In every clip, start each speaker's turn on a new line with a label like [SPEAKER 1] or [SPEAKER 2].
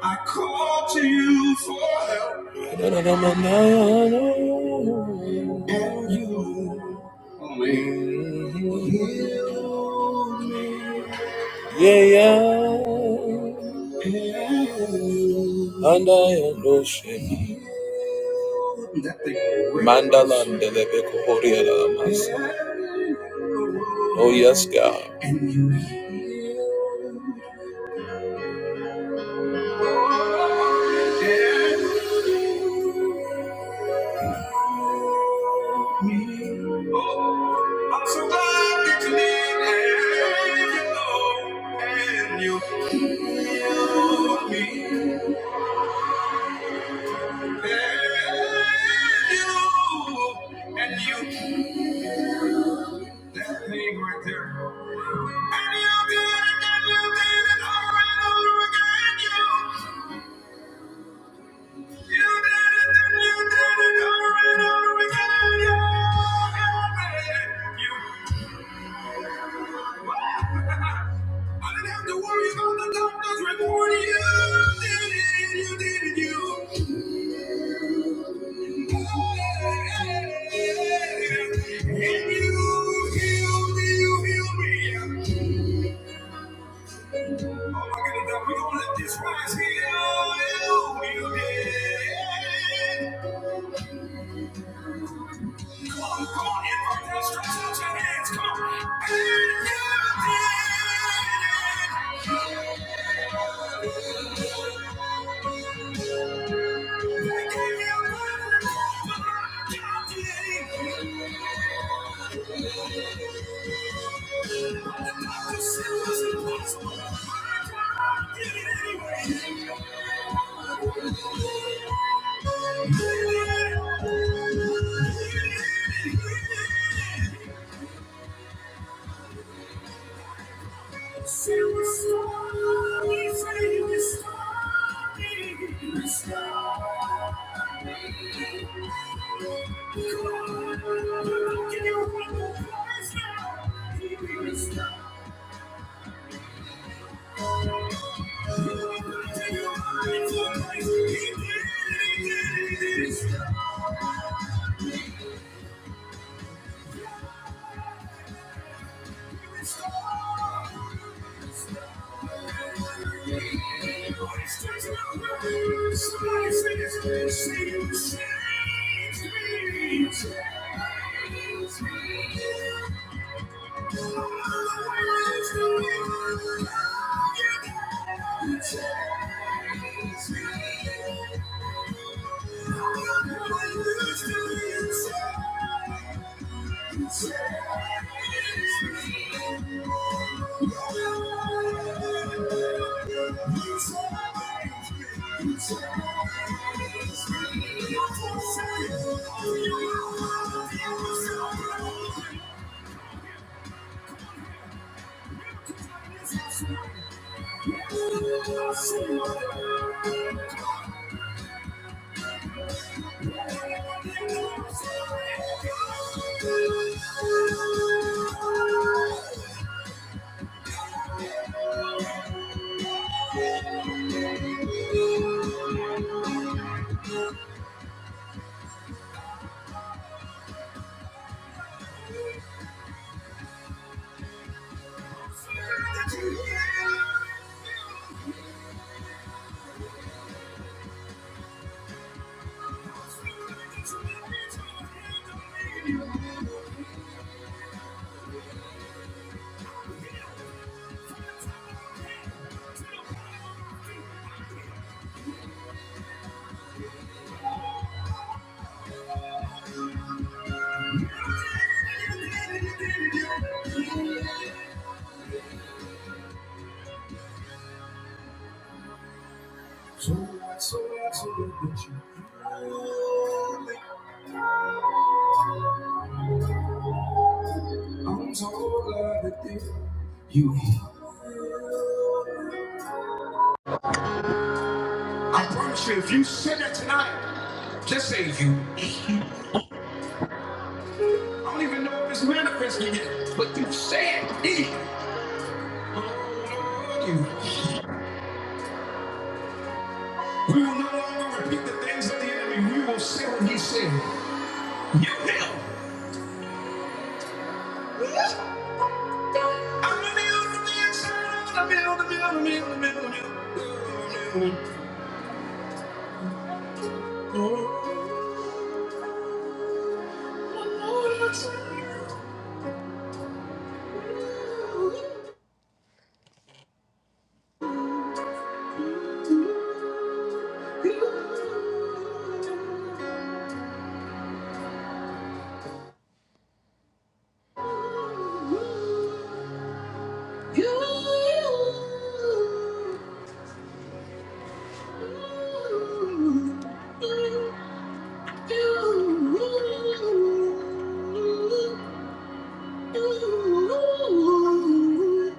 [SPEAKER 1] I call to you for help, No, no, no, no, no, no. and you only heal me. Yeah, yeah. And I am no shame. Mandala and Delebe Kohoria Lamas. Oh, yes, God. And you heal. I'm so glad that you live and you know, and you healed me. And you, and you, that thing right there. And you did it, and you did it over and over again, You did it, then you did it over and over again. You're I didn't have to worry about the doctor's report. You did it, you did it, you. And you healed me, you healed me. Oh my goodness, we gonna let this rise. Heal you, you did it. Come on, in protest, stretch out your hands. Come on. And you did it. They gave you a word but God did. The doctor said it was impossible. but God did it anyway. He did it he did it Thank you. Change me, change me. Thank you. Thank you. So what, so what, so what you? I'm told I You hear? I promise you, if you sit there tonight, just say you. eat. I don't even know if it's manifesting yet, but you said me. Oh Lord, you. eat. We will no longer repeat the things of the enemy. We will say what he said. You kill. What? I'm a man from the inside. I'm a man, a man, a man, a man, a man, a man. You kill. You kill. You kill. You kill. You kill. You kill.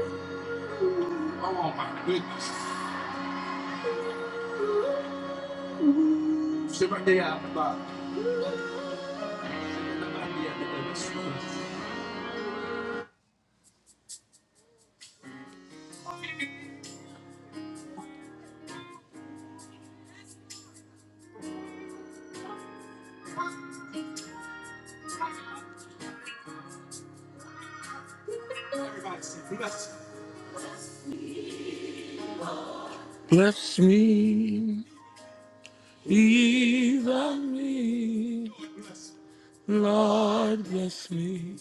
[SPEAKER 1] Oh my goodness. Somebody out the box. Somebody out the box. Everybody sing. Bless me. Bless me, even me. Lord, bless me.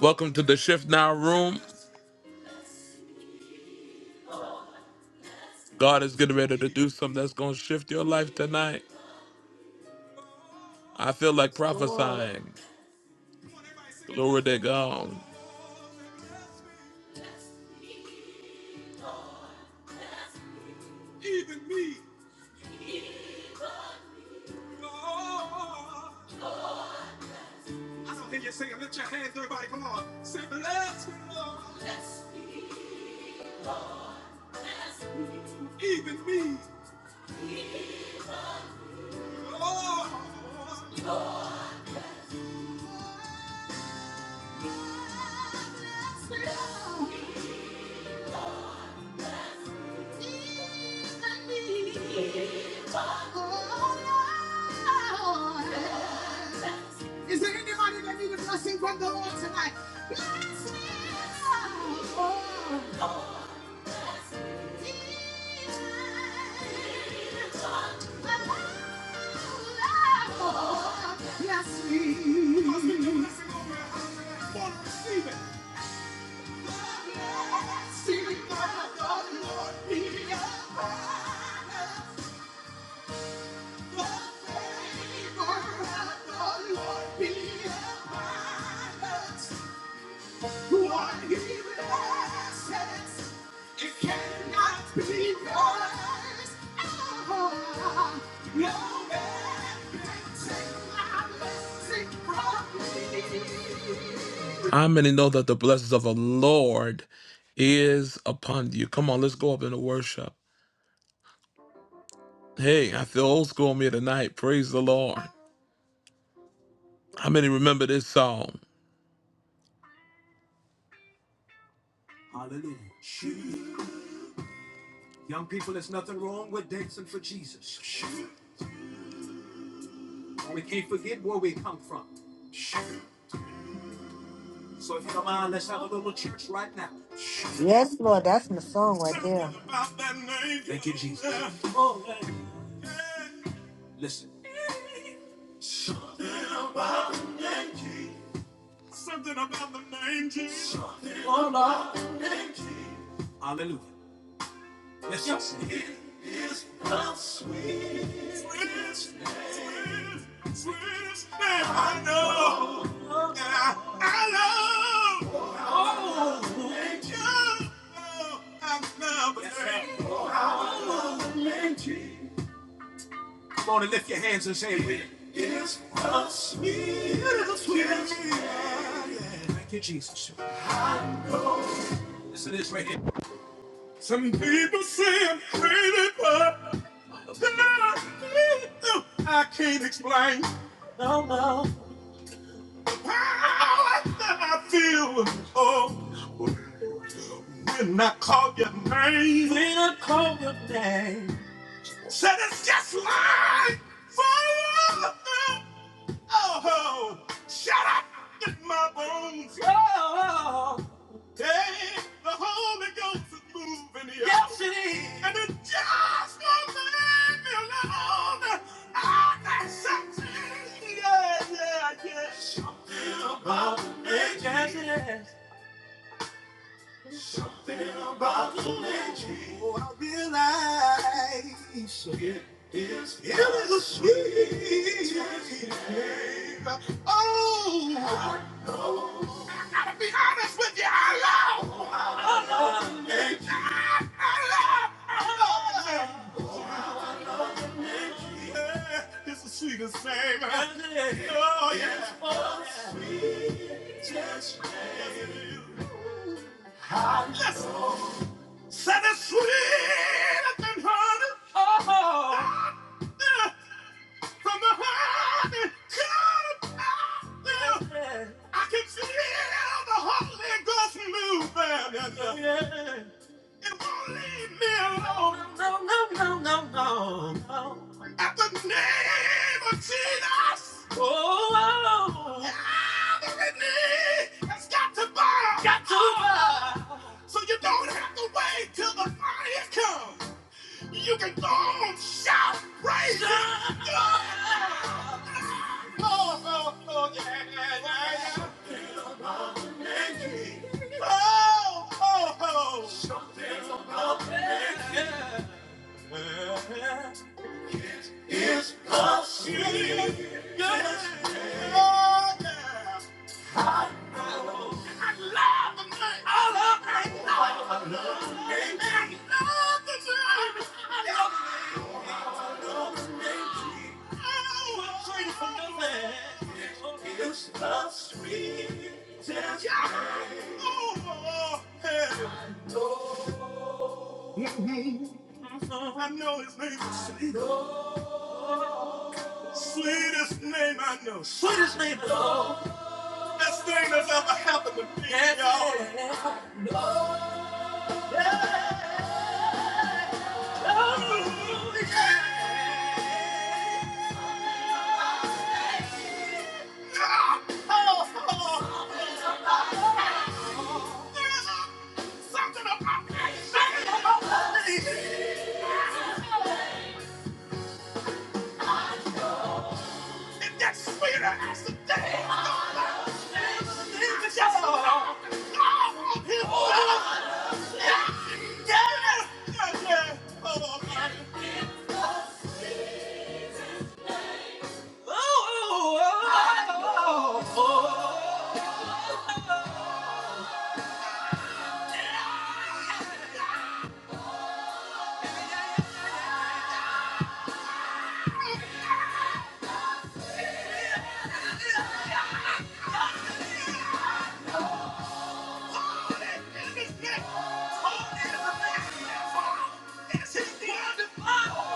[SPEAKER 1] Welcome to the Shift Now Room. God is getting ready to do something that's going to shift your life tonight. I feel like
[SPEAKER 2] Yes, Lord.
[SPEAKER 1] prophesying. Glory to God. Even me, Lord. I don't hear you singing. Lift your hands, everybody. Come on. Say, bless you, Lord, even me, Lord. bless you, Lord, Even me. Oh Lord. Is there anybody that needs a blessing from the Lord tonight? Bless me. even me. Bless me. Husband, your blessing over her husband. Father, receive it. See me now, Lord, be a Lord, Lord, be a You are the blessed. It cannot be yours. Oh. How many know that the blessings of the Lord is upon you? Come on, let's go up into worship. Hey, I feel old school on me tonight. Praise the Lord. How many remember this song? Hallelujah. Young people, there's nothing wrong with dancing for Jesus. We can't forget where we come from. So if you don't mind, let's have a little church right now.
[SPEAKER 2] Yes, Lord. That's my song right
[SPEAKER 1] Something
[SPEAKER 2] there.
[SPEAKER 1] about that name. Thank you, Jesus. Oh, Listen. Something about the name Jesus. Hallelujah. Hallelujah. Listen. Swiss, Swiss, Swiss, and I know, And I, I love you. I love you. Come on and lift your hands and say it with me. It's Sweet, sweet, Thank you, Jesus. Listen to this right here. Some people say I'm crazy, but I can't explain how I feel. Oh, when I call your name, when I call your name, said it's just like fire. Oh, shut up in my bones. Oh, hey, the Holy Ghost is moving here. Yes, it is. And it just won't leave me alone. I'm something. sexy. Yeah, yeah, yeah. Something about, something about the lady. Oh, I realize. It is, it is a sweet. Oh. I'll be honest with you, I love, I love, I love you. Yeah, it's the sweetest thing. Oh, yes. yeah. Ah, Listen, said it's sweeter than honey. Oh. Yeah, From the honey, God, yeah. I can feel the Holy Ghost moving. Yeah. Leave me alone. No, no, no, no, no, no. At the name of Jesus. Oh, everything has got to burn. Got to burn. So you don't have to wait till the fire comes. You can go on, shout, praise Him. Oh, oh, oh, yeah, yeah, yeah. Oh, oh, oh. Yeah, yeah. It's possible. Yes. Oh, yeah. I love the night. I love the night. I love the night. Oh, I'm waiting for nothing. It's the sweetest. Yeah. Oh, yeah. I know his name is sweetest name I know. Sweetest name I know. Best thing that's ever happened to me, y'all.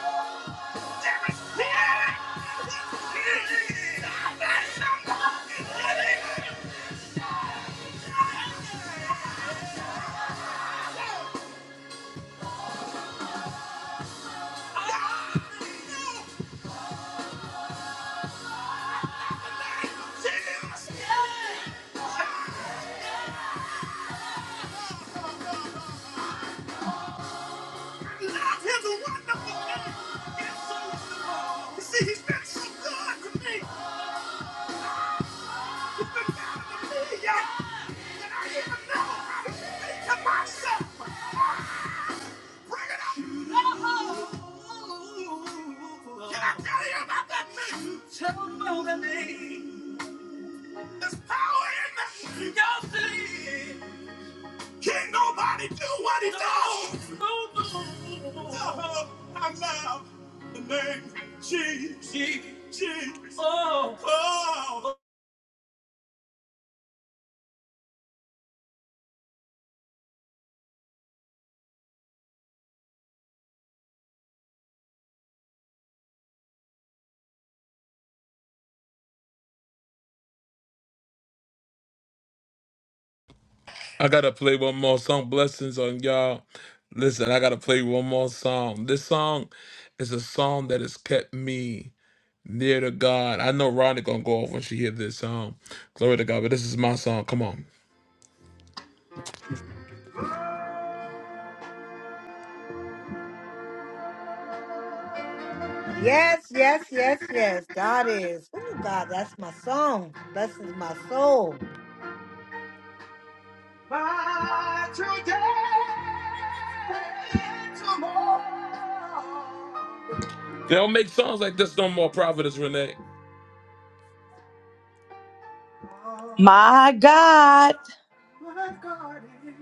[SPEAKER 1] Oh! that about that man? There's power in that. Y'all see? No! No! Oh, I love the name Jesus. Oh. I gotta play one more song. Blessings on y'all. Listen, I gotta play one more song. This song is a song that has kept me near to God. I know Ronnie gonna go off when she hear this song. Glory to God, but this is my song. Come on.
[SPEAKER 2] Yes, yes, yes, yes. God is. Oh, God, that's my song. Blesses my soul.
[SPEAKER 1] Ah, today, tomorrow. They don't make songs like this no more, Providence Renee.
[SPEAKER 3] My God.
[SPEAKER 1] My God is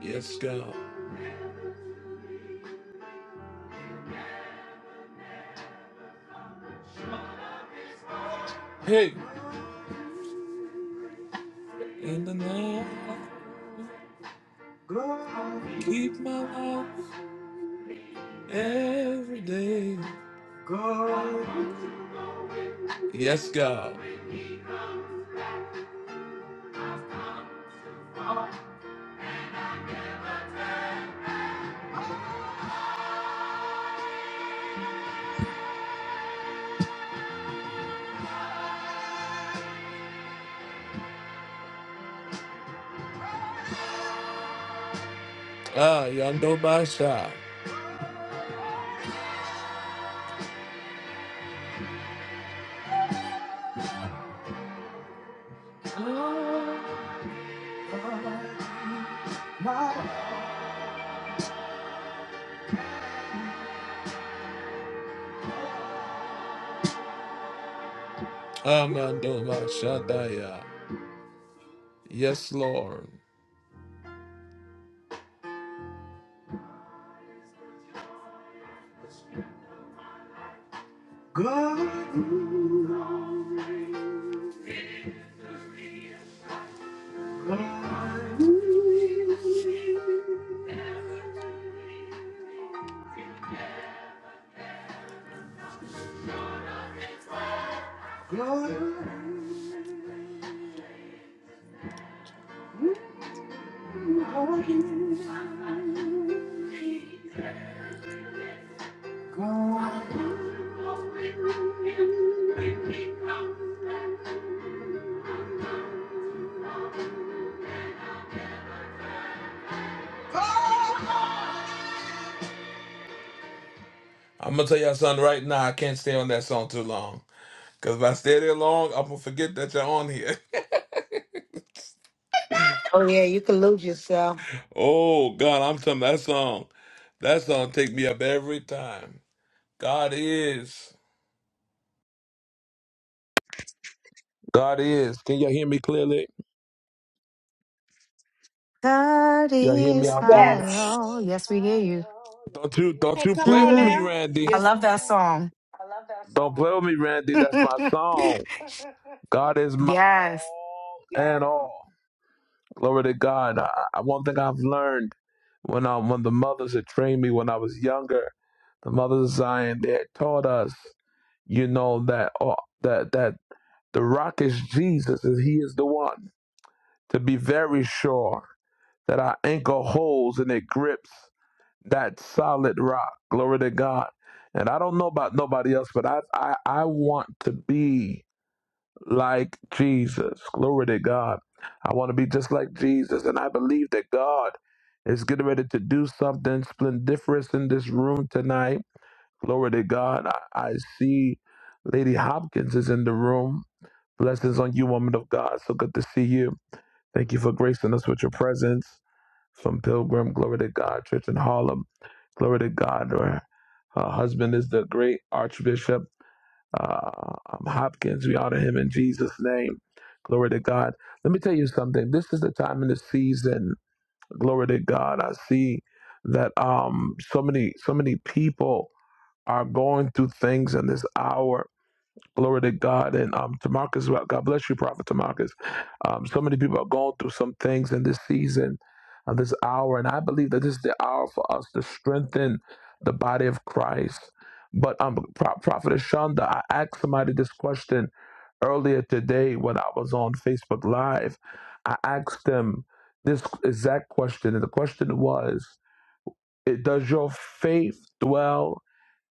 [SPEAKER 1] Yes, God. Hey, in the night, keep my love every day. Yes, God. Ah, Yando Basha. Ah, Mando Basha Daya. Yes, Lord. I'm going to tell you all something right now. I can't stay on that song too long. Cause if I stay there long, I'm gonna forget that you're on here.
[SPEAKER 2] Oh, yeah, you can lose yourself.
[SPEAKER 1] oh God, I'm telling you, that song. That song take me up every time. God is. God is. Can y'all hear me clearly?
[SPEAKER 4] God
[SPEAKER 1] Y'all hear me
[SPEAKER 4] is
[SPEAKER 1] out there?
[SPEAKER 4] my all. Yes, we hear you.
[SPEAKER 1] Don't you don't
[SPEAKER 5] Hey,
[SPEAKER 1] you
[SPEAKER 5] come
[SPEAKER 1] play
[SPEAKER 5] on
[SPEAKER 1] with me,
[SPEAKER 4] hmm
[SPEAKER 5] now.
[SPEAKER 1] Randy.
[SPEAKER 4] I
[SPEAKER 5] Yes,
[SPEAKER 4] love that song.
[SPEAKER 1] Don't play with me, Randy. That's my song. God is my
[SPEAKER 4] yes.
[SPEAKER 1] all and all. Glory to God. I, I one thing I've learned when I when the mothers had trained me when I was younger, the mothers of Zion, they had taught us. you know that uh, that that the rock is Jesus, and He is the one. To be very sure that our anchor holds and it grips that solid rock. Glory to God. And I don't know about nobody else, but I I, I want to be like Jesus. Glory to God. I want to be just like Jesus, and I believe that God is getting ready to do something splendiferous in this room tonight. Glory to God. I, I see Lady Hopkins is in the room. Blessings on you, woman of God. So good to see you. Thank you for gracing us with your presence from Pilgrim. Glory to God. Church in Harlem. Glory to God. Her, her husband is the great Archbishop uh, um, Hopkins. We honor him in Jesus' name. Glory to God. Let me tell you something. This is the time in the season. Glory to God. I see that um so many so many people are going through things in this hour. Glory to God. And um, Tamarcus, well, God bless you, Prophet Tamarcus. Um, so many people are going through some things in this season, uh, this hour. And I believe that this is the hour for us to strengthen the body of Christ. But um, Pro- Prophet Ashanda, I asked somebody this question earlier today when I was on Facebook Live. I asked them this exact question. And the question was, it, does your faith dwell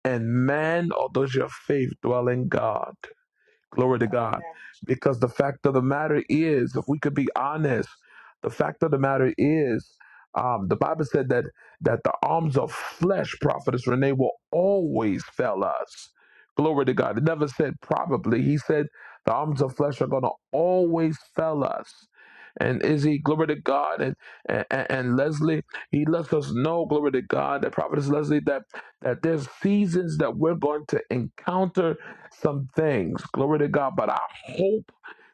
[SPEAKER 1] and man, or does your faith dwell in God? Glory to God. Because the fact of the matter is, if we could be honest, the fact of the matter is, um, the Bible said that that the arms of flesh, prophetess Renee, will always fail us. Glory to God. It never said probably. He said the arms of flesh are going to always fail us. And Izzy, glory to God, and, and and Leslie, he lets us know, glory to God, that prophetess Leslie, that that there's seasons that we're going to encounter some things. Glory to God. But our hope,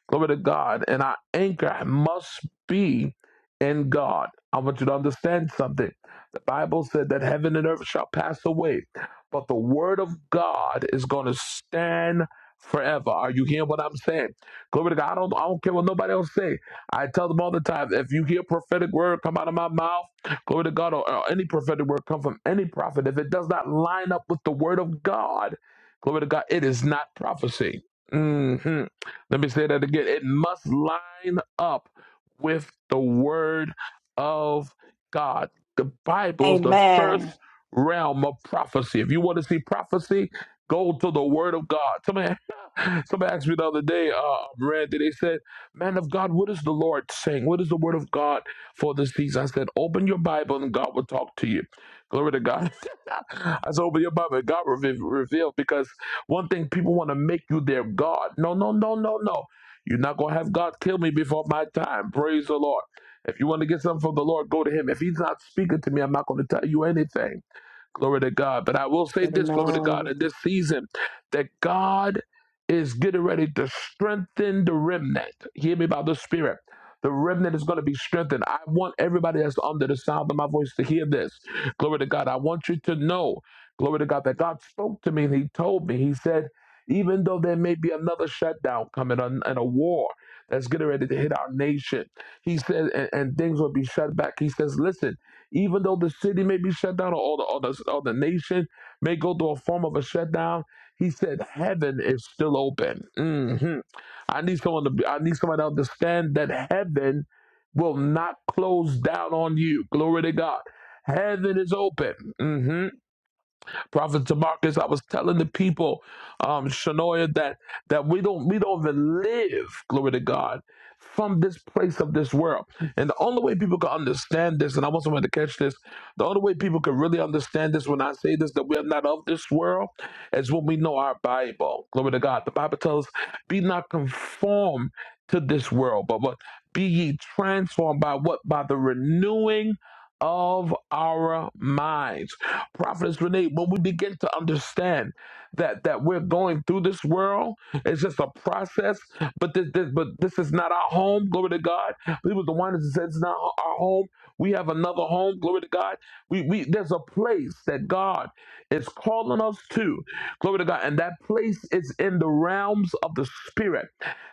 [SPEAKER 1] glory to God, and our anchor must be in God. I want you to understand something. The Bible said that heaven and earth shall pass away, but the word of God is going to stand forever. Are you hearing what I'm saying? Glory to God. I don't, I don't care what nobody else say. I tell them all the time, if you hear a prophetic word come out of my mouth, Glory to God, or, or any prophetic word come from any prophet. If it does not line up with the word of God, glory to God, it is not prophecy. Mhm. Let me say that again. It must line up with the word of God. The Bible is the first
[SPEAKER 3] Amen.
[SPEAKER 1] realm of prophecy. If you want to see prophecy, go to the word of God. Somebody, somebody asked me the other day, uh, Randy, they said, Man of God, what is the Lord saying? What is the word of God for this season? I said, Open your Bible and God will talk to you. Glory to God. I said, Open your Bible and God will re- reveal because one thing people want to make you their God. No, no, no, no, no. You're not going to have God kill me before my time. Praise the Lord. If you want to get something from the Lord, go to Him. If He's not speaking to me, I'm not going to tell you anything. Glory to God. But I will say this, glory to God,
[SPEAKER 2] Amen.
[SPEAKER 1] in this season, that God is getting ready to strengthen the remnant. Hear me by the Spirit. The remnant is going to be strengthened. I want everybody that's under the sound of my voice to hear this. Glory to God. I want you to know, glory to God, that God spoke to me and He told me, He said, even though there may be another shutdown coming on and a war, that's getting ready to hit our nation. He said, and, and things will be shut back. He says, listen, even though the city may be shut down or, all the, all the, all the nation may go through a form of a shutdown, he said, heaven is still open. hmm I need someone to be, I need someone to understand that heaven will not close down on you. Glory to God. Heaven is open. hmm Prophet Tamarcus, I was telling the people, um, Shanoia, that that we don't we don't even live, glory to God, from this place of this world. And the only way people can understand this, and I want someone to catch this, the only way people can really understand this when I say this, that we are not of this world, is when we know our Bible. Glory to God. The Bible tells, be not conformed to this world, but what be ye transformed by what? By the renewing of our minds. Prophetess Renee, when we begin to understand that that we're going through this world, it's just a process, but this, this but this is not our home, glory to God. We was the one that said it's not our home. We have another home, glory to God. We we there's a place that God is calling us to, glory to God, and that place is in the realms of the spirit.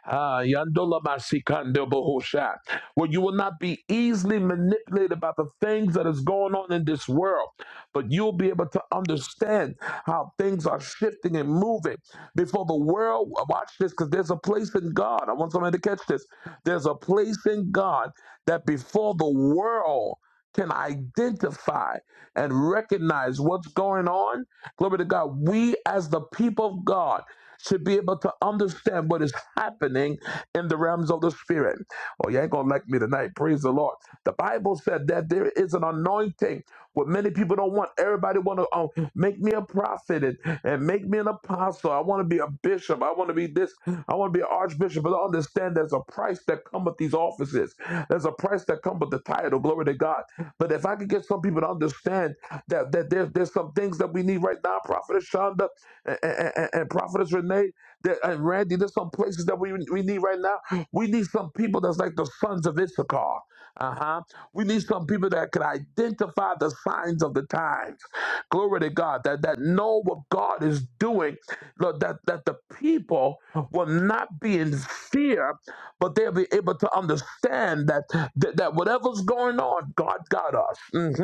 [SPEAKER 1] Ah, yandola masikando bohosha, where you will not be easily manipulated by the things things that is going on in this world, but you'll be able to understand how things are shifting and moving before the world. Watch this, because there's a place in God. I want somebody to catch this. There's a place in God that before the world can identify and recognize what's going on. Glory to God. We, as the people of God, should be able to understand what is happening in the realms of the spirit. Oh, you ain't gonna like me tonight. Praise the Lord. The Bible said that there is an anointing. What many people don't want. Everybody want to oh, make me a prophet and, and make me an apostle. I want to be a bishop. I want to be this. I want to be an archbishop. But I understand there's a price that come with these offices. There's a price that come with the title. Glory to God. But if I could get some people to understand that that, that there, there's some things that we need right now, Prophetess Shonda and, and, and and Prophetess Renee that, and Randy. There's some places that we, we need right now. We need some people that's like the sons of Issachar. Uh huh. We need some people that can identify the signs of the times. Glory to God. That that know what God is doing. Lord, that that the people will not be in fear, but they'll be able to understand that. That, that whatever's going on, God got us. hmm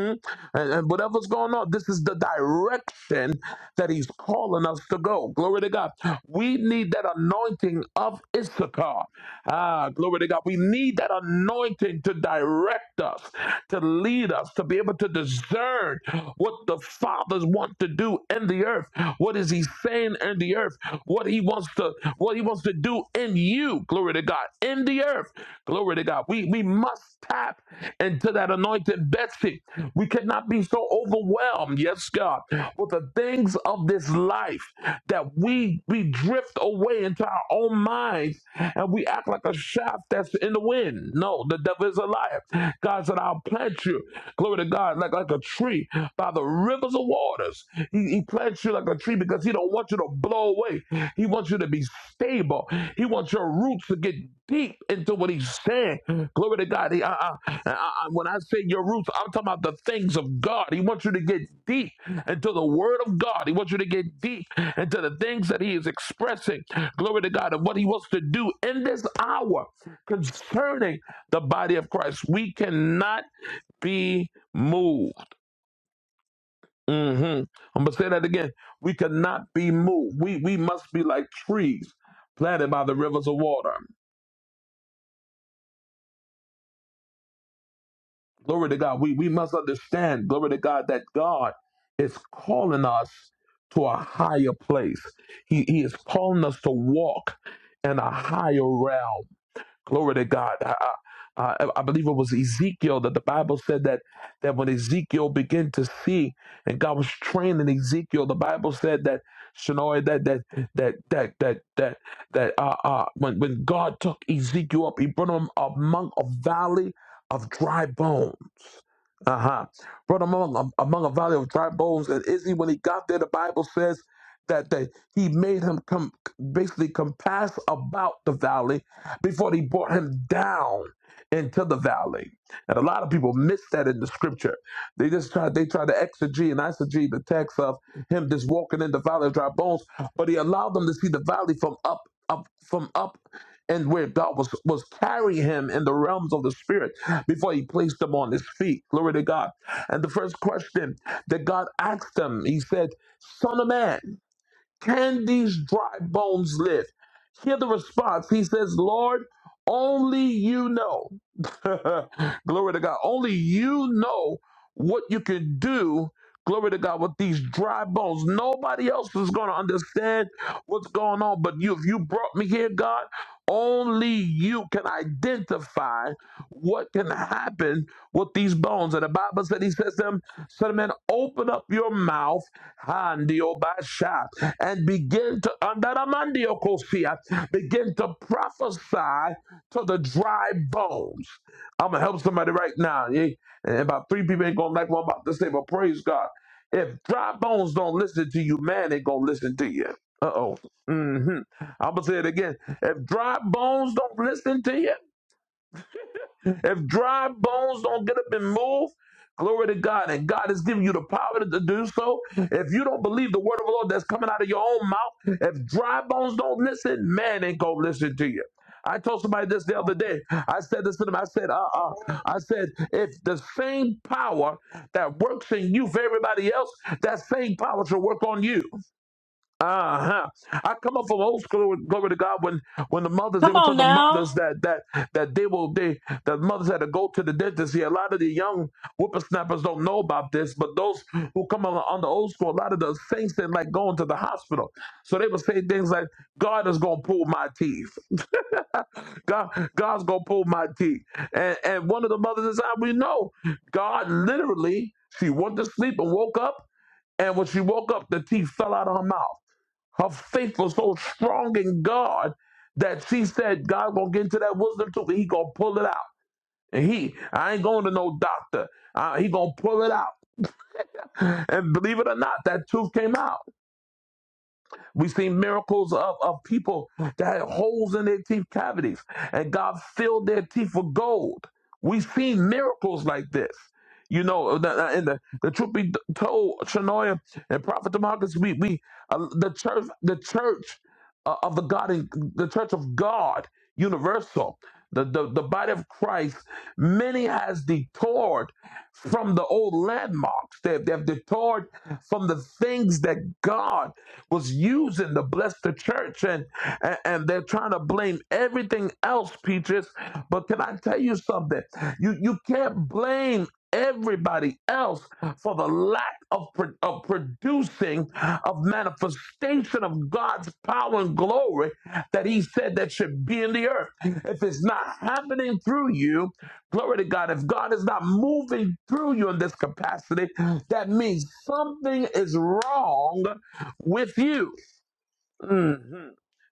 [SPEAKER 1] And, and whatever's going on, this is the direction that He's calling us to go. Glory to God. We need that anointing of Issachar. Ah, glory to God. We need that anointing to direct us, to lead us, to be able to discern what the fathers want to do in the earth. What is He saying in the earth? What He wants to, what He wants supposed to do in you, glory to God, in the earth, glory to God. We, we must tap into that anointed Betsy. We cannot be so overwhelmed, yes, God, with the things of this life that we, we drift away into our own minds and we act like a shaft that's in the wind. No, the devil is a liar. God said, I'll plant you, glory to God, like, like a tree by the rivers of waters. He, he, he plants you like a tree because he don't want you to blow away. He wants you to be stable. He wants your roots to get deep into what he's saying. Glory to God. He, I, I, I, I- when I say your roots, I'm talking about the things of God. He wants you to get deep into the word of God. He wants you to get deep into the things that he is expressing. Glory to God. And what he wants to do in this hour concerning the body of Christ. We cannot be moved hmm I'm gonna say that again. We cannot be moved. We we must be like trees planted by the rivers of water. Glory to God. We we must understand, glory to God, that God is calling us to a higher place. He he is calling us to walk in a higher realm. Glory to God. I, I, I I believe it was Ezekiel that the Bible said that that when Ezekiel began to see and God was training Ezekiel, the Bible said that Shanoy that that that that that that that uh, uh when when God took Ezekiel up, he brought him among a valley of dry bones. Uh-huh. Brought among among a valley of dry bones. And Izzy, when he got there, the Bible says that they, he made him come basically compass about the valley before he brought him down into the valley. And a lot of people miss that in the scripture. They just tried, they tried to exegete and eisegete the text of him just walking in the valley of dry bones, but he allowed them to see the valley from up, up, from up and where God was was carrying him in the realms of the spirit before he placed them on his feet. Glory to God. And the first question that God asked them, he said, Son of man. Can these dry bones live? Hear the response. He says, Lord, only you know. Glory to God. Only you know what you can do Glory to God with these dry bones. Nobody else is going to understand what's going on but you. If you brought me here, God, only you can identify what can happen with these bones. And the Bible said, He says to them, Son of man, open up your mouth, handioba, and begin to understand Andaramandiokosia, Begin to prophesy to the dry bones. I'm gonna help somebody right now. Yeah? And about three people ain't gonna like what I'm about to say, but praise God. If dry bones don't listen to you, man ain't gonna listen to you. Uh oh. hmm I'm gonna say it again. If dry bones don't listen to you. If dry bones don't get up and move, glory to God, and God has given you the power to do so. If you don't believe the word of the Lord that's coming out of your own mouth, if dry bones don't listen, man ain't gonna listen to you. I told somebody this the other day. I said this to them. I said, uh-uh. I said, if the same power that works in you for everybody else, that same power should work on you. Uh-huh. I come up from old school glory to God when when the mothers they
[SPEAKER 3] Come
[SPEAKER 1] would tell
[SPEAKER 3] on
[SPEAKER 1] the
[SPEAKER 3] now.
[SPEAKER 1] mothers that that that they will they that mothers had to go to the dentist. Yeah, a lot of the young whippersnappers don't know about this, but those who come on, on the old school, a lot of the saints didn't like going to the hospital. So they would say things like, God is gonna pull my teeth. God God's gonna pull my teeth. And and one of the mothers inside we know God literally she went to sleep and woke up and when she woke up, the teeth fell out of her mouth. Her faith was so strong in God that she said, God gonna get into that wisdom too. He gonna pull it out. And he, I ain't going to no doctor. Uh, he gonna pull it out. And believe it or not, that tooth came out. We've seen miracles of, of people that had holes in their teeth cavities, and God filled their teeth with gold. We've seen miracles like this. You know, uh, the- the- and the, the truth be told, Shanoia and Prophet Demarcus, we we uh, the church, the church uh, of the God, in, the church of God, universal, the, the the body of Christ. Many has detoured from the old landmarks. They they have detoured from the things that God was using to bless the church, and and, and they're trying to blame everything else, peaches. But can I tell you something? You you can't blame everybody else for the lack of, pro- of producing of manifestation of God's power and glory that he said that should be in the earth. If it's not happening through you, glory to God, if God is not moving through you in this capacity, that means something is wrong with you. Mm.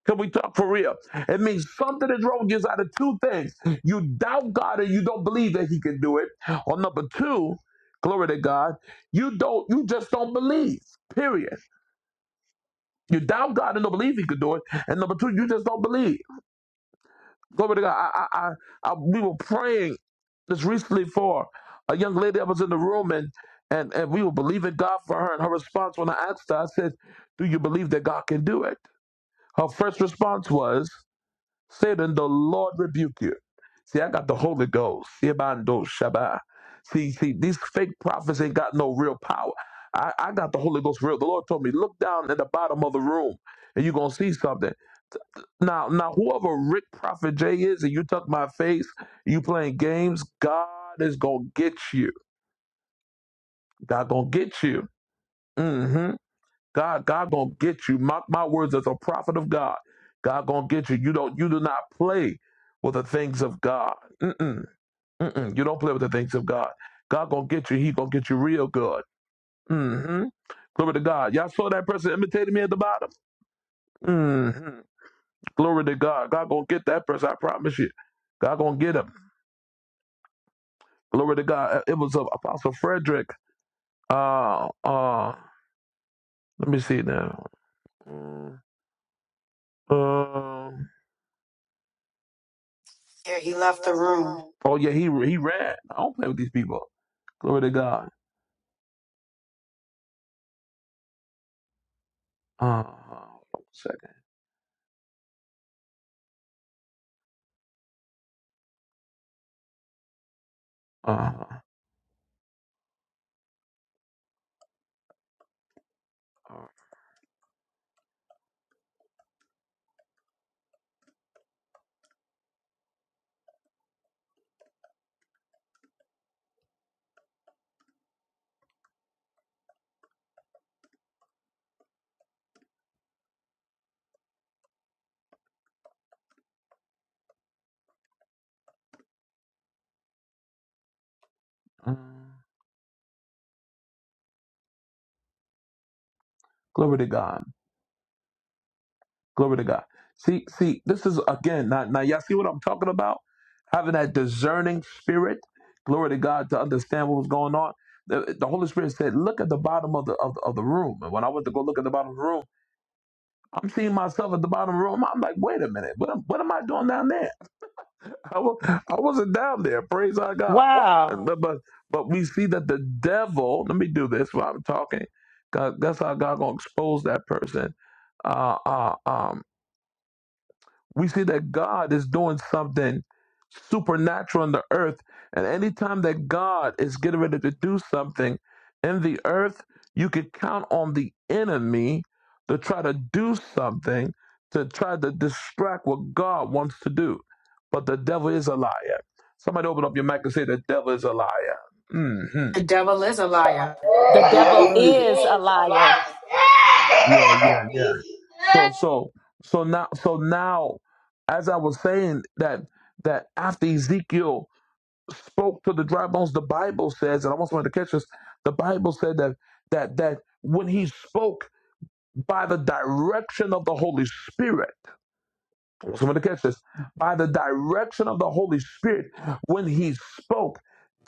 [SPEAKER 1] Can we talk for real? It means something is wrong just out of two things. You doubt God and you don't believe that He can do it. Or number two, glory to God, you don't you just don't believe. Period. You doubt God and don't believe He could do it. And number two, you just don't believe. Glory to God. I I, I, I we were praying this recently for a young lady that was in the room and and, and we were believing God for her. And her response when I asked her, I said, Do you believe that God can do it? Her first response was, Satan, the Lord rebuke you. See, I got the Holy Ghost. Yabando Shabbat. See, see, these fake prophets ain't got no real power. I, I got the Holy Ghost real. The Lord told me, look down at the bottom of the room and you're gonna see something. Now, now, whoever Rick Prophet J is, and you tuck my face, you playing games, God is gonna get you. God gonna get you. Mm hmm. God, God gonna get you. Mark my words as a prophet of God. God gonna get you. You don't. You do not play with the things of God. Mm-mm, mm-mm. You don't play with the things of God. God gonna get you. He gonna get you real good. hmm Glory to God. Y'all saw that person imitating me at the bottom. hmm Glory to God. God gonna get that person. I promise you. God gonna get him. Glory to God. It was uh, Apostle Frederick. Uh, uh. Let me see now. Um. Uh,
[SPEAKER 4] Yeah, he left the room.
[SPEAKER 1] Oh yeah, he he ran. I don't play with these people. Glory to God. Uh, one second. Uh, all right. uh, glory to God. Glory to God. See, see, this is again. Now, now, y'all see what I'm talking about? Having that discerning spirit. Glory to God to understand what was going on. The, the Holy Spirit said, "Look at the bottom of the, of the of the room." And when I went to go look at the bottom of the room, I'm seeing myself at the bottom of the room. I'm like, "Wait a minute, what am what am I doing down there?" I, wa- I wasn't down there. Praise our God. And
[SPEAKER 3] Wow.
[SPEAKER 1] Wow. But, but but we see that the devil. Let me do this while I'm talking. God, that's how God gonna expose that person. Uh, uh, um, we see that God is doing something supernatural in the earth. And anytime that God is getting ready to do something in the earth, you can count on the enemy to try to do something to try to distract what God wants to do. But the devil is a liar. Somebody open up your mic and say, The devil is a liar. hmm
[SPEAKER 4] The devil is a liar.
[SPEAKER 3] The devil is a liar.
[SPEAKER 1] yeah yeah yeah
[SPEAKER 6] Like,
[SPEAKER 1] so so so now so now as i was saying that that after ezekiel spoke to the dry bones. The Bible says, and I want somebody to catch this. The Bible said that that that when he spoke by the direction of the Holy Spirit, I want somebody to catch this. By the direction of the Holy Spirit, when he spoke,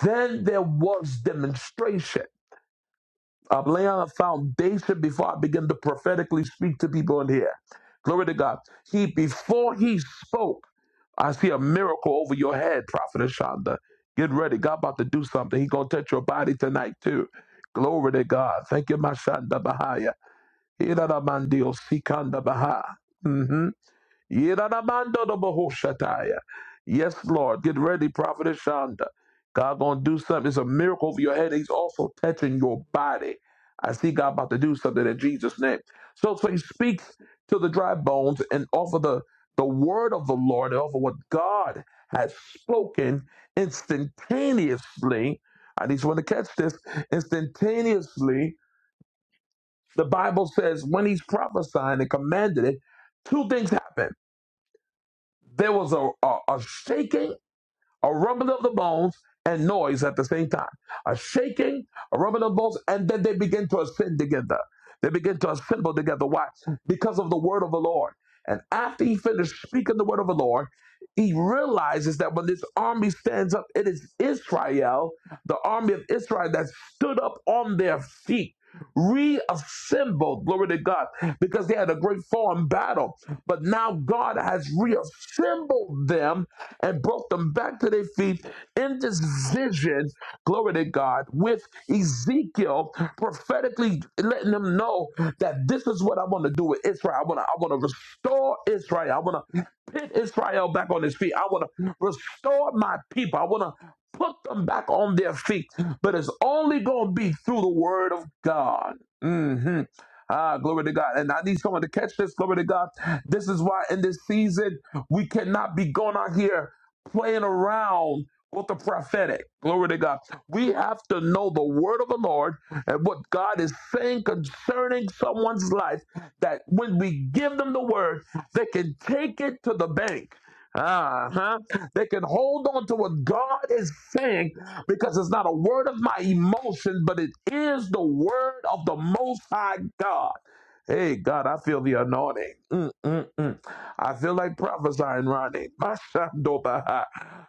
[SPEAKER 1] then there was demonstration. I'm laying on a foundation before I begin to prophetically speak to people in here. Glory to God. He before he spoke. I see a miracle over your head, Prophet Ashanda. Get ready. God about to do something. He gonna touch your body tonight too. Glory to God. Thank you, Mashanda Bahaya. Irada Mandio Sikanda Baha. Bahá. Mm-hmm. Yes, Lord. Get ready, Prophet Shonda. God gonna do something. It's a miracle over your head. He's also touching your body. I see God about to do something in Jesus' name. So, so he speaks to the dry bones and offer the, the word of the Lord and offer what God has spoken instantaneously. I need someone to catch this. Instantaneously, the Bible says when he's prophesying and commanded it, two things happen there was a, a, a shaking, a rumbling of the bones, and noise at the same time. A shaking, a rumbling of the bones, and then they began to ascend together. They begin to assemble together. Why? Because of the word of the Lord. And after he finished speaking the word of the Lord, he realizes that when this army stands up, it is Israel, the army of Israel that stood up on their feet, reassembled, glory to God, because they had a great foreign battle. But now God has reassembled them and brought them back to their feet in this vision glory to God, with Ezekiel prophetically letting them know that this is what I want to do with Israel. I want to, I want to restore Israel. I want to put Israel back on his feet. I want to restore my people. I want to put them back on their feet. But it's only going to be through the word of God. hmm Ah, glory to God. And I need someone to catch this. Glory to God. This is why in this season, we cannot be going out here playing around with the prophetic. Glory to God. We have to know the word of the Lord and what God is saying concerning someone's life that when we give them the word, they can take it to the bank. Uh-huh. They can hold on to what God is saying because it's not a word of my emotion, but it is the word of the Most High God. Hey, God, I feel the anointing. Mm, mm, mm. I feel like prophesying, Ronnie. My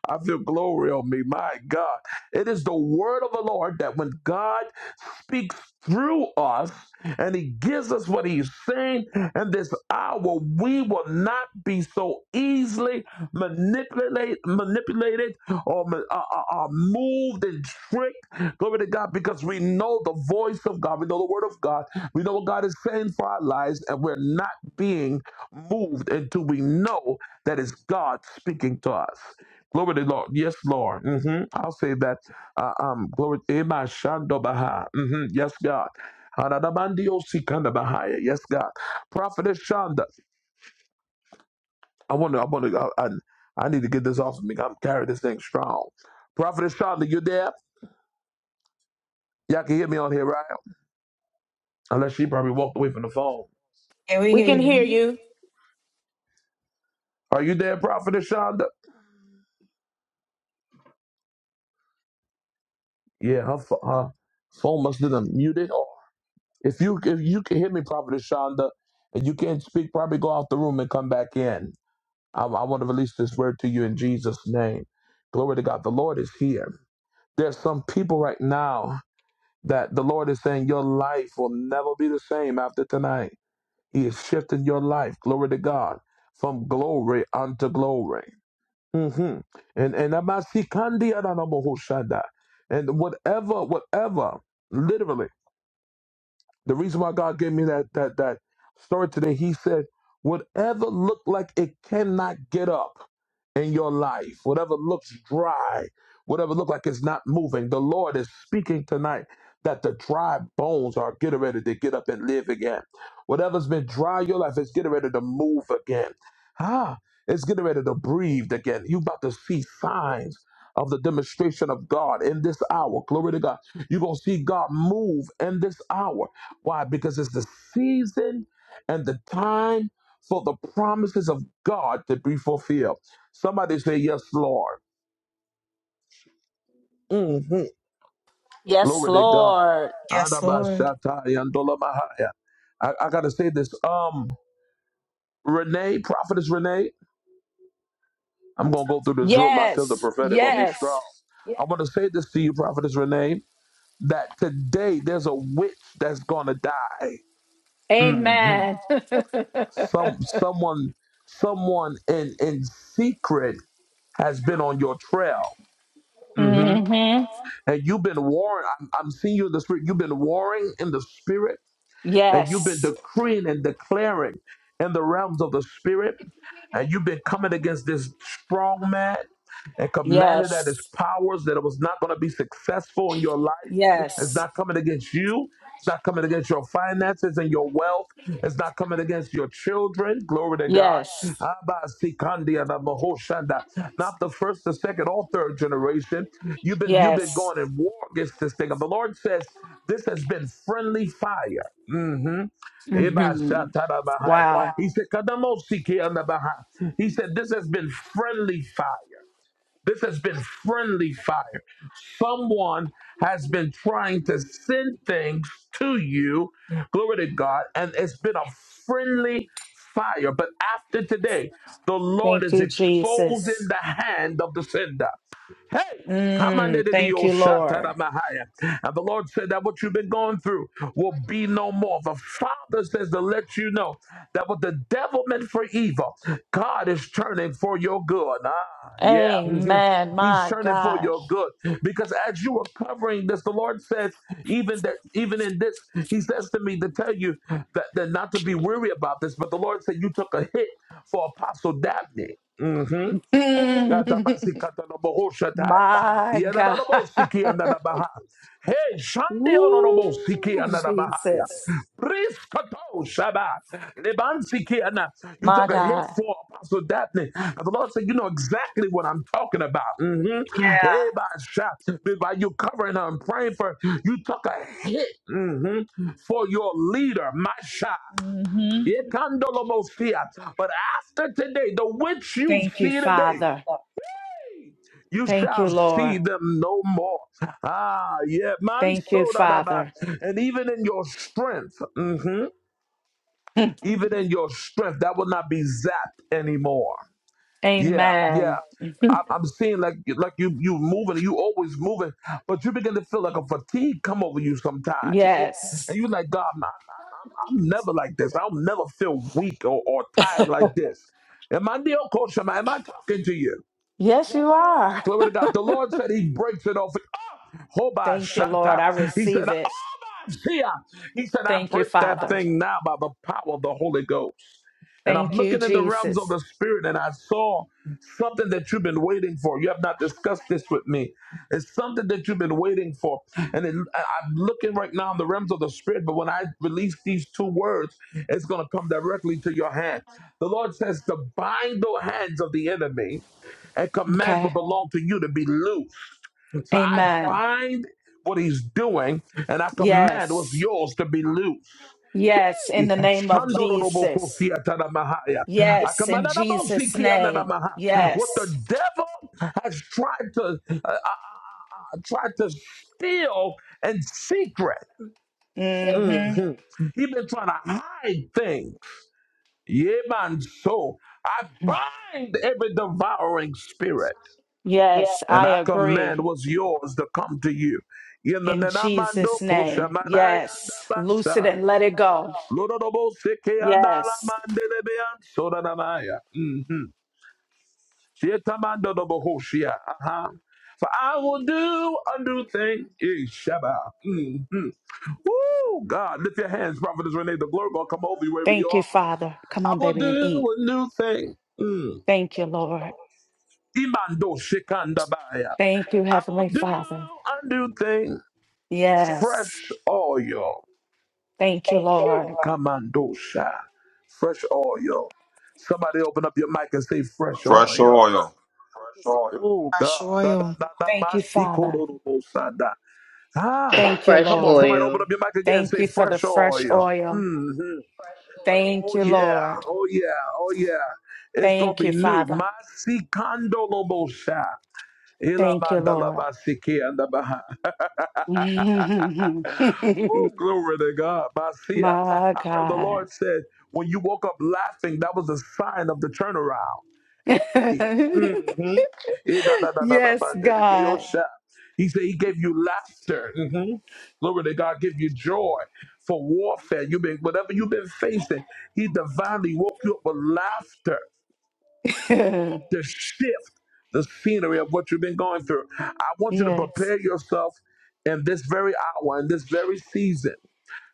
[SPEAKER 1] I feel glory on me. My God. It is the word of the Lord that when God speaks through us and he gives us what he's saying in this hour, we will not not be so easily manipulate, manipulated or uh, uh, uh, moved and tricked. Glory to God, because we know the voice of God. We know the word of God. We know what God is saying for our lives, and we're not being moved until we know that it's God speaking to us. Glory to the Lord. Yes, Lord. hmm I'll say that. Uh, um, glory to Ema Shando Baha. Mhm. Yes, God. Hadadabandio Sikanda Bahaya. Yes, God. Prophet Shanda. I want to. I want to. I, I, I need to get this off of me. I'm carrying this thing strong. Prophetess Shonda, you there? Y'all can hear me on here, right? Unless she probably walked away from the phone.
[SPEAKER 4] Yeah, we
[SPEAKER 3] We
[SPEAKER 4] hear
[SPEAKER 3] can hear
[SPEAKER 4] you.
[SPEAKER 3] you.
[SPEAKER 1] Are you there, Prophetess Shonda? Yeah, her, pho- her phone must have been muted. Or if you if you can hear me, Prophetess Shonda, and you can't speak, probably go out the room and come back in. I, I want to release this word to you in Jesus' name. Glory to God. The Lord is here. There's some people right now that the Lord is saying your life will never be the same after tonight. He is shifting your life, glory to God, from glory unto glory. hmm And and amasikandi adanamohoshanda. and whatever, whatever, literally. The reason why God gave me that that that story today, He said, whatever looked like it cannot get up in your life, whatever looks dry, whatever looked like it's not moving, the Lord is speaking tonight that the dry bones are getting ready to get up and live again. Whatever's been dry in your life is getting ready to move again. Ah, it's getting ready to breathe again. you about to see signs of the demonstration of God in this hour. Glory to God. You're going to see God move in this hour. Why? Because it's the season and the time for the promises of God to be fulfilled. Somebody say, Yes, Lord. Mhm.
[SPEAKER 3] Yes,
[SPEAKER 1] Glory to God.
[SPEAKER 3] Lord.
[SPEAKER 4] Yes, Lord.
[SPEAKER 1] Adabashatai andolamahaya. I, I got to say this. Um, Renee, prophetess Renee, I'm going to go through this room. I feel the
[SPEAKER 3] Yes.
[SPEAKER 1] prophetic going to be strong.
[SPEAKER 3] Yes.
[SPEAKER 1] I want to say this to you, prophetess Renee, that today there's a witch that's going to die.
[SPEAKER 3] Amen.
[SPEAKER 1] Some, someone, someone in in secret has been on your trail. hmm
[SPEAKER 3] hmm
[SPEAKER 1] And you've been warring. I'm, I'm seeing you in the spirit. You've been warring in the spirit and you've been
[SPEAKER 3] Yes.
[SPEAKER 1] decreeing and declaring in the realms of the spirit, and you've been coming against this strong man and commanded that his
[SPEAKER 3] Yes.
[SPEAKER 1] powers that it was not going to be successful in your life. It's
[SPEAKER 3] Yes.
[SPEAKER 1] not coming against you. It's not coming against your finances and your wealth. It's not coming against your children. Glory to God.
[SPEAKER 3] Yes.
[SPEAKER 1] Abba, Sikandi, and Abba, Hoshanda. Not the first, the second, or third generation. You've been you've been
[SPEAKER 3] Yes.
[SPEAKER 1] going in war against this thing. And the Lord says this has been friendly fire hmm Wow.
[SPEAKER 3] hmm Wow.
[SPEAKER 1] He said, "Kadamosiki andabaha." He said, This has been friendly fire. This has been friendly fire. Someone has been trying to send things to you, glory to God, and it's been a friendly fire. But after today, the Lord
[SPEAKER 3] Thank
[SPEAKER 1] is
[SPEAKER 3] you,
[SPEAKER 1] exposing
[SPEAKER 3] Jesus.
[SPEAKER 1] the hand of the sender. Hey, come under
[SPEAKER 3] Mm,
[SPEAKER 1] the
[SPEAKER 3] thank
[SPEAKER 1] deal,
[SPEAKER 3] you, Lord.
[SPEAKER 1] Shatarabahaya. And the Lord said that what you've been going through will be no more. The Father says to let you know that what the devil meant for evil, God is turning for your good. Ah, yeah. mhm.
[SPEAKER 3] Amen.
[SPEAKER 1] He's
[SPEAKER 3] My
[SPEAKER 1] turning for
[SPEAKER 3] God.
[SPEAKER 1] your good. Because as you are covering this, the Lord says, even that even in this, He says to me to tell you that, that not to be weary about this, but the Lord said you took a hit for Apostle Dabney. Mhm. Gadabasikatanabohoshatai.
[SPEAKER 3] My God.
[SPEAKER 1] Yananabosiki ananabaha. Hey, Shandi ononobosiki
[SPEAKER 3] Woo,
[SPEAKER 1] ananabahaya.
[SPEAKER 3] Jesus.
[SPEAKER 1] Priskato shaba. Lebansiki and You
[SPEAKER 3] My
[SPEAKER 1] took a hit
[SPEAKER 3] God.
[SPEAKER 1] for Apostle Daphne. And the Lord said, You know exactly what I'm talking about. Mm-hmm. Hey,
[SPEAKER 3] Yeah.
[SPEAKER 1] by shot. By you covering her and praying for her, you took a hit mhm, for your leader, my shot.
[SPEAKER 3] hmm
[SPEAKER 1] Yekandolobosia. But after today, the witch you
[SPEAKER 3] Thank you,
[SPEAKER 1] see today
[SPEAKER 3] Father.
[SPEAKER 1] you
[SPEAKER 3] Thank
[SPEAKER 1] shall
[SPEAKER 3] you,
[SPEAKER 1] see
[SPEAKER 3] Lord.
[SPEAKER 1] them no more. Ah, yeah, man,
[SPEAKER 3] Thank you,
[SPEAKER 1] so that about.
[SPEAKER 3] Father.
[SPEAKER 1] And even in your strength, mhm, even in your strength, that will not be zapped anymore. Yeah, yeah.
[SPEAKER 3] Amen.
[SPEAKER 1] I- I'm seeing like like you you moving, you always moving, but you begin to feel like a fatigue come over you sometimes, and
[SPEAKER 3] Yes.
[SPEAKER 1] you like God, man, I'm, I'm never like this. I'll never feel weak or, or tired like this. Am I deal, coach? Am I, am I talking to you?
[SPEAKER 3] Yes, you are.
[SPEAKER 1] Glory to God. The Lord said he breaks it off. Ah, Hoba
[SPEAKER 3] Thank you, Lord.
[SPEAKER 1] Shata.
[SPEAKER 3] I
[SPEAKER 1] He said,
[SPEAKER 3] receive
[SPEAKER 1] "Ah,
[SPEAKER 3] it.
[SPEAKER 1] Hoba Shia." He said, I
[SPEAKER 3] Thank you,
[SPEAKER 1] break that
[SPEAKER 3] Father.
[SPEAKER 1] thing now by the power of the Holy Ghost. And I'm
[SPEAKER 3] Thank you,
[SPEAKER 1] looking in the realms of
[SPEAKER 3] Jesus.
[SPEAKER 1] the spirit, and I saw something that you've been waiting for. You have not discussed this with me. It's something that you've been waiting for. And it, I- I'm looking right now in the realms of the spirit, but when I release these two words, it's going to come directly to your hand. The Lord says to bind the hands of the enemy and command what
[SPEAKER 3] Okay.
[SPEAKER 1] belong to you to be loose. So I
[SPEAKER 3] Amen.
[SPEAKER 1] bind what he's doing and I command what's
[SPEAKER 3] Yes.
[SPEAKER 1] yours to be loose.
[SPEAKER 3] Yes. In the name of Jesus. Yes. In Jesus' name.
[SPEAKER 1] What the
[SPEAKER 3] Yes.
[SPEAKER 1] devil has tried to uh, uh, uh, tried to steal in secret,
[SPEAKER 3] hmm
[SPEAKER 1] he's been trying to hide things. Yeah, man. So I bind every devouring spirit.
[SPEAKER 3] Yes,
[SPEAKER 1] and
[SPEAKER 3] I
[SPEAKER 1] I command
[SPEAKER 3] agree.
[SPEAKER 1] what's yours to come to you. In the
[SPEAKER 3] In
[SPEAKER 1] Nenamando
[SPEAKER 3] Jesus' name.
[SPEAKER 1] Koshamanayandabasa.
[SPEAKER 3] Yes. Loose it and let it go.
[SPEAKER 1] Mm-hmm.
[SPEAKER 3] Yes.
[SPEAKER 1] For I will do a new thing. Ishaba. Shabba. Mm-hmm. Woo! God, lift your hands, Prophetess Renee. The glory will come over you wherever you
[SPEAKER 3] Thank you,
[SPEAKER 1] are.
[SPEAKER 3] Father. Come
[SPEAKER 1] I
[SPEAKER 3] on,
[SPEAKER 1] will
[SPEAKER 3] baby, and
[SPEAKER 1] do
[SPEAKER 3] eat.
[SPEAKER 1] a new thing. Mm.
[SPEAKER 3] Thank you, Lord.
[SPEAKER 1] Imando Shikandabaya.
[SPEAKER 3] Thank you,
[SPEAKER 1] I
[SPEAKER 3] Heavenly
[SPEAKER 1] will do
[SPEAKER 3] Father.
[SPEAKER 1] a new thing. Fresh
[SPEAKER 3] Yes.
[SPEAKER 1] oil.
[SPEAKER 3] Thank you, Lord.
[SPEAKER 1] Kamandosha. Fresh oil. Somebody open up your mic and say fresh
[SPEAKER 7] Fresh
[SPEAKER 1] oil.
[SPEAKER 7] oil.
[SPEAKER 1] Fresh oil. Oh
[SPEAKER 4] Fresh
[SPEAKER 1] God. Da, da,
[SPEAKER 4] oil.
[SPEAKER 1] da, da, ma,
[SPEAKER 3] Thank you,
[SPEAKER 1] si, ko,
[SPEAKER 3] Father.
[SPEAKER 1] do, do, bo, sa, da. Ah,
[SPEAKER 3] Thank you,
[SPEAKER 1] come on,
[SPEAKER 3] Lord.
[SPEAKER 1] somebody open up your mic again and
[SPEAKER 3] Thank
[SPEAKER 1] say
[SPEAKER 3] you for the
[SPEAKER 1] fresh
[SPEAKER 3] fresh
[SPEAKER 1] oil.
[SPEAKER 3] oil.
[SPEAKER 1] hmm
[SPEAKER 3] Thank
[SPEAKER 1] Oh
[SPEAKER 3] you,
[SPEAKER 1] yeah,
[SPEAKER 3] Lord.
[SPEAKER 1] oh yeah, oh yeah. It's gonna
[SPEAKER 3] Thank
[SPEAKER 1] be
[SPEAKER 3] you,
[SPEAKER 1] new.
[SPEAKER 3] Father.
[SPEAKER 1] Masikandolobosha.
[SPEAKER 3] Thank you, Lord.
[SPEAKER 1] Ilamandalabasikiandabaha. Woo, glory to God. Basia. I
[SPEAKER 3] My
[SPEAKER 1] heard the
[SPEAKER 3] God.
[SPEAKER 1] Lord said, when you woke up laughing, that was a sign of the turnaround. He eh, da, da, da, da, da,
[SPEAKER 3] Yes,
[SPEAKER 1] ba, da, da, da, oh,
[SPEAKER 3] God.
[SPEAKER 1] sha. He said he gave you laughter. Mhm. Glory to God, give you joy for warfare. You've been whatever you've been facing, he divinely woke you up with laughter
[SPEAKER 3] yes.
[SPEAKER 1] to shift the scenery of what you've been going through. I want you to prepare yourself in this very hour, in this very season.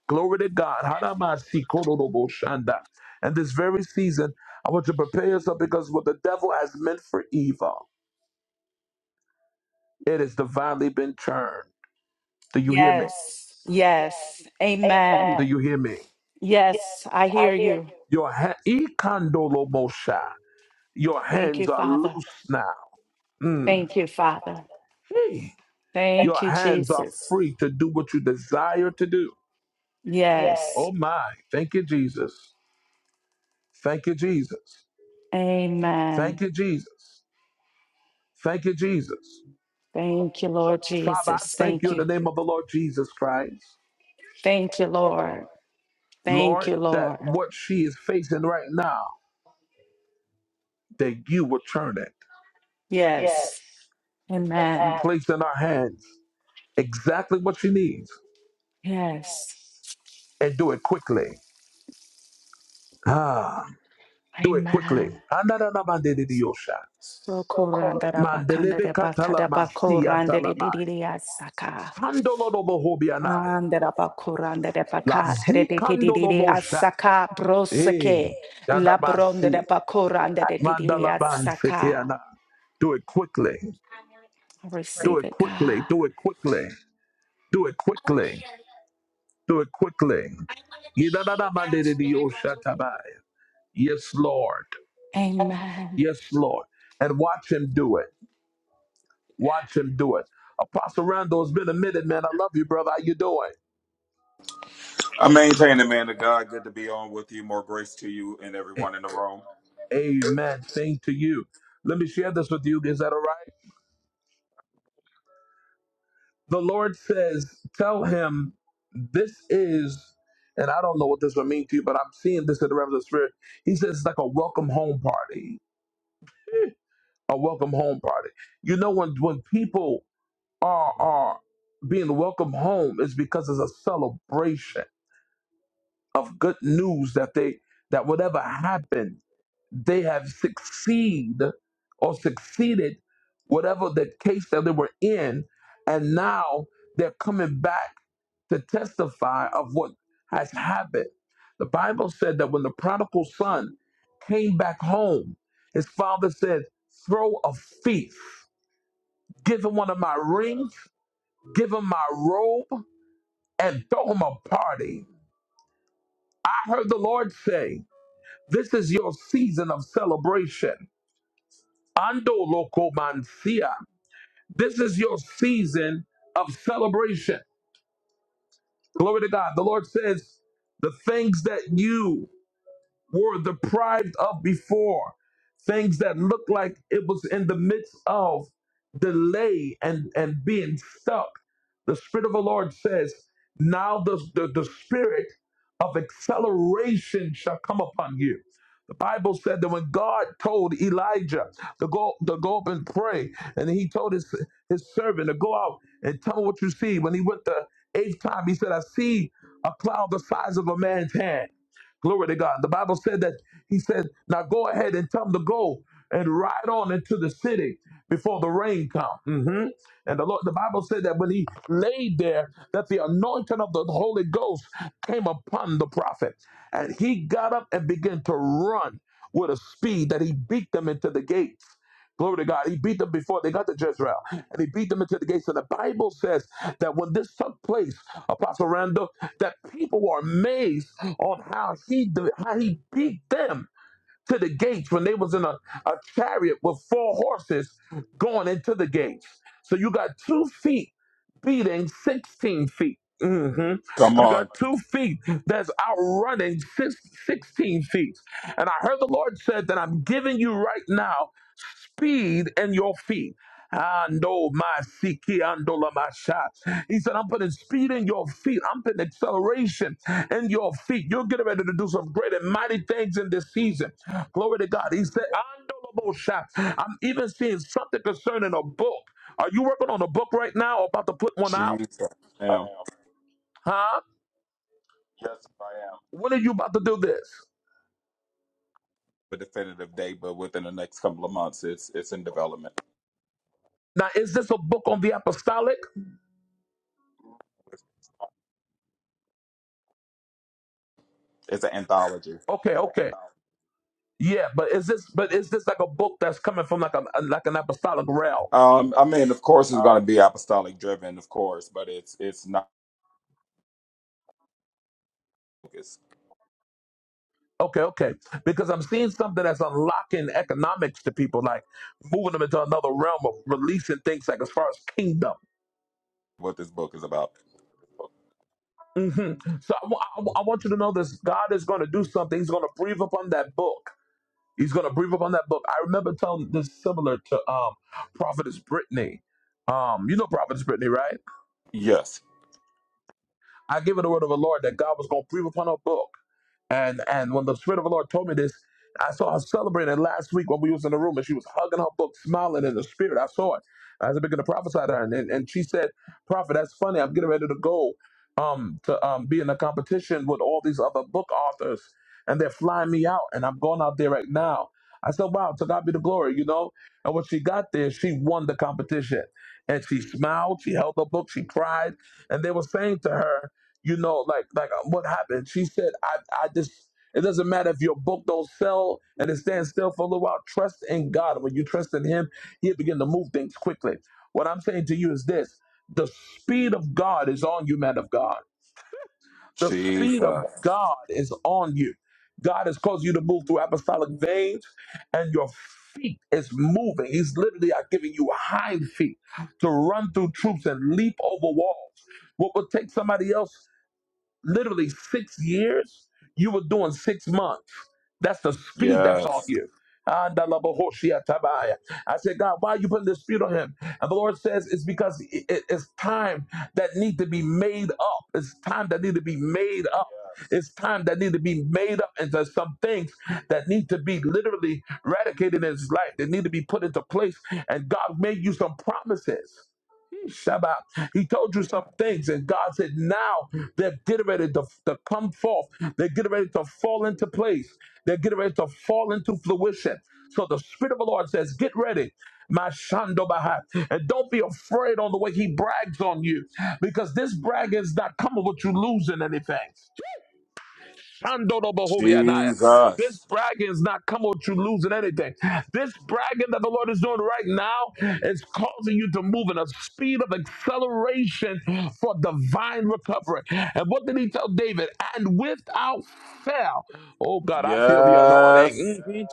[SPEAKER 1] Glory to God. Haramasi kororo shanda. And this very season, I want to prepare yourself because what the devil has meant for evil, it has divinely been turned. Do you hear me? Yes.
[SPEAKER 3] Yes.
[SPEAKER 1] Yes.
[SPEAKER 3] Yes.
[SPEAKER 1] Amen. Do
[SPEAKER 3] Amen.
[SPEAKER 1] Amen. you hear me? Yeah.
[SPEAKER 3] Yes, I hear
[SPEAKER 1] you-
[SPEAKER 3] you.
[SPEAKER 1] Your ha- ikandolo mosha. Your
[SPEAKER 3] Thank you,
[SPEAKER 1] hands are
[SPEAKER 3] Father.
[SPEAKER 1] loose now. Mm.
[SPEAKER 3] Thank you, Father.
[SPEAKER 1] Hey. Thank
[SPEAKER 3] Thank
[SPEAKER 1] Your
[SPEAKER 3] you,
[SPEAKER 1] hands are
[SPEAKER 3] Jesus.
[SPEAKER 1] free to do what you desire to do. Yes.
[SPEAKER 3] Yes.
[SPEAKER 1] Oh my. Thank you, Jesus. Thank you, Jesus. Amen. Thank
[SPEAKER 3] Amen.
[SPEAKER 1] you, Jesus. Thank you, Jesus.
[SPEAKER 3] Thank you, Lord
[SPEAKER 1] Father, I
[SPEAKER 3] Jesus.
[SPEAKER 1] Jesus. thank you
[SPEAKER 3] Thank
[SPEAKER 1] in
[SPEAKER 3] you.
[SPEAKER 1] the name of the Lord Jesus Christ.
[SPEAKER 3] Thank you, Lord. Thank
[SPEAKER 1] Lord,
[SPEAKER 3] you,
[SPEAKER 1] that
[SPEAKER 3] Lord.
[SPEAKER 1] what she is facing right now, that you will turn it,
[SPEAKER 3] Yes. Amen.
[SPEAKER 1] place in our hands exactly what she needs,
[SPEAKER 3] Yes.
[SPEAKER 1] and do it quickly. Ah, do it quickly.
[SPEAKER 3] Amen.
[SPEAKER 1] Anadana mandedidiyosha.
[SPEAKER 3] So koranda rabakanda
[SPEAKER 1] Mandelebe katala
[SPEAKER 3] rabakada
[SPEAKER 1] masi
[SPEAKER 3] bakoranda de de
[SPEAKER 1] atalamai.
[SPEAKER 3] de de asaka.
[SPEAKER 1] Kandolobohobianai.
[SPEAKER 3] Andarabakuranda de
[SPEAKER 1] La
[SPEAKER 3] Pacate de Tedididi
[SPEAKER 1] zikandolobosha.
[SPEAKER 3] Asaka,
[SPEAKER 1] Hey,
[SPEAKER 3] Brosake, Labronda
[SPEAKER 1] dadabasi.
[SPEAKER 3] de Bakuranda de Tididi Asaka.
[SPEAKER 1] Mandalabansekeana. Do it quickly.
[SPEAKER 3] I
[SPEAKER 1] Do
[SPEAKER 3] Receive
[SPEAKER 1] it
[SPEAKER 3] it, God.
[SPEAKER 1] quickly. Do it quickly. Do it quickly. Do it quickly. Yidadadamadididiyoshatabaya. Yes, Lord.
[SPEAKER 3] Amen.
[SPEAKER 1] Yes, Lord. And watch him do it. Watch him do it. Apostle Randall, it's been a minute, man. I love you, brother. How you doing?
[SPEAKER 7] I maintain the man of God. Good to be on with you. More grace to you and everyone in the room.
[SPEAKER 1] Amen. Same to you. Let me share this with you. Is that all right? The Lord says, Tell him this is, and I don't know what this would mean to you, but I'm seeing this in the realm of the spirit. He says it's like a welcome home party. A welcome home party. You know, when when people are are being welcome home, it's because it's a celebration of good news that they that whatever happened. they have succeed or succeeded whatever the case that they were in and now they're coming back to testify of what has happened the bible said that when the prodigal son came back home his father said throw a feast give him one of my rings give him my robe and throw him a party i heard the lord say this is your season of celebration Ando locomancia. This is your season of celebration. Glory to God. The Lord says, the things that you were deprived of before, things that looked like it was in the midst of delay and, and being stuck. The Spirit of the Lord says, Now the, the, the Spirit of acceleration shall come upon you. The Bible said that when God told Elijah to go to go up and pray, and he told his his servant to go out and tell him what you see. When he went the eighth time, he said, I see a cloud the size of a man's hand. Glory to God. The Bible said that he said, Now go ahead and tell them to go and ride on into the city before the rain come. hmm And the Lord, the Bible said that when he laid there, that the anointing of the Holy Ghost came upon the prophet. And he got up and began to run with a speed that he beat them into the gate. Glory to God. He beat them before they got to Jezreel. And he beat them into the gates. So the Bible says that when this took place, Apostle Randall, that people were amazed on how he did, how he beat them to the gates when they was in a, a chariot with four horses going into the gates. So you got two feet beating 16 feet. Mhm.
[SPEAKER 7] Come
[SPEAKER 1] You got
[SPEAKER 7] on.
[SPEAKER 1] two feet that's outrunning six, 16 feet. And I heard the Lord said that I'm giving you right now speed in your feet. Ando masiki, ando la masha. He said, I'm putting speed in your feet. I'm putting acceleration in your feet. You're getting ready to do some great and mighty things in this season. Glory to God. He said, Ando la mosha. I'm even seeing something concerning a book. Are you working on a book right now or about to put one out?
[SPEAKER 7] Jesus. Am
[SPEAKER 1] Huh? When are you about to do this?
[SPEAKER 7] a definitive date, but within the next couple of months, it's it's in development.
[SPEAKER 1] Now, is this a book on the apostolic?
[SPEAKER 7] It's an anthology.
[SPEAKER 1] Okay, okay, yeah, but is this but is this like a book that's coming from like a like an apostolic realm?
[SPEAKER 7] Um, I mean, of course, it's going to be apostolic driven, of course, but it's it's not focused
[SPEAKER 1] Okay, okay, because I'm seeing something that's unlocking economics to people, like moving them into another realm of releasing things, like as far as kingdom.
[SPEAKER 7] what this book is about.
[SPEAKER 1] hmm So I wa- I wa- I want you to know this: God is going to do something. He's going to breathe upon that book. He's going to breathe upon that book. I remember telling this similar to um, Prophetess Brittany. Um, you know Prophetess Brittany, right?
[SPEAKER 7] Yes,
[SPEAKER 1] I gave her the word of the Lord that God was going to breathe upon her book. And and when the Spirit of the Lord told me this, I saw her celebrating last week when we was in the room and she was hugging her book, smiling in the spirit. I saw it. I was beginning to prophesy to her. And, and, and she said, Prophet, that's funny. I'm getting ready to go um, to um, be in a competition with all these other book authors. And they're flying me out. And I'm going out there right now. I said, wow, to God be the glory, you know? And when she got there, she won the competition. And she smiled. She held her book. She cried. And they were saying to her, you know, like like uh, what happened? She said, I I just it doesn't matter if your book don't sell and it stands still for a little while. Trust in God. When you trust in Him, He'll begin to move things quickly. What I'm saying to you is this: the speed of God is on you, man of God. The speed of
[SPEAKER 7] Jesus.
[SPEAKER 1] God is on you. God has caused you to move through apostolic veins, and your feet is moving. He's literally uh, giving you hind feet to run through troops and leap over walls. What would take somebody else literally six years, you were doing six months. That's the speed that's on
[SPEAKER 7] Yes,
[SPEAKER 1] you. Andalabahoshiatabaya. I love a Hoshea Tabaya. I said, God, why are you putting this speed on him? And the Lord says, it's because it- it- it's time that need to be made up. It's time that need to be made up. It's time that need to be made up into some things that need to be literally eradicated in his life. They need to be put into place. And God made you some promises. Shabbat. He told you some things, and God said, Now they're getting ready to, to come forth. They're getting ready to fall into place. They're getting ready to fall into fruition. So the Spirit of the Lord says, Get ready, my Shando Bahai. And don't be afraid on the way He brags on you, because this brag is not coming with you losing anything. Shandorobohobianaya. This
[SPEAKER 7] Jesus.
[SPEAKER 1] bragging is not coming with you losing anything. This bragging that the Lord is doing right now is causing you to move in a speed of acceleration for divine recovery. And what did he tell David? And without fail, oh God, I feel the
[SPEAKER 7] Yes,
[SPEAKER 1] anointing. Mhm.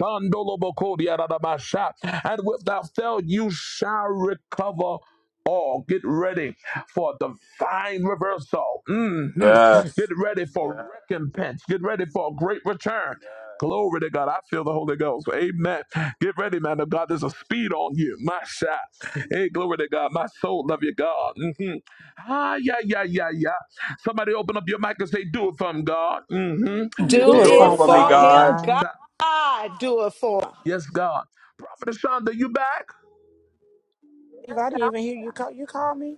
[SPEAKER 1] Shandolobokodiyadadabasha. And without fail, you shall recover all. Get ready for divine reversal. mm Mhm.
[SPEAKER 7] yes.
[SPEAKER 1] Get ready for Yes. recompense. Get ready for a great return. Yes. Glory to God. I feel the Holy Ghost. Amen. Get ready, man of God. There's a speed on you. My shot. Hey, glory to God. My soul love you, God. mm Mhm. Ah, yeah, yeah, yeah, yeah. Somebody open up your mic and say, Do it from God. mm
[SPEAKER 3] Do
[SPEAKER 5] do it,
[SPEAKER 7] Do
[SPEAKER 4] Do
[SPEAKER 3] it
[SPEAKER 7] it
[SPEAKER 4] it
[SPEAKER 5] phone
[SPEAKER 7] for me,
[SPEAKER 4] for
[SPEAKER 3] for
[SPEAKER 4] him,
[SPEAKER 5] God.
[SPEAKER 7] God.
[SPEAKER 3] him, God.
[SPEAKER 1] hmm
[SPEAKER 4] God.
[SPEAKER 3] Do it for him.
[SPEAKER 1] Yes, God. Prophet Ashonda, you back?
[SPEAKER 5] If I didn't even hear you call. You call me.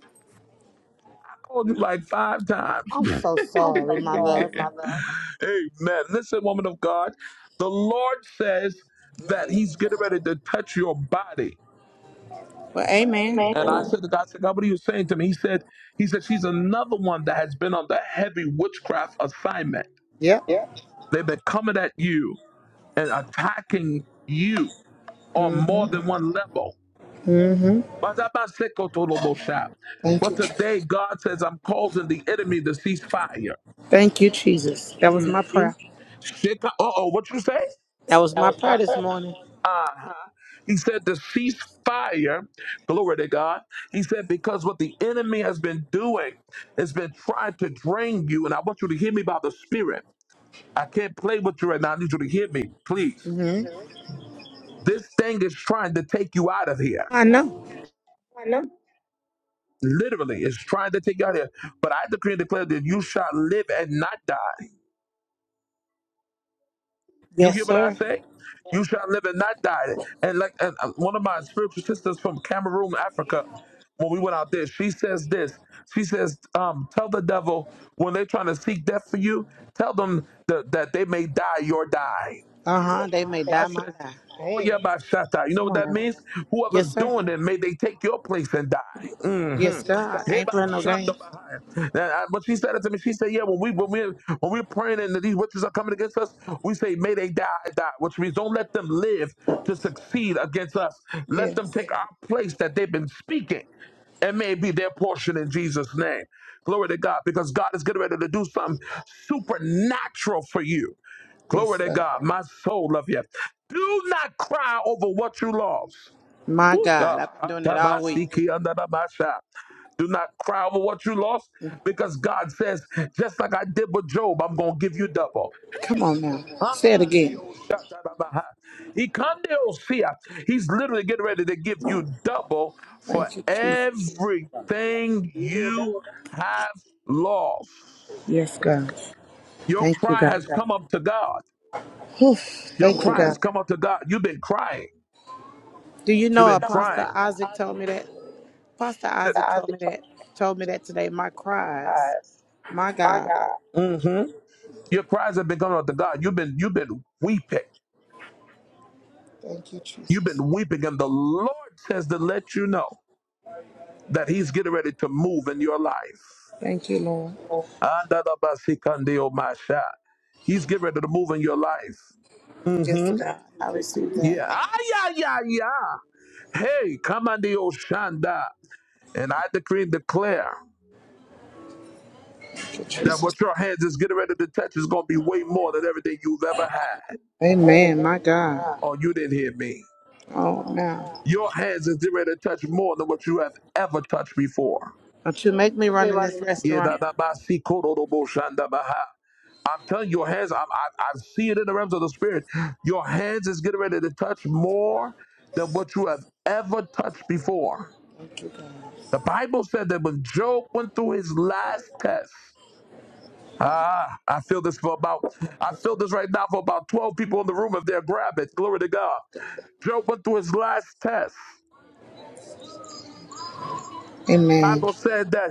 [SPEAKER 1] Called you like five times.
[SPEAKER 5] I'm so sorry, my love.
[SPEAKER 1] Amen. Listen, woman of God, the Lord says that He's getting ready to touch your body.
[SPEAKER 5] But amen.
[SPEAKER 1] And I said to God, I said, God, what are you saying to me? He said, He said, she's another one that has been on the heavy witchcraft assignment.
[SPEAKER 5] Yep.
[SPEAKER 1] They've been coming at you and attacking you on more than one level. But
[SPEAKER 5] Thank
[SPEAKER 1] But
[SPEAKER 5] you.
[SPEAKER 1] today, God says, I'm causing the enemy to cease fire.
[SPEAKER 5] Thank you, Jesus. That was my prayer.
[SPEAKER 1] Shake uh oh, what you say?
[SPEAKER 5] That was my prayer this morning.
[SPEAKER 1] Uh-huh. He said to cease fire. Glory to God. He said, because what the enemy has been doing has been trying to drain you. And I want you to hear me by the Spirit. I can't play with you right now. I need you to hear me, please.
[SPEAKER 5] hmm
[SPEAKER 1] This thing is trying to take you out of here.
[SPEAKER 5] I know.
[SPEAKER 1] Literally, it's trying to take you out of here. But I decree and declare that you shall live and not die. You
[SPEAKER 5] Yes,
[SPEAKER 1] hear what I
[SPEAKER 5] sir.
[SPEAKER 1] say? You shall live and not die. And like and uh, one of my spiritual sisters from Cameroon, Africa, when we went out there, she says this. She says, um, tell the devil when they're trying to seek death for you, tell them that, that they may die your die.
[SPEAKER 5] Uh huh. They may
[SPEAKER 1] I
[SPEAKER 5] die, my
[SPEAKER 1] said,
[SPEAKER 5] die.
[SPEAKER 1] Oh
[SPEAKER 5] Hey,
[SPEAKER 1] yeah, by Shatta. You know
[SPEAKER 5] come
[SPEAKER 1] what
[SPEAKER 5] on
[SPEAKER 1] that
[SPEAKER 5] now.
[SPEAKER 1] means?
[SPEAKER 5] Yes,
[SPEAKER 1] Whoever's
[SPEAKER 5] sir.
[SPEAKER 1] doing it, may they take your place and die. Mm-hmm.
[SPEAKER 5] Yes, God. I
[SPEAKER 1] Here
[SPEAKER 5] ain't
[SPEAKER 1] by
[SPEAKER 5] playing no
[SPEAKER 1] Shanda
[SPEAKER 5] games.
[SPEAKER 1] Bahaya. Now, I- When she said it to me, she said, Yeah, when we when we when we're praying and these witches are coming against us, we say, May they die, die, which means don't let them live to succeed against us. Let them
[SPEAKER 5] Yes.
[SPEAKER 1] take our place that they've been speaking and may it be their portion in Jesus' name. Glory to God, because God is getting ready to do something supernatural for you. Glory
[SPEAKER 5] Yes,
[SPEAKER 1] to
[SPEAKER 5] sir.
[SPEAKER 1] God. My soul love you. Do not cry over what you lost.
[SPEAKER 5] My
[SPEAKER 1] Woo,
[SPEAKER 5] God,
[SPEAKER 1] God.
[SPEAKER 5] I've been doing it all week.
[SPEAKER 1] Atamasiki andanamasha. Do not cry over what you lost because God says, just like I did with Job, I'm going to give you double.
[SPEAKER 5] Come on now. Say it again.
[SPEAKER 1] Ikandeosia. He's literally getting ready to give you double for
[SPEAKER 5] Thank you, Jesus.
[SPEAKER 1] everything you have lost.
[SPEAKER 5] Yes, God.
[SPEAKER 1] Your
[SPEAKER 5] Thank you,
[SPEAKER 1] cry
[SPEAKER 5] God.
[SPEAKER 1] has come up to God.
[SPEAKER 5] Whew.
[SPEAKER 1] Your
[SPEAKER 5] Thank you,
[SPEAKER 1] cry has
[SPEAKER 5] God.
[SPEAKER 1] come up to God. You've been crying.
[SPEAKER 5] Do you
[SPEAKER 1] You've
[SPEAKER 5] know
[SPEAKER 1] been crying.
[SPEAKER 5] Apostle Isaac told me that? Apostle
[SPEAKER 1] the
[SPEAKER 5] Isaac told me that. Told me that today. My cries. My God.
[SPEAKER 1] covenant. hmm Your cries have been coming out to God. You've been you've been weeping.
[SPEAKER 5] Thank you,
[SPEAKER 1] You've
[SPEAKER 5] Jesus.
[SPEAKER 1] been weeping, and the Lord says to let you know that He's getting ready to move in your life.
[SPEAKER 5] Thank you, Lord.
[SPEAKER 1] Andalabasikandeomasha. He's getting ready to move in your life.
[SPEAKER 5] Yes,
[SPEAKER 1] hmm
[SPEAKER 5] God. I receive that.
[SPEAKER 1] Yeah. Ah, yeah, yeah, yeah. Hey, come on, the Oshanda. And I decree and declare
[SPEAKER 5] Thank you,
[SPEAKER 1] that
[SPEAKER 5] Jesus.
[SPEAKER 1] what your hands is getting ready to touch is going to be way more than everything you've ever had.
[SPEAKER 5] Amen. My God.
[SPEAKER 1] Oh, you didn't hear me.
[SPEAKER 5] Oh, man.
[SPEAKER 1] Your hands is getting ready to touch more than what you have ever touched before.
[SPEAKER 5] Don't you make me run in this
[SPEAKER 1] Yeah,
[SPEAKER 5] restaurant.
[SPEAKER 1] si- I'm telling you, your hands, I'm, I, I see it in the realms of the spirit. Your hands is getting ready to touch more than what you have ever touched before.
[SPEAKER 5] Thank you, God.
[SPEAKER 1] The Bible said that when Job went through his last test, ah, I feel this for about, I feel this right now for about 12 people in the room if they'll grab it. Glory to God. Job went through his last test.
[SPEAKER 5] Amen.
[SPEAKER 1] Bible said that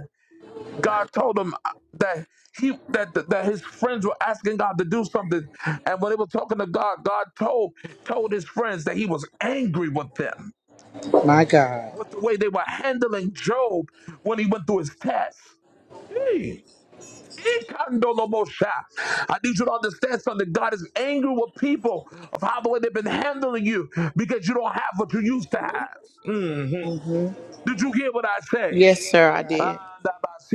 [SPEAKER 1] God told him uh, that he that that his friends were asking God to do something, and when they were talking to God, God told told his friends that he was angry with them
[SPEAKER 5] My God.
[SPEAKER 1] with the way they were handling Job when he went through his test. Ikandolomosha. I need you to understand something. God is angry with people of how the way they've been handling you because you don't have what you used to have. Did you hear what I say?
[SPEAKER 5] Yes, sir, I
[SPEAKER 1] Ah,
[SPEAKER 5] did.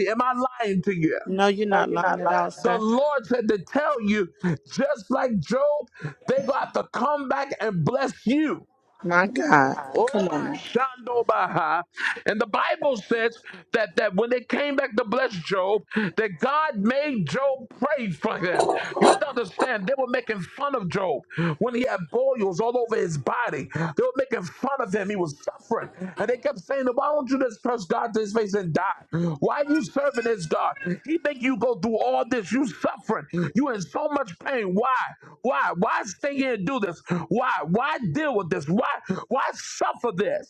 [SPEAKER 1] Am I lying to you?
[SPEAKER 5] No, you're not lying at all,
[SPEAKER 1] The
[SPEAKER 5] sir.
[SPEAKER 1] Lord said to tell you, just like Job, they got to come back and bless you.
[SPEAKER 5] My God.
[SPEAKER 1] Oh,
[SPEAKER 5] Come
[SPEAKER 1] my
[SPEAKER 5] on now.
[SPEAKER 1] shando baha. And the Bible says that, that when they came back to bless Job, that God made Job pray for them. You have to understand, they were making fun of Job when he had boils all over his body. They were making fun of him. He was was suffering. And they kept saying, Why don't you just trust God to his face and die? Why are you serving this God? He think you go through all this. You suffering. You in so much pain. Why? Why? Why stay here and do this? Why? Why deal with this? Why? Why suffer this?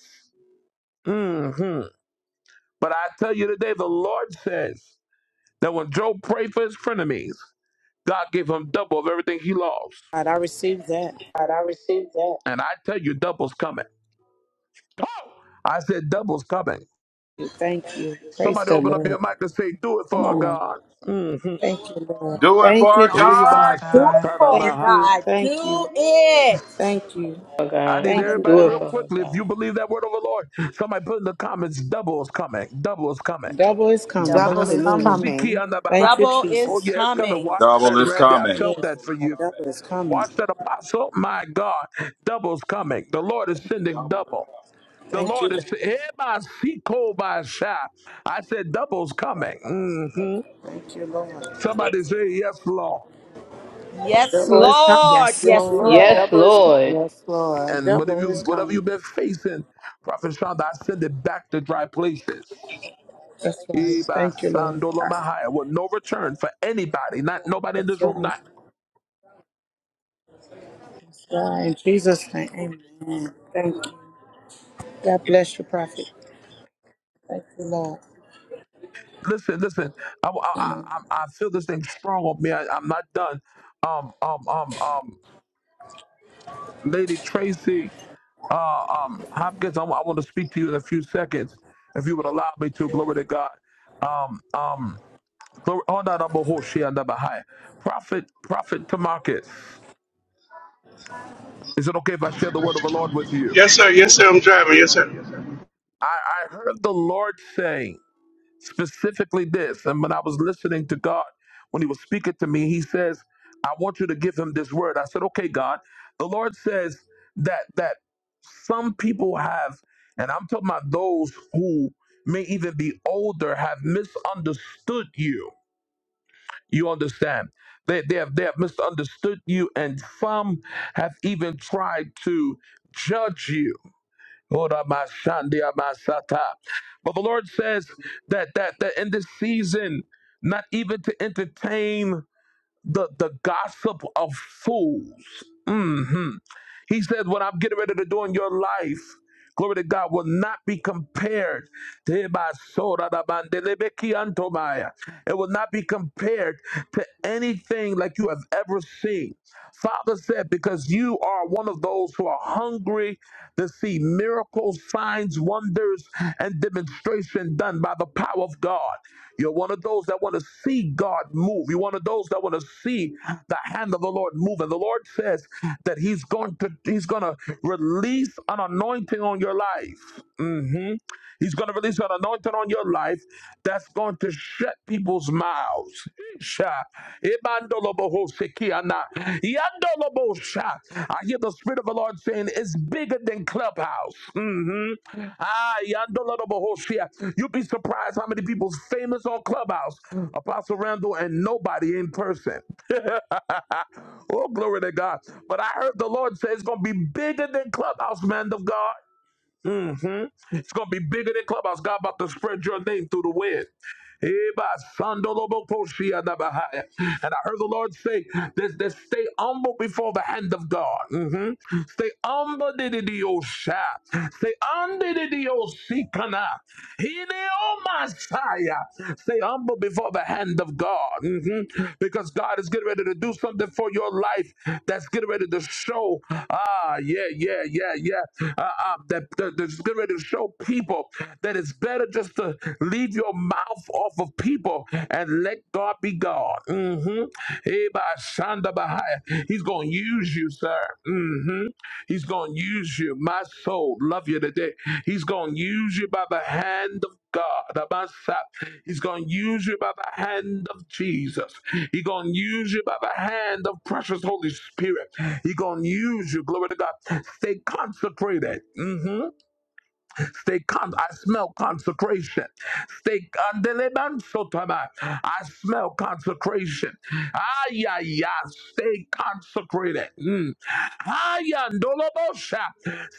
[SPEAKER 1] hmm But I tell you today, the Lord says that when Job prayed for his frenemies, God gave him double of everything he lost.
[SPEAKER 5] God, I received that.
[SPEAKER 1] And I tell you, double's coming. Oh! I said, double's coming.
[SPEAKER 5] you. Thank you. Praise
[SPEAKER 1] Somebody
[SPEAKER 5] the
[SPEAKER 1] open up
[SPEAKER 5] Lord.
[SPEAKER 1] your mic and say, do it for
[SPEAKER 5] Come
[SPEAKER 1] our
[SPEAKER 5] on now.
[SPEAKER 1] God.
[SPEAKER 5] Thank you, Lord.
[SPEAKER 7] Do it
[SPEAKER 5] Thank you,
[SPEAKER 7] for
[SPEAKER 4] Do it for
[SPEAKER 5] Jesus.
[SPEAKER 7] God.
[SPEAKER 1] Eba
[SPEAKER 4] her,
[SPEAKER 3] Do
[SPEAKER 4] God.
[SPEAKER 3] it for
[SPEAKER 5] Thank
[SPEAKER 1] shatadamaha.
[SPEAKER 5] you.
[SPEAKER 3] God.
[SPEAKER 5] Thank you.
[SPEAKER 3] Do it.
[SPEAKER 5] Thank you.
[SPEAKER 1] I need
[SPEAKER 5] Thank you,
[SPEAKER 1] everybody
[SPEAKER 3] Hallelujah.
[SPEAKER 1] real
[SPEAKER 5] God.
[SPEAKER 1] quickly. If you believe that word of the Lord, somebody put in the comments, double is coming. Double is coming.
[SPEAKER 5] Double is coming.
[SPEAKER 4] Devil
[SPEAKER 2] Double
[SPEAKER 4] is
[SPEAKER 2] is
[SPEAKER 5] Hallelujah.
[SPEAKER 4] coming.
[SPEAKER 2] coming.
[SPEAKER 1] Adamosikiyanabaha.
[SPEAKER 5] Thank you,
[SPEAKER 3] Double
[SPEAKER 1] Oh,
[SPEAKER 3] is
[SPEAKER 1] yeah,
[SPEAKER 5] Jesus.
[SPEAKER 1] it's
[SPEAKER 5] Yes,
[SPEAKER 1] coming.
[SPEAKER 3] coming.
[SPEAKER 1] Watch
[SPEAKER 7] Double
[SPEAKER 1] that,
[SPEAKER 7] this
[SPEAKER 1] Randy. I
[SPEAKER 7] comment.
[SPEAKER 1] felt
[SPEAKER 5] yes,
[SPEAKER 1] that for
[SPEAKER 5] God.
[SPEAKER 1] you.
[SPEAKER 5] Double is coming.
[SPEAKER 1] Watch that, Apostle. My God, double's coming. The Lord is sending double. The
[SPEAKER 5] Thank you,
[SPEAKER 1] Lord is.
[SPEAKER 5] God.
[SPEAKER 1] Ebasikobasha. I said, double's coming. hmm
[SPEAKER 5] Thank you, Lord.
[SPEAKER 1] Somebody say, yes, Lord.
[SPEAKER 3] Yes,
[SPEAKER 5] Double is coming.
[SPEAKER 3] Lord.
[SPEAKER 4] Yes,
[SPEAKER 3] Yes,
[SPEAKER 5] Yes,
[SPEAKER 4] Lord.
[SPEAKER 5] Lord.
[SPEAKER 3] Lord.
[SPEAKER 5] Double is coming.
[SPEAKER 2] Yes, Lord.
[SPEAKER 1] And whatever
[SPEAKER 5] Double
[SPEAKER 1] you
[SPEAKER 5] is
[SPEAKER 1] whatever you've
[SPEAKER 5] coming.
[SPEAKER 1] been facing, Prophet Shonda, I send it back to dry places.
[SPEAKER 5] That's right.
[SPEAKER 1] Eba
[SPEAKER 5] Thank you, Lord.
[SPEAKER 1] Sandola Mahaya, With no return for anybody, not nobody in
[SPEAKER 5] That's
[SPEAKER 1] this room.
[SPEAKER 5] right.
[SPEAKER 1] Not
[SPEAKER 5] That's right. In Jesus' name, amen. Thank you. God bless you, prophet. Thank you, Lord.
[SPEAKER 1] listen, listen. I, I, I, I feel this thing strong on me. I, I'm not done. Um, um, um, um, Lady Tracy, uh, um, Hopkins, I wa- I want to speak to you in a few seconds, if you would allow me to. Glory to God. Um, um, glory, oh, no, no, Mahoshi and the Bahaya. Prophet, Prophet Tamarcus. Is it okay if I share the word of the Lord with you?
[SPEAKER 8] Yes, sir. Yes, sir. I'm driving. Yes, sir.
[SPEAKER 1] I, I heard the Lord saying specifically this, and when I was listening to God, when He was speaking to me, He says, "I want you to give him this word." I said, "Okay, God." The Lord says that that some people have, and I'm talking about those who may even be older, have misunderstood you. You understand? They, they have they have misunderstood you, and some have even tried to judge you. But the Lord says that that that in this season, not even to entertain the the gossip of fools. hmm He said, "What I'm getting ready to do in your life." Glory to God will not be compared to It will not be compared to anything like you have ever seen. Father said, because you are one of those who are hungry to see miracles, signs, wonders, and demonstration done by the power of God. You're one of those that want to see God move. You're one of those that want to see the hand of the Lord move. And the Lord says that He's going to He's going to release an anointing on your life. Mhm. He's going to release an anointing on your life that's going to shut people's mouths. I hear the Spirit of the Lord saying it's bigger than Clubhouse. Mhm. Ah, You'd be surprised how many people's famous on Clubhouse, Apostle Randall, and nobody in person. oh, glory to God. But I heard the Lord say it's going to be bigger than Clubhouse, man of God hmm It's gonna be bigger than clubhouse. God about to spread your name through the wind. And I heard the Lord say, this, this, stay humble before the hand of God. Mhm. Stay humble, di di di dididiyosha. Stay under the Stay humble before the hand of God. Mhm. Because God is getting ready." ready to do something for your life that's getting ready to show. Ah, yeah, yeah, yeah, yeah. Uh, uh, that, that- that's getting ready to show people that it's better just to leave your mouth off of people and let God be God. Mm-hmm. He's going to use you, sir. Mm-hmm. He's going to use you. My soul, love you today. He's going to use you by the hand of God. Abba, Sa- He's going to use you by the hand of Jesus. He's going to use you by the hand of precious Holy Spirit. He's going to use you. Glory to God. Stay consecrated. Mm-hmm. Stay con- I smell consecration. Stay Andelebansotaba. I smell consecration. Ah yeah, yeah. Stay consecrated. Mm. Ah, yeah, Ndolobosha.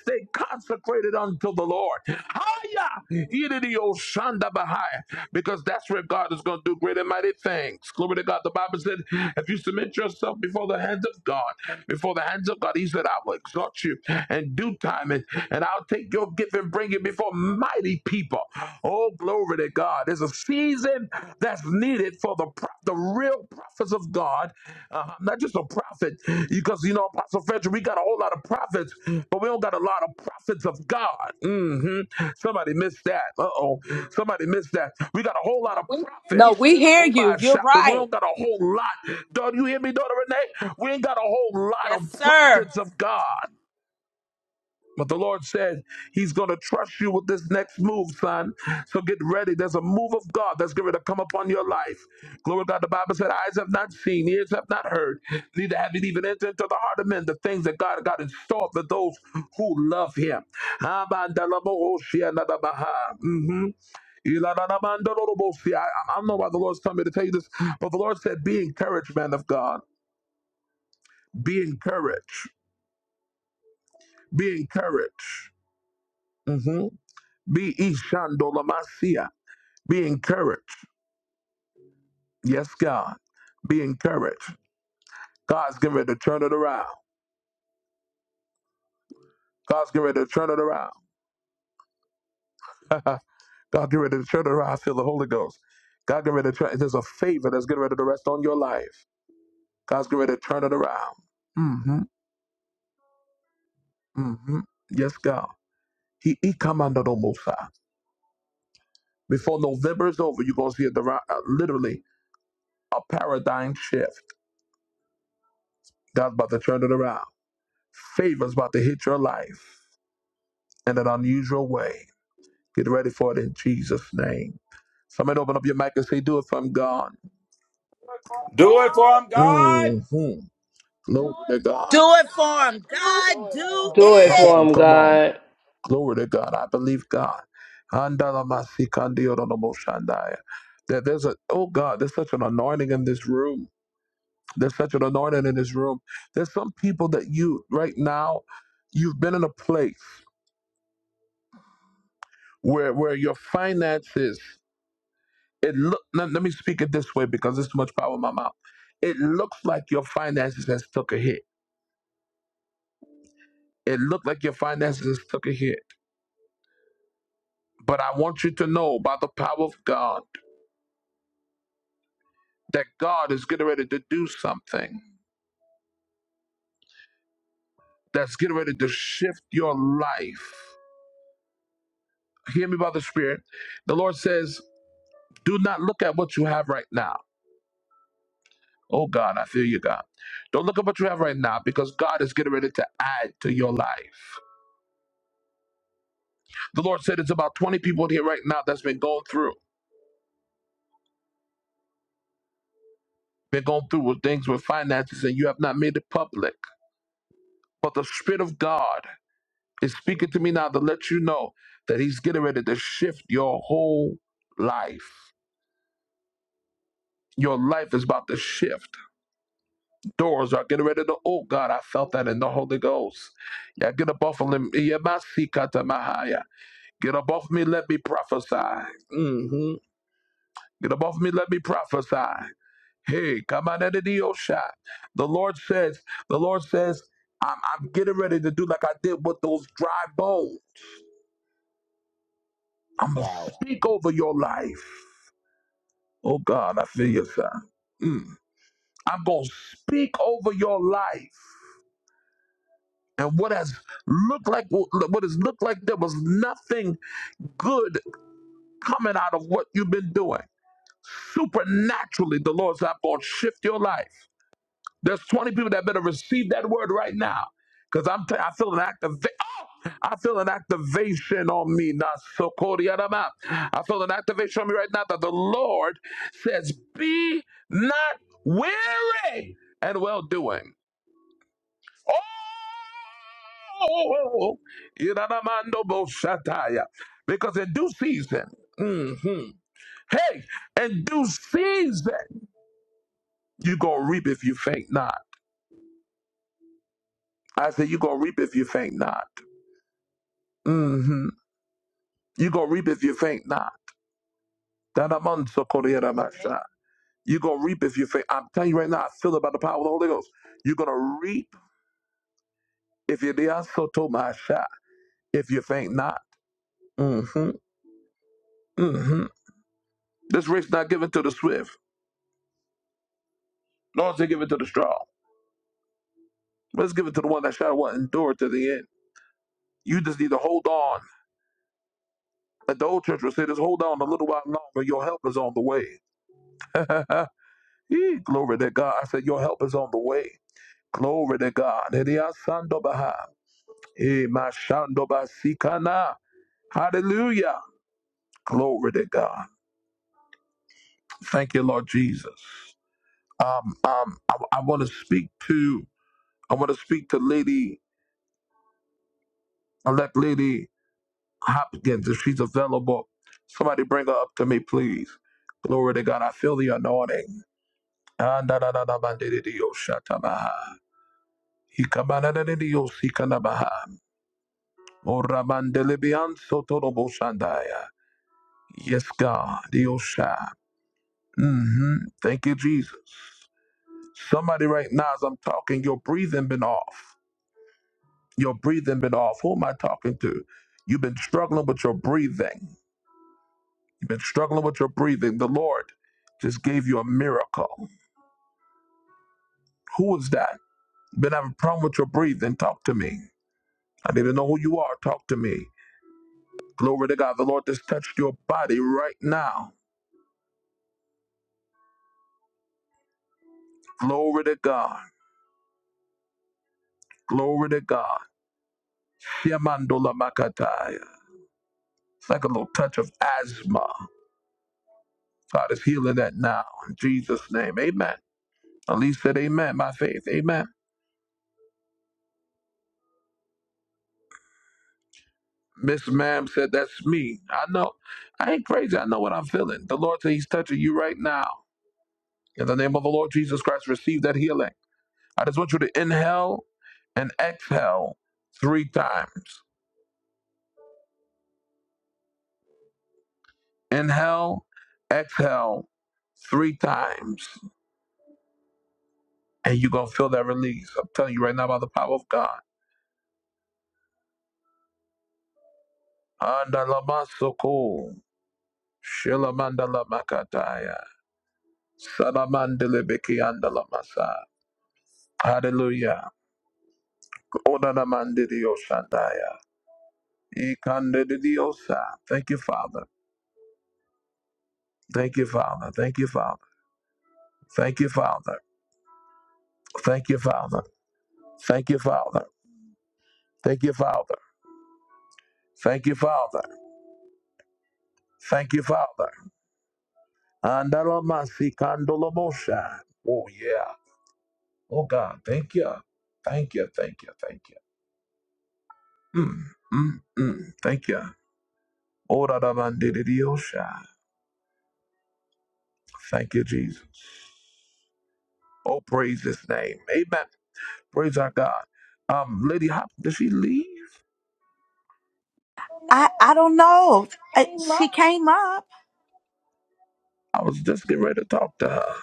[SPEAKER 1] Stay consecrated unto the Lord. Ah, yeah. Ididi oshanda Ididioshandabahaya. Because that's where God is going to do great and mighty things. Glory to God. The Bible said, if you submit yourself before the hands of God, before the hands of God, He said, I will exalt you in due time. And and I'll take your gift and bring it before mighty people. Oh, glory to God. There's a season that's needed for the pro- the real prophets of God, uh, not just a prophet, because you know, Apostle Frederick, we got a whole lot of prophets, but we don't got a lot of prophets of God. hmm Somebody missed that. Uh oh. Somebody missed that. We got a whole lot of
[SPEAKER 3] No,
[SPEAKER 1] prophets.
[SPEAKER 3] we hear
[SPEAKER 1] Oh my
[SPEAKER 3] you. You're
[SPEAKER 1] shop, but we
[SPEAKER 3] right.
[SPEAKER 1] don't got a whole lot. Don't you hear me, daughter Renee? We ain't got a whole lot
[SPEAKER 3] Yes,
[SPEAKER 1] of
[SPEAKER 3] sir.
[SPEAKER 1] prophets of God. But the Lord said He's going to trust you with this next move, son. So get ready. There's a move of God that's going to come upon your life. Glory to God. The Bible said, Eyes have not seen, ears have not heard, neither have it even entered into the heart of men the things that God got in store for those who love Him. Mm-hmm. I, I don't know why the Lord's telling me to tell you this, but the Lord said, Be encouraged, man of God. Be encouraged. Be encouraged. Mm-hmm. Be Ishandolamasia. Be encouraged. Yes, God. Be encouraged. God's getting ready to turn it around. God's getting ready to turn it around. God getting ready to turn it around. I feel the Holy Ghost. God getting ready to turn. There's a favor that's getting ready to rest on your life. God's getting ready to turn it around. Mm-hmm. Mm-hmm. Yes, God. He he come under the Mosiah. Before November is over, you're gonna see a, uh, literally a paradigm shift. God's about to turn it around. Favor's about to hit your life. in an unusual way. Get ready for it in Jesus' name. Somebody open up your mic and say, Do it from God.
[SPEAKER 7] Do it for him, God.
[SPEAKER 1] Mm-hmm. Glory to God.
[SPEAKER 3] Do it for him. God, do
[SPEAKER 1] Come
[SPEAKER 3] it.
[SPEAKER 1] on, come on. Glory to God. I believe God. That there's a oh God, there's such an anointing in this room. There's such an anointing in this room. There's some people that you right now, you've been in a place where where your finances It look. Let, let me speak it this way because there's too much power in my mouth. It looks like your finances has took a hit. It looked like your finances has took a hit. But I want you to know by the power of God that God is getting ready to do something that's getting ready to shift your life. Hear me by the Spirit. The Lord says, "Do not look at what you have right now." Oh God, I feel you, God. Don't look at what you have right now because God is getting ready to add to your life. The Lord said it's about 20 people in here right now that's been going through. been going through with things with finances and you have not made it public. But the Spirit of God is speaking to me now to let you know that He's getting ready to shift your whole life. Your life is about to shift. Doors are getting ready to. Oh God, I felt that in the Holy Ghost. Yeah, get up off of me. Yemasikatamaha. Get up off me. Let me prophesy. hmm Get up off me. Let me prophesy. Hey, come out of the deal shot. The Lord says, the Lord says, I'm, I'm getting ready to do like I did with those dry bones. I'm gonna
[SPEAKER 7] Wow.
[SPEAKER 1] speak over your life. Oh God, I feel you, son. I'm gonna speak over your life. And what has looked like what has looked like there was nothing good coming out of what you've been doing. Supernaturally, the Lord said, I'm gonna shift your life. There's 20 people that better receive that word right now. Because I'm telling I feel an activation. I feel an activation on me. Now, so I feel an activation on me right now that the Lord says, Be not weary and well doing. Oh, Iranamando Boshataya. because in due season, mhm. hey, in due season, you're going to reap if you faint not. I said, You're going to reap if you faint not. Mm-hmm. you going to reap if you think not. That I'm so you going to reap if you think. I'm telling you right now, I feel it by the power of the Holy Ghost. You're going to reap if you did so told If you think not. Mm-hmm. Mm-hmm. This race not given to the swift, nor is it given to the strong. But it's given to the one that shall what endure to the end. You just need to hold on. Like the old church would say, just hold on a little while longer. Your help is on the way. Glory to God. I said, your help is on the way. Glory to God. Eh, mashando basikana. Hallelujah. Glory to God. Thank you, Lord Jesus. Um, um, I, I want to speak to I want to speak to Lady elect Lady Hopkins if she's available. Somebody bring her up to me, please. Glory to God. I feel the anointing. Ah, da, da, da, da, ba, di, di, di, oh, shata, ba, ha. He come, ba, da, da, di, di, oh, si, ka, na, ba, ha. Oh, ra, ban, de, li, bi, an, so, to, do, bo, shan, da, ya. Yes, God. Di, yo, sha. hmm Thank you, Jesus. Somebody right now, as I'm talking, your breathing been off. Your breathing been off. Who am I talking to? You've been struggling with your breathing. You've been struggling with your breathing. The Lord just gave you a miracle. Who is that? Been having a problem with your breathing. Talk to me. I need to know who you are. Talk to me. Glory to God. The Lord just touched your body right now. Glory to God. Glory to God. Shiamandola Makataya. It's like a little touch of asthma. God is healing that now. In Jesus' name. Amen. Elise said, Amen by faith. Amen. Miss Ma'am said, That's me. I know. I ain't crazy. I know what I'm feeling. The Lord said He's touching you right now. In the name of the Lord Jesus Christ, receive that healing. I just want you to inhale and exhale three times. Inhale, exhale three times. And you're going to feel that release. I'm telling you right now by the power of God. Andalamasoko, shilamandalamakataya. Salamandelebeki andalamasa. Hallelujah. Odanamandidiosandaya. Ikandidiosa. Thank you, Father. Thank you, Father. Thank you, Father. Thank you, Father. Thank you, Father. Thank you, Father. Thank you, Father. Thank you, Father. Thank you, Father. Andalamasi kandolamosha. Oh, yeah. Oh, God. Thank you. Thank you. Thank you. Thank you. Mm, mm, mm. Thank you. Ora da mandiri Thank you, Jesus. Oh, praise his name. Amen. Praise our God. Um, Lady Hop, did she leave?
[SPEAKER 3] I I don't know. Uh, She came up.
[SPEAKER 1] I was just getting ready to talk to her.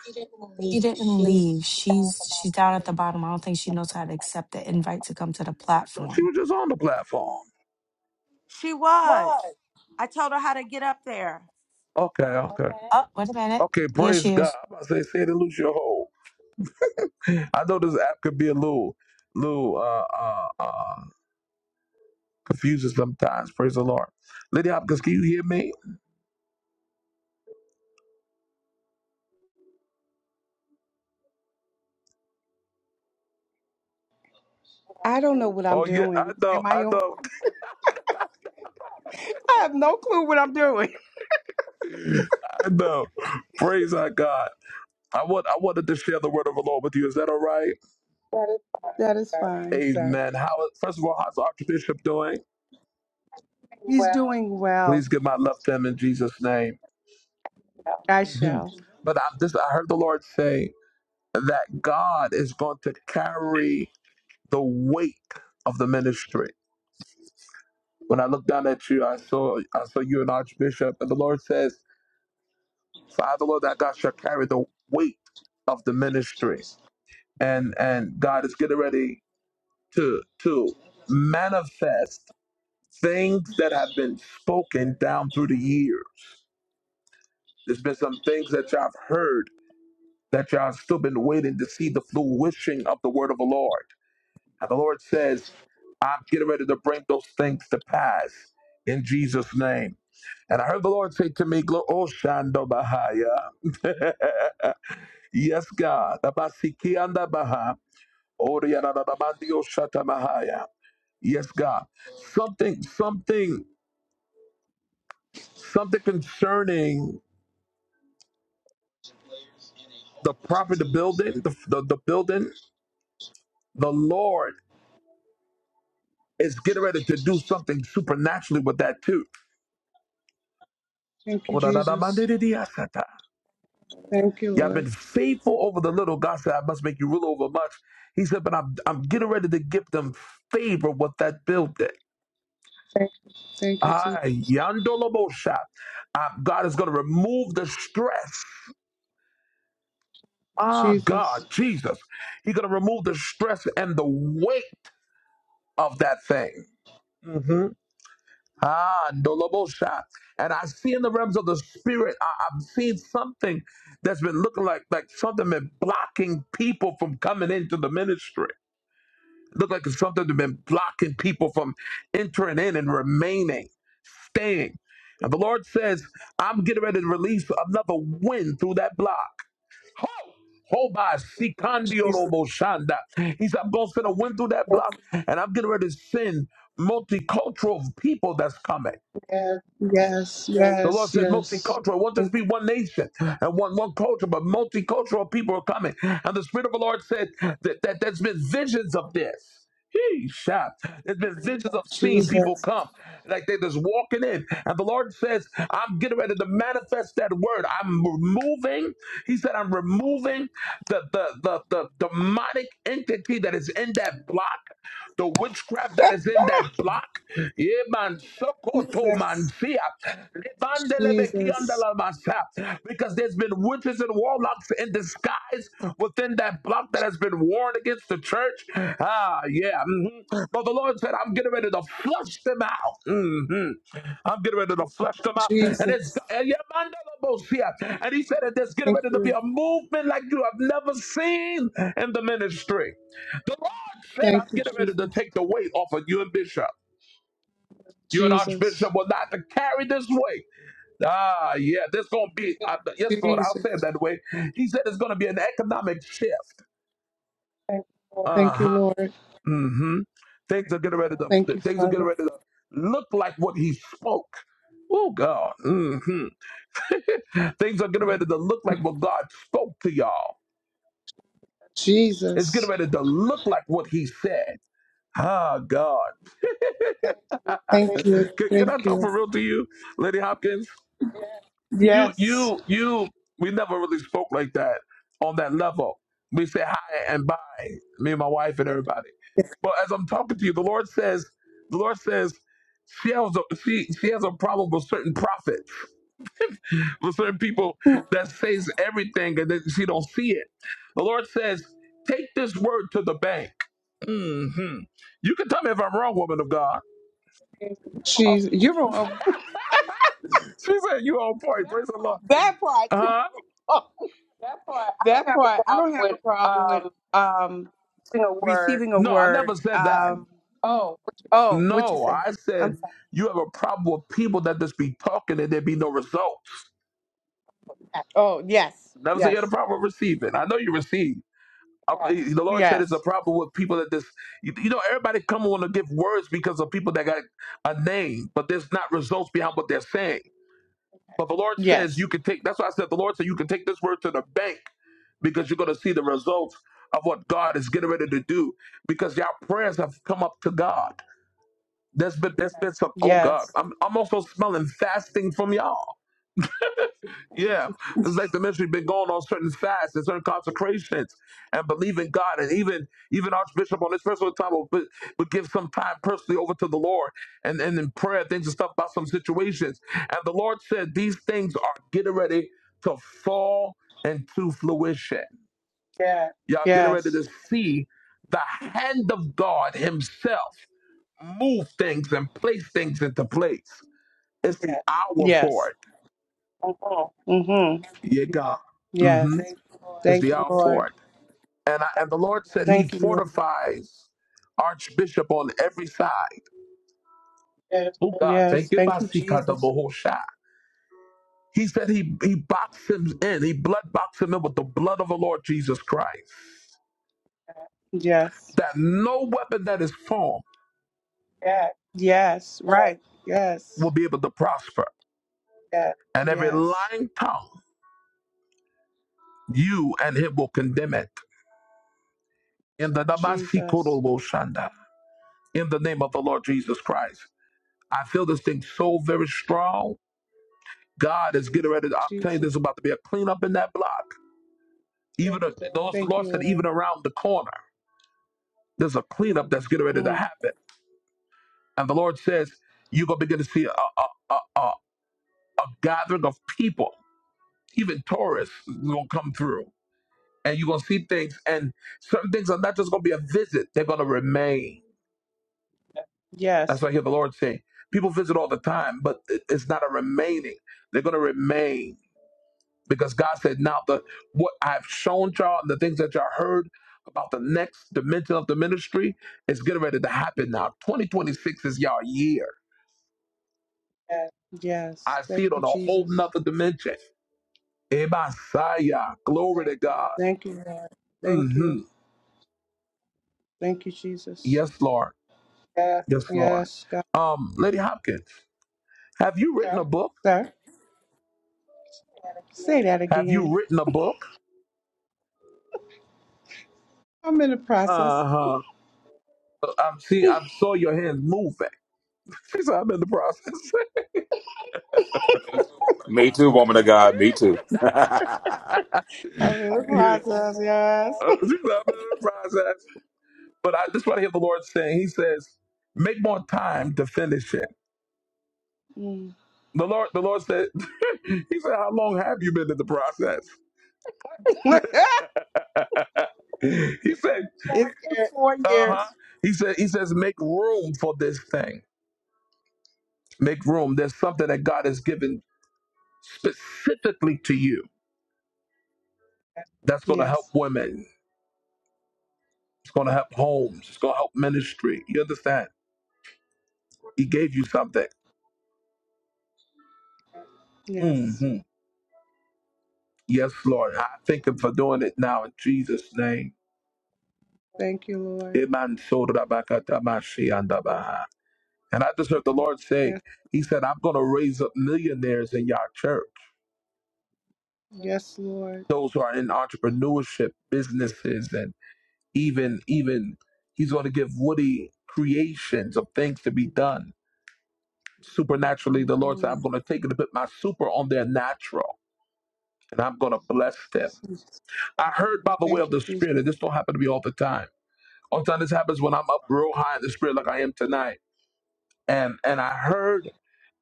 [SPEAKER 4] She didn't leave. She's she's down at the bottom. I don't think she knows how to accept the invite to come to the
[SPEAKER 1] I thought she
[SPEAKER 4] platform.
[SPEAKER 1] was just on the platform.
[SPEAKER 3] She was. I told her how to get up there.
[SPEAKER 1] Okay, okay. Okay,
[SPEAKER 4] Oh, wait a minute.
[SPEAKER 1] Okay,
[SPEAKER 4] Here she
[SPEAKER 1] praise God.
[SPEAKER 4] is.
[SPEAKER 1] I say, say to lose your hold. I know this app could be a little, little, uh, uh, uh, confusing sometimes. Praise the Lord. Lady Hopkins, can you hear me?
[SPEAKER 9] I don't know what I'm
[SPEAKER 1] Oh yeah, I
[SPEAKER 9] doing.
[SPEAKER 1] know,
[SPEAKER 9] Am
[SPEAKER 1] I
[SPEAKER 9] I on?
[SPEAKER 1] know.
[SPEAKER 9] I have no clue what I'm doing.
[SPEAKER 1] I know. Praise our God. I want I wanted to share the word of the Lord with you. Is that all right?
[SPEAKER 9] That is fine, sir.
[SPEAKER 1] Amen. How first of all, how's the Archbishop doing?
[SPEAKER 9] He's doing well.
[SPEAKER 1] Please give my love to him in Jesus' name.
[SPEAKER 9] I
[SPEAKER 1] Mhm.
[SPEAKER 9] shall.
[SPEAKER 1] But I'm just I heard the Lord say that God is going to carry the weight of the ministry. When I looked down at you, I saw I saw you an Archbishop, and the Lord says, For I the Lord that God shall carry the weight of the ministry. And and God is getting ready. to to manifest things that have been spoken down through the years. There's been some things that y'all have heard that y'all have still been waiting to see the fruition of the word of the Lord. And the Lord says, I'm getting ready to bring those things to pass in Jesus' name. And I heard the Lord say to me, "Glo- Oh, Shando Bahaya. yes, God. Abasikianda Baha. Oriana Bahaya. Yes, God. Something, something, something concerning the property, the building, the, the, the building, the Lord is getting ready to do something supernaturally with that too.
[SPEAKER 9] Thank you, Jesus. Thank you,
[SPEAKER 1] Yeah, I've been
[SPEAKER 9] Lord.
[SPEAKER 1] faithful over the little. God said, I must make you rule over much. He said, but I'm, I'm getting ready to give them favor with that building.
[SPEAKER 9] Thank you, Je-
[SPEAKER 1] Ah, yandolobosha. Uh, God is going to remove the stress. Ah, God,
[SPEAKER 9] Jesus.
[SPEAKER 1] Jesus. He's going to remove the stress and the weight of that thing. Ah, Ndolobosha. And I see in the realms of the spirit, I, I'm seeing something that's been looking like like something been blocking people from coming into the ministry. Look like it's something that's been blocking people from entering in and remaining, staying. And the Lord says, I'm getting ready to release another wind through that block. Ho! Hoba Sikandio
[SPEAKER 9] Jesus.
[SPEAKER 1] Robo Shanda. He said, I'm going to spend a went through that block and I'm getting ready to send multicultural people that's coming.
[SPEAKER 9] Yes,
[SPEAKER 1] The Lord
[SPEAKER 9] yes,
[SPEAKER 1] said
[SPEAKER 9] yes.
[SPEAKER 1] multicultural. It won't just
[SPEAKER 9] Thank
[SPEAKER 1] be
[SPEAKER 9] you,
[SPEAKER 1] one nation and one, one culture, but multicultural people are coming. And the Spirit of the Lord said that, that there's been visions of this. Yeesh. There's been visions of seeing people
[SPEAKER 9] Jesus.
[SPEAKER 1] come like they're just walking in. And the Lord says, I'm getting ready to manifest that word. I'm removing, He said, I'm removing the, the, the, the demonic entity that is in that block the witchcraft that is in that block. Yeah, man, Sokoto, man,
[SPEAKER 9] Jesus.
[SPEAKER 1] see ya.
[SPEAKER 9] Jesus.
[SPEAKER 1] Lebandelebekiandalamasa. Because there's been witches and warlocks in disguise within that block that has been warned against the church. Ah, yeah. mhm. But the Lord said, I'm getting ready to flush them out. Mhm. I'm getting ready to flush them out. And it's
[SPEAKER 9] Jesus.
[SPEAKER 1] and yeah, Mandelabosia. And he said that there's getting
[SPEAKER 9] Thank
[SPEAKER 1] ready to be
[SPEAKER 9] you.
[SPEAKER 1] a movement like you have never seen in the ministry. The Lord said,
[SPEAKER 9] Thank
[SPEAKER 1] I'm
[SPEAKER 9] you,
[SPEAKER 1] getting ready to
[SPEAKER 9] Jesus.
[SPEAKER 1] take the weight off of you and Bishop. You and Archbishop
[SPEAKER 9] Jesus.
[SPEAKER 1] will not have to carry this weight. Ah, yeah, there's going to be, uh, yes, Lord, I'll say it
[SPEAKER 9] Jesus.
[SPEAKER 1] that way. He said it's going to be an economic shift. Uh
[SPEAKER 9] Thank you,
[SPEAKER 1] huh.
[SPEAKER 9] Lord.
[SPEAKER 1] Mm hmm. Things are getting ready to,
[SPEAKER 9] Thank you,
[SPEAKER 1] things are getting
[SPEAKER 9] Father.
[SPEAKER 1] ready to look like what he spoke. Oh, God. Mm hmm. Things are getting ready to look like what God spoke to y'all. It's getting
[SPEAKER 9] Jesus.
[SPEAKER 1] ready to look like what he said. Ah, God.
[SPEAKER 9] Thank you.
[SPEAKER 1] Can, can I
[SPEAKER 9] Thank
[SPEAKER 1] talk
[SPEAKER 9] you.
[SPEAKER 1] for real to you, Lady Hopkins? you
[SPEAKER 9] Yes.
[SPEAKER 1] you you we never really spoke like that on that level we say hi and bye me and my wife and everybody but as i'm talking to you the lord says the lord says she has a, she, she has a problem with certain prophets with certain people that says everything and then she don't see it the lord says take this word to the bank hmm you can tell me if i'm wrong woman of god
[SPEAKER 9] She's you're on
[SPEAKER 1] she said you on point praise the lord
[SPEAKER 9] that part. too.
[SPEAKER 1] huh
[SPEAKER 9] Oh, that part. I don't have a problem with um receiving a
[SPEAKER 1] no i
[SPEAKER 9] word.
[SPEAKER 1] never said that
[SPEAKER 9] Um oh, what you
[SPEAKER 1] No,
[SPEAKER 9] say?
[SPEAKER 1] I
[SPEAKER 9] I'm
[SPEAKER 1] said
[SPEAKER 9] sorry.
[SPEAKER 1] you have a problem with people that just be talking and there be no results.
[SPEAKER 9] Oh, yes.
[SPEAKER 1] Never say you had a
[SPEAKER 9] Yes.
[SPEAKER 1] problem with receiving. I know you receive. I- The Lord said it's a
[SPEAKER 9] Yes.
[SPEAKER 1] problem with people that just, you, you know, everybody come and want to give words because of people that got a name, but there's not results behind what they're saying. But the Lord says
[SPEAKER 9] Yes.
[SPEAKER 1] you can take, that's why I said the Lord said you can take this word to the bank because you're going to see the results of what God is getting ready to do because your prayers have come up to God. There's been there's been some oh god,
[SPEAKER 9] Yes.
[SPEAKER 1] I'm I'm also smelling fasting from y'all. Yeah. It's like the ministry been going on certain fasts and certain consecrations and believing God and even even Archbishop on this personal time will, put- would give some time personally over to the Lord and, and in prayer things and stuff about some situations. And the Lord said these things are getting ready to fall into fruition. Y'all getting ready
[SPEAKER 9] Yes.
[SPEAKER 1] to see the hand of God Himself move things and place things into place. It's the hour for
[SPEAKER 9] Yes. Mhm.
[SPEAKER 1] it. Yeah, God. hmm
[SPEAKER 9] Yes.
[SPEAKER 1] It's
[SPEAKER 9] Thank
[SPEAKER 1] the
[SPEAKER 9] you,
[SPEAKER 1] hour for
[SPEAKER 9] Lord.
[SPEAKER 1] it. And I, and the Lord said He
[SPEAKER 9] Thank you, Lord.
[SPEAKER 1] fortifies Archbishop on every side. Oh God,
[SPEAKER 9] Yes.
[SPEAKER 1] thank you,
[SPEAKER 9] Thank you,
[SPEAKER 1] Basika the
[SPEAKER 9] Jesus.
[SPEAKER 1] Bohosha. He said he, he boxed him in, he blood boxed him in with the blood of the Lord Jesus Christ,
[SPEAKER 9] Yes.
[SPEAKER 1] that no weapon that is formed
[SPEAKER 9] Yes. Right.
[SPEAKER 1] will
[SPEAKER 9] Yes.
[SPEAKER 1] be able to prosper. And every
[SPEAKER 9] Yes.
[SPEAKER 1] lying tongue, you and him will condemn it. In the Namasi
[SPEAKER 9] Jesus.
[SPEAKER 1] Namasikoto Boshanda, in the name of the Lord Jesus Christ. I feel this thing so very strong. God is getting ready. To, I'm telling you, there's
[SPEAKER 9] Jesus.
[SPEAKER 1] about to be a cleanup in that block. Even a, those the
[SPEAKER 9] Thank
[SPEAKER 1] Lord
[SPEAKER 9] you,
[SPEAKER 1] said, even
[SPEAKER 9] Lord.
[SPEAKER 1] around the corner, there's a cleanup that's getting ready to
[SPEAKER 9] Mm.
[SPEAKER 1] happen. And the Lord says, you're gonna begin to see a a, a, a, a gathering of people, even tourists, is gonna come through, and you're gonna see things. And certain things are not just gonna be a visit; they're gonna remain. That's
[SPEAKER 9] Yes.
[SPEAKER 1] what I hear the Lord saying. People visit all the time, but it- it's not a remaining. They're gonna remain because God said, "Now the what I've shown y'all, the things that y'all heard about the next dimension of the ministry is getting ready to happen now. 2026 is y'all year.
[SPEAKER 9] Yes.
[SPEAKER 1] I
[SPEAKER 9] Thank
[SPEAKER 1] see it
[SPEAKER 9] you,
[SPEAKER 1] on a whole
[SPEAKER 9] Jesus.
[SPEAKER 1] nother dimension. Messiah, glory to God.
[SPEAKER 9] Thank you, Lord. Thank
[SPEAKER 1] hmm
[SPEAKER 9] you. Thank you, Jesus.
[SPEAKER 1] Yes, Lord. Yes, Lord.
[SPEAKER 9] Yes, God.
[SPEAKER 1] Um, Lady Hopkins, have you written a book?
[SPEAKER 9] Sir, say that
[SPEAKER 1] Have you
[SPEAKER 9] again.
[SPEAKER 1] written a book?
[SPEAKER 9] I'm in the process.
[SPEAKER 1] Uh huh. I'm seeing. I saw your hands moving. She said, "I'm in the process." she
[SPEAKER 7] Me too, woman of God. Me too.
[SPEAKER 9] I'm in the process, yes.
[SPEAKER 1] said, "I'm in the process." But I just want to hear the Lord saying, He says, make more time to finish it.
[SPEAKER 9] Mm.
[SPEAKER 1] The Lord, the Lord said, He said, How long have you been in the process?
[SPEAKER 9] it's
[SPEAKER 1] He said,
[SPEAKER 9] been four
[SPEAKER 1] Uh-huh.
[SPEAKER 9] years.
[SPEAKER 1] He said, He says, make room for this thing. Make room. There's something that God has given specifically to you that's gonna help
[SPEAKER 9] Yes.
[SPEAKER 1] women. It's gonna help homes. It's gonna help ministry. You understand? He gave you something.
[SPEAKER 9] Yes.
[SPEAKER 1] hmm Yes, Lord. I thank him for doing it now in Jesus' name.
[SPEAKER 9] Thank you, Lord.
[SPEAKER 1] Iman shoda bakata andabaha. And I just heard the Lord say,
[SPEAKER 9] Yes.
[SPEAKER 1] He said, I'm going to raise up millionaires in your church,
[SPEAKER 9] Yes, Lord.
[SPEAKER 1] those who are in entrepreneurship, businesses, and even, even He's going to give Woody creations of things to be done. Supernaturally, the Lord said,
[SPEAKER 9] hmm
[SPEAKER 1] I'm going to take and put my super on their natural, and I'm going to bless them. I heard by the way
[SPEAKER 9] Thank
[SPEAKER 1] of
[SPEAKER 9] you,
[SPEAKER 1] the Spirit,
[SPEAKER 9] Jesus.
[SPEAKER 1] and this don't happen to me all the time. All the time this happens when I'm up real high in the Spirit, like I am tonight. and and I heard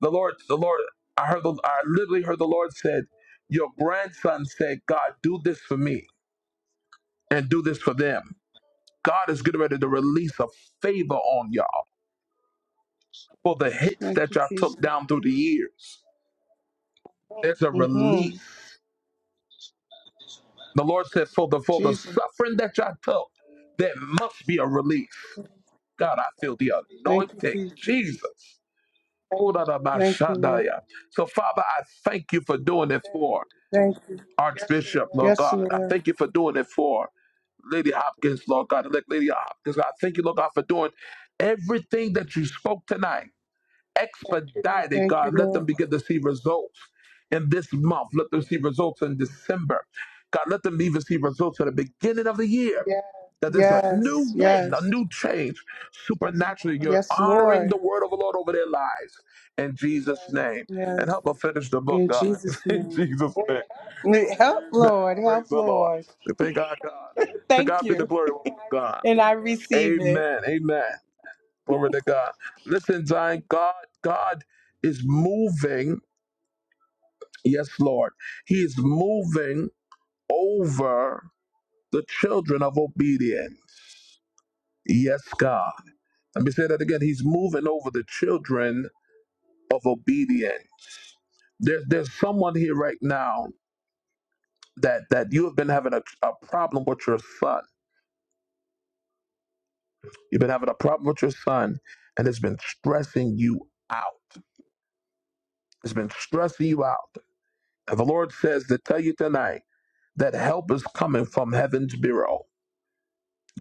[SPEAKER 1] the Lord, the Lord, I heard, the, I literally heard the Lord said, "Your grandson said, God, do this for me and do this for them." God is getting ready to release a favor on y'all for the hits
[SPEAKER 9] Thank
[SPEAKER 1] that
[SPEAKER 9] you,
[SPEAKER 1] y'all took
[SPEAKER 9] Jesus.
[SPEAKER 1] down through the years. There's a
[SPEAKER 9] hmm
[SPEAKER 1] release. The Lord said, "For the for the
[SPEAKER 9] Jesus.
[SPEAKER 1] suffering that y'all took, there must be a release." God, I feel the
[SPEAKER 9] Thank you,
[SPEAKER 1] anointing,
[SPEAKER 9] Jesus.
[SPEAKER 1] Jesus. Oh, da, da, ba,
[SPEAKER 9] Thank
[SPEAKER 1] sha,
[SPEAKER 9] you,
[SPEAKER 1] da,
[SPEAKER 9] Lord.
[SPEAKER 1] ya. So, Father, I thank you for doing this for. her.
[SPEAKER 9] Thank you.
[SPEAKER 1] Archbishop, Lord
[SPEAKER 9] Yes,
[SPEAKER 1] God. I
[SPEAKER 9] Lord.
[SPEAKER 1] thank you for doing it for Lady Hopkins, Lord God, elect Lady Hopkins. God, I thank you, Lord God, for doing everything that you spoke tonight expedited,
[SPEAKER 9] Thank you,
[SPEAKER 1] God. Let them
[SPEAKER 9] Lord.
[SPEAKER 1] begin to see results in this month. Let them see results in December. God, let them even see results at the beginning of the year. Yeah. That there's a
[SPEAKER 9] Yes,
[SPEAKER 1] new wind, a
[SPEAKER 9] yes,
[SPEAKER 1] new change. Supernaturally, you're
[SPEAKER 9] yes,
[SPEAKER 1] honoring
[SPEAKER 9] Lord.
[SPEAKER 1] the word of the Lord over their lives in Jesus' name. And
[SPEAKER 9] Yes,
[SPEAKER 1] help us finish the book,
[SPEAKER 9] in
[SPEAKER 1] God.
[SPEAKER 9] Jesus'
[SPEAKER 1] in
[SPEAKER 9] name.
[SPEAKER 1] Jesus' name.
[SPEAKER 9] Help,
[SPEAKER 1] Amen.
[SPEAKER 9] Lord.
[SPEAKER 1] Praise
[SPEAKER 9] Help,
[SPEAKER 1] the Lord.
[SPEAKER 9] Lord.
[SPEAKER 1] We thank our God. To
[SPEAKER 9] Thank
[SPEAKER 1] God be the
[SPEAKER 9] you.
[SPEAKER 1] glory, God.
[SPEAKER 9] And I receive it.
[SPEAKER 1] Amen. Amen. Glory to God. Listen, Zion, God, God is moving. Yes, Lord. He is moving over the children of obedience. Yes, God. Let me say that again. He's moving over the children of obedience. There's there's someone here right now that that you have been having a, a problem with your son. You've been having a problem with your son, and it's been stressing you out. It's been stressing you out. And the Lord says to tell you tonight. That help is coming from heaven's bureau.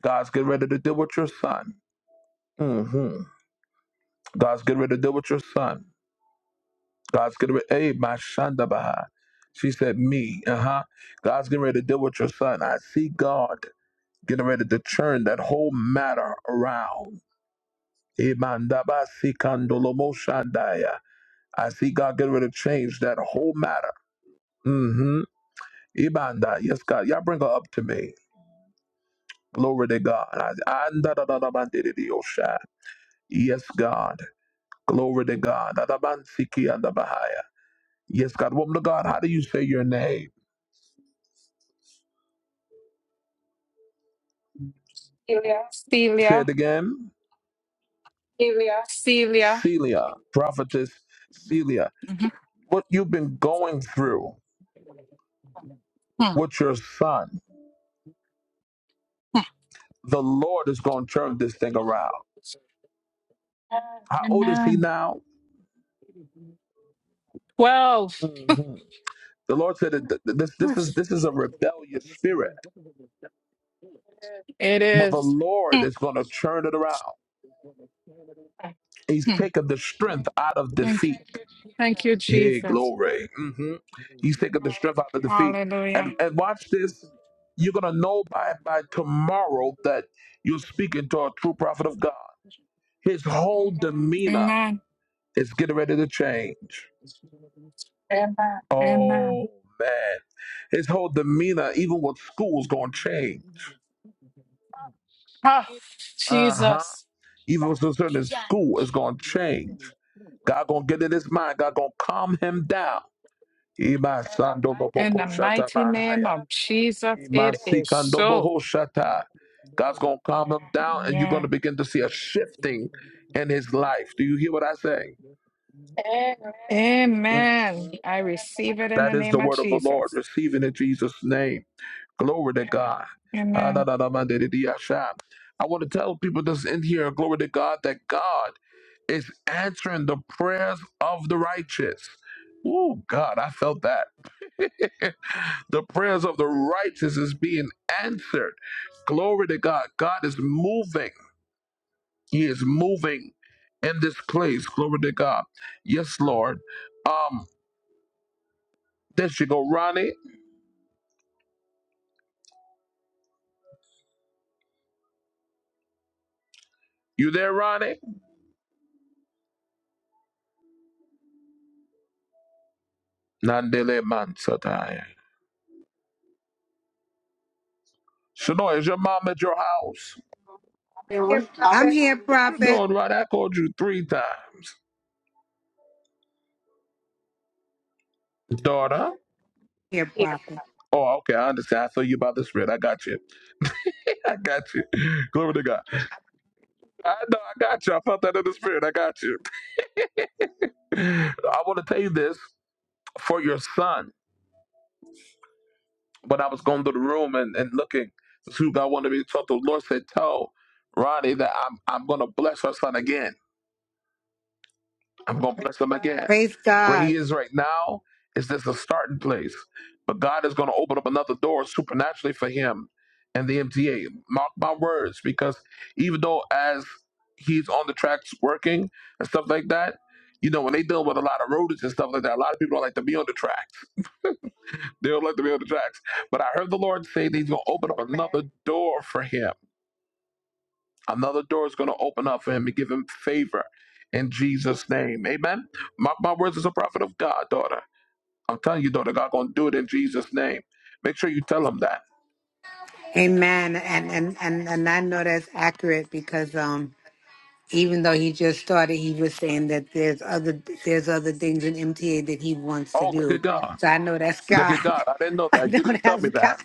[SPEAKER 1] God's getting ready to deal with your son. hmm God's getting ready to deal with your son. God's getting ready. Hey, my Shandabaha. She said, me. Uh huh. God's getting ready to deal with your son. I see God getting ready to turn that whole matter around. Imandabasikandolomoshandaya. I see God getting ready to change that whole matter. Mm-hmm. Ibanda. Yes, God. Y'all bring her up to me. Glory to God. I, I, Yes, God. Glory to God. Adabansiki andabahaya. Yes, God. Woman of God, how do you say your name? Say it
[SPEAKER 10] Celia,
[SPEAKER 1] again. Yeah.
[SPEAKER 10] Celia.
[SPEAKER 1] Celia, prophetess Celia.
[SPEAKER 10] Mhm.
[SPEAKER 1] What you've been going through
[SPEAKER 10] Hmm.
[SPEAKER 1] with your son, the Lord is going to turn this thing around. How old is he
[SPEAKER 10] Amen.
[SPEAKER 1] now?
[SPEAKER 10] Twelve,
[SPEAKER 1] Mhm. The Lord said that th- th- this, this is this is a rebellious spirit,
[SPEAKER 10] it
[SPEAKER 1] but the
[SPEAKER 10] is.
[SPEAKER 1] Lord is going to turn it around. He's
[SPEAKER 10] Mhm.
[SPEAKER 1] taken the strength out of
[SPEAKER 10] Thank,
[SPEAKER 1] defeat.
[SPEAKER 10] thank you,
[SPEAKER 1] Hey,
[SPEAKER 10] Jesus.
[SPEAKER 1] glory. hmm He's taking the strength out of defeat. And
[SPEAKER 10] Hallelujah.
[SPEAKER 1] and watch this. You're gonna know by by tomorrow that you're speaking to a true prophet of God. His whole demeanor
[SPEAKER 10] Amen.
[SPEAKER 1] is getting ready to change.
[SPEAKER 10] Amen.
[SPEAKER 1] Oh man. His whole demeanor, even with school, is gonna change.
[SPEAKER 10] Ah,
[SPEAKER 1] Uh-huh.
[SPEAKER 10] Jesus.
[SPEAKER 1] Even what's concerned in
[SPEAKER 10] Yeah.
[SPEAKER 1] school is gonna change. God gonna get in his mind. God gonna calm him down. Iba sando
[SPEAKER 10] In the
[SPEAKER 1] boko shata
[SPEAKER 10] mighty name
[SPEAKER 1] bahaya.
[SPEAKER 10] of Jesus, it is so.
[SPEAKER 1] Masikandobohoshata. God's going to calm him down and you're going
[SPEAKER 10] Yeah.
[SPEAKER 1] to begin to see a shifting in his life. Do you hear what I say?
[SPEAKER 10] Amen. I receive it in
[SPEAKER 1] That
[SPEAKER 10] the
[SPEAKER 1] is the
[SPEAKER 10] name of
[SPEAKER 1] word of the Lord.
[SPEAKER 10] Jesus.
[SPEAKER 1] Receive it in Jesus' name. Glory to God. Ah, da,
[SPEAKER 10] Amen.
[SPEAKER 1] da, da, man, da, da, da, sha. I want to tell people that's in here, glory to God, that God is answering the prayers of the righteous. Oh, God, I felt that. the prayers of the righteous is being answered. Glory to God. God is moving. He is moving in this place. Glory to God. Yes, Lord. Um, there you go, Ronnie. You there, Ronnie? Nandele man Shanoy, is your mom at your house?
[SPEAKER 2] I'm here,
[SPEAKER 1] What you
[SPEAKER 2] prophet.
[SPEAKER 1] doing, right? I called you three times, daughter.
[SPEAKER 2] Here, prophet.
[SPEAKER 1] Oh, okay, I understand. I saw you by the spirit. I got you. I got you. Glory to God. I know I got you. I felt that in the spirit. I got you. I want to tell you this for your son. When I was going through the room and, and looking, this is who God wanted me to talk to. The Lord said, Tell Ronnie that I'm I'm gonna bless her son again. I'm going to bless him again.
[SPEAKER 2] Praise
[SPEAKER 1] Where he
[SPEAKER 2] God.
[SPEAKER 1] is right now is just a starting place. But God is going to open up another door supernaturally for him and the MTA. Mark my words, because even though as he's on the tracks working and stuff like that, you know, when they deal with a lot of rodents and stuff like that, a lot of people don't like to be on the tracks. They don't like to be on the tracks. But I heard the Lord say that he's going to open up another door for him Another door is going to open up for him and give him favor in Jesus' name. Amen. Mark my words as a prophet of God, daughter. I'm telling you, daughter, God going to do it in Jesus' name. Make sure you tell him that.
[SPEAKER 2] Amen. And and and, and I know that's accurate because um even though he just started, he was saying that there's other there's other things in MTA that he wants to
[SPEAKER 1] Oh, look at
[SPEAKER 2] do.
[SPEAKER 1] God.
[SPEAKER 2] So I know that's
[SPEAKER 1] Look
[SPEAKER 2] God.
[SPEAKER 1] at God. I didn't know
[SPEAKER 2] I
[SPEAKER 1] that. You
[SPEAKER 2] know
[SPEAKER 1] didn't tell
[SPEAKER 2] that's
[SPEAKER 1] me that.
[SPEAKER 2] God.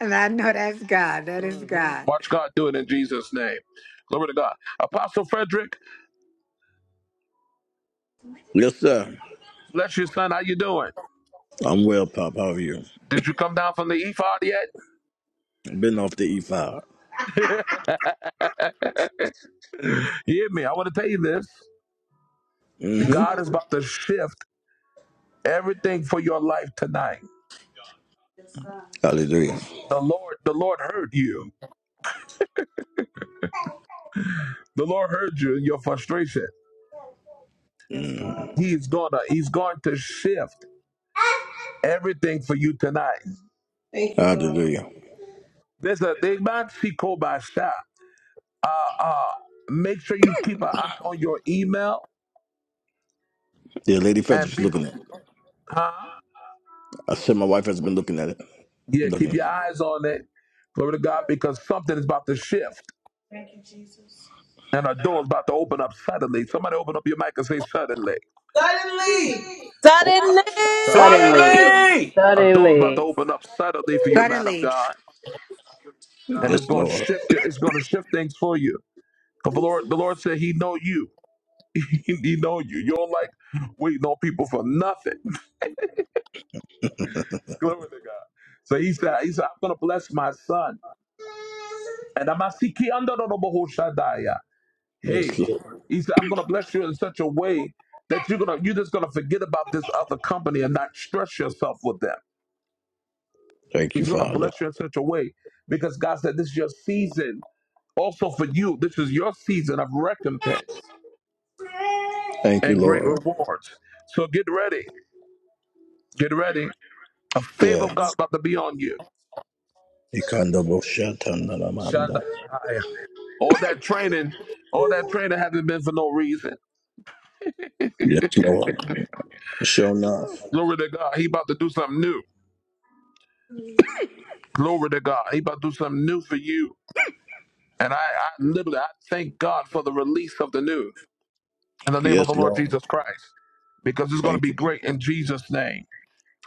[SPEAKER 2] And I know that's God. That is
[SPEAKER 1] hmm
[SPEAKER 2] God.
[SPEAKER 1] Watch God do it in Jesus' name. Glory to God. Apostle Frederick,
[SPEAKER 11] Yes, sir.
[SPEAKER 1] bless you, son. How you doing?
[SPEAKER 11] I'm well, Pop. How are you?
[SPEAKER 1] Did you come down from the ephod
[SPEAKER 11] I've been off the E5.
[SPEAKER 1] yet? You Hear me. I want to tell you this.
[SPEAKER 11] Mm-hmm.
[SPEAKER 1] God is about to shift everything for your life tonight.
[SPEAKER 11] Hallelujah.
[SPEAKER 1] The Lord, the Lord heard you. The Lord heard you in your frustration.
[SPEAKER 11] Mm.
[SPEAKER 1] He's gonna, he's going to shift everything for you tonight.
[SPEAKER 11] Hallelujah.
[SPEAKER 1] There's a they might see by shop. Uh uh. Make sure you keep an eye on your email
[SPEAKER 11] Yeah, Lady
[SPEAKER 1] and
[SPEAKER 11] Frederick's
[SPEAKER 1] be
[SPEAKER 11] looking at it.
[SPEAKER 1] huh?
[SPEAKER 11] I said my wife has been looking at it.
[SPEAKER 1] Yeah, keep
[SPEAKER 11] Looking.
[SPEAKER 1] your eyes on it. Glory to God, because something is about to shift. And a door is about to open up suddenly. Somebody open up your mic and say suddenly. Hey.
[SPEAKER 11] Suddenly.
[SPEAKER 1] Oh, my, shut
[SPEAKER 3] Suddenly,
[SPEAKER 7] Suddenly,
[SPEAKER 1] A door is about to open up suddenly for you, man of
[SPEAKER 2] Suddenly.
[SPEAKER 1] God. and
[SPEAKER 11] Yes,
[SPEAKER 1] it's going to
[SPEAKER 11] Lord.
[SPEAKER 1] shift it. it's going to shift things for you because the lord the lord said he know you he know you you don't like waiting on people for nothing glory to god so he said he said i'm going to bless my son and i'm asiki under the Bohu shadaya
[SPEAKER 11] Yes,
[SPEAKER 1] hey
[SPEAKER 11] Lord.
[SPEAKER 1] he said i'm going to bless you in such a way that you're going to you're just going to forget about this other company and not stress yourself with them
[SPEAKER 11] Thank you,
[SPEAKER 1] he's going to
[SPEAKER 11] Father.
[SPEAKER 1] bless you in such a way because god said this is your season also for you this is your season of recompense
[SPEAKER 11] Thank you,
[SPEAKER 1] and great
[SPEAKER 11] Lord.
[SPEAKER 1] rewards. So get ready. Get ready. A favor of
[SPEAKER 11] Yeah.
[SPEAKER 1] God about to be on you. Shanda
[SPEAKER 11] Ikandaboshatandalamanda.
[SPEAKER 1] All that training, all that training hasn't been for no reason.
[SPEAKER 11] Yes, Lord. Sure enough.
[SPEAKER 1] Glory to God. He about to do something new. Glory to God. He about to do something new for you. And I, I literally I thank God for the release of the new in the name of the
[SPEAKER 11] Yes,
[SPEAKER 1] Lord
[SPEAKER 11] Lord.
[SPEAKER 1] Jesus Christ. Because it's gonna
[SPEAKER 11] Thank
[SPEAKER 1] be
[SPEAKER 11] you.
[SPEAKER 1] great in Jesus' name.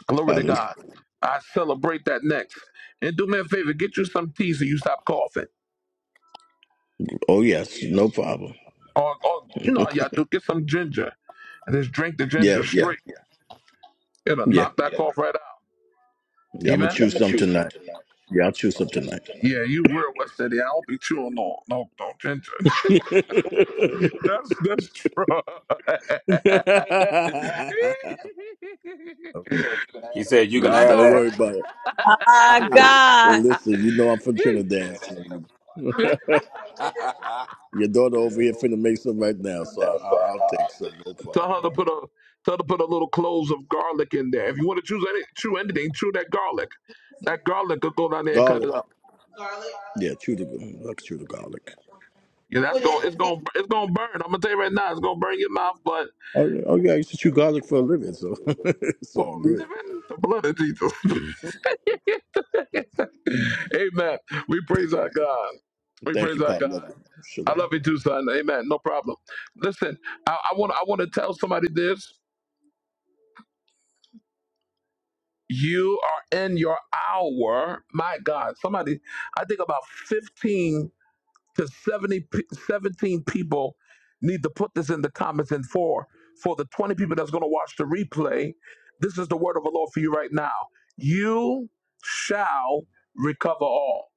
[SPEAKER 1] Glory to
[SPEAKER 11] Hallelujah.
[SPEAKER 1] God. I celebrate that next. And do me a favor, get you some tea so you stop coughing.
[SPEAKER 11] Oh, yes. No problem.
[SPEAKER 1] Or, or you know y'all do, get some ginger and just drink the ginger
[SPEAKER 11] Yeah, yeah,
[SPEAKER 1] straight. It'll
[SPEAKER 11] yeah.
[SPEAKER 1] knock that cough right out.
[SPEAKER 11] Yeah, I'm gonna
[SPEAKER 1] Amen. Yeah,
[SPEAKER 11] choose some tonight. Yeah, I'll choose some tonight.
[SPEAKER 1] Yeah, you real West City. I don't be chewing no no no ginger. that's that's true. I
[SPEAKER 7] he said, you can have
[SPEAKER 11] Don't
[SPEAKER 1] know,
[SPEAKER 11] worry
[SPEAKER 1] right?
[SPEAKER 11] about
[SPEAKER 3] my
[SPEAKER 7] that.
[SPEAKER 11] it.
[SPEAKER 3] God.
[SPEAKER 11] Listen, you know I'm from Trinidad. So you...
[SPEAKER 1] Yeah.
[SPEAKER 11] Your daughter over here finna make some right now, so I, I, I'll take some, no problem.
[SPEAKER 1] tell her to put a tell her to put a little cloves of garlic in there. If you want to choose any chew anything, chew that garlic. That garlic will go down there and cut it
[SPEAKER 11] Garlic.
[SPEAKER 1] up.
[SPEAKER 11] Garlic. Yeah, chew the I can chew the garlic.
[SPEAKER 1] Yeah, that's
[SPEAKER 11] What
[SPEAKER 1] going
[SPEAKER 11] is
[SPEAKER 1] to it's
[SPEAKER 11] it?
[SPEAKER 1] gonna it's gonna burn. I'm gonna tell you right now, it's gonna burn your mouth, but
[SPEAKER 11] Oh, yeah, oh yeah, I used to chew garlic for a living, so it's
[SPEAKER 1] for
[SPEAKER 11] all good.
[SPEAKER 1] living the blood of Jesus. Amen. We praise our God. We
[SPEAKER 11] Thank you,
[SPEAKER 1] praise our
[SPEAKER 11] Pop. Love
[SPEAKER 1] God.
[SPEAKER 11] you.
[SPEAKER 1] I love
[SPEAKER 11] Shalom.
[SPEAKER 1] you too, son. Amen. No problem. Listen, I, want I want to tell somebody this. You are in your hour. My God. Somebody, I think about 15 to 70, pe- 17 people need to put this in the comments and for for the 20 people that's going to watch the replay. This is the word of the Lord for you right now. You shall recover all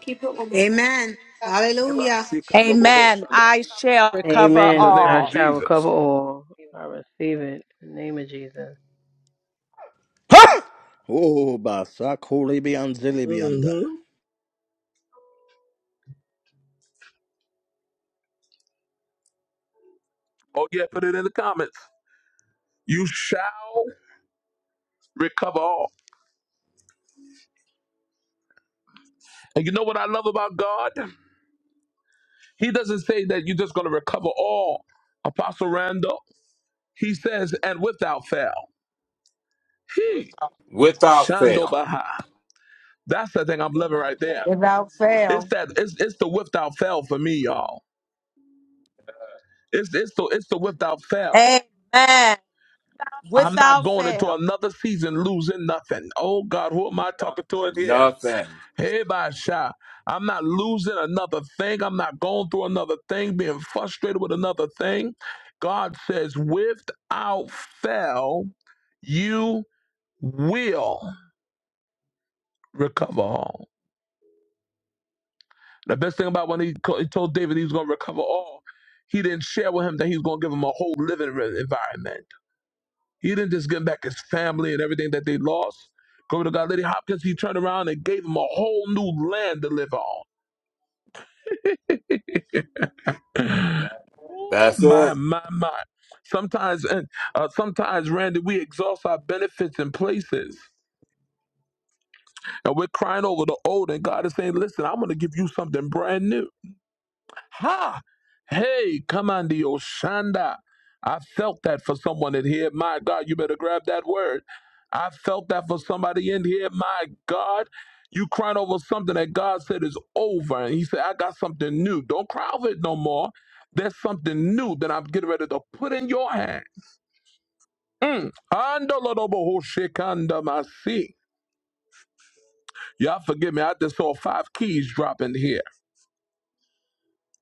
[SPEAKER 2] Keep it with Amen. Hallelujah.
[SPEAKER 3] Amen. I shall recover
[SPEAKER 1] in the name of
[SPEAKER 3] all.
[SPEAKER 1] Jesus.
[SPEAKER 11] Oh, basakole beyond zele
[SPEAKER 1] Oh, yeah, put it in the comments. You shall recover all. And you know what I love about God? He doesn't say that you're just going to recover all. Apostle Randall, he says, and without fail. He,
[SPEAKER 7] Without
[SPEAKER 1] Shando
[SPEAKER 7] fail.
[SPEAKER 1] Baha. That's the thing I'm loving right there.
[SPEAKER 2] Without
[SPEAKER 1] It's
[SPEAKER 2] fail.
[SPEAKER 1] that it's it's the without fail for me, y'all. It's it's the it's the without fail.
[SPEAKER 3] Amen.
[SPEAKER 1] I'm not
[SPEAKER 3] Without
[SPEAKER 1] going into
[SPEAKER 3] fail.
[SPEAKER 1] another season losing nothing. Oh God, who am I talking to in here?
[SPEAKER 7] Nothing.
[SPEAKER 1] Hey, by shot. I'm not losing another thing. I'm not going through another thing, being frustrated with another thing. God says, without fail, you will recover all. The best thing about when he, co- he told David he was going to recover all, he didn't share with him that he was going to give him a whole living re- environment. He didn't just give back his family and everything that they lost. Glory to God. Lady Hopkins, he turned around and gave him a whole new land to live on. Ooh,
[SPEAKER 7] That's
[SPEAKER 1] my
[SPEAKER 7] it.
[SPEAKER 1] my my sometimes and uh, sometimes randy we exhaust our benefits and places and we're crying over the old and god is saying listen i'm going to give you something brand new Ha! Hey, come on, the Oshanda. I felt that for someone in here. My God, you better grab that word. I felt that for somebody in here. My God, you crying over something that God said is over. And He said, I got something new. Don't cry over it no more. There's something new that I'm getting ready to put in your hand. Mm. Andolodobohoshikandamasi. Y'all forgive me. I just saw five keys drop in here.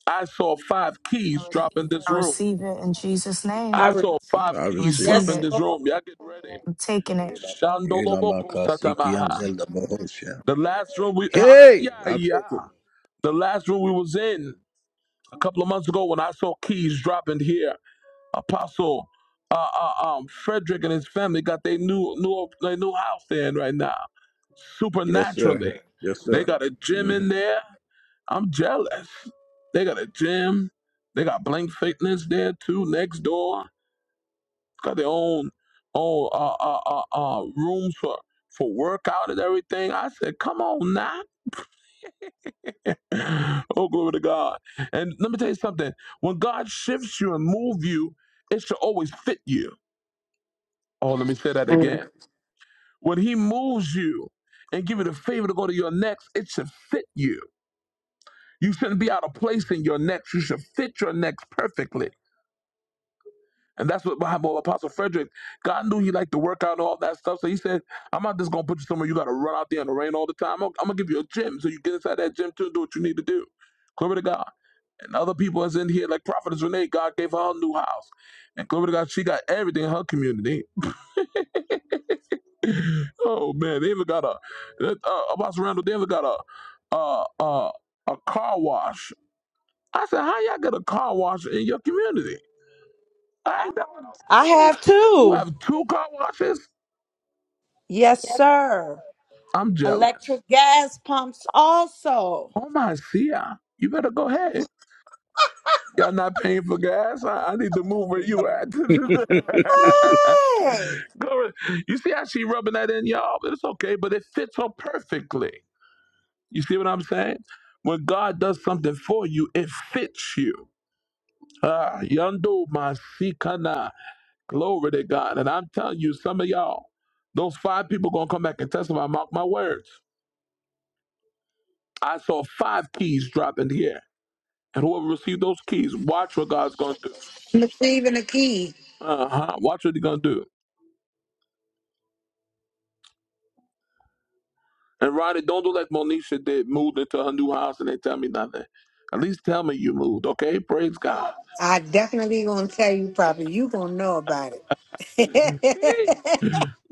[SPEAKER 1] I saw five keys drop in this
[SPEAKER 4] I
[SPEAKER 1] room.
[SPEAKER 4] receive it in Jesus' name.
[SPEAKER 3] I
[SPEAKER 1] I
[SPEAKER 3] re-
[SPEAKER 1] saw five
[SPEAKER 11] I
[SPEAKER 4] I
[SPEAKER 1] keys
[SPEAKER 11] received
[SPEAKER 1] drop
[SPEAKER 4] receive
[SPEAKER 11] it.
[SPEAKER 1] in
[SPEAKER 3] yes,
[SPEAKER 4] it.
[SPEAKER 1] this
[SPEAKER 3] Lord.
[SPEAKER 1] room. Y'all get ready.
[SPEAKER 4] I'm taking it.
[SPEAKER 1] Shandoloboko
[SPEAKER 11] Ilamakasiki and
[SPEAKER 1] Satamaha.
[SPEAKER 11] Zelda Bohosha.
[SPEAKER 1] The last room we ah
[SPEAKER 11] Hey,
[SPEAKER 1] yeah
[SPEAKER 11] I'll
[SPEAKER 1] yeah.
[SPEAKER 11] take it.
[SPEAKER 1] The last room we was in a couple of months ago when I saw keys dropping here. Apostle uh, uh um Frederick and his family got their new new their new house they're in right now.
[SPEAKER 11] Yes, sir.
[SPEAKER 1] Supernaturally.
[SPEAKER 11] Yes,
[SPEAKER 1] They
[SPEAKER 11] sir.
[SPEAKER 1] got a gym
[SPEAKER 11] hmm
[SPEAKER 1] in there. I'm jealous. They got a gym. They got blank fitness there too next door. got their own own uh, uh, uh, uh, rooms for for workout and everything. I said, come on now. oh glory to God. And let me tell you something. When God shifts you and moves you, it should always fit you. Oh, let me say that
[SPEAKER 2] Mm.
[SPEAKER 1] again. When He moves you and give you the favor to go to your next, it should fit you. You shouldn't be out of place in your next. You should fit your next perfectly. And that's what behind what Apostle Frederick, God knew he liked to work out and all that stuff. So he said, I'm not just gonna put you somewhere you gotta run out there in the rain all the time. I'm, I'm gonna give you a gym so you get inside that gym too and do what you need to do. Glory to God. And other people that's in here, like Prophetess Renee, God gave her a new house. And glory to God, she got everything in her community. Oh man, they even got a uh, Apostle Randall, they even got a uh uh a car wash. I said, How y'all get a car wash in your community? I ain't never-
[SPEAKER 3] I have
[SPEAKER 1] you
[SPEAKER 3] too.
[SPEAKER 1] have two car washes?
[SPEAKER 3] Yes, sir.
[SPEAKER 1] I'm jealous.
[SPEAKER 3] Electric gas pumps also.
[SPEAKER 1] Oh my Sia, you better go ahead. Y'all not paying for gas? I, I need to move where you at.
[SPEAKER 3] Hey.
[SPEAKER 1] Go. You see how she rubbing that in, y'all? But it's okay, but it fits her perfectly. You see what I'm saying? When God does something for you, it fits you. Ah, yando masikana. Glory to God. And I'm telling you, some of y'all, those five people gonna come back and testify. Mark my words. I saw five keys drop in the air. And whoever received those keys, watch what God's gonna do.
[SPEAKER 2] Receiving the key.
[SPEAKER 1] Uh-huh. Watch what he gonna do. And Roddy, don't do like Monisha did, moved into her new house and they tell me nothing. At least tell me you moved, okay? Praise God.
[SPEAKER 2] I definitely gonna tell you probably. You gonna know about it.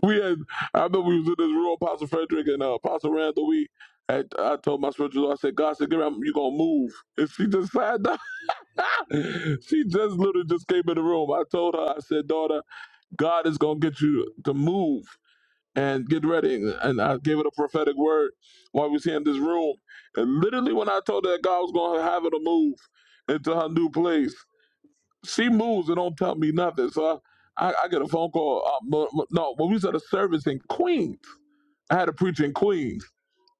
[SPEAKER 1] We had I remember we was in this room, Apostle Frederick and uh, Apostle Randall, we I, I told my spiritual daughter, I said, God said, get up, you gonna move. And she just sat down. she just literally just came in the room. I told her, I said, daughter, God is gonna get you to move. and get ready. And I gave it a prophetic word while we was here in this room. And literally, when I told her that God was going to have her to move into her new place, she moves and don't tell me nothing. So I, I, I get a phone call. Uh, mo- mo- no, when we was at a service in Queens, I had a preacher in Queens.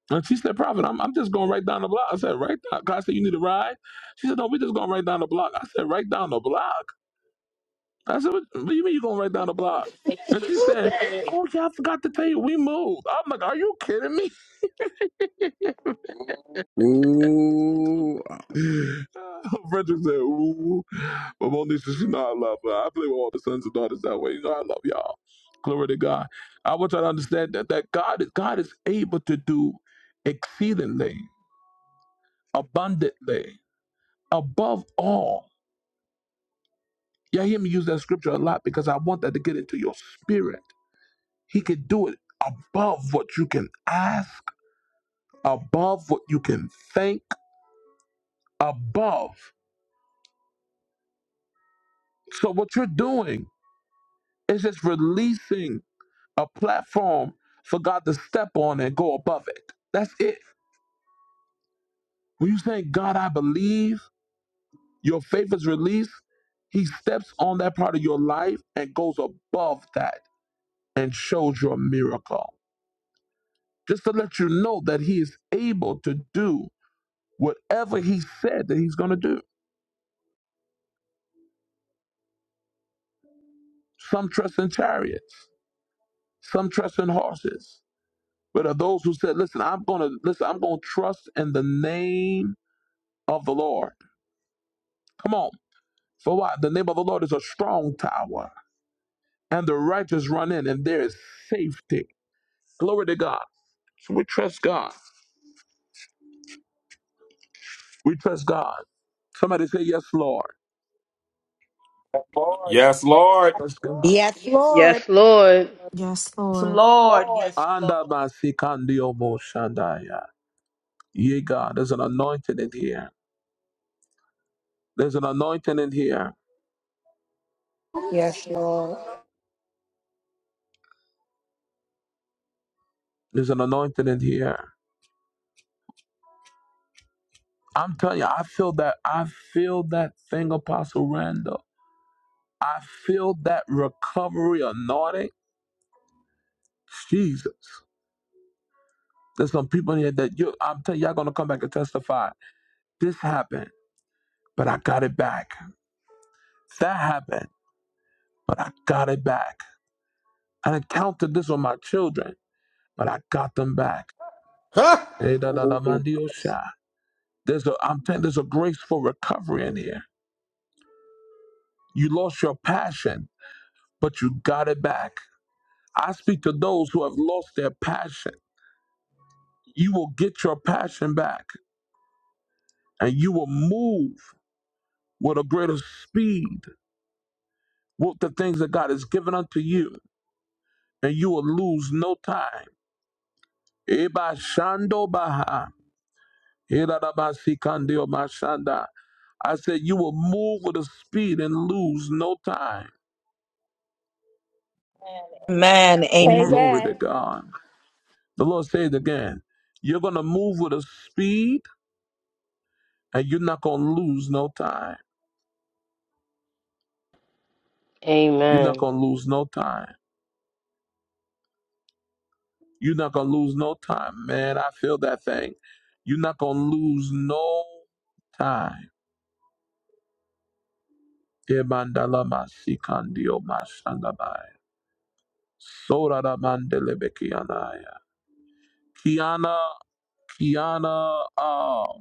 [SPEAKER 1] And she said, Prophet, I'm, I'm just going right down the block. I said, right down. God said, you need a ride? She said, no, we're just going right down the block. I said, right down the block? I said, what, what do you mean you're going right down the block? And she said, oh, yeah, I forgot to tell you, we moved. I'm like, are you kidding me?
[SPEAKER 11] Ooh, ah,
[SPEAKER 1] Frederick said, ooh. But Monisha, she know I love her. I play with all the sons and daughters that way. You know I love y'all. Glory to God. I want y'all to understand that, that God is God is able to do exceedingly, abundantly, above all. Y'all hear me use that scripture a lot because I want that to get into your spirit. He can do it above what you can ask, above what you can think, above. So what you're doing is just releasing a platform for God to step on and go above it. That's it. When you say, God, I believe, your faith is released, He steps on that part of your life and goes above that and shows you a miracle. Just to let you know that He is able to do whatever He said that He's going to do. Some trust in chariots, some trust in horses. But of those who said, listen, I'm going to, listen, I'm going to trust in the name of the Lord. Come on. For what? The name of the Lord is a strong tower, and the righteous run in, and there is safety. Glory to God. So we trust God. We trust God. Somebody say, Yes, Lord.
[SPEAKER 7] Yes, Lord.
[SPEAKER 1] Trust God.
[SPEAKER 2] yes, Lord.
[SPEAKER 4] Yes,
[SPEAKER 3] Yes,
[SPEAKER 4] Lord.
[SPEAKER 3] Lord. Yes, Lord.
[SPEAKER 1] Anda basikandio mo shandaya. Ye God, there's an anointing in here. There's an anointing in here.
[SPEAKER 2] Yes, Lord.
[SPEAKER 1] There's an anointing in here. I'm telling you, I feel that. I feel that thing, Apostle Randall. I feel that recovery anointing. Jesus. There's some people in here that you I'm telling you, y'all gonna come back and testify. This happened, but I got it back. That happened, but I got it back. I encountered this with my children, but I got them back.
[SPEAKER 11] Huh?
[SPEAKER 1] Eh,
[SPEAKER 11] ooh,
[SPEAKER 1] There's a I'm telling there's a grace for recovery in here. You lost your passion, but you got it back. I speak to those who have lost their passion. You will get your passion back and you will move with a greater speed with the things that God has given unto you. and you will lose no time. Eba shando baha. Erarabasikandeo mashanda. I said, You will move with a speed and lose no time.
[SPEAKER 3] Amen.
[SPEAKER 1] Oh,
[SPEAKER 3] Amen.
[SPEAKER 1] glory
[SPEAKER 2] Amen.
[SPEAKER 1] to God. The Lord said again, You're going to move with a speed and you're not going to lose no time. You're not going to lose no time. You're not going to lose no time. Man, I feel that thing. You're not going to lose no time. Ebandalamasikandeo mashandabai. Sorada Mandelebe Kiana. Kiana, Kiana, uh, let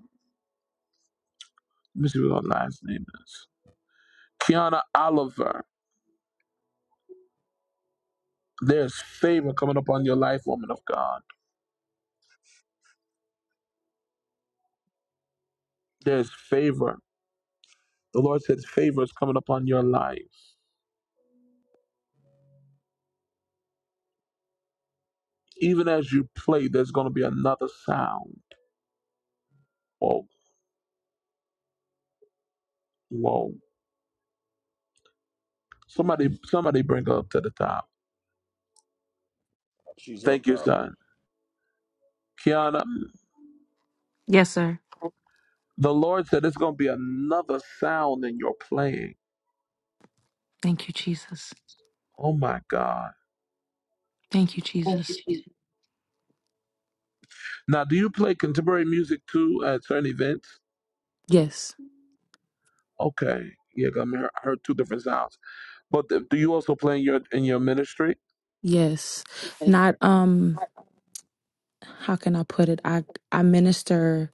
[SPEAKER 1] me see what her last name is. Kiana Oliver. There's favor coming upon your life, woman of God. There's favor. The Lord says favor is coming upon your life. Even as you play, there's going to be another sound. Whoa, whoa. Somebody, somebody bring her up to the top.
[SPEAKER 11] she's
[SPEAKER 1] Thank
[SPEAKER 11] up,
[SPEAKER 1] you,
[SPEAKER 11] up.
[SPEAKER 1] son. Kiana,
[SPEAKER 12] Yes, sir.
[SPEAKER 1] the Lord said it's going to be another sound in your playing.
[SPEAKER 12] Thank you, Jesus.
[SPEAKER 1] Oh my God.
[SPEAKER 12] Thank you, Jesus.
[SPEAKER 1] Now, do you play contemporary music too at certain events?
[SPEAKER 12] Yes.
[SPEAKER 1] Okay, yeah, I mean, I heard two different sounds. But th- do you also play in your in your ministry?
[SPEAKER 12] Yes. Not um how can I put it? I I minister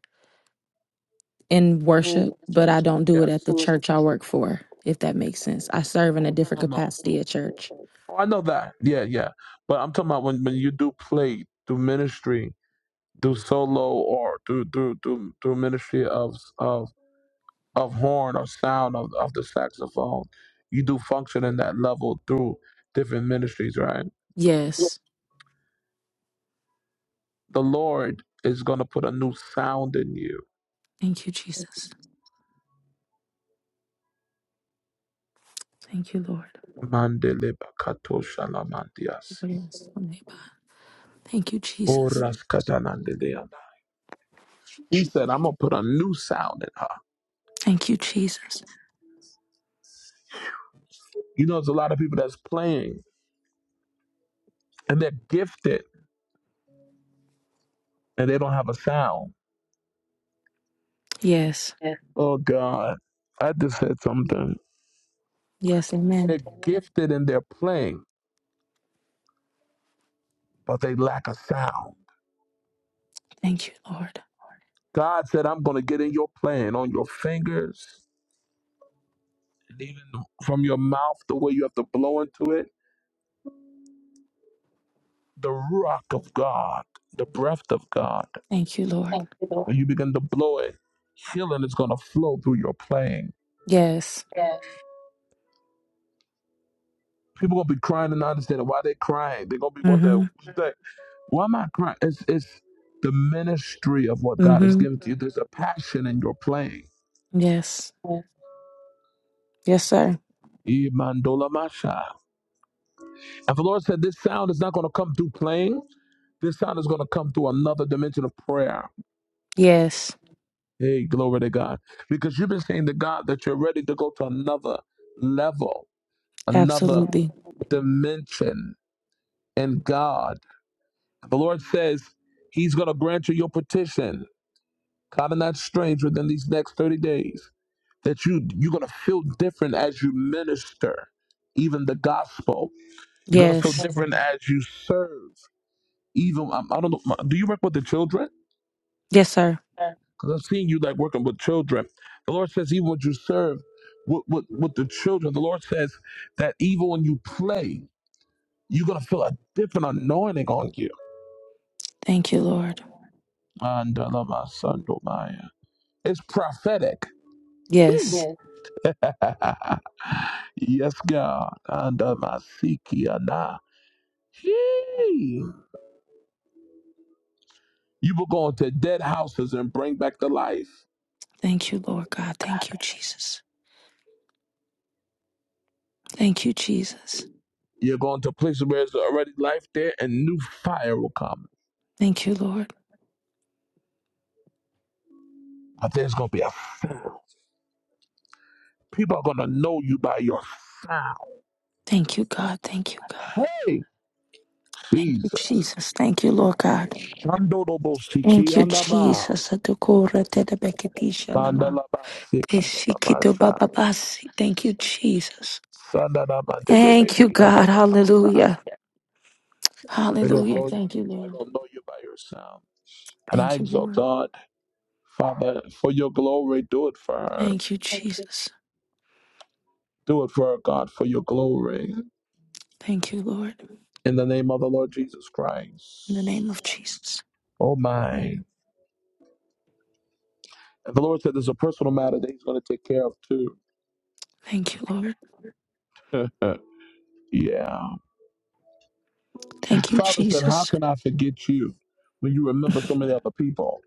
[SPEAKER 12] in worship, but I don't do
[SPEAKER 1] Yeah,
[SPEAKER 12] it at the church I work for, if that makes sense. I serve in a
[SPEAKER 1] No,
[SPEAKER 12] different
[SPEAKER 1] no, no.
[SPEAKER 12] capacity at church.
[SPEAKER 1] Oh, I know that. Yeah, yeah. But I'm talking about when when you do play through ministry, through solo or through through through through ministry of of of horn or sound of of the saxophone, you do function in that level through different ministries, right?
[SPEAKER 12] Yes.
[SPEAKER 1] The Lord is gonna put a new sound in you
[SPEAKER 12] Thank you, Jesus. Thank you, Lord.
[SPEAKER 1] Mandele bakato shalamandiasi.
[SPEAKER 12] Everybody Thank you, Jesus.
[SPEAKER 1] Oras katanandeleana. He said, I'm gonna put a new sound in her.
[SPEAKER 12] Thank you, Jesus.
[SPEAKER 1] You know, there's a lot of people that's playing and they're gifted and they don't have a sound.
[SPEAKER 12] Yes.
[SPEAKER 1] Oh God. I just said something.
[SPEAKER 12] Yes. Amen.
[SPEAKER 1] They're gifted and they're playing, but they lack a sound.
[SPEAKER 12] Thank you, Lord.
[SPEAKER 1] God said, I'm gonna get in your plan on your fingers and even from your mouth, the way you have to blow into it. The rock of God, the breath of God.
[SPEAKER 12] Thank you, Lord.
[SPEAKER 1] When you begin to blow it, healing is gonna flow through your playing.
[SPEAKER 12] Yes.
[SPEAKER 1] People gonna be crying and not understanding why they're crying. They're gonna be
[SPEAKER 12] Mm-hmm.
[SPEAKER 1] wondering like, why am I crying? It's it's the ministry of what God has
[SPEAKER 12] Mm-hmm.
[SPEAKER 1] given to you. There's a passion in your playing.
[SPEAKER 12] Yes. Yes, sir.
[SPEAKER 1] Imandola Masha. And the Lord said, This sound is not gonna come through playing. This sound is gonna come through another dimension of prayer.
[SPEAKER 12] Yes,
[SPEAKER 1] Hey, glory to God. Because you've been saying to God that you're ready to go to another level, another
[SPEAKER 12] absolutely.
[SPEAKER 1] dimension in God The Lord says He's going to grant you your petition. Kind of not strange within these next 30 days that you you're going to feel different as you minister even the gospel. You're going to feel
[SPEAKER 12] Yes.
[SPEAKER 1] different as you serve. Even um, I don't know do you work with the children?
[SPEAKER 12] Yes, sir.
[SPEAKER 1] Cuz I've seen you like working with children. The Lord says even when you serve with, with, with the children, the Lord says that even when you play, you're going to feel a different anointing on you.
[SPEAKER 12] Thank you, Lord.
[SPEAKER 1] And I love my son, Domaya. It's prophetic Hey.
[SPEAKER 12] Yes.
[SPEAKER 1] Yes. yes, God. And uh, my Siki and, uh, hey. You will go into dead houses and bring back the life.
[SPEAKER 12] Thank you, Lord God. Thank you, Jesus. Thank you, Jesus.
[SPEAKER 1] You're going to places where there's already life there and new fire will come.
[SPEAKER 12] Thank you, Lord.
[SPEAKER 1] But there's going to be a sound. People are going to know you by your sound.
[SPEAKER 12] Thank you, God. Thank you, God.
[SPEAKER 1] Hey,
[SPEAKER 12] Thank you,
[SPEAKER 1] Jesus.
[SPEAKER 12] Jesus. Thank you, Lord God.
[SPEAKER 1] Shandodobo
[SPEAKER 12] Thank
[SPEAKER 1] Siki
[SPEAKER 12] you,
[SPEAKER 1] and, uh, ma.
[SPEAKER 12] Jesus. Adokora tedebekedisha nama.
[SPEAKER 1] Mandalaba Sika and, uh, ma, sha.
[SPEAKER 12] Esikidobababasi. Thank you, Jesus.
[SPEAKER 1] Sandalaba Delebe
[SPEAKER 12] Thank you,
[SPEAKER 1] and, uh,
[SPEAKER 12] God.
[SPEAKER 1] ma,
[SPEAKER 12] Hallelujah.
[SPEAKER 1] They're going to
[SPEAKER 12] Hallelujah.
[SPEAKER 1] know you.
[SPEAKER 12] Thank you,
[SPEAKER 1] They're
[SPEAKER 12] Lord.
[SPEAKER 1] going to know you by your sound. And I
[SPEAKER 12] Thank you,
[SPEAKER 1] exalt
[SPEAKER 12] Lord.
[SPEAKER 1] God, Father, for your glory, do it for her.
[SPEAKER 12] Thank you, Jesus.
[SPEAKER 1] Do it for her, God, for your glory.
[SPEAKER 12] Thank you, Lord.
[SPEAKER 1] In the name of the Lord Jesus
[SPEAKER 12] In the
[SPEAKER 1] Christ.
[SPEAKER 12] name of Jesus.
[SPEAKER 1] Oh my. And the Lord said there's a personal matter that He's going to take care of too.
[SPEAKER 12] Thank you, Lord.
[SPEAKER 1] yeah.
[SPEAKER 12] Thank you,
[SPEAKER 1] Father said, How
[SPEAKER 12] Jesus.
[SPEAKER 1] can I forget you when you remember so many other people?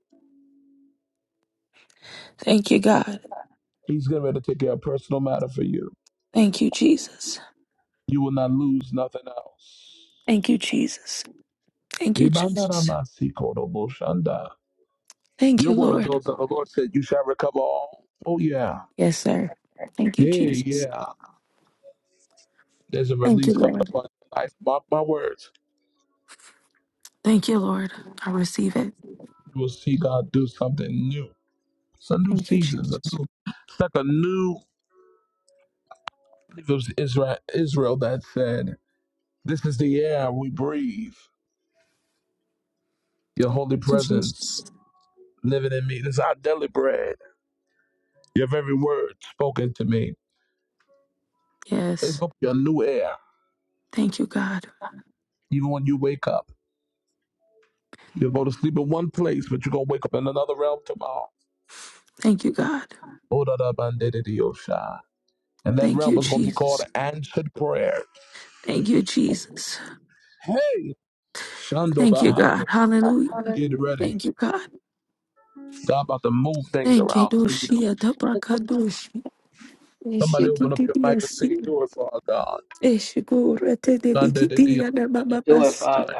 [SPEAKER 12] Thank you, God.
[SPEAKER 1] He's getting ready to take care of a personal matter for you.
[SPEAKER 12] Thank you, Jesus.
[SPEAKER 1] You will not lose nothing else.
[SPEAKER 12] Thank you, Jesus. Thank
[SPEAKER 1] You're
[SPEAKER 12] you,
[SPEAKER 1] one of
[SPEAKER 12] Jesus. Thank you, Lord.
[SPEAKER 1] those that the Lord said, You shall recover all. Oh, yeah.
[SPEAKER 12] Yes, sir. Thank you,
[SPEAKER 1] Hey,
[SPEAKER 12] Jesus.
[SPEAKER 1] yeah, there's a
[SPEAKER 12] Thank you,
[SPEAKER 1] release coming
[SPEAKER 12] Lord.
[SPEAKER 1] upon your life. Mark my words,
[SPEAKER 12] Thank you, Lord. I receive it.
[SPEAKER 1] you will see God do something new. It's a new
[SPEAKER 12] Thank you,
[SPEAKER 1] season. It's, a
[SPEAKER 12] Jesus.
[SPEAKER 1] new, it's like a new, I think it was Israel, Israel that said, This is the air we breathe, your holy
[SPEAKER 12] Thank you,
[SPEAKER 1] presence
[SPEAKER 12] Jesus.
[SPEAKER 1] living in me. This is our daily bread, your very word spoken to me. It's
[SPEAKER 12] Yes.
[SPEAKER 1] going to be a new air,
[SPEAKER 12] Thank you, God.
[SPEAKER 1] even when you wake up. You'll go to sleep in one place, but you're going to wake up in another realm tomorrow.
[SPEAKER 12] Thank you, God.
[SPEAKER 1] Oh, da, da, ba, da, da, dee, oh, sha. And that
[SPEAKER 12] Thank
[SPEAKER 1] realm
[SPEAKER 12] you,
[SPEAKER 1] is going to be called
[SPEAKER 12] Jesus.
[SPEAKER 1] answered prayer.
[SPEAKER 12] Thank you, Jesus.
[SPEAKER 1] Hey,
[SPEAKER 12] Thank you,
[SPEAKER 1] Shandobaha,
[SPEAKER 12] God. Hallelujah.
[SPEAKER 1] get ready.
[SPEAKER 12] Thank you, God.
[SPEAKER 1] God about to move things
[SPEAKER 12] Thank you,
[SPEAKER 1] around for you.
[SPEAKER 12] Doshia
[SPEAKER 1] Somebody open up your mic and say,
[SPEAKER 12] Ishikitibiasi.
[SPEAKER 1] Do it for our God.
[SPEAKER 12] Ishigurete
[SPEAKER 1] Mande de
[SPEAKER 12] debikiti
[SPEAKER 1] Dios,
[SPEAKER 12] anamamamasi.
[SPEAKER 1] Shatai.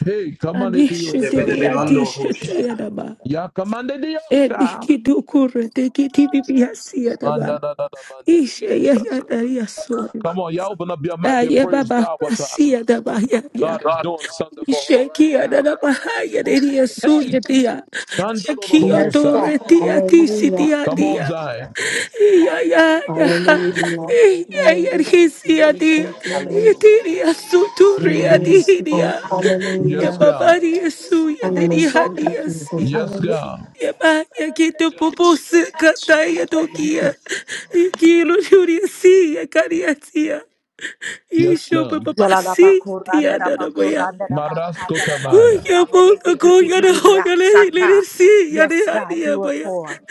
[SPEAKER 1] Hey, come on, Dios,
[SPEAKER 12] Anishitibi
[SPEAKER 1] Shatai.
[SPEAKER 12] adishite anama.
[SPEAKER 1] Ya commande Dios, Shah.
[SPEAKER 12] Enikidukurete kitibiasi anama.
[SPEAKER 1] Manda da da da, mande de
[SPEAKER 12] Ishe
[SPEAKER 1] Dios, Shatai.
[SPEAKER 12] yayana yasori.
[SPEAKER 1] Come on, y'all open up your mic and
[SPEAKER 12] Aye
[SPEAKER 1] praise
[SPEAKER 12] baba
[SPEAKER 1] God with her.
[SPEAKER 12] kasi anama
[SPEAKER 1] God is
[SPEAKER 12] yaya.
[SPEAKER 1] doing something for her right
[SPEAKER 12] Isheki
[SPEAKER 1] now.
[SPEAKER 12] anama haya neri yasu
[SPEAKER 1] Hey,
[SPEAKER 12] yadia. Yakiyo
[SPEAKER 2] Yes,
[SPEAKER 1] Shandododobosa.
[SPEAKER 2] God.
[SPEAKER 12] toreti atisi
[SPEAKER 2] Hallelujah.
[SPEAKER 1] Come on,
[SPEAKER 12] diadia.
[SPEAKER 1] Zion.
[SPEAKER 2] Hallelujah. Hallelujah. Thank you, Lord.
[SPEAKER 1] Mhm.
[SPEAKER 2] Yes, Lord.
[SPEAKER 1] Yes,
[SPEAKER 2] Hallelujah.
[SPEAKER 1] God.
[SPEAKER 2] Hallelujah. Thank you, Jesus.
[SPEAKER 1] Yes,
[SPEAKER 2] Hallelujah.
[SPEAKER 1] God. Yes,
[SPEAKER 12] Isho
[SPEAKER 1] God.
[SPEAKER 12] papa si
[SPEAKER 3] Jalalabakuranda
[SPEAKER 12] tia da da boya
[SPEAKER 3] Rabakuranda Rabakata
[SPEAKER 1] Maraskotabaya,
[SPEAKER 12] Kuya
[SPEAKER 3] Rabakuranda
[SPEAKER 12] boka koya na
[SPEAKER 3] Bekitikidiya
[SPEAKER 12] hoga le hilere
[SPEAKER 3] Saka.
[SPEAKER 12] si ya
[SPEAKER 3] Yes,
[SPEAKER 12] ne hani
[SPEAKER 3] God,
[SPEAKER 12] ya
[SPEAKER 3] do it
[SPEAKER 12] baya.
[SPEAKER 3] for.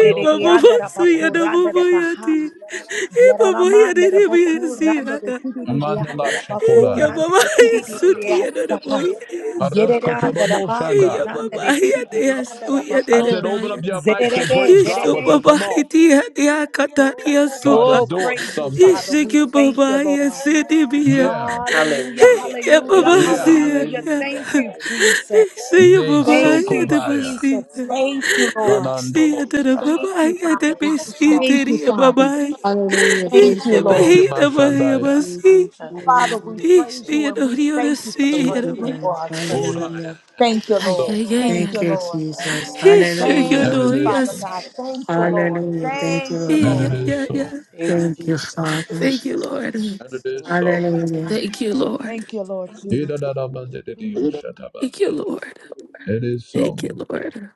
[SPEAKER 12] E baba basu ya na
[SPEAKER 3] Rabakuranda
[SPEAKER 12] baba ya
[SPEAKER 3] Rebaha.
[SPEAKER 12] ti. E baba ya ne
[SPEAKER 3] Yaralamanda
[SPEAKER 12] ne baya si ya
[SPEAKER 3] Rabakuranda
[SPEAKER 12] na.
[SPEAKER 1] Mandala
[SPEAKER 3] Bekitidianda
[SPEAKER 12] E ya
[SPEAKER 1] Shakorai,
[SPEAKER 3] Rabakuranda
[SPEAKER 12] baba ya suti
[SPEAKER 3] Bekitidiya
[SPEAKER 12] ya na na
[SPEAKER 3] Saka.
[SPEAKER 12] boya ne ne si.
[SPEAKER 3] Yeredianda
[SPEAKER 1] Maraskotoromo
[SPEAKER 12] E ya
[SPEAKER 3] Rabakuranda
[SPEAKER 12] baba ya ne ya
[SPEAKER 3] Bekitidianda
[SPEAKER 12] su ya ne
[SPEAKER 1] I
[SPEAKER 12] ne
[SPEAKER 1] said,
[SPEAKER 3] Rabakur. and the Dekidia and the Rabakur.
[SPEAKER 1] open
[SPEAKER 12] baya.
[SPEAKER 1] up your mics and
[SPEAKER 3] Zerede,
[SPEAKER 1] praise
[SPEAKER 12] E
[SPEAKER 1] God
[SPEAKER 12] so
[SPEAKER 1] with her.
[SPEAKER 3] Zerede.
[SPEAKER 12] baba
[SPEAKER 1] Come on.
[SPEAKER 12] iti ya ne ya katani ya
[SPEAKER 1] God
[SPEAKER 12] suba.
[SPEAKER 1] is
[SPEAKER 3] Oh,
[SPEAKER 1] doing
[SPEAKER 3] praise you,
[SPEAKER 12] E
[SPEAKER 1] something.
[SPEAKER 3] Father. We
[SPEAKER 12] shiki
[SPEAKER 3] thank you,
[SPEAKER 12] baba
[SPEAKER 3] Lord.
[SPEAKER 12] yasi dibi ya sidi biya.
[SPEAKER 1] Yeah,
[SPEAKER 3] Hallelujah,
[SPEAKER 12] E ya
[SPEAKER 3] hallelujah,
[SPEAKER 12] baba si
[SPEAKER 1] yeah.
[SPEAKER 3] hallelujah. Thank
[SPEAKER 12] ya.
[SPEAKER 3] you, Jesus.
[SPEAKER 12] Sia
[SPEAKER 1] Me
[SPEAKER 3] Thank
[SPEAKER 12] mamãe
[SPEAKER 3] you,
[SPEAKER 12] de
[SPEAKER 1] Sokobaya,
[SPEAKER 3] Jesus.
[SPEAKER 12] macita.
[SPEAKER 3] Thank you, Lord.
[SPEAKER 12] Sia da
[SPEAKER 1] Nanandolosha.
[SPEAKER 3] Thank you,
[SPEAKER 12] mamãe de
[SPEAKER 3] Father God.
[SPEAKER 12] mesita
[SPEAKER 3] Thank you,
[SPEAKER 12] e
[SPEAKER 3] Father.
[SPEAKER 12] mamãe.
[SPEAKER 2] Hallelujah.
[SPEAKER 12] E
[SPEAKER 3] Thank
[SPEAKER 2] Thanks,
[SPEAKER 3] you,
[SPEAKER 12] de
[SPEAKER 1] Thank
[SPEAKER 2] Lord.
[SPEAKER 1] you,
[SPEAKER 3] Lord.
[SPEAKER 12] menina mãe a
[SPEAKER 2] Thank
[SPEAKER 1] Mashandaya.
[SPEAKER 2] you, Jesus.
[SPEAKER 12] macita.
[SPEAKER 3] Father, we
[SPEAKER 2] Hallelujah.
[SPEAKER 3] praise you
[SPEAKER 12] Sia
[SPEAKER 3] and
[SPEAKER 12] no
[SPEAKER 3] we
[SPEAKER 12] rio da
[SPEAKER 3] thank you for the
[SPEAKER 2] Thank
[SPEAKER 12] cira.
[SPEAKER 2] you,
[SPEAKER 3] breakthrough for
[SPEAKER 2] God.
[SPEAKER 3] our sister.
[SPEAKER 1] Oraya.
[SPEAKER 2] Hallelujah.
[SPEAKER 1] And
[SPEAKER 3] Thank
[SPEAKER 1] it
[SPEAKER 3] you,
[SPEAKER 1] is
[SPEAKER 12] Ai,
[SPEAKER 1] so,
[SPEAKER 3] Lord.
[SPEAKER 12] ai, ai,
[SPEAKER 3] Thank
[SPEAKER 12] ai,
[SPEAKER 2] Thank
[SPEAKER 3] you,
[SPEAKER 2] you,
[SPEAKER 12] ai.
[SPEAKER 3] Lord.
[SPEAKER 2] Jesus.
[SPEAKER 12] Ixi, que
[SPEAKER 3] Thank
[SPEAKER 1] and
[SPEAKER 2] Hallelujah.
[SPEAKER 1] it
[SPEAKER 3] you,
[SPEAKER 1] is
[SPEAKER 3] Father
[SPEAKER 1] so,
[SPEAKER 12] annoyance.
[SPEAKER 3] God. Thank you, Lord.
[SPEAKER 2] Hallelujah. Thank you,
[SPEAKER 3] Thank you,
[SPEAKER 2] Lord
[SPEAKER 1] and
[SPEAKER 12] Ai,
[SPEAKER 1] it
[SPEAKER 3] Lord.
[SPEAKER 12] ai,
[SPEAKER 2] God.
[SPEAKER 1] is
[SPEAKER 12] ai,
[SPEAKER 1] so,
[SPEAKER 12] ai.
[SPEAKER 2] Thank you, Father.
[SPEAKER 12] Thank you, Lord.
[SPEAKER 1] and it is so.
[SPEAKER 2] Hallelujah.
[SPEAKER 12] Thank you, Lord.
[SPEAKER 3] Thank you, Lord Jesus.
[SPEAKER 1] Ida da da ba de de de yo shataba.
[SPEAKER 12] Thank you, Lord.
[SPEAKER 1] It is so.
[SPEAKER 12] Thank you, Lord.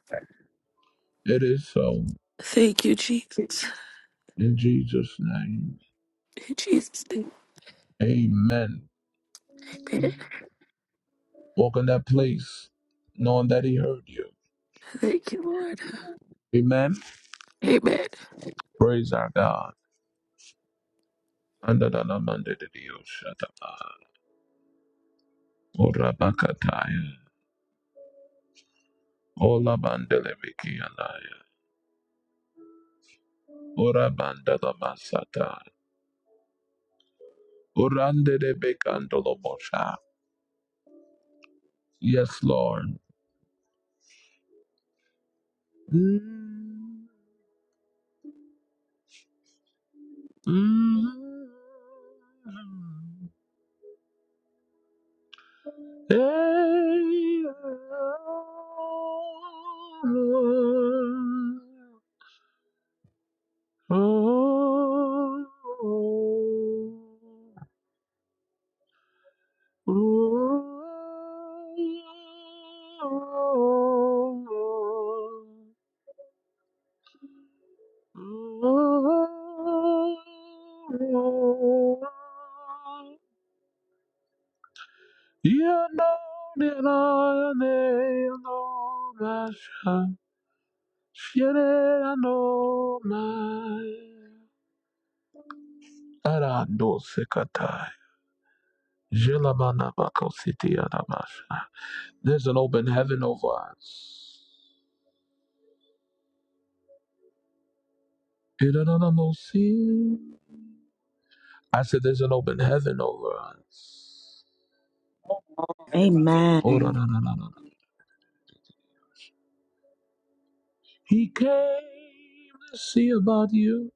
[SPEAKER 1] It is so.
[SPEAKER 12] Thank you, Jesus.
[SPEAKER 1] In Jesus' name.
[SPEAKER 12] In Jesus' name,
[SPEAKER 1] Amen.
[SPEAKER 12] amen.
[SPEAKER 1] Walk in that place knowing that he heard you.
[SPEAKER 12] Thank you, Lord.
[SPEAKER 1] Amen.
[SPEAKER 12] Amen.
[SPEAKER 1] Praise our God. Andadanamandididioshataba. Orabakataya. Olabandelemikianaya. Orabandalamasata. Orandedebekandolomosha. Yes, Lord. Mm. Mm. You know that I am no master. Shit, I know my. Arando sekatai. Jelamana bakositi adamasha. There's an open heaven over us. Irananamosi. I said there's an open heaven over us. Oh, no, no, no, no, no. He came to see about you.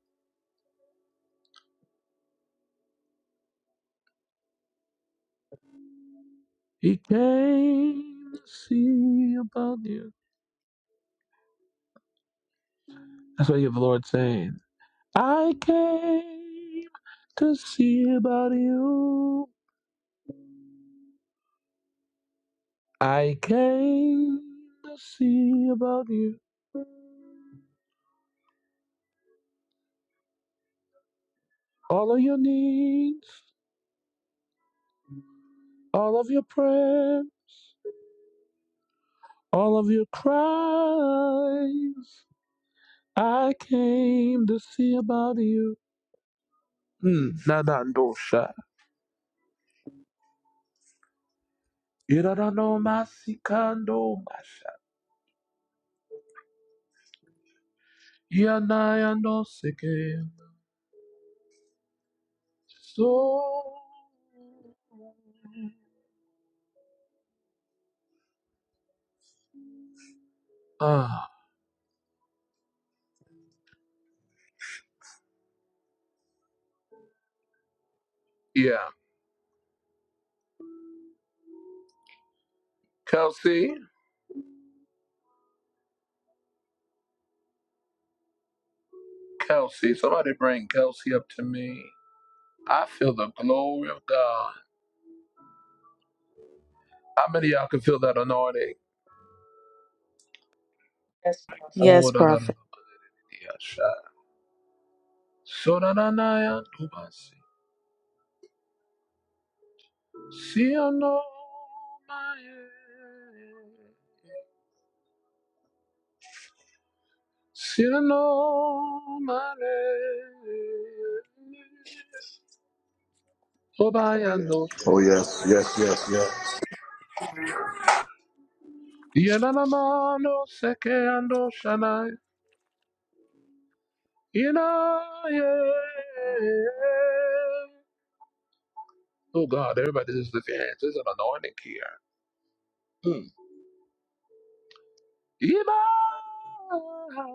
[SPEAKER 1] He came to see about you. That's what you have the Lord saying. I came to see about you. I came to see about you. All of your needs, all of your prayers, all of your cries. I came to see about you. Mm, Nanandosha. Irarano masikando masha. Yanayando seke. So. Ah, yeah. Kelsey, Kelsey, somebody bring Kelsey up to me. I feel the glory of God. How many of y'all can feel that anointing? Oh,
[SPEAKER 3] Yes,
[SPEAKER 1] da da da. da.
[SPEAKER 3] prophet.
[SPEAKER 1] Yeah, shy. So da da da ya do ba si. See I know my head. See I know my name. Oh, by ya no
[SPEAKER 11] Oh yes, yes, yes, yes.
[SPEAKER 1] Yeah, na na na no seke ando shanai. Ina ye. Oh God, everybody just lift your hands. There's an anointing here. Hmm. Ibai.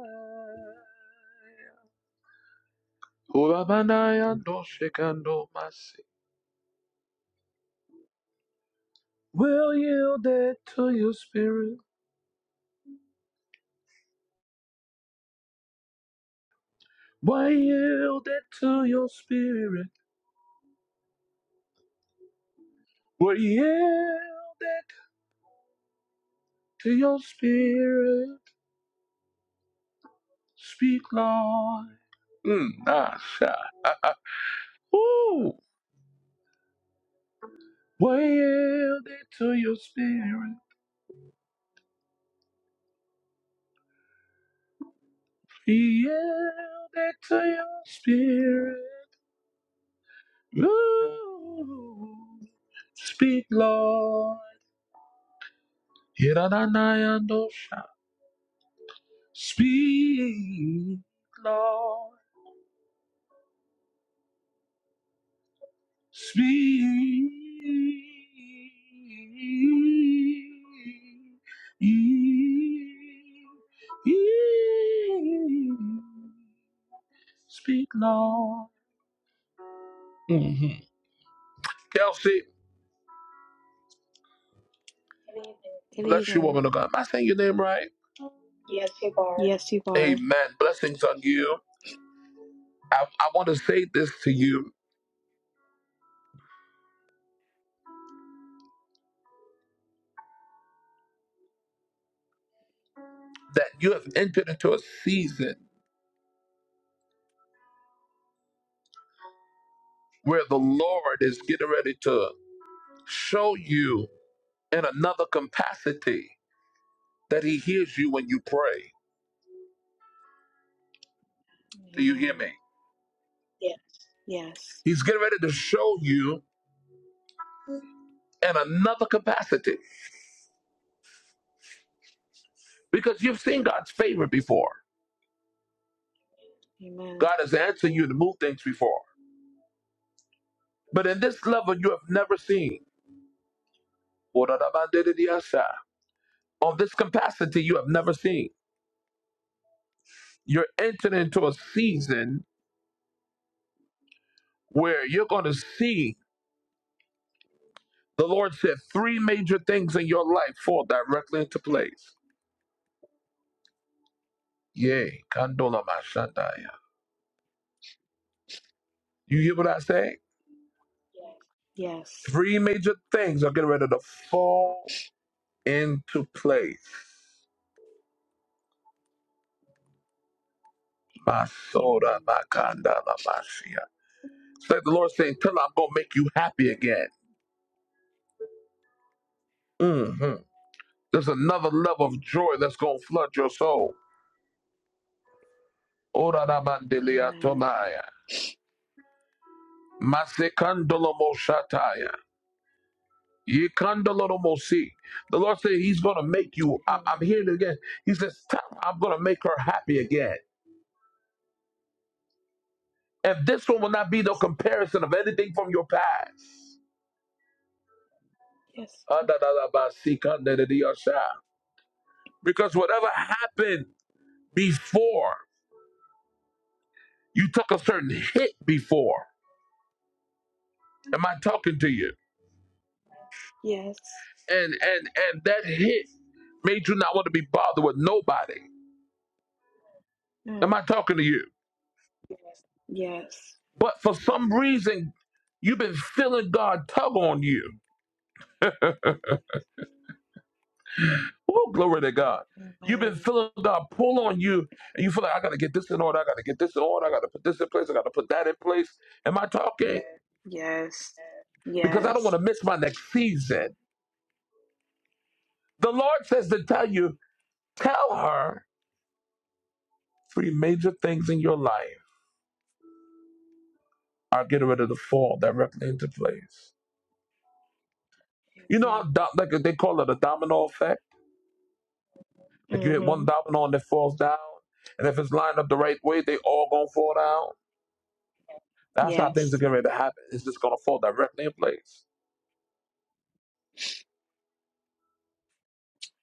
[SPEAKER 1] Urabanaya doshikando masi. We'll yield it to your spirit. We'll yield it to your spirit. We'll yield it to your spirit. Speak, Lord. Mm, ah, sha. Ah, ah. Ooh. We'll yield it to your spirit. Be yielded to your spirit. Ooh. Speak, Lord. Hiranayandosha. Speak, Lord. Speak. Speak, Lord. hmm Kelsey,
[SPEAKER 13] Good
[SPEAKER 1] bless you,
[SPEAKER 13] evening.
[SPEAKER 1] woman of God. Am I saying your name right? Yes, you are.
[SPEAKER 13] Yes, you are.
[SPEAKER 1] Amen. Blessings on you. I, I want to say this to you that you have entered into a season where the Lord is getting ready to show you in another capacity that He hears you when you pray. Do you hear
[SPEAKER 13] Amen.
[SPEAKER 1] me?
[SPEAKER 13] Yes.
[SPEAKER 1] He's getting ready to show you in another capacity because you've seen God's favor before.
[SPEAKER 13] Amen.
[SPEAKER 1] God has answered you to move things before. But in this level, you have never seen. On this capacity, you have never seen. you're entering into a season where you're going to see the Lord said three major things in your life fall directly into place. Yay, kandola mashandaya. You hear what I say?
[SPEAKER 13] Yes.
[SPEAKER 1] Three major things are getting ready to fall into place. Masoda
[SPEAKER 13] Amen.
[SPEAKER 1] makandala mashia. It's like the Lord saying, "Till I'm gonna make you happy again." hmm There's another level of joy that's gonna flood your soul. Ora da mandelia
[SPEAKER 13] Amen.
[SPEAKER 1] tomaya. Masekandolomoshataya. Yekandoloromosi. The Lord said He's going to make you. I- I'm hearing it
[SPEAKER 13] Amen.
[SPEAKER 1] again. He says, Stop. I'm going to make her happy again. And this one will not be no
[SPEAKER 13] Yes. Lord.
[SPEAKER 1] comparison of anything from your past.
[SPEAKER 13] Yes, Lord.
[SPEAKER 1] Because whatever happened before, you took a certain hit before. Am I talking to you?
[SPEAKER 13] Yes.
[SPEAKER 1] And and and that hit made you not want to be bothered with nobody. Am
[SPEAKER 13] Mm.
[SPEAKER 1] I talking to you?
[SPEAKER 13] Yes.
[SPEAKER 1] But for some reason, you've been feeling God tug on you. Oh, glory to God. You've
[SPEAKER 13] Amen.
[SPEAKER 1] been feeling God pull on you, and you feel like, I got to get this in order. I got to get this in order. I got to put this in place. I got to put that in place. Am I talking?
[SPEAKER 13] Yes.
[SPEAKER 1] Because I don't want
[SPEAKER 13] Yes.
[SPEAKER 1] to miss my next season. The Lord says to tell you, tell her three major things in your life are getting ready to fall directly into place. You know how,
[SPEAKER 13] Amen.
[SPEAKER 1] do- like they call it a domino effect? Like you hit one
[SPEAKER 13] Mm-hmm.
[SPEAKER 1] dollar on that falls down, and if it's lined up the right way, they all gonna fall down. That's how things are
[SPEAKER 13] Yes.
[SPEAKER 1] getting ready to happen. It's just gonna fall directly in place.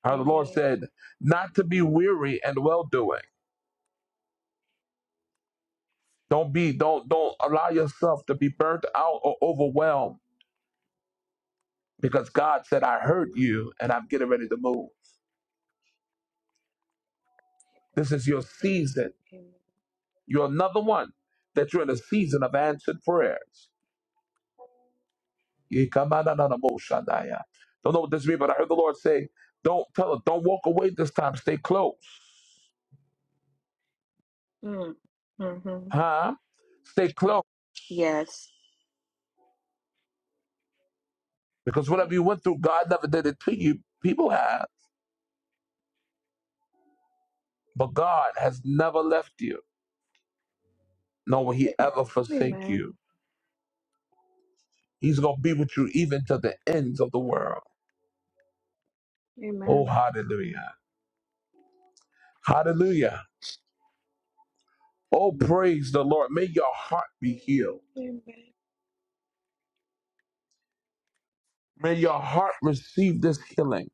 [SPEAKER 1] How the Lord
[SPEAKER 13] Amen.
[SPEAKER 1] said, not to be weary and well doing. Don't be, don't, don't allow yourself to be burnt out or overwhelmed because God said, I heard you and I'm getting ready to move. This is your season.
[SPEAKER 13] Amen.
[SPEAKER 1] You're another one that you're in a season of answered prayers. Don't know what this means, but I heard the Lord say, "Don't tell her, don't walk away this time. Stay close,
[SPEAKER 13] Amen. Mm. Mm-hmm.
[SPEAKER 1] huh? Stay close,
[SPEAKER 13] Yes.
[SPEAKER 1] because whatever
[SPEAKER 13] Yes.
[SPEAKER 1] you went through, God never did it to you. People have, but God has never left you, nor will He ever forsake
[SPEAKER 13] Amen.
[SPEAKER 1] you. He's gonna be with you even to the ends of the world. Oh,
[SPEAKER 13] Amen.
[SPEAKER 1] hallelujah, hallelujah. Oh, praise the Lord. May your heart be healed.
[SPEAKER 13] Amen.
[SPEAKER 1] May your heart receive this healing,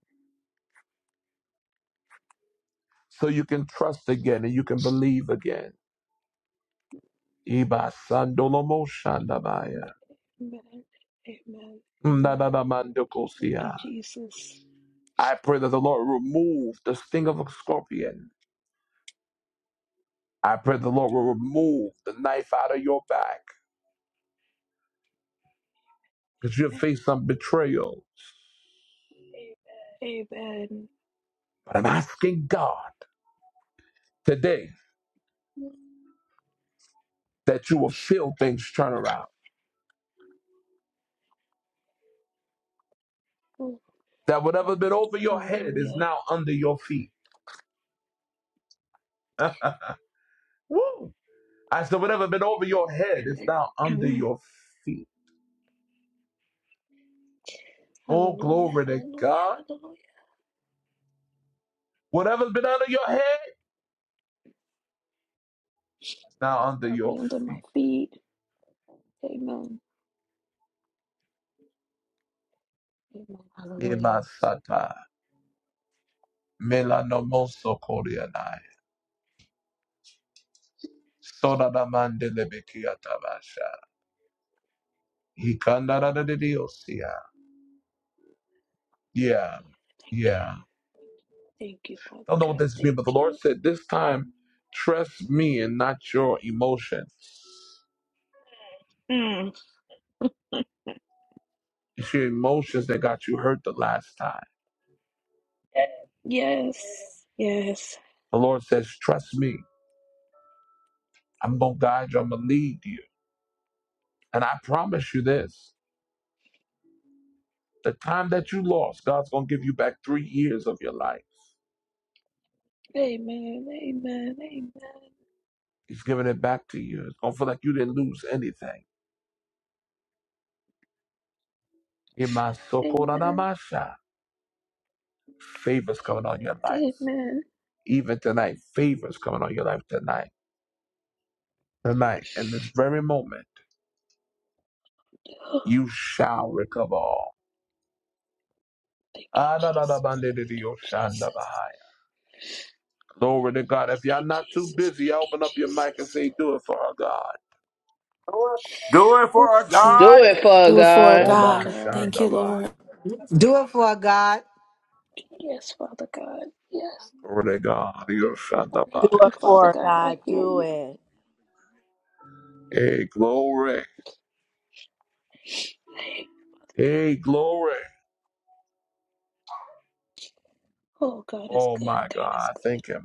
[SPEAKER 1] so you can trust again and you can believe again. Iba sandolomo shandabaya.
[SPEAKER 13] Amen. Amen. Amen. Thank you,
[SPEAKER 1] Ndadadamandokosia.
[SPEAKER 13] Jesus.
[SPEAKER 1] I pray that the Lord remove the sting of a scorpion. I pray the Lord will remove the knife out of your back because you have
[SPEAKER 13] Amen.
[SPEAKER 1] faced some betrayal.
[SPEAKER 13] Amen.
[SPEAKER 1] But I'm asking God today that you will feel things turn around.
[SPEAKER 13] Oh,
[SPEAKER 1] That whatever's been over your head is
[SPEAKER 13] hallelujah.
[SPEAKER 1] now under your feet. Woo! I said, whatever been over your head is now under
[SPEAKER 13] hallelujah.
[SPEAKER 1] your feet. Oh,
[SPEAKER 13] Hallelujah.
[SPEAKER 1] glory to God.
[SPEAKER 13] Hallelujah.
[SPEAKER 1] Whatever's been under your head. now under
[SPEAKER 13] Y'all be
[SPEAKER 1] your
[SPEAKER 13] under my
[SPEAKER 1] feet.
[SPEAKER 13] feet. Amen. Amen. Hallelujah.
[SPEAKER 1] Emasata, melanomoso koreanai, de diosia. Yeah,
[SPEAKER 13] Thank you.
[SPEAKER 1] yeah.
[SPEAKER 13] Thank you,
[SPEAKER 1] I
[SPEAKER 13] Father
[SPEAKER 1] don't know what
[SPEAKER 13] God.
[SPEAKER 1] this means,
[SPEAKER 13] Thank
[SPEAKER 1] but the Lord
[SPEAKER 13] you.
[SPEAKER 1] said this time, trust me and not your emotions.
[SPEAKER 13] Mm.
[SPEAKER 1] It's your emotions that got you hurt the last time.
[SPEAKER 13] Yes. Yes.
[SPEAKER 1] The Lord says, trust me. I'm going to guide you. I'm going to lead you. And I promise you this. The time that you lost, God's going to give you back three years of your life.
[SPEAKER 13] Amen. Amen. Amen.
[SPEAKER 1] He's giving it back to you. It's gonna feel like you didn't lose anything.
[SPEAKER 13] Amen.
[SPEAKER 1] Imasokoranamasha. Favors coming on your life.
[SPEAKER 13] Amen.
[SPEAKER 1] Even tonight, favors coming on your life tonight. Tonight, in this very moment,
[SPEAKER 13] Oh,
[SPEAKER 1] you shall recover all.
[SPEAKER 13] thank you, Jesus. Thank you, Jesus.
[SPEAKER 1] Adadadabandididiyoshandabahaya. Glory to God. If
[SPEAKER 13] Thank
[SPEAKER 1] y'all
[SPEAKER 13] you,
[SPEAKER 1] not too
[SPEAKER 13] Jesus.
[SPEAKER 1] busy,
[SPEAKER 13] Thank
[SPEAKER 1] y'all
[SPEAKER 13] you,
[SPEAKER 1] open up your mic and
[SPEAKER 13] Jesus.
[SPEAKER 1] say, Do it for our God.
[SPEAKER 7] Do it
[SPEAKER 13] Oh,
[SPEAKER 7] for our God.
[SPEAKER 13] Heavenly Father,
[SPEAKER 12] Do it
[SPEAKER 13] do it
[SPEAKER 12] for
[SPEAKER 13] for
[SPEAKER 1] Oh,
[SPEAKER 13] me,
[SPEAKER 1] by
[SPEAKER 12] God.
[SPEAKER 13] God.
[SPEAKER 12] Thank you,
[SPEAKER 1] Shandabaya.
[SPEAKER 12] Lord.
[SPEAKER 2] Do it for God.
[SPEAKER 13] Yes, Father God. Yes,
[SPEAKER 1] Glory to God.
[SPEAKER 13] I hear
[SPEAKER 3] Do
[SPEAKER 13] you,
[SPEAKER 3] it
[SPEAKER 1] Yoshandabayas.
[SPEAKER 3] for
[SPEAKER 13] Father
[SPEAKER 3] her,
[SPEAKER 13] God. I
[SPEAKER 3] God.
[SPEAKER 13] hear
[SPEAKER 3] Do
[SPEAKER 13] you.
[SPEAKER 3] it.
[SPEAKER 1] Hey, glory.
[SPEAKER 13] I hear you, Father God.
[SPEAKER 1] Hey, glory.
[SPEAKER 13] Oh, God is
[SPEAKER 1] Oh,
[SPEAKER 13] good.
[SPEAKER 1] my
[SPEAKER 13] God is
[SPEAKER 1] God. Thank Him.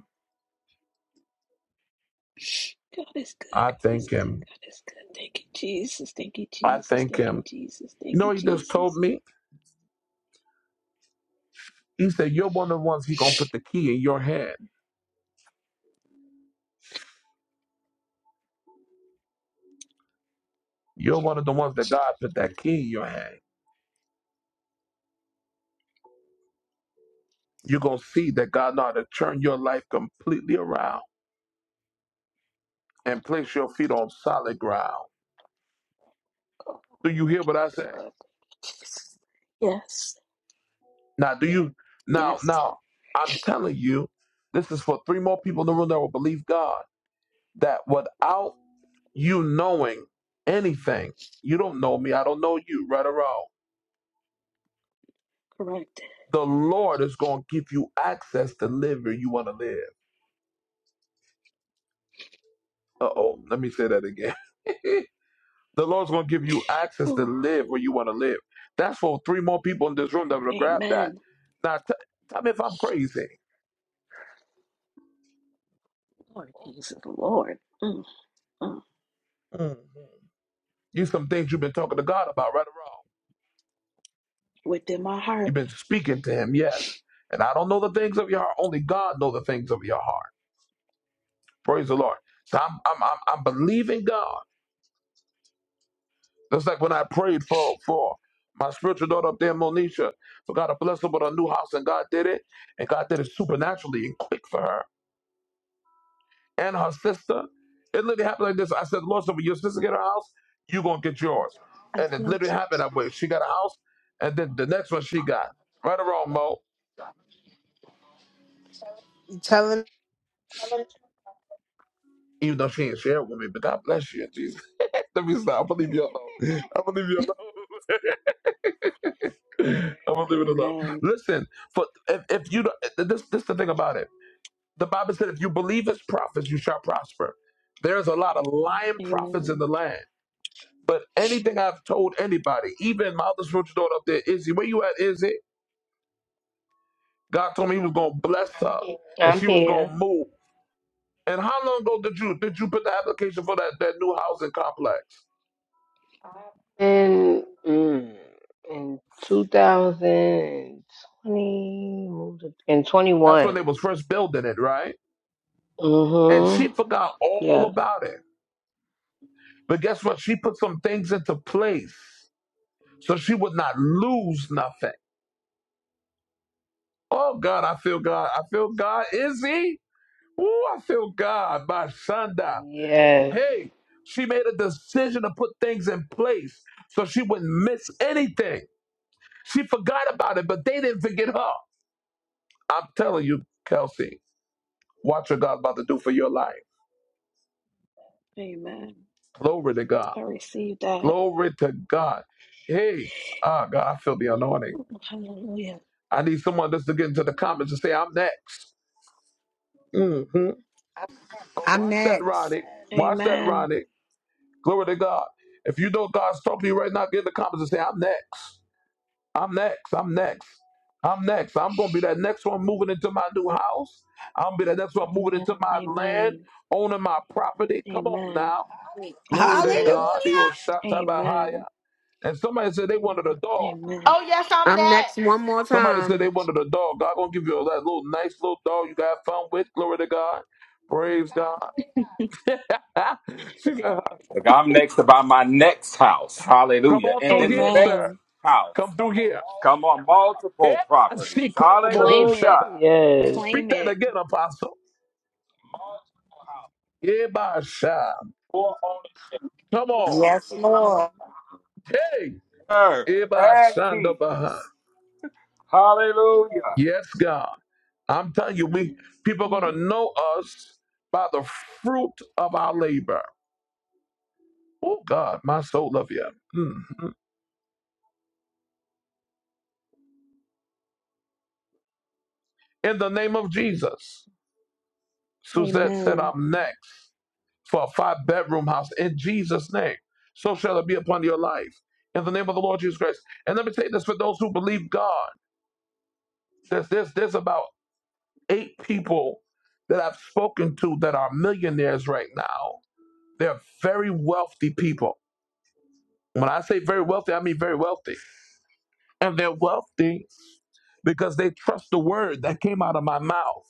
[SPEAKER 13] good. God is good.
[SPEAKER 1] I
[SPEAKER 13] God is
[SPEAKER 1] thank
[SPEAKER 13] good.
[SPEAKER 1] him.
[SPEAKER 13] God is good. Thank you, Jesus. Thank you,
[SPEAKER 1] I
[SPEAKER 13] Jesus.
[SPEAKER 1] thank
[SPEAKER 13] Thank you,
[SPEAKER 1] him.
[SPEAKER 13] Jesus. Thank
[SPEAKER 1] You know
[SPEAKER 13] you,
[SPEAKER 1] what he just told
[SPEAKER 13] Jesus.
[SPEAKER 1] me? He said, You're one of the ones he gonna put the key in your hand. You're one of the ones that God put that key in your hand. You're gonna see that God know how to turn your life completely around and place your feet on solid ground.
[SPEAKER 13] Oh,
[SPEAKER 1] Do you hear what I
[SPEAKER 13] God.
[SPEAKER 1] say?
[SPEAKER 13] Thank you, Jesus. Yes.
[SPEAKER 1] Now do you now
[SPEAKER 13] Yes.
[SPEAKER 1] now I'm telling you, this is for three more people in the room that will believe God that without you knowing anything, you don't know me, I don't know you, right or wrong.
[SPEAKER 13] Correct.
[SPEAKER 1] The Lord is going to give you access to live where you want to live. Uh oh, let me say that again. the Lord's going to give you access to
[SPEAKER 13] Whew.
[SPEAKER 1] live where you want to live. That's for three more people in this room that will grab that.
[SPEAKER 13] Amen.
[SPEAKER 1] Now, t- tell me if I'm crazy.
[SPEAKER 13] Lord Jesus, Lord. Mm, mm.
[SPEAKER 1] You some things you've been talking to God about, right or wrong.
[SPEAKER 13] Within my heart.
[SPEAKER 1] You've been speaking to Him, yes. And I don't know the things of your heart. Only God knows the things of your heart. Praise the Lord. So I'm, I'm, I'm, I'm believing God. That's like when I prayed for for my spiritual daughter up there, in Monisha, for God to bless her with a new house, and God did it, and God did it supernaturally and quick for her and her sister. It literally happened like this. I said, Lord, so when your sister get her house, you gonna get yours, and it literally
[SPEAKER 14] I'm
[SPEAKER 1] happened that way. She got a house, and then the next one she got right or wrong, Mo. Even though she ain't shared with me, but God bless you, Jesus. Let me stop. I'm gonna leave you alone. I'm gonna leave you alone. I'm gonna leave it alone.
[SPEAKER 13] Amen.
[SPEAKER 1] Listen, for if, if you don't, this this is the thing about it The Bible said, if you believe as prophets, you shall prosper. There's a lot of lying prophets in
[SPEAKER 13] Amen.
[SPEAKER 1] the land. But anything I've told anybody, even my other spiritual daughter up there, Izzy, where you at, Izzy? God told me he was going to bless her and she was going to move. And how long ago did you did you put the application for that, that new housing complex? That's when they was first building it, right? And she forgot all about it. But guess what? She put some things into place so she would not lose nothing. Oh God, I feel God. I feel God. Izzy. Ooh, I feel God by Shonda. Hey, she made a decision to put things in place so she wouldn't miss anything. She forgot about it, but they didn't forget her. I'm telling you, Kelsey, watch what God's about to do for your life.
[SPEAKER 13] Amen.
[SPEAKER 1] Glory to God.
[SPEAKER 13] I receive that.
[SPEAKER 1] Glory to God. Hey, ah, God, I feel the anointing.
[SPEAKER 13] Hallelujah.
[SPEAKER 1] I need someone just to get into the comments and say, I'm next. hmm Oh,
[SPEAKER 2] I'm
[SPEAKER 1] watch that,
[SPEAKER 2] next.
[SPEAKER 1] Ronnie. Watch that,
[SPEAKER 13] Amen.
[SPEAKER 1] Ronnie. Glory to God. If you know God's talking to you right now, get in the comments and say, I'm next. I'm next. I'm next. I'm next. I'm gonna be that next one moving into my new house. I'm gonna be that next one moving into my land,
[SPEAKER 13] Amen.
[SPEAKER 1] owning my property. Come on
[SPEAKER 13] Amen.
[SPEAKER 1] now. Glory to
[SPEAKER 2] Hallelujah.
[SPEAKER 13] Amen.
[SPEAKER 1] God. Yo, shatabahaya.
[SPEAKER 13] Amen.
[SPEAKER 1] And somebody said they wanted a dog.
[SPEAKER 13] Amen.
[SPEAKER 15] Oh, yes, I'm next.
[SPEAKER 14] next one more
[SPEAKER 1] Somebody said they
[SPEAKER 14] time.
[SPEAKER 1] wanted a dog. God gonna give you that little nice little dog you can have fun with. Glory to God. Praise God. She said,
[SPEAKER 7] Look, I'm next to buy my next house.
[SPEAKER 1] Come
[SPEAKER 7] Hallelujah.
[SPEAKER 1] on
[SPEAKER 7] And
[SPEAKER 1] through
[SPEAKER 7] then the
[SPEAKER 1] here,
[SPEAKER 7] next
[SPEAKER 1] sir.
[SPEAKER 13] Amen.
[SPEAKER 7] house.
[SPEAKER 1] Come through here.
[SPEAKER 7] Come on, multiple
[SPEAKER 1] Yeah, she
[SPEAKER 7] properties.
[SPEAKER 1] called over
[SPEAKER 13] Claim it.
[SPEAKER 7] Hallelujah.
[SPEAKER 1] Speak
[SPEAKER 13] Claim
[SPEAKER 1] that
[SPEAKER 13] it.
[SPEAKER 1] again, Apostle. Ebasha. Come on.
[SPEAKER 2] Yes,
[SPEAKER 13] Mhm.
[SPEAKER 2] Lord.
[SPEAKER 1] Hey.
[SPEAKER 7] And
[SPEAKER 1] Ebashanda Baha.
[SPEAKER 7] keys. Hallelujah.
[SPEAKER 1] Yes, God. I'm telling you, we people are gonna
[SPEAKER 13] Mm.
[SPEAKER 1] know us by the fruit of our labor. Oh God, my soul love you. Mm. In the name of Jesus. Suzette said,
[SPEAKER 13] Amen.
[SPEAKER 1] I'm next for a five bedroom house in Jesus' name. So shall it be upon your life. In the name of the Lord Jesus Christ. And let me say this for those who believe God. There's this this about eight people that I've spoken to that are millionaires right now. They're very wealthy people. When I say very wealthy, I mean very wealthy. And they're wealthy because they trust the word that came out of my mouth.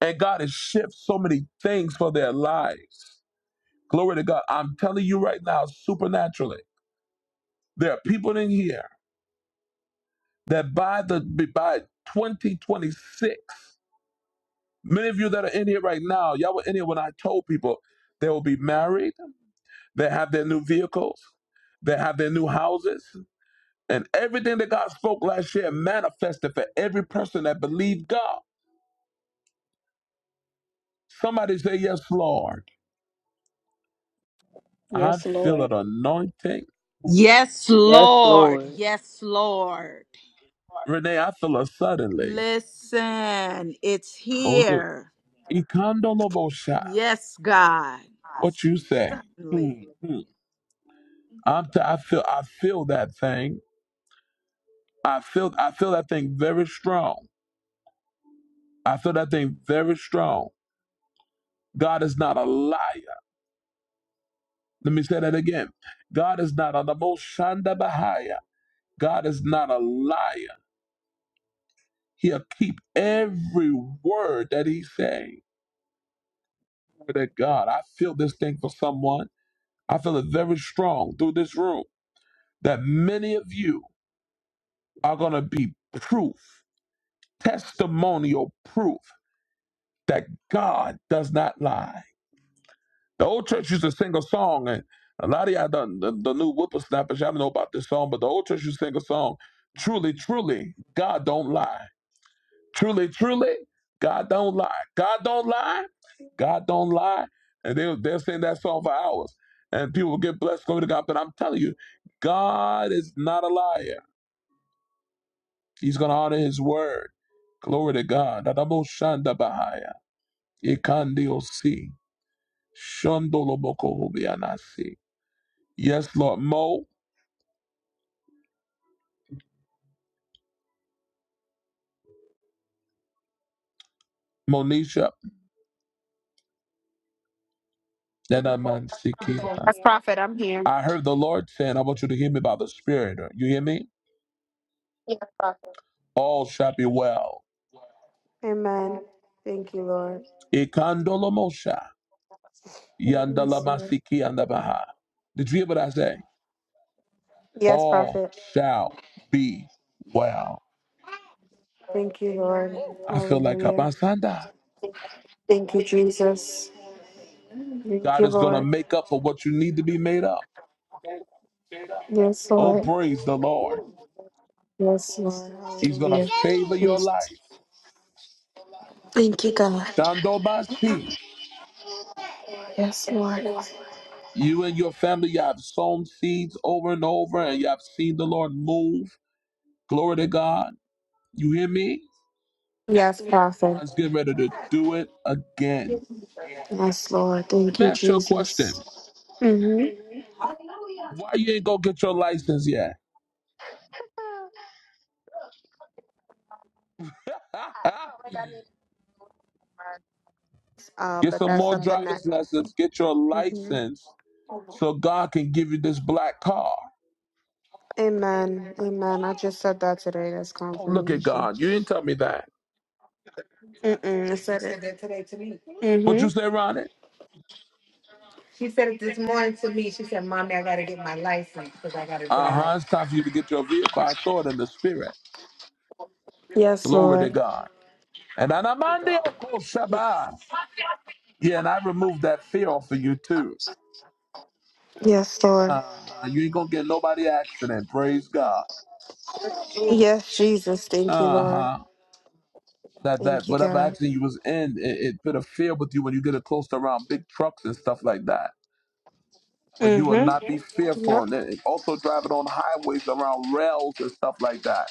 [SPEAKER 1] And God has shifted so many things for their lives. Glory to God. I'm telling you right now, supernaturally, there are people in here that by the by 2026, many of you that are in here right now, y'all were in here when I told people they will be married that have their new vehicles, that have their new houses, and everything that God spoke last year manifested for every person that believed God. Somebody say, Yes, Lord. I
[SPEAKER 13] Yes,
[SPEAKER 1] feel an
[SPEAKER 13] Lord.
[SPEAKER 1] anointing.
[SPEAKER 3] Yes, Lord. Yes, Lord.
[SPEAKER 1] Renee, I feel it suddenly.
[SPEAKER 3] Listen, it's
[SPEAKER 1] Oh, the-
[SPEAKER 3] here.
[SPEAKER 1] Ikandolobosha.
[SPEAKER 3] Yes, God.
[SPEAKER 1] What you say?
[SPEAKER 3] Suddenly.
[SPEAKER 1] Hmm. I'm t- I feel I feel that thing. I feel I feel that thing very strong. I feel that thing very strong. God is not a liar. Let me say that again. God is not a the most shanda bahaya. God is not a liar. He'll keep every word that he's saying. That God. I feel this thing for someone. I feel it very strong through this room that many of you are going to be proof, testimonial proof that God does not lie. The old church used to sing a song, and a lot of y'all done the, the new whippersnappers. Y'all don't know about this song, but the old church used to sing a song. Truly, truly, God don't lie. Truly, truly, God don't lie. God don't lie. God don't lie. And they they'll sing that song for hours, and people will get blessed. Glory to God. But I'm telling you, God is not a liar. He's gonna honor His word. Glory to God. Adamo Shanda Bahaya. Ikandio si. Shondolo Boko Hubianasi. Yes, Lord. Mo, Monisha, and Yes, Sikima.
[SPEAKER 14] Yes, Prophet, I'm here.
[SPEAKER 1] I heard the Lord saying, I want you to hear me by the Spirit. You hear me? All shall be well.
[SPEAKER 14] Amen. Thank you, Lord.
[SPEAKER 1] Ikandolomosha,
[SPEAKER 14] Yes, Lord.
[SPEAKER 1] yandalamasiki andabaha. Did you hear what I say?
[SPEAKER 14] Yes,
[SPEAKER 1] All
[SPEAKER 14] Prophet.
[SPEAKER 1] shall be well.
[SPEAKER 14] Thank you, Lord.
[SPEAKER 1] I feel like
[SPEAKER 14] Hallelujah.
[SPEAKER 1] Abasanda.
[SPEAKER 14] Thank you, Jesus. Thank
[SPEAKER 1] God
[SPEAKER 14] you,
[SPEAKER 1] is going to
[SPEAKER 14] Lord.
[SPEAKER 1] make up for what you need to be made up.
[SPEAKER 14] Yes,
[SPEAKER 1] Oh,
[SPEAKER 14] Lord.
[SPEAKER 1] praise the Lord.
[SPEAKER 14] Yes, Lord.
[SPEAKER 1] He's going to
[SPEAKER 14] Hallelujah. Thank you,
[SPEAKER 1] favor your
[SPEAKER 14] Jesus.
[SPEAKER 1] life.
[SPEAKER 14] Thank you, God.
[SPEAKER 1] Shandobasi.
[SPEAKER 14] Yes, Lord.
[SPEAKER 1] You and your family, you have sown seeds over and over, and you have seen the Lord move. Glory to God. You hear me?
[SPEAKER 14] Yes, Prophet.
[SPEAKER 1] God's getting ready to do it again.
[SPEAKER 14] Yes, Lord.
[SPEAKER 1] Let
[SPEAKER 14] Thank
[SPEAKER 1] me
[SPEAKER 14] you,
[SPEAKER 1] ask you a
[SPEAKER 14] Jesus.
[SPEAKER 1] question.
[SPEAKER 14] Mm-hmm.
[SPEAKER 1] Why you ain't go get your license yet?
[SPEAKER 14] Um,
[SPEAKER 1] get
[SPEAKER 14] but
[SPEAKER 1] some
[SPEAKER 14] that's
[SPEAKER 1] more
[SPEAKER 14] something that.
[SPEAKER 1] driver's lessons. Get your
[SPEAKER 14] hmm
[SPEAKER 1] license so God can give you this black car.
[SPEAKER 14] Amen. Amen. I just said that today. That's
[SPEAKER 1] Oh, look at
[SPEAKER 14] confirmation.
[SPEAKER 1] God. You didn't tell me that.
[SPEAKER 14] Mm-mm, I said She it. said that today to me.
[SPEAKER 1] But you
[SPEAKER 14] Mm-hmm.
[SPEAKER 1] say, Ronnie,
[SPEAKER 14] She said it this morning to me. She said, Mommy, I got to get my license because I got to drive.
[SPEAKER 1] uh-huh, it's time for you to get your vehicle. I saw it in the spirit.
[SPEAKER 14] Yes,
[SPEAKER 1] Glory to
[SPEAKER 14] Lord.
[SPEAKER 1] God. And Anamandi Oko Shaba. Yeah, and I removed that fear off of you too.
[SPEAKER 14] Yes, Lord.
[SPEAKER 1] Uh, you ain't gonna get nobody accident. Praise God.
[SPEAKER 14] Yes, Jesus. Thank you,
[SPEAKER 1] Uh
[SPEAKER 14] Lord.
[SPEAKER 1] huh. That that
[SPEAKER 14] Thank you,
[SPEAKER 1] whatever
[SPEAKER 14] God.
[SPEAKER 1] accident you was in, it, it put a fear with you when you get it close to around big trucks and stuff like that. But you will
[SPEAKER 14] Mm-hmm.
[SPEAKER 1] not be fearful,
[SPEAKER 14] Yep.
[SPEAKER 1] and it, it also driving on highways around rails and stuff like that.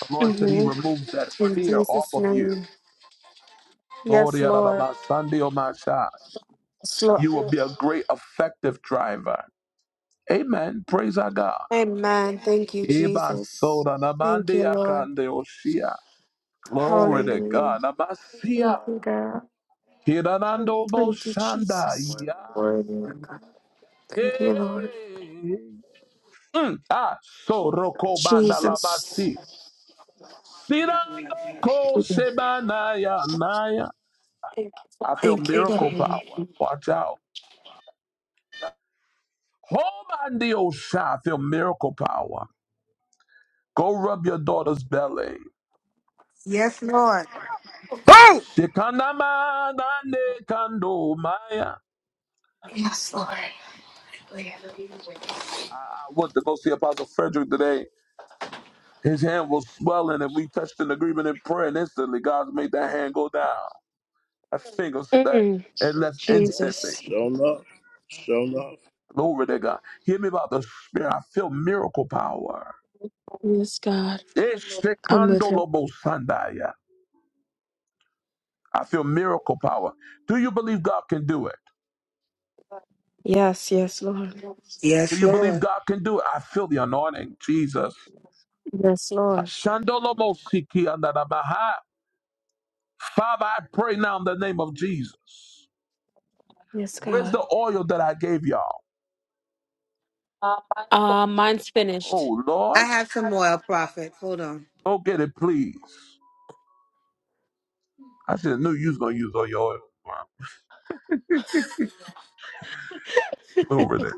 [SPEAKER 1] The Lord said He
[SPEAKER 14] Mm-hmm.
[SPEAKER 1] removes that
[SPEAKER 14] In
[SPEAKER 1] fear off
[SPEAKER 14] Jesus'
[SPEAKER 1] of you.
[SPEAKER 14] name.
[SPEAKER 1] Lord,
[SPEAKER 14] Yes,
[SPEAKER 1] yeah, that
[SPEAKER 14] Lord.
[SPEAKER 1] about Sunday or my shot.
[SPEAKER 14] Yes, Lord.
[SPEAKER 1] You will be a great effective driver. Amen. Praise our God.
[SPEAKER 14] Amen. Thank you,
[SPEAKER 1] Iba
[SPEAKER 14] Jesus.
[SPEAKER 1] soda
[SPEAKER 14] Thank you,
[SPEAKER 1] namande
[SPEAKER 14] Lord.
[SPEAKER 1] akande oshia. Glory to
[SPEAKER 14] Hallelujah.
[SPEAKER 1] God.
[SPEAKER 14] Thank
[SPEAKER 1] Namasia.
[SPEAKER 14] you, God.
[SPEAKER 1] Hiranando
[SPEAKER 14] Thank you,
[SPEAKER 1] boshanda
[SPEAKER 14] Jesus.
[SPEAKER 1] ya.
[SPEAKER 14] Glory to you, God. Thank you, Lord.
[SPEAKER 1] Hey. Mm. Ah, soroko banda
[SPEAKER 14] Jesus.
[SPEAKER 1] lamasi. Sirando ko sebana ya naya. I feel
[SPEAKER 14] Thank you,
[SPEAKER 1] miracle
[SPEAKER 14] God.
[SPEAKER 1] power. Watch out. Homandi osha. I feel miracle power. Go rub your daughter's belly.
[SPEAKER 2] Yes, Lord.
[SPEAKER 11] Oh,
[SPEAKER 1] Shikandama dande kando maya.
[SPEAKER 14] Yes, Lord.
[SPEAKER 1] I went to go see Apostle Frederick today. His hand was swelling, and we touched an agreement in prayer, and instantly God made that hand go down. That finger that
[SPEAKER 14] Mm,
[SPEAKER 1] it left instantly.
[SPEAKER 14] Jesus.
[SPEAKER 11] show enough, show enough.
[SPEAKER 1] Glory to God. Hear me about the spirit. I feel miracle power.
[SPEAKER 14] Yes, God. I'm with him.
[SPEAKER 1] Ishikandolobosandaya. I feel miracle power. Do you believe God can do it?
[SPEAKER 14] Yes, yes, Lord.
[SPEAKER 1] Do
[SPEAKER 2] Yes,
[SPEAKER 1] you
[SPEAKER 2] Lord.
[SPEAKER 1] believe God can do it? I feel the anointing, Jesus.
[SPEAKER 14] Yes, Lord.
[SPEAKER 1] Ashandolobosikiandadabaha. Father, I pray now in the name of Jesus.
[SPEAKER 14] Yes,
[SPEAKER 1] Where's
[SPEAKER 14] God.
[SPEAKER 1] the oil that I gave y'all?
[SPEAKER 14] Uh, mine's finished.
[SPEAKER 1] Oh
[SPEAKER 2] I
[SPEAKER 1] Lord,
[SPEAKER 2] have some oil, Prophet. Hold on.
[SPEAKER 1] go get it, please. I should have knew you was gonna use all your oil. Wow, Glory there.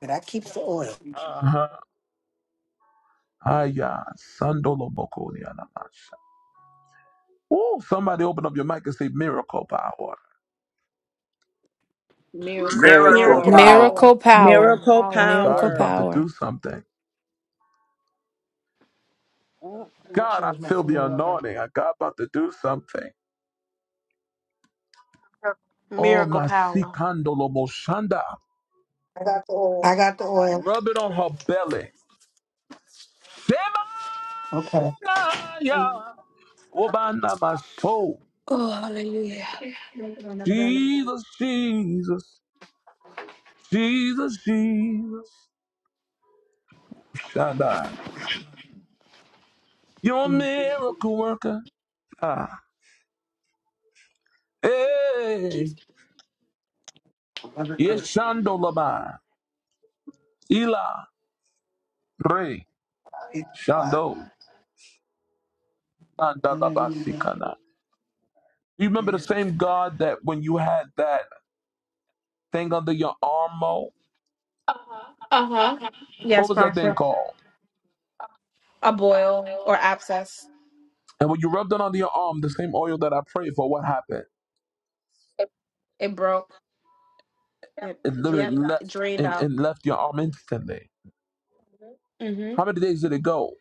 [SPEAKER 2] But I keep the oil.
[SPEAKER 1] Uh-huh. Aya, sandolo bokoni anamasha. Oh, somebody open up your mic and say miracle power.
[SPEAKER 13] Miracle
[SPEAKER 7] Miracle
[SPEAKER 14] Miracle
[SPEAKER 13] power.
[SPEAKER 7] power.
[SPEAKER 14] power.
[SPEAKER 12] Miracle power.
[SPEAKER 14] Miracle
[SPEAKER 3] Miracle
[SPEAKER 14] power.
[SPEAKER 1] God
[SPEAKER 12] Miracle
[SPEAKER 1] is
[SPEAKER 3] power.
[SPEAKER 1] about to
[SPEAKER 12] power.
[SPEAKER 1] do something.
[SPEAKER 14] I'm
[SPEAKER 1] God, I
[SPEAKER 14] charge my
[SPEAKER 1] feel
[SPEAKER 14] phone.
[SPEAKER 1] the
[SPEAKER 14] Lord.
[SPEAKER 1] anointing. God about to do something. Oh,
[SPEAKER 15] Miracle
[SPEAKER 1] my
[SPEAKER 15] power.
[SPEAKER 1] sikandolo moshanda.
[SPEAKER 2] I got the oil.
[SPEAKER 1] Rub it on her belly. Shema!
[SPEAKER 2] Okay.
[SPEAKER 1] Naya, Obana my soul.
[SPEAKER 14] Oh, hallelujah.
[SPEAKER 1] Jesus, Jesus, Jesus, Jesus, Shaddai. You're a miracle worker. Ah, hey, yes, Shandolaba, Ila, Re, Shando, Andalabasikana. You remember the same God that when you had that thing under your arm, Mo?
[SPEAKER 14] Uh huh.
[SPEAKER 1] What
[SPEAKER 14] Yes,
[SPEAKER 1] was that thing
[SPEAKER 14] prophet.
[SPEAKER 1] called?
[SPEAKER 14] A boil or abscess.
[SPEAKER 1] And when you rubbed it under your arm, the same oil that I prayed for, what happened?
[SPEAKER 14] It broke. It,
[SPEAKER 1] It literally
[SPEAKER 14] yep. It
[SPEAKER 1] left
[SPEAKER 14] drained
[SPEAKER 1] and,
[SPEAKER 14] out.
[SPEAKER 1] and left your arm instantly.
[SPEAKER 14] Mm hmm.
[SPEAKER 1] How many days did it go?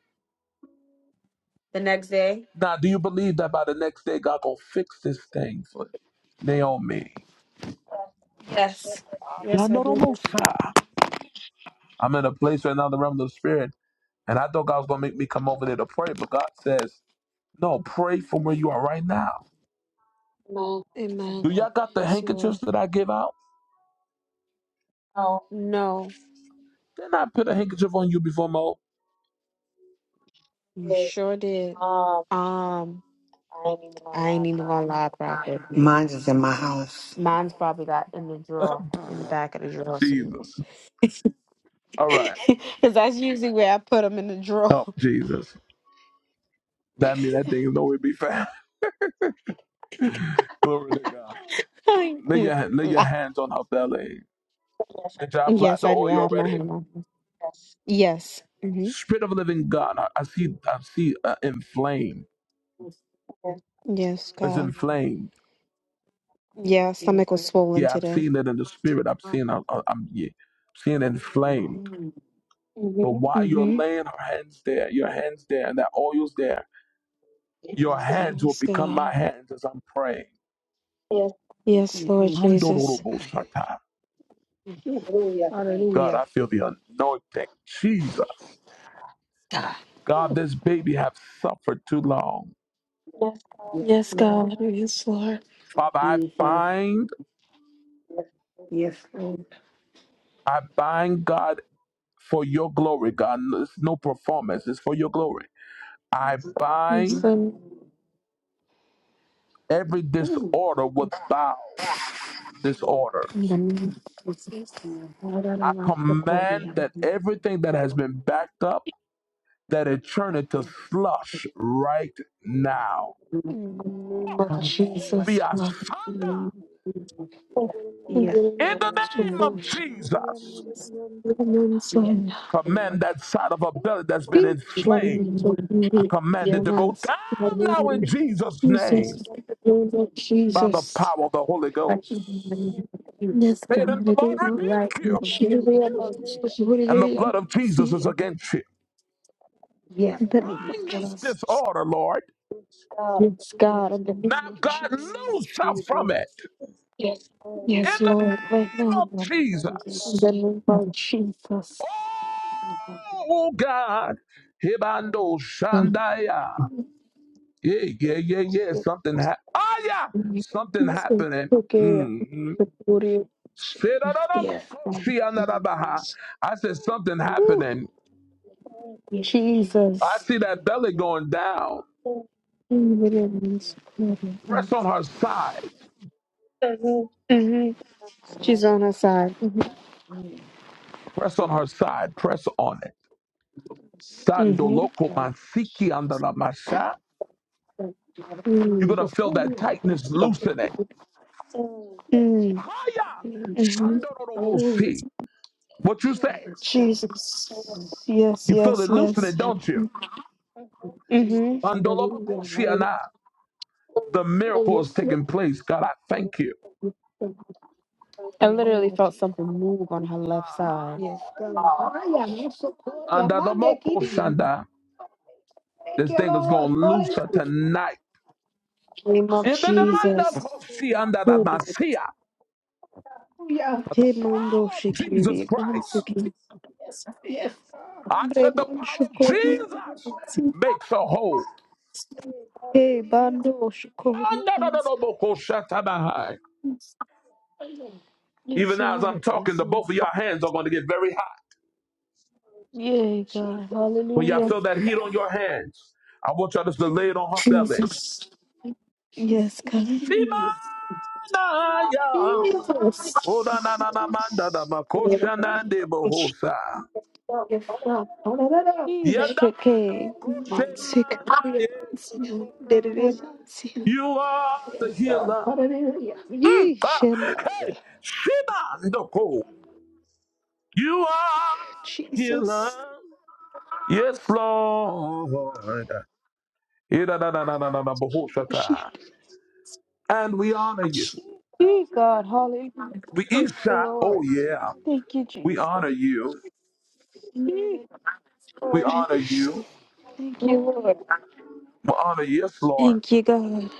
[SPEAKER 14] The next day.
[SPEAKER 1] Now, do you believe that by the next day God gonna fix this thing for Naomi?
[SPEAKER 14] Yes. Yes,
[SPEAKER 1] God,
[SPEAKER 14] I
[SPEAKER 1] no, no,
[SPEAKER 14] did.
[SPEAKER 1] most high. I'm in a place right now in the realm of the spirit, and I thought God was gonna make me come over there to pray, but God says, No, pray from where you are right now. Do
[SPEAKER 14] Amen.
[SPEAKER 1] y'all got the
[SPEAKER 14] Yes, Lord.
[SPEAKER 1] handkerchiefs that I give out?
[SPEAKER 14] No,
[SPEAKER 1] Didn't I put a handkerchief on you before Mo?
[SPEAKER 14] you sure did. Um, I ain't even gonna lie, Prophet.
[SPEAKER 2] Mine
[SPEAKER 14] Mine's,
[SPEAKER 2] is in my house.
[SPEAKER 14] mine's probably got in the drawer, in the back of the drawer.
[SPEAKER 1] Jesus.
[SPEAKER 14] Because
[SPEAKER 1] All right.
[SPEAKER 14] that's usually where I put them in the drawer.
[SPEAKER 1] Help Jesus. That mean that thing is nowhere to be found. Glory to God.
[SPEAKER 14] I ain't
[SPEAKER 1] Lay
[SPEAKER 14] even
[SPEAKER 1] your, lay
[SPEAKER 14] gonna
[SPEAKER 1] your
[SPEAKER 14] lie.
[SPEAKER 1] hands on her belly. Did y'all apply
[SPEAKER 14] yes,
[SPEAKER 1] the
[SPEAKER 14] I do.
[SPEAKER 1] oil
[SPEAKER 14] I have my
[SPEAKER 1] already?
[SPEAKER 14] hammer. Yes. hmm
[SPEAKER 1] Spirit of the living God, I, I see, I see, uh, inflamed.
[SPEAKER 14] Yes,
[SPEAKER 1] It's
[SPEAKER 14] God.
[SPEAKER 1] inflamed.
[SPEAKER 14] Yeah, stomach was swollen
[SPEAKER 1] Yeah, I've
[SPEAKER 14] today.
[SPEAKER 1] seen it in the spirit. I've seen, I, I, I'm yeah, seeing it inflamed. But while you're
[SPEAKER 14] Mm-hmm.
[SPEAKER 1] laying our hands there, your hands there, and that oil's there, your Yes, hands will
[SPEAKER 14] Yes,
[SPEAKER 1] become my
[SPEAKER 14] God.
[SPEAKER 1] hands as I'm praying.
[SPEAKER 14] Yes, Lord Jesus.
[SPEAKER 1] Andorobosata. Oh God,
[SPEAKER 14] Hallelujah.
[SPEAKER 1] I feel the anointing. Jesus,
[SPEAKER 14] God.
[SPEAKER 1] God, this baby have suffered too long.
[SPEAKER 14] Yes, Yes, Lord God. Yes, Lord.
[SPEAKER 1] Father, I
[SPEAKER 14] Jesus.
[SPEAKER 1] bind,
[SPEAKER 14] Yes, Lord.
[SPEAKER 1] I bind God for your glory, God. No, It's no performance, it's for your glory. I
[SPEAKER 14] Yes,
[SPEAKER 1] bind
[SPEAKER 14] Mm,
[SPEAKER 1] every disorder with vows, disorders. I command that everything that has been backed up, that it turn into flush right now.
[SPEAKER 14] the name of mm, mm. Jesus,
[SPEAKER 1] Kobiasanda,
[SPEAKER 14] God. And Yes, then I'm
[SPEAKER 1] In the
[SPEAKER 14] Lord. so
[SPEAKER 1] name
[SPEAKER 14] Mm,
[SPEAKER 1] of
[SPEAKER 14] push.
[SPEAKER 1] Jesus,
[SPEAKER 14] I'm on Yes, sign.
[SPEAKER 1] command that side of a belly that's been
[SPEAKER 14] Be
[SPEAKER 1] inflamed.
[SPEAKER 14] loving mm, to
[SPEAKER 1] I
[SPEAKER 14] me.
[SPEAKER 1] command
[SPEAKER 14] dear
[SPEAKER 1] it to go
[SPEAKER 14] ones.
[SPEAKER 1] down now in Jesus' name
[SPEAKER 14] Jesus. In the Name of Mm,
[SPEAKER 1] by the
[SPEAKER 14] Jesus. mm,
[SPEAKER 1] power of the Holy Ghost.
[SPEAKER 14] mm. Yes,
[SPEAKER 1] Say, then
[SPEAKER 14] God.
[SPEAKER 1] the
[SPEAKER 14] It is
[SPEAKER 1] Lord
[SPEAKER 14] not.
[SPEAKER 1] rebuke
[SPEAKER 14] Right in
[SPEAKER 1] you,
[SPEAKER 14] the Should name be of about Jesus. what it
[SPEAKER 1] and the
[SPEAKER 14] is.
[SPEAKER 1] blood of Jesus is
[SPEAKER 14] See.
[SPEAKER 1] against you.
[SPEAKER 14] Yes, In the God. name of
[SPEAKER 1] Bind this
[SPEAKER 14] Jesus. Yes,
[SPEAKER 1] disorder, Lord.
[SPEAKER 14] Yes, God. In the
[SPEAKER 1] Now,
[SPEAKER 14] name of in the name
[SPEAKER 1] God,
[SPEAKER 14] Jesus.
[SPEAKER 1] loose
[SPEAKER 14] of
[SPEAKER 1] her from it.
[SPEAKER 14] Jesus.
[SPEAKER 1] In
[SPEAKER 14] Yes,
[SPEAKER 1] the
[SPEAKER 14] Lord, right
[SPEAKER 1] name
[SPEAKER 14] now,
[SPEAKER 1] of
[SPEAKER 14] Lord, in the
[SPEAKER 1] Jesus.
[SPEAKER 14] name of Jesus.
[SPEAKER 1] Oh, God. Hibando
[SPEAKER 14] Thank
[SPEAKER 1] Shandaya. Yeah, yeah, yeah, yeah.
[SPEAKER 14] you.
[SPEAKER 1] Something happened. Oh yeah. Something
[SPEAKER 14] Yes, Lord.
[SPEAKER 1] happening.
[SPEAKER 14] okay.
[SPEAKER 1] Mm-hmm.
[SPEAKER 14] The glory of Jesus. Yes, God. Ooh,
[SPEAKER 1] I said, something happening. I
[SPEAKER 14] Jesus.
[SPEAKER 1] see that belly going down.
[SPEAKER 14] Mm-hmm.
[SPEAKER 1] Press on her side.
[SPEAKER 14] She's on her side.
[SPEAKER 1] Press on her side. Press on it.
[SPEAKER 14] Mm-hmm.
[SPEAKER 1] Sandoloko masiki andala masha. You're gonna
[SPEAKER 14] Mm.
[SPEAKER 1] feel that tightness loosening.
[SPEAKER 14] Mm.
[SPEAKER 1] Haya.
[SPEAKER 14] Mm-hmm.
[SPEAKER 1] Shandororobosi. What you say?
[SPEAKER 14] Jesus. Yes,
[SPEAKER 1] You feel
[SPEAKER 14] yes,
[SPEAKER 1] it
[SPEAKER 14] yes.
[SPEAKER 1] loosening, don't you?
[SPEAKER 14] Mm-hmm.
[SPEAKER 1] Andolobokoshiana. The miracle is taking place. God, I thank you.
[SPEAKER 14] on her left
[SPEAKER 1] Uh-huh.
[SPEAKER 14] side. Yes, God. Ay, amor, socorro, y
[SPEAKER 1] And
[SPEAKER 14] amande, kiri,
[SPEAKER 1] this
[SPEAKER 14] que
[SPEAKER 1] thing is
[SPEAKER 14] Lord.
[SPEAKER 1] going to loose
[SPEAKER 14] soles,
[SPEAKER 1] tonight.
[SPEAKER 14] name of
[SPEAKER 1] In the
[SPEAKER 14] Spirit, kiri, kiri,
[SPEAKER 1] demand
[SPEAKER 14] Jesus.
[SPEAKER 1] Koshi under
[SPEAKER 14] aleluya. Te mando
[SPEAKER 1] power of Jesus
[SPEAKER 14] shikiri,
[SPEAKER 1] Christ.
[SPEAKER 14] ansiki, Yes,
[SPEAKER 1] I
[SPEAKER 14] hombre
[SPEAKER 1] said the
[SPEAKER 14] man
[SPEAKER 1] power of Jesus
[SPEAKER 14] shukuri, ansi,
[SPEAKER 1] makes a whole.
[SPEAKER 14] te bando
[SPEAKER 1] Ah,
[SPEAKER 14] shukuri,
[SPEAKER 1] no, no, no,
[SPEAKER 14] ansi.
[SPEAKER 1] no, boko shatabahai. Even
[SPEAKER 14] Yes,
[SPEAKER 1] now, as I'm
[SPEAKER 14] Lord.
[SPEAKER 1] talking,
[SPEAKER 14] Yes,
[SPEAKER 1] the
[SPEAKER 14] Lord.
[SPEAKER 1] both of your hands are going to get very hot.
[SPEAKER 14] Yay, God.
[SPEAKER 1] When y'all
[SPEAKER 14] Hallelujah.
[SPEAKER 1] feel that heat on your hands, I want y'all just to lay it on her belly.
[SPEAKER 14] Jesus. Yes, God.
[SPEAKER 1] Shimanaya. Oda na na na
[SPEAKER 14] Jesus. Yes, God. Oh, no, no, no. Say, Yishake Mansika we about to see you. did We it about to see you.
[SPEAKER 1] You are the healer. Mm. Ah,
[SPEAKER 14] Yishandaya
[SPEAKER 1] hey, Shimandoko. You are the healer.
[SPEAKER 14] Jesus
[SPEAKER 1] Yes, Lord.
[SPEAKER 14] Shi-
[SPEAKER 1] And we honor you.
[SPEAKER 14] Yee, God hallelujah
[SPEAKER 1] We
[SPEAKER 14] thank you
[SPEAKER 1] Isha. Oh
[SPEAKER 14] Lord
[SPEAKER 1] yeah.
[SPEAKER 14] thank you
[SPEAKER 1] We
[SPEAKER 14] Jesus
[SPEAKER 1] honor you.
[SPEAKER 14] Yee, Yes,
[SPEAKER 1] We
[SPEAKER 14] Lord.
[SPEAKER 1] honor
[SPEAKER 14] thank
[SPEAKER 1] you.
[SPEAKER 14] you Yes, Lord
[SPEAKER 1] We honor you. Yes, Lord.
[SPEAKER 14] thank you God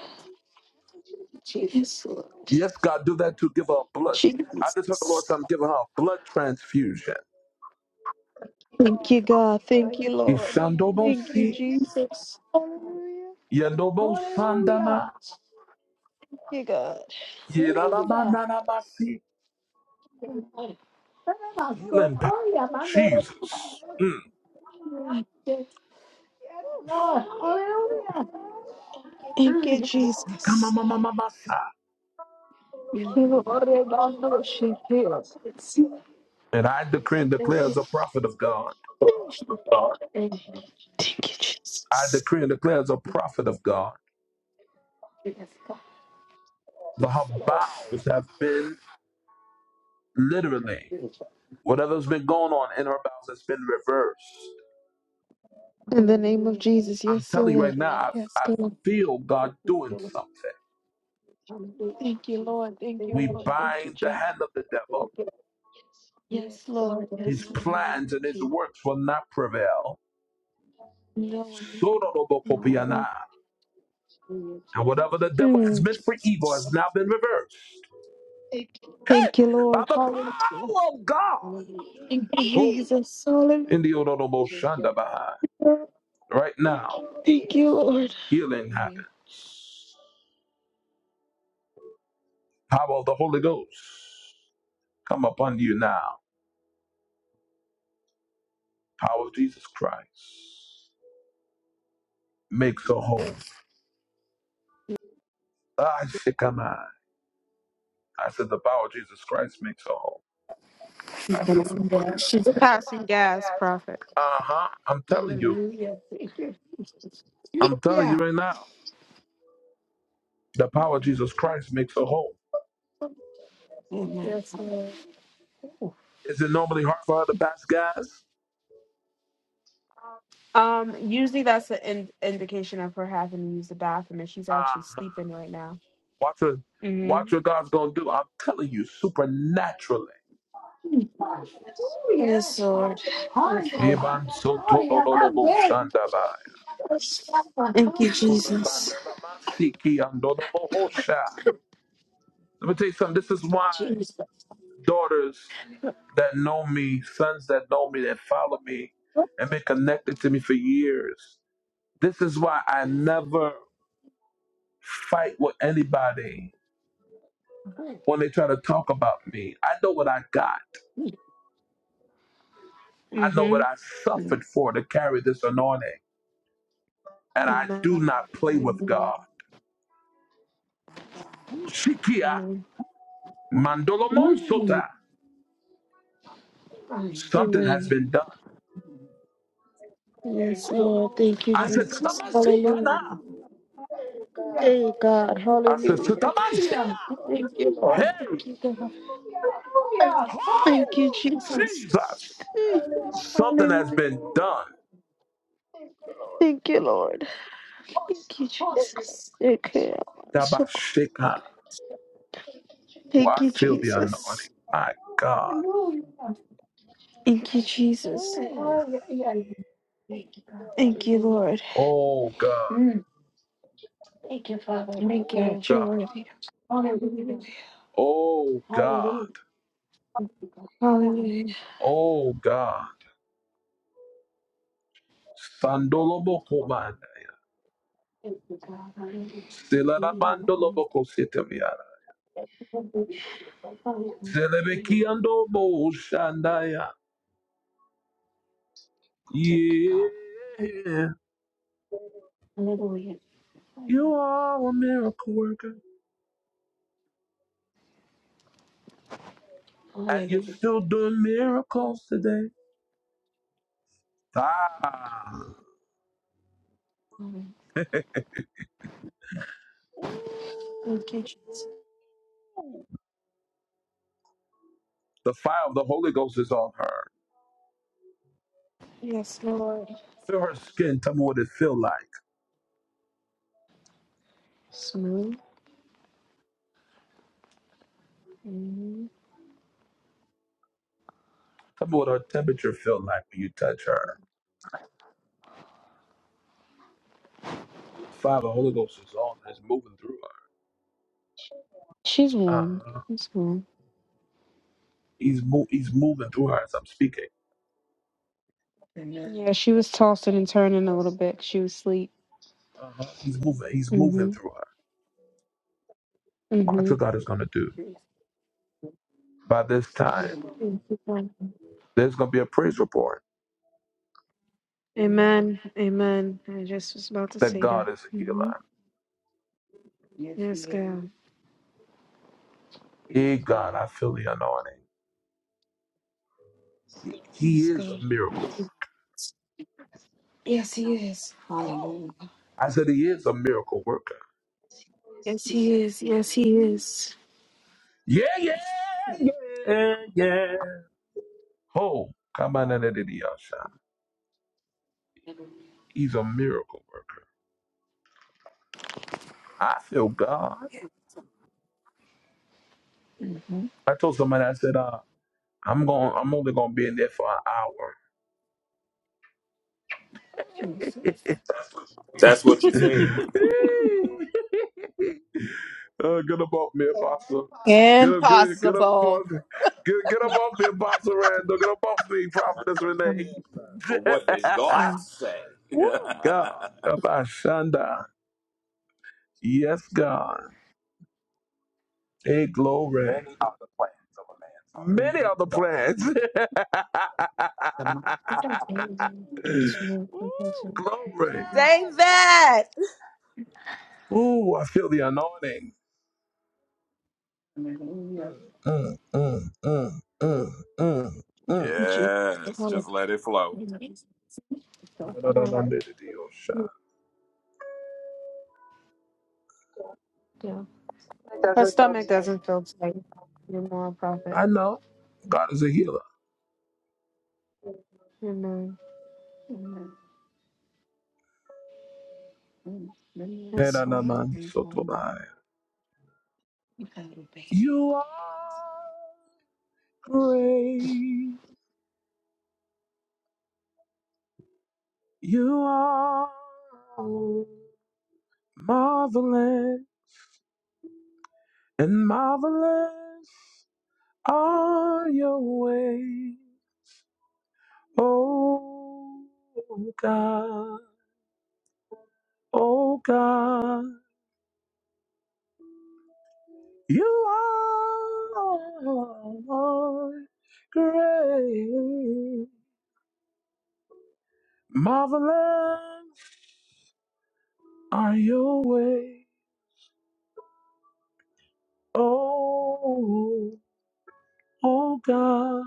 [SPEAKER 14] yes Lord
[SPEAKER 1] Yes, God, do that to give her blood. I just heard the Lord say,
[SPEAKER 14] Jesus
[SPEAKER 1] I'm giving her a blood transfusion.
[SPEAKER 14] thank you God thank you Lord thank you
[SPEAKER 1] Ishandobosi,
[SPEAKER 14] Jesus hallelujah Hallelujah.
[SPEAKER 1] yandobosandama,
[SPEAKER 14] thank you God
[SPEAKER 1] yiranamananamasi. Healing power. Jesus.
[SPEAKER 14] Thank you, Jesus. Thank you,
[SPEAKER 1] And I decree and declare as a prophet of God.
[SPEAKER 14] Lord. Thank you,
[SPEAKER 1] I
[SPEAKER 14] Jesus.
[SPEAKER 1] decree and declare as a prophet of God. The her bowels have been literally, whatever's been going on in her bowels has been reversed.
[SPEAKER 14] In the name of Jesus,
[SPEAKER 1] I'm
[SPEAKER 14] yes, dear
[SPEAKER 1] telling you
[SPEAKER 14] Lord.
[SPEAKER 1] right
[SPEAKER 14] Thank you,
[SPEAKER 1] now,
[SPEAKER 14] Lord.
[SPEAKER 1] I,
[SPEAKER 14] Yes,
[SPEAKER 1] I
[SPEAKER 14] God.
[SPEAKER 1] feel God doing something.
[SPEAKER 14] Thank you, Lord. Thank you,
[SPEAKER 1] We
[SPEAKER 14] Lord. Thank you,
[SPEAKER 1] bind the
[SPEAKER 14] Jesus.
[SPEAKER 1] hand of the devil.
[SPEAKER 14] Yes, Lord.
[SPEAKER 1] His
[SPEAKER 14] Yes, Lord.
[SPEAKER 1] plans and his works will not prevail.
[SPEAKER 14] No, I'm not. No, no.
[SPEAKER 1] Sodorobokopiana. And
[SPEAKER 14] Jesus.
[SPEAKER 1] whatever the devil has
[SPEAKER 14] Mm.
[SPEAKER 1] meant for evil has now been reversed.
[SPEAKER 14] Thank you,
[SPEAKER 1] Hey, by
[SPEAKER 14] Lord.
[SPEAKER 1] the
[SPEAKER 14] Hallelujah.
[SPEAKER 1] power of
[SPEAKER 14] Thank
[SPEAKER 1] God.
[SPEAKER 14] you,
[SPEAKER 1] Oh,
[SPEAKER 14] Jesus. Hallelujah.
[SPEAKER 1] Indiodoroboshandabaha. Right now,
[SPEAKER 14] Thank you, Lord.
[SPEAKER 1] healing happens. Power of the Holy Ghost come upon you now. Power of Jesus Christ makes a whole. I sick am I. I said the power of Jesus Christ makes a whole.
[SPEAKER 14] Passing gas, prophet.
[SPEAKER 1] Uh-huh. I'm telling you. I'm
[SPEAKER 14] Yeah.
[SPEAKER 1] telling you right now. The power of Jesus Christ makes a whole.
[SPEAKER 14] Yes, Lord.
[SPEAKER 1] Is it normally hard for other past guys?
[SPEAKER 14] Um, usually that's an in- indication of her having to use the bathroom, and she's actually
[SPEAKER 1] Uh-huh.
[SPEAKER 14] sleeping right now.
[SPEAKER 1] Watch what watch
[SPEAKER 14] Mm-hmm.
[SPEAKER 1] what God's gonna do. I'm telling you, supernaturally.
[SPEAKER 14] Yes, Lord. Yes, Lord.
[SPEAKER 1] Iban soto dodobo shandaba.
[SPEAKER 14] Thank you, Jesus.
[SPEAKER 1] Urabandalabasiki andodobo hosha. Let me tell you something. This is why daughters that know me, sons that know me, that follow me, and been connected to me for years. This is why I never fight with anybody when they try to talk about me. I know what I got. I know
[SPEAKER 14] Mm-hmm.
[SPEAKER 1] what I suffered for to carry this anointing. And I
[SPEAKER 14] Amen.
[SPEAKER 1] do not play with God. Ushikia
[SPEAKER 14] Amen.
[SPEAKER 1] mandolomon sota. Something has
[SPEAKER 14] Amen.
[SPEAKER 1] been done.
[SPEAKER 14] Yes, Lord. Thank you,
[SPEAKER 1] I said,
[SPEAKER 14] Jesus.
[SPEAKER 1] "Satamashikana."
[SPEAKER 14] Hallelujah. Hey, God.
[SPEAKER 1] I said,
[SPEAKER 14] Hallelujah.
[SPEAKER 1] "Satamashia."
[SPEAKER 14] Thank you, Lord.
[SPEAKER 1] Hey,
[SPEAKER 14] Thank you, God. Thank
[SPEAKER 1] oh,
[SPEAKER 14] you, Jesus.
[SPEAKER 1] Jesus.
[SPEAKER 14] Hey,
[SPEAKER 1] Something has been
[SPEAKER 14] Hallelujah.
[SPEAKER 1] done.
[SPEAKER 14] Thank you, Lord. Thank you, Jesus. Okay, I'm so cool.
[SPEAKER 1] Tabashika. Oh,
[SPEAKER 14] Thank
[SPEAKER 1] I
[SPEAKER 14] you,
[SPEAKER 1] feel the
[SPEAKER 14] Jesus.
[SPEAKER 1] anointing. My God.
[SPEAKER 14] Thank you, Jesus.
[SPEAKER 1] Oh,
[SPEAKER 14] Thank you, Lord.
[SPEAKER 1] God.
[SPEAKER 14] Mm. Thank you, Father. Thank you.
[SPEAKER 1] Oh,
[SPEAKER 14] Lord, you're
[SPEAKER 1] God.
[SPEAKER 14] worthy. Hallelujah.
[SPEAKER 1] Oh,
[SPEAKER 14] Hallelujah.
[SPEAKER 1] God.
[SPEAKER 14] Hallelujah.
[SPEAKER 1] Oh, God. Sandoloboko man. Silanamandoloboko sitamiana. Zelebekiando mo ushandaya.
[SPEAKER 14] Thank you, God.
[SPEAKER 1] Yeah,
[SPEAKER 14] Hallelujah.
[SPEAKER 1] you are a miracle worker, and
[SPEAKER 14] Hallelujah.
[SPEAKER 1] you're still doing miracles today. Ah,
[SPEAKER 14] Thank you, Jesus.
[SPEAKER 1] the fire of the Holy Ghost is on her.
[SPEAKER 14] Yes, Lord.
[SPEAKER 1] Feel her skin. Tell me what it feel like.
[SPEAKER 14] Smooth. Mhm.
[SPEAKER 1] Tell me what her temperature feel like when you touch her. The fire of the Holy Ghost is on her. It's moving through
[SPEAKER 14] She's
[SPEAKER 1] her.
[SPEAKER 14] warm.
[SPEAKER 1] Uh-huh.
[SPEAKER 14] She's warm.
[SPEAKER 1] He's mo- He's moving through her as I'm speaking.
[SPEAKER 14] Amen. Yeah, she was tossing and turning a little bit. She was asleep.
[SPEAKER 1] Uh-huh. He's moving. He's moving
[SPEAKER 14] Mm-hmm.
[SPEAKER 1] through her. Watch what
[SPEAKER 14] Mm-hmm.
[SPEAKER 1] God is gonna do. By this time, there's gonna be a praise report
[SPEAKER 14] Amen. Amen. I just was about to
[SPEAKER 1] that
[SPEAKER 14] say that.
[SPEAKER 1] God is a healer.
[SPEAKER 14] Mm-hmm. Yes, Yes, He
[SPEAKER 1] Dear God, I feel the anointing. He
[SPEAKER 14] Yes, is.
[SPEAKER 1] is
[SPEAKER 14] God.
[SPEAKER 1] a miracle
[SPEAKER 14] Yes, Yes, God. Yes, he is.
[SPEAKER 1] worker. Ho!
[SPEAKER 14] Hallelujah.
[SPEAKER 1] I said he is a miracle worker.
[SPEAKER 14] Yes, he is. Yes, he is.
[SPEAKER 1] Yeah, yeah, yeah, yeah. Oh, Come on, under the shot. He's a miracle worker. I feel God. I told somebody, I said, uh, I'm going. I'm only going to be in there for an hour.
[SPEAKER 7] That's what you said.
[SPEAKER 1] Eee. uh, get up off me, apostle. Get up, get, up- get up,
[SPEAKER 3] Impossible.
[SPEAKER 1] off me, Get, get up off me, apostle Randall. Get up off me, prophetess
[SPEAKER 14] Mom,
[SPEAKER 7] But what did
[SPEAKER 1] Renee.
[SPEAKER 7] God
[SPEAKER 14] mom.
[SPEAKER 7] say?
[SPEAKER 1] Woo, God. Abashanda. Yes, God. Hey, glory. Many are the plans of a man's heart. Many are the plans.
[SPEAKER 14] Thank
[SPEAKER 1] Ooh, glory.
[SPEAKER 3] Say that.
[SPEAKER 1] Ooh, I feel the anointing. Mm, mm, mm, mm, mm, mm.
[SPEAKER 14] you, Jesus.
[SPEAKER 7] yes,
[SPEAKER 14] Hallelujah.
[SPEAKER 7] just let it flow.
[SPEAKER 14] No, no, no. Her stomach doesn't feel tight anymore, Prophet.
[SPEAKER 1] I know God is a healer.
[SPEAKER 14] Amen. Yes, Lord.
[SPEAKER 1] You are great. You are marvelous and marvelous are your ways, oh God, oh God, you are great, marvelous are your ways, oh oh God,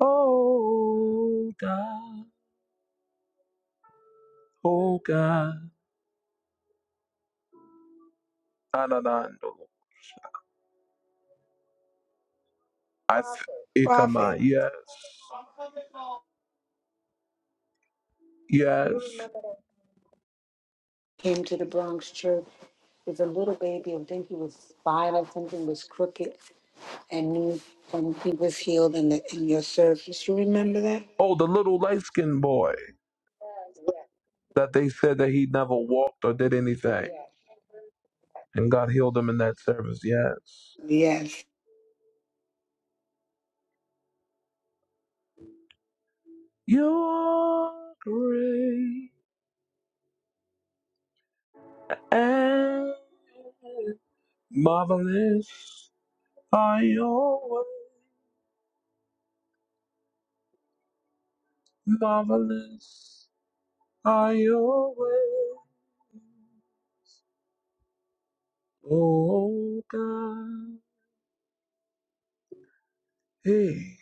[SPEAKER 1] oh God, oh God, Ananando. I th- Ikama,
[SPEAKER 2] Prophet
[SPEAKER 1] yes, yes.
[SPEAKER 2] came to the Bronx church. Was a little baby. I think he was five or something. Was crooked, and knew when he was healed in the in your service. You remember that?
[SPEAKER 1] Oh, the little light skinned boy that they said that he never walked or did anything. And God healed him in that service, yes.
[SPEAKER 2] Yes.
[SPEAKER 1] You're great and marvelous are your ways. Marvelous are your ways. Oh God. Hey,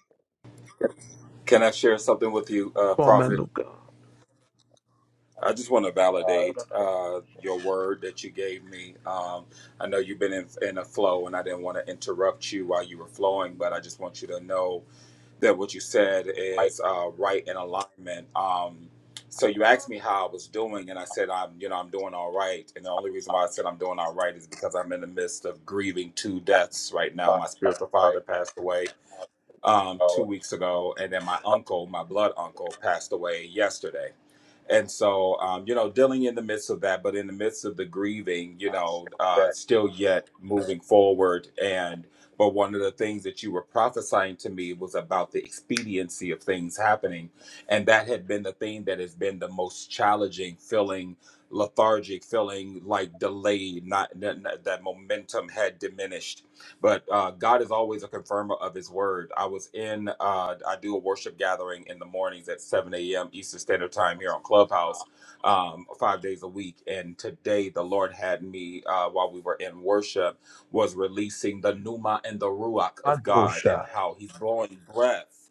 [SPEAKER 7] Can I share something with you, uh, Prophet?
[SPEAKER 1] Bomanuka.
[SPEAKER 7] I just want to validate uh, your word that you gave me. Um, I know you've been in, in a flow, and I didn't want to interrupt you while you were flowing, but I just want you to know that what you said is uh, right in alignment. Um, so you asked me how I was doing, and I said I'm, you know, I'm doing all right. And the only reason why I said I'm doing all right is because I'm in the midst of grieving two deaths right now. My spiritual father passed away, um, two weeks ago, and then my uncle, my blood uncle, passed away yesterday. And so, um, you know, dealing in the midst of that, but in the midst of the grieving, you know, uh, still yet moving forward. And but one of the things that you were prophesying to me was about the expediency of things happening, and that had been the thing that has been the most challenging, feeling lethargic, feeling like delayed, not that that momentum had diminished but uh, God is always a confirmer of His word. I was in, uh, I do a worship gathering in the mornings at 7 a.m. Eastern Standard Time here on Clubhouse, um, five days a week. And today the Lord had me uh, while we were in worship was releasing the pneuma and the ruach of God and
[SPEAKER 1] Madosha.
[SPEAKER 7] how He's blowing breath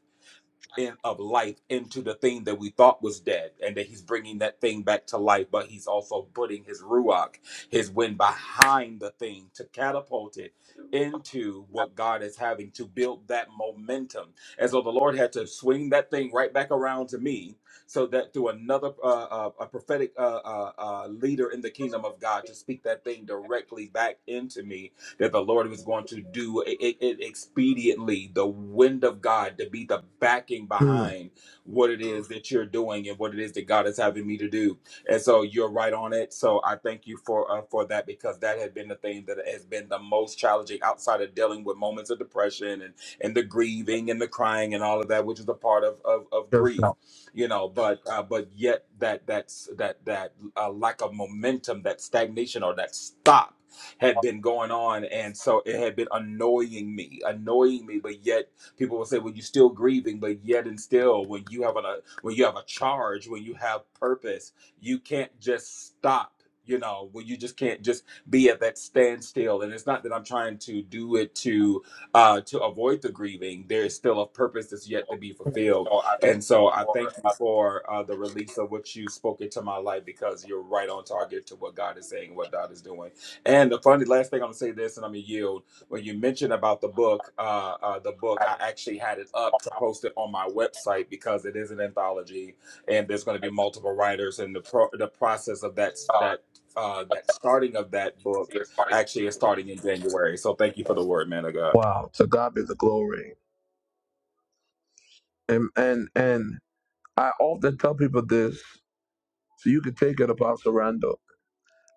[SPEAKER 7] in, of life into the thing that we thought was dead, and that he's bringing that thing back to life, but he's also putting his ruach, his wind behind the thing to catapult it into what God is having to build that momentum. And so the Lord had to swing that thing right back around to me so that through another uh, uh, a prophetic uh, uh, uh, leader in the kingdom of God to speak that thing directly back into me that the Lord was going to do it, it it expediently, the wind of God to be the backing behind what it is that you're doing and what it is that God is having me to do. And so you're right on it. So I thank you for uh, for that because that had been the thing that has been the most challenging outside of dealing with moments of depression and and the grieving and the crying and all of that, which is a part of of, of grief. You know, but uh, but yet that that's that that uh, lack of momentum, that stagnation or that stop had been going on. And so it had been annoying me, annoying me. But yet people will say, well, you're still grieving, but yet and still, when you have a, when you have a charge, when you have purpose, you can't just stop. You know, when you just can't just be at that standstill, and it's not that I'm trying to do it to uh, to avoid the grieving. There is still a purpose that's yet to be fulfilled, and so I thank you for uh, the release of what you spoke into my life because you're right on target to what God is saying, what God is doing. And the funny last thing I'm gonna say this, and I'm gonna yield. When you mentioned about the book, uh, uh, the book, I actually had it up to post it on my website because it is an anthology, and there's going to be multiple writers, and the pro- the process of that that uh, that starting of that book actually is starting in January. So thank you for the word, man of God.
[SPEAKER 1] Wow, to God be the glory. And and and I often tell people this, so you can take it Apostle Randall.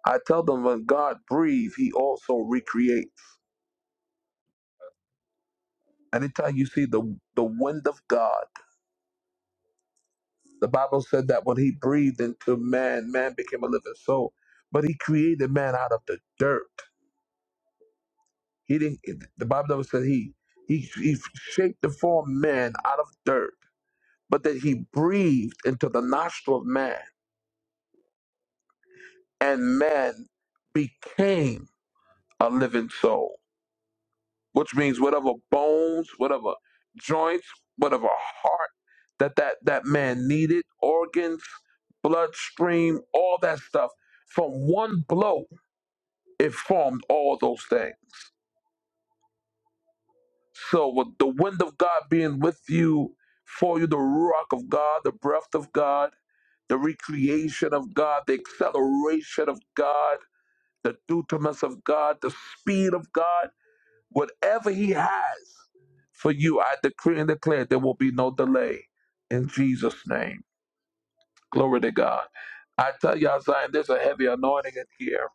[SPEAKER 1] I tell them when God breathes, He also recreates. Anytime you see the the wind of God, the Bible said that when He breathed into man, man became a living soul. But He created man out of the dirt. He didn't. The Bible said He He He shaped the form man out of dirt, but that He breathed into the nostril of man. and man became a living soul, which means whatever bones, whatever joints, whatever heart that that, that man needed, organs, bloodstream, all that stuff, from one blow, it formed all those things. So with the wind of God being with you, for you, the rock of God, the breath of God, the recreation of God, the acceleration of God, the dutamous of God, the speed of God Whatever He has for you, I decree and declare there will be no delay in Jesus' name. Glory to God. I tell y'all, Zion, there's a heavy anointing in here.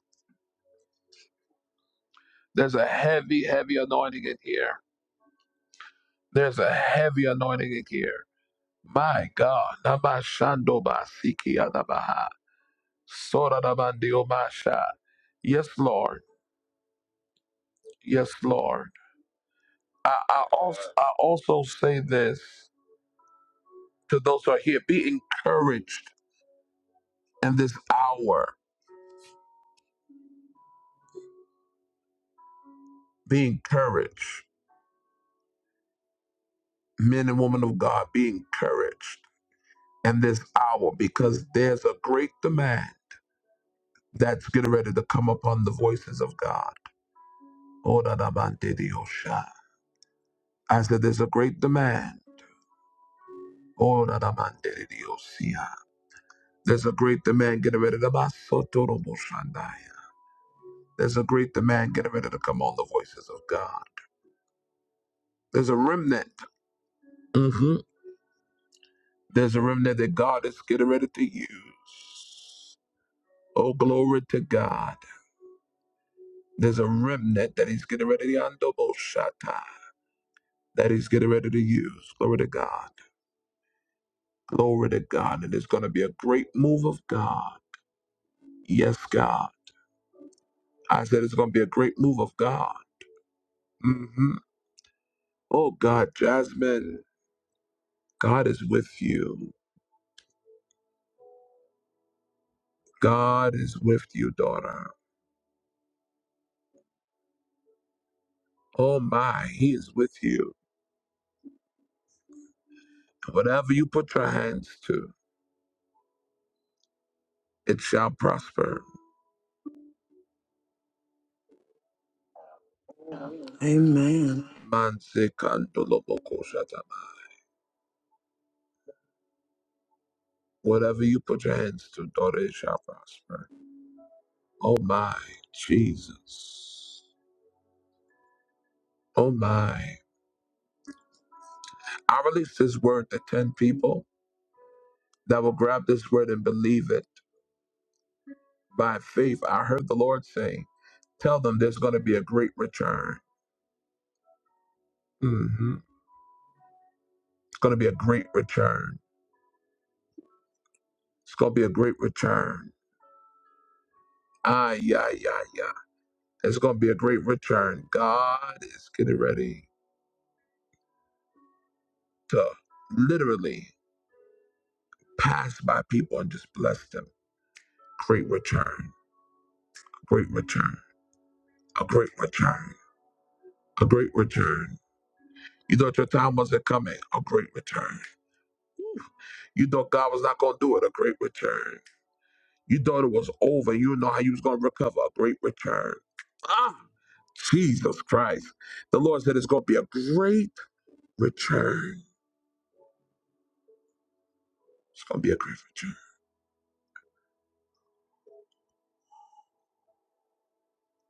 [SPEAKER 1] There's a heavy, heavy anointing in here. There's a heavy anointing in here. My God. Naba shando Sora da bandio masha. Yes, Lord. Yes, Lord. I, I, also, I also say this to those who are here be encouraged in this hour Be encouraged, men and women of God, be encouraged in this hour because there's a great demand that's getting ready to come upon the voices of God. Oh, da da man de Dios, sha. I said, there's a great demand. Oh, da da man de Dios, ya. There's a great demand getting ready to basso toro bo shandaya. There's a great demand getting ready to come on the voices of God. There's a remnant. hmm There's a remnant that God is getting ready to use. Oh, glory to God. There's a remnant that he's getting ready to Andoboshata, that he's getting ready to use. Glory to God. Glory to God. And it's going to be a great move of God. Yes, God. I said it's going to be a great move of God. hmm Oh, God, Jasmine, God is with you. God is with you, daughter. Oh, my, he is with you. Whatever you put your hands to, it shall prosper.
[SPEAKER 2] Amen.
[SPEAKER 1] Manse kandolobokoshata. Whatever you put your hands to, daughter, it shall prosper. Oh my, Jesus. Oh my. I released this word to 10 people that will grab this word and believe it by faith. I heard the Lord saying, Tell them there's going to be a great return. hmm It's going to be a great return. It's going to be a great return. Ah, yeah, yeah, yeah. It's going to be a great return. God is getting ready to literally pass by people and just bless them. Great return. Great return. A great return. a great return. You thought your time wasn't coming, a great return. You thought God was not going to do it, a great return. You thought it was over, you didn't know how you was going to recover, a great return. Ah, Jesus Christ. The Lord said it's going to be a great return. It's going to be a great return.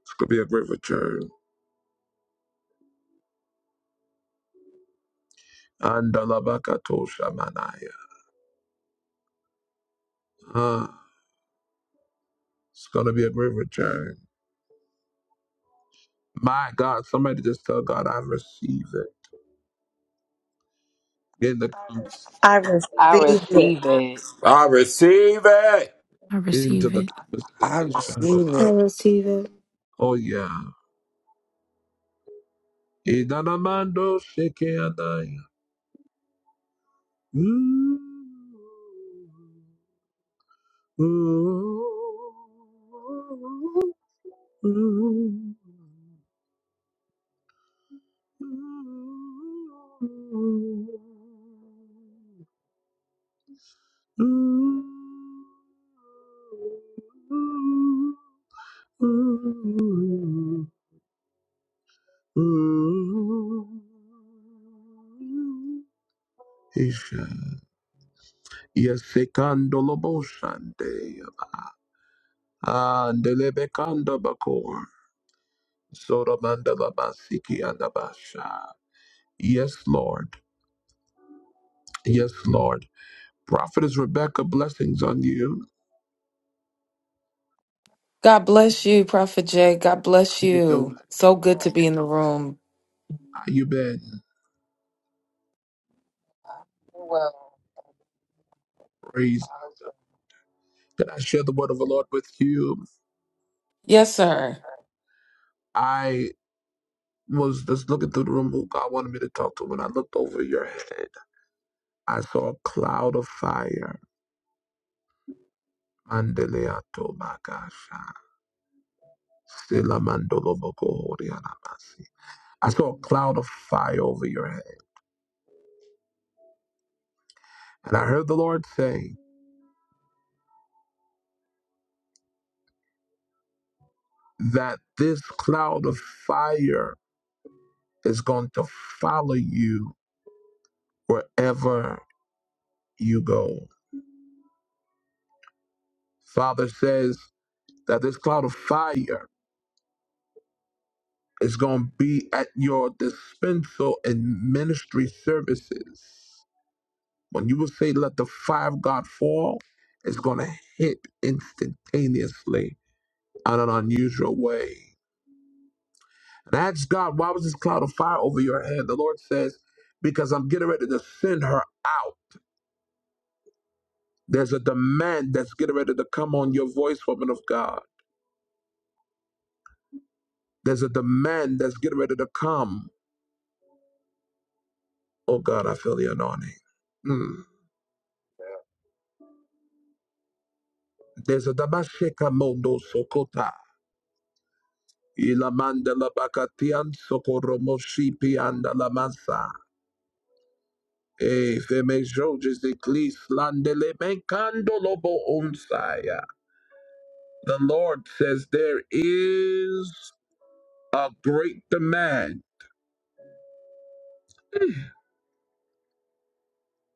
[SPEAKER 1] It's going to be a great return. Andalabakatoshamanaya. Ah, it's going to be a great return. My God, somebody just tell God, I receive it. In the,
[SPEAKER 3] I receive it.
[SPEAKER 7] I receive it.
[SPEAKER 12] I
[SPEAKER 1] into
[SPEAKER 12] receive
[SPEAKER 1] the
[SPEAKER 12] it.
[SPEAKER 2] I
[SPEAKER 1] conversation.
[SPEAKER 2] receive
[SPEAKER 14] I
[SPEAKER 2] it.
[SPEAKER 14] receive it.
[SPEAKER 1] Oh yeah. Idanamando shekeadaya. Ooh, ooh, ooh, ooh, ooh. Isha. Yesekando loboshande. Andelebekanda bakor. Soramanda labasiki andabasha. Yes, Lord. Yes, Lord. Prophetess Rebecca, blessings on you.
[SPEAKER 16] God bless you, Prophet Jay. God
[SPEAKER 1] How
[SPEAKER 16] bless
[SPEAKER 1] you
[SPEAKER 16] you.
[SPEAKER 1] doing?
[SPEAKER 16] So good to be in the room.
[SPEAKER 1] How you been? Praise. Can I share the word of the Lord with you?
[SPEAKER 16] Yes, sir.
[SPEAKER 1] I was just looking through the room who God wanted me to talk to. When I looked over your head, I saw a cloud of fire. Mandeleato makasha. Sela mandolo boko horianamasi. I saw a cloud of fire over your head. And I heard the Lord say that this cloud of fire is going to follow you wherever you go. Father says that this cloud of fire is going to be at your dispensal and ministry services. When you will say, let the fire of God fall, it's going to hit instantaneously in an unusual way. And I asked God, why was this cloud of fire over your head? The Lord says, because I'm getting ready to send her out. There's a demand that's getting ready to come on your voice, woman of God. There's a demand that's getting ready to come Oh God, I feel the anointing. Mm. There's a Dabasheka Mondo Sokota. Ilamanda la Bakatian Sokoromoshi Pianda la Mansa. E Femejoges Eclis Landele Mekando Unsaya. The Lord says there is a great demand.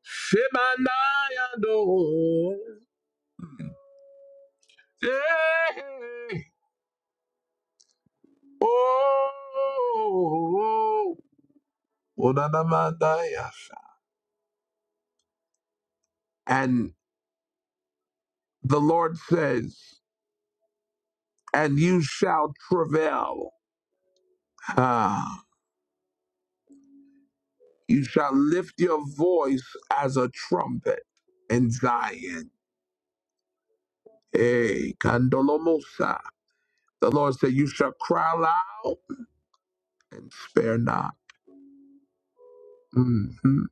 [SPEAKER 1] Shemandaya Eh. Oh. Unanamandaya. And the Lord says, and you shall travail. Ah, you shall lift your voice as a trumpet in Zion. Hey, Kandolomosa. The Lord said, You shall cry loud and spare not. Mhm.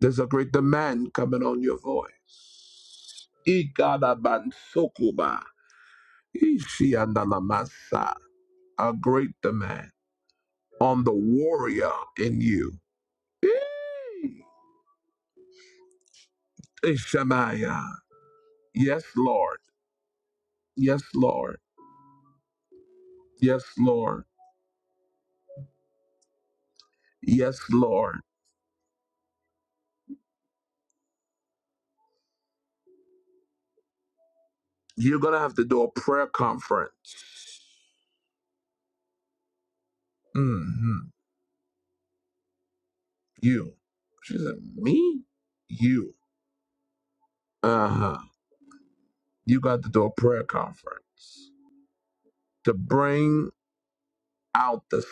[SPEAKER 1] There's a great demand coming on your voice. Ikadabansokuba. Ishiandalamasa. A great demand on the warrior in you. Hey. Hey, Shemaiah. Yes, Lord. Yes, Lord. Yes, Lord. Yes, Lord. You're gonna have to do a prayer conference. hmm You. She said, Me? You. Uh-huh. You got to do a prayer conference to bring out the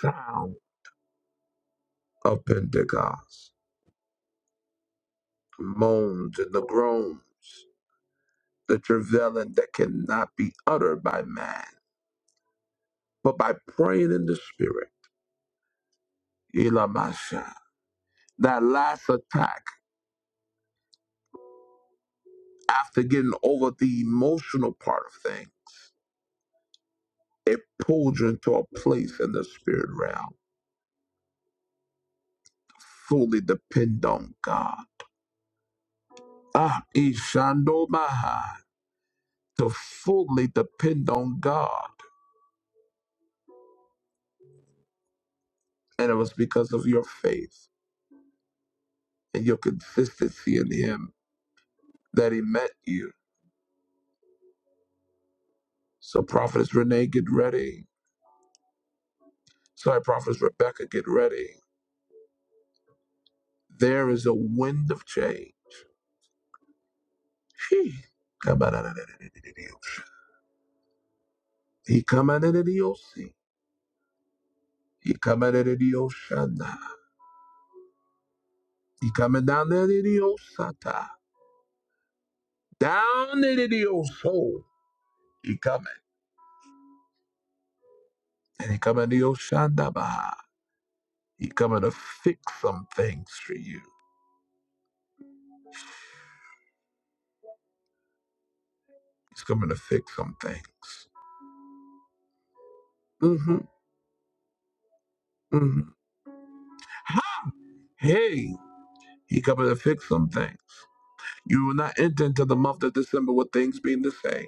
[SPEAKER 1] sound of Pentecost. The moans and the groans, the travailing that cannot be uttered by man, but by praying in the spirit. Elamasha. that last attack, after getting over the emotional part of things, it pulled you into a place in the spirit realm. Fully depend on God. Ah, Ishando Maha. To fully depend on God. And it was because of your faith and your consistency in Him that He met you. So, Prophetess Renee, get ready. Sorry, Prophetess Rebecca, get ready. There is a wind of change. Sheesh. He coming in the ocean. He coming in the ocean. He coming down in the osata. Down in the ocean. He coming. And he coming to your shandaba. He coming to fix some things for you. He's coming to fix some things. Mm-hmm. Mm-hmm. Hey, he coming to fix some things. You will not enter into the month of December with things being the same.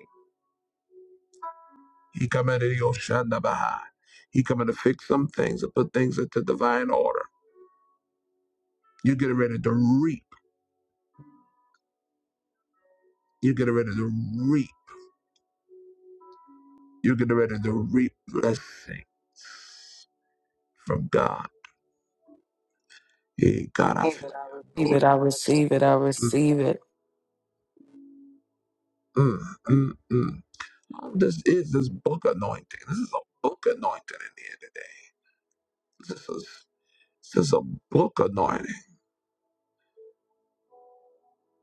[SPEAKER 1] He coming to your shandabaha. He coming to fix some things and put things into divine order. You're getting ready to reap. You're getting ready to reap. You're getting ready to reap blessing from God. Hey, God, I thank you for
[SPEAKER 16] Receive it. I receive it. I
[SPEAKER 1] Mm,
[SPEAKER 16] receive it.
[SPEAKER 1] mm, mm, mm. Um, This is this book anointing. This is a book anointing in here. This is this is a book anointing.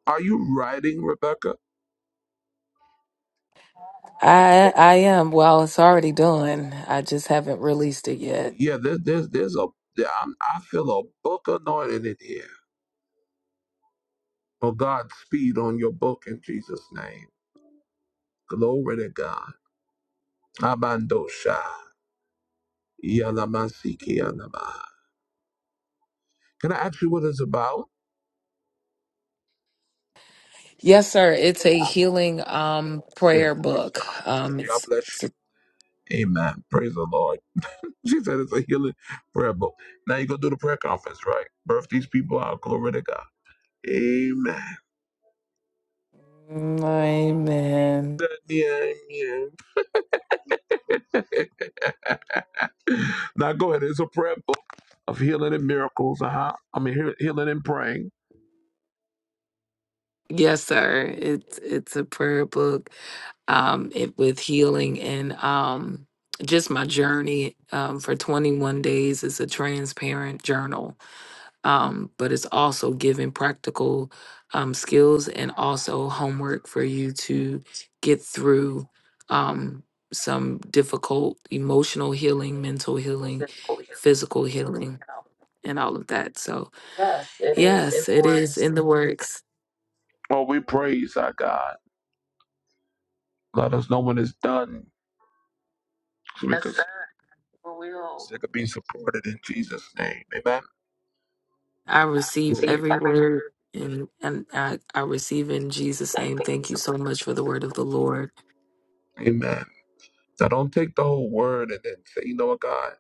[SPEAKER 1] Are you writing, Rebecca?
[SPEAKER 16] I I am. Well, it's already done. I just haven't released it yet.
[SPEAKER 1] Yeah, there's there's there's a there- I'm, I feel a book anointing in here. Oh God, speed on your book in Jesus' name. Glory to God. Abandosha. Yalamasiki Can I ask you what it's about?
[SPEAKER 16] Yes, sir. It's a healing um
[SPEAKER 1] I said,
[SPEAKER 16] prayer
[SPEAKER 1] praise
[SPEAKER 16] book.
[SPEAKER 1] God.
[SPEAKER 16] Um
[SPEAKER 1] God
[SPEAKER 16] it's,
[SPEAKER 1] bless
[SPEAKER 16] it's a,
[SPEAKER 1] you. Amen. Praise the Lord. She said it's a healing prayer book. Now you go do the prayer conference, right? Birth these people out. Glory to God. Amen.
[SPEAKER 16] Mm, Amen.
[SPEAKER 1] Now go ahead. It's a prayer book of healing and miracles. Uh huh. I mean, heal- healing and praying.
[SPEAKER 16] Yes, sir. It's it's a prayer book. um, it, with healing and um, just my journey um, for 21 days is a transparent journal, um, but it's also giving practical um, skills and also homework for you to get through um, some difficult emotional healing, mental healing, physical healing, and all of that. So, yes, it is in the works.
[SPEAKER 1] Oh, we praise our God. Let us know when it's done. So we Yes, can- sir. We will. So could be supported in Jesus' name. Amen.
[SPEAKER 16] I receive
[SPEAKER 1] Please,
[SPEAKER 16] every
[SPEAKER 1] everyone.
[SPEAKER 16] word and and I, I receive in Jesus' name. Thank you so much for the word of the Lord.
[SPEAKER 1] Amen. Now, don't take the whole word and then say, you know what, God,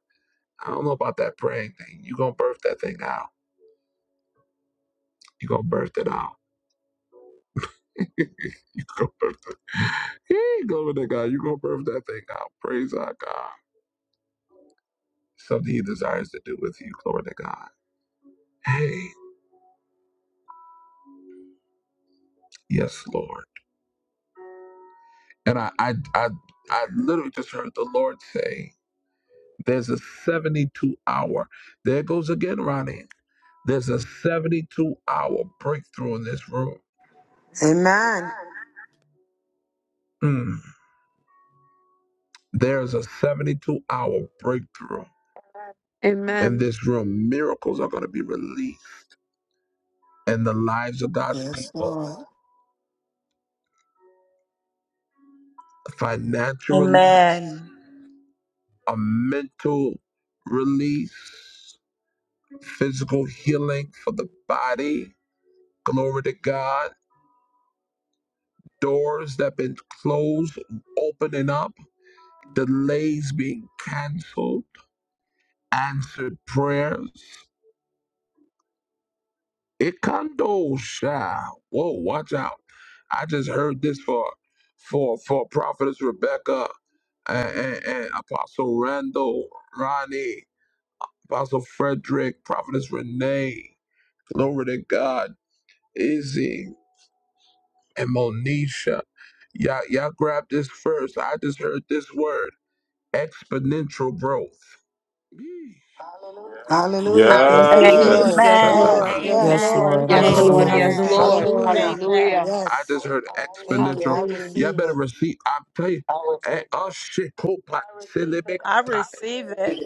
[SPEAKER 1] I don't know about that praying thing. you going to birth that thing out. you going to birth it out. you going to birth it. Hey, glory to God. you going to birth that thing out. Praise our God. Something he desires to do with you. Glory to God. Hey, yes, Lord. And I, I, I, I literally just heard the Lord say, there's a 72 hour. There it goes again, Ronnie. There's a 72 hour breakthrough in this room.
[SPEAKER 2] Amen.
[SPEAKER 1] Mm. There's a 72 hour breakthrough in
[SPEAKER 14] Amen.
[SPEAKER 1] this room. Miracles are going to be released in the lives of God's
[SPEAKER 2] Yes,
[SPEAKER 1] people.
[SPEAKER 2] Lord.
[SPEAKER 1] Financial release,
[SPEAKER 3] Amen.
[SPEAKER 1] a mental release, physical healing for the body. Glory to God. Doors that have been closed opening up, delays being canceled, answered prayers. It condo shy. Whoa, watch out. I just heard this for for for Prophetess Rebecca and, and, and Apostle Randall, Ronnie, Apostle Frederick, Prophetess Renee, glory to God, Izzy, and Monisha. Y'all, y'all grab this first. I just heard this word exponential growth.
[SPEAKER 2] Hallelujah. Thank you,
[SPEAKER 14] Yes,
[SPEAKER 7] Yes.
[SPEAKER 14] Lord.
[SPEAKER 2] Jesus.
[SPEAKER 14] Yes,
[SPEAKER 1] Shut
[SPEAKER 3] Amen.
[SPEAKER 14] Lord.
[SPEAKER 2] Yes,
[SPEAKER 1] up.
[SPEAKER 14] Yes,
[SPEAKER 2] yes.
[SPEAKER 16] Yes,
[SPEAKER 14] Lord.
[SPEAKER 3] Amen.
[SPEAKER 16] Lord,
[SPEAKER 2] Thank
[SPEAKER 16] I
[SPEAKER 2] you,
[SPEAKER 15] Yes,
[SPEAKER 2] Lord.
[SPEAKER 12] Hallelujah.
[SPEAKER 15] Lord.
[SPEAKER 16] receive
[SPEAKER 15] Yes,
[SPEAKER 16] it.
[SPEAKER 12] Hallelujah.
[SPEAKER 3] Amen.
[SPEAKER 14] Yes,
[SPEAKER 15] Lord.
[SPEAKER 14] Lord.
[SPEAKER 2] Hallelujah.
[SPEAKER 14] Yes, Lord.
[SPEAKER 3] Amen.
[SPEAKER 15] Hallelujah.
[SPEAKER 1] I
[SPEAKER 2] Yes.
[SPEAKER 1] just heard
[SPEAKER 2] Thank you.
[SPEAKER 1] exponential.
[SPEAKER 2] I
[SPEAKER 15] Hallelujah.
[SPEAKER 1] Y'all
[SPEAKER 2] receive
[SPEAKER 1] better
[SPEAKER 2] it.
[SPEAKER 1] receive. I tell you. eh, Oh shit. Kopa
[SPEAKER 3] I
[SPEAKER 1] selebekata.
[SPEAKER 3] receive it.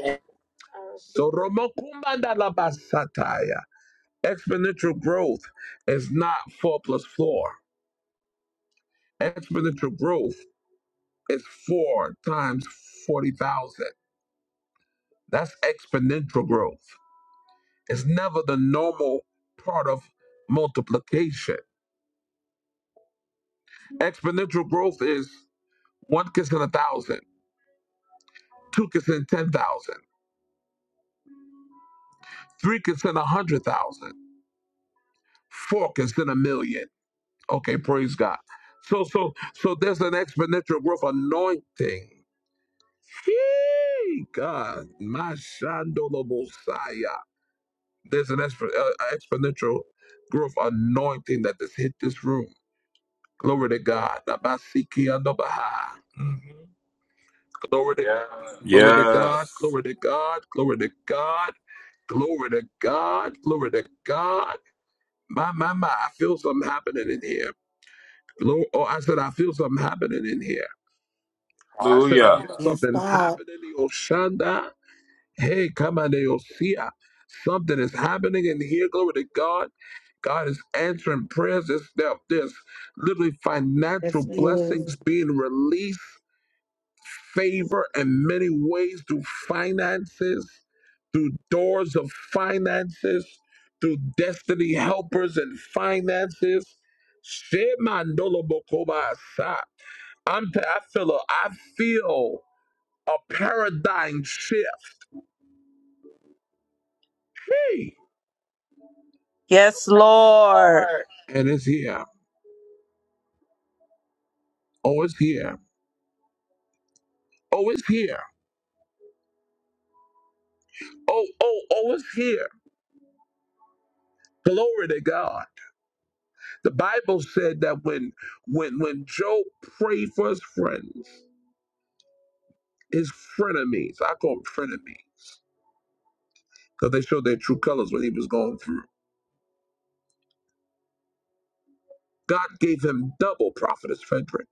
[SPEAKER 1] Soromokumanda labasataya. Exponential growth is not four plus four. Exponential growth is four times forty thousand. That's exponential growth. It's never the normal part of multiplication. Exponential growth is one kiss in a thousand, two kiss in ten thousand. Three can send a hundred thousand. Four can send a million. Okay, praise God. So so so there's an exponential growth anointing. Yee, God, my Shandolobosaya. There's an exp- uh, exponential growth anointing that has hit this room. Glory to God. Nabasiki andobaha. Mhm. Glory to God. Glory to God.
[SPEAKER 7] Yes.
[SPEAKER 1] Glory to God. Glory to God. Glory to God. Glory to God. My, my, my, I feel something happening in here. Lord, oh, I said, I feel something happening in here. I said, I
[SPEAKER 7] Hallelujah.
[SPEAKER 1] feel
[SPEAKER 2] Yes,
[SPEAKER 1] something
[SPEAKER 2] God.
[SPEAKER 1] happening in Oshanda. Hey, come on, Osia. Something is happening in here. Glory to God. God is answering prayers. There's, there- there's literally
[SPEAKER 2] Yes,
[SPEAKER 1] financial
[SPEAKER 2] He is.
[SPEAKER 1] blessings being released favor in many ways through finances, through doors of finances, through destiny helpers and finances. Shemandolobokobasa. I'm t- I feel a, I feel a paradigm shift. Hey!
[SPEAKER 3] Yes, Lord.
[SPEAKER 1] And it's here. Oh, it's here. Oh, it's here. Oh, oh, oh, it's here. Glory to God. The Bible said that when when when Job prayed for his friends, his frenemies. I call him frenemies, because they showed their true colors when he was going through. God gave him double, Prophetess Frederick,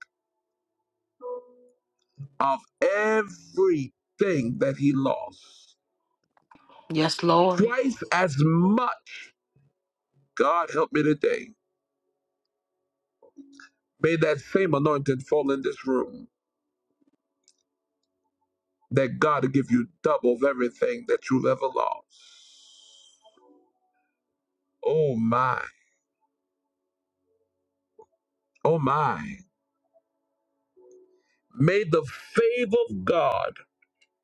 [SPEAKER 1] of everything that he lost.
[SPEAKER 15] Yes, Lord.
[SPEAKER 1] Twice as much. God help me today. May that same anointing fall in this room that God will give you double of everything that you've ever lost. Oh my. Oh my. May the favor of God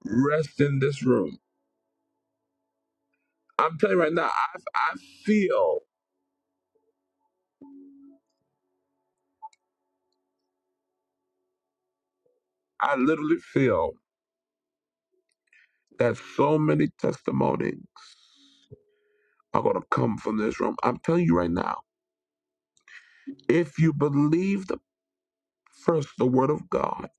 [SPEAKER 1] rest in this room. I'm telling you right now, I, I feel I literally feel that so many testimonies are going to come from this room. I'm telling you right now, if you believe the first the word of God,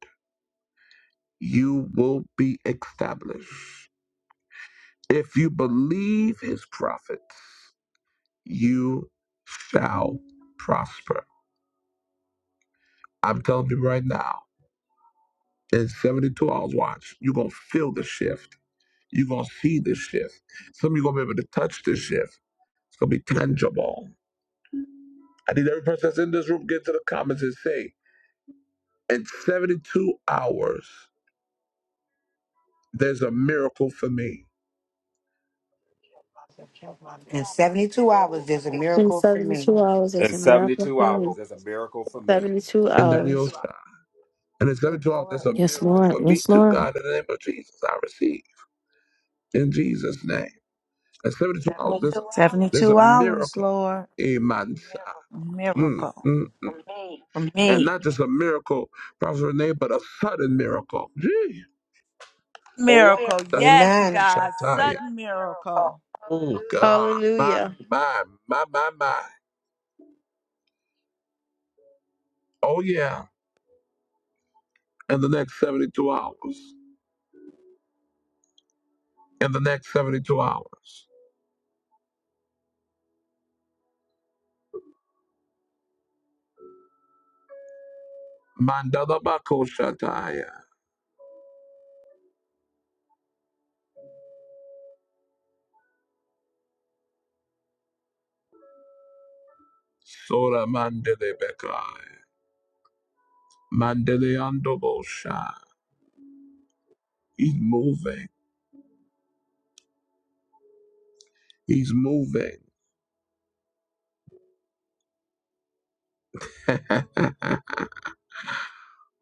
[SPEAKER 1] you will be established. If you believe his prophets, you shall prosper. I'm telling you right now, in 72 hours watch, you're going to feel the shift. You're going to see the shift. Some of you going to be able to touch the shift. It's going to be tangible. I need every person that's in this room get to the comments and say, in 72 hours, there's a miracle for me
[SPEAKER 2] In 72 hours, there's a
[SPEAKER 14] In
[SPEAKER 2] miracle for me.
[SPEAKER 14] 72 hours
[SPEAKER 7] In
[SPEAKER 14] is a miracle
[SPEAKER 7] 72
[SPEAKER 14] for
[SPEAKER 7] hours,
[SPEAKER 14] me.
[SPEAKER 7] there's a miracle for me.
[SPEAKER 14] 72
[SPEAKER 1] in Daniel, new
[SPEAKER 14] hours.
[SPEAKER 1] side. And in 72 hours, there's a
[SPEAKER 12] Yes,
[SPEAKER 1] miracle for
[SPEAKER 12] Lord.
[SPEAKER 1] me
[SPEAKER 12] Yes,
[SPEAKER 1] too,
[SPEAKER 12] Lord.
[SPEAKER 1] God, in the name of Jesus. I receive in Jesus' name. In 72 hours, there's, there's
[SPEAKER 3] 72
[SPEAKER 1] a
[SPEAKER 3] hours,
[SPEAKER 1] miracle.
[SPEAKER 3] Lord.
[SPEAKER 1] Amen. Mm,
[SPEAKER 3] Miracle.
[SPEAKER 1] mm.
[SPEAKER 3] For
[SPEAKER 1] And
[SPEAKER 3] me.
[SPEAKER 1] not just a miracle, Prophet Renee, but a sudden miracle. Gee.
[SPEAKER 3] Miracle.
[SPEAKER 1] Da, da, da,
[SPEAKER 3] Yes,
[SPEAKER 2] Amen.
[SPEAKER 1] da,
[SPEAKER 3] God.
[SPEAKER 1] shataya.
[SPEAKER 3] Sudden miracle.
[SPEAKER 1] Oh, God. My,
[SPEAKER 14] Hallelujah.
[SPEAKER 1] my, my, my, my. Oh, yeah. in the next 72 hours. In the next 72 hours. Mandala Bako Shataya. Sora Mandele Bekai. Mandele Andobosha. He's moving. He's moving.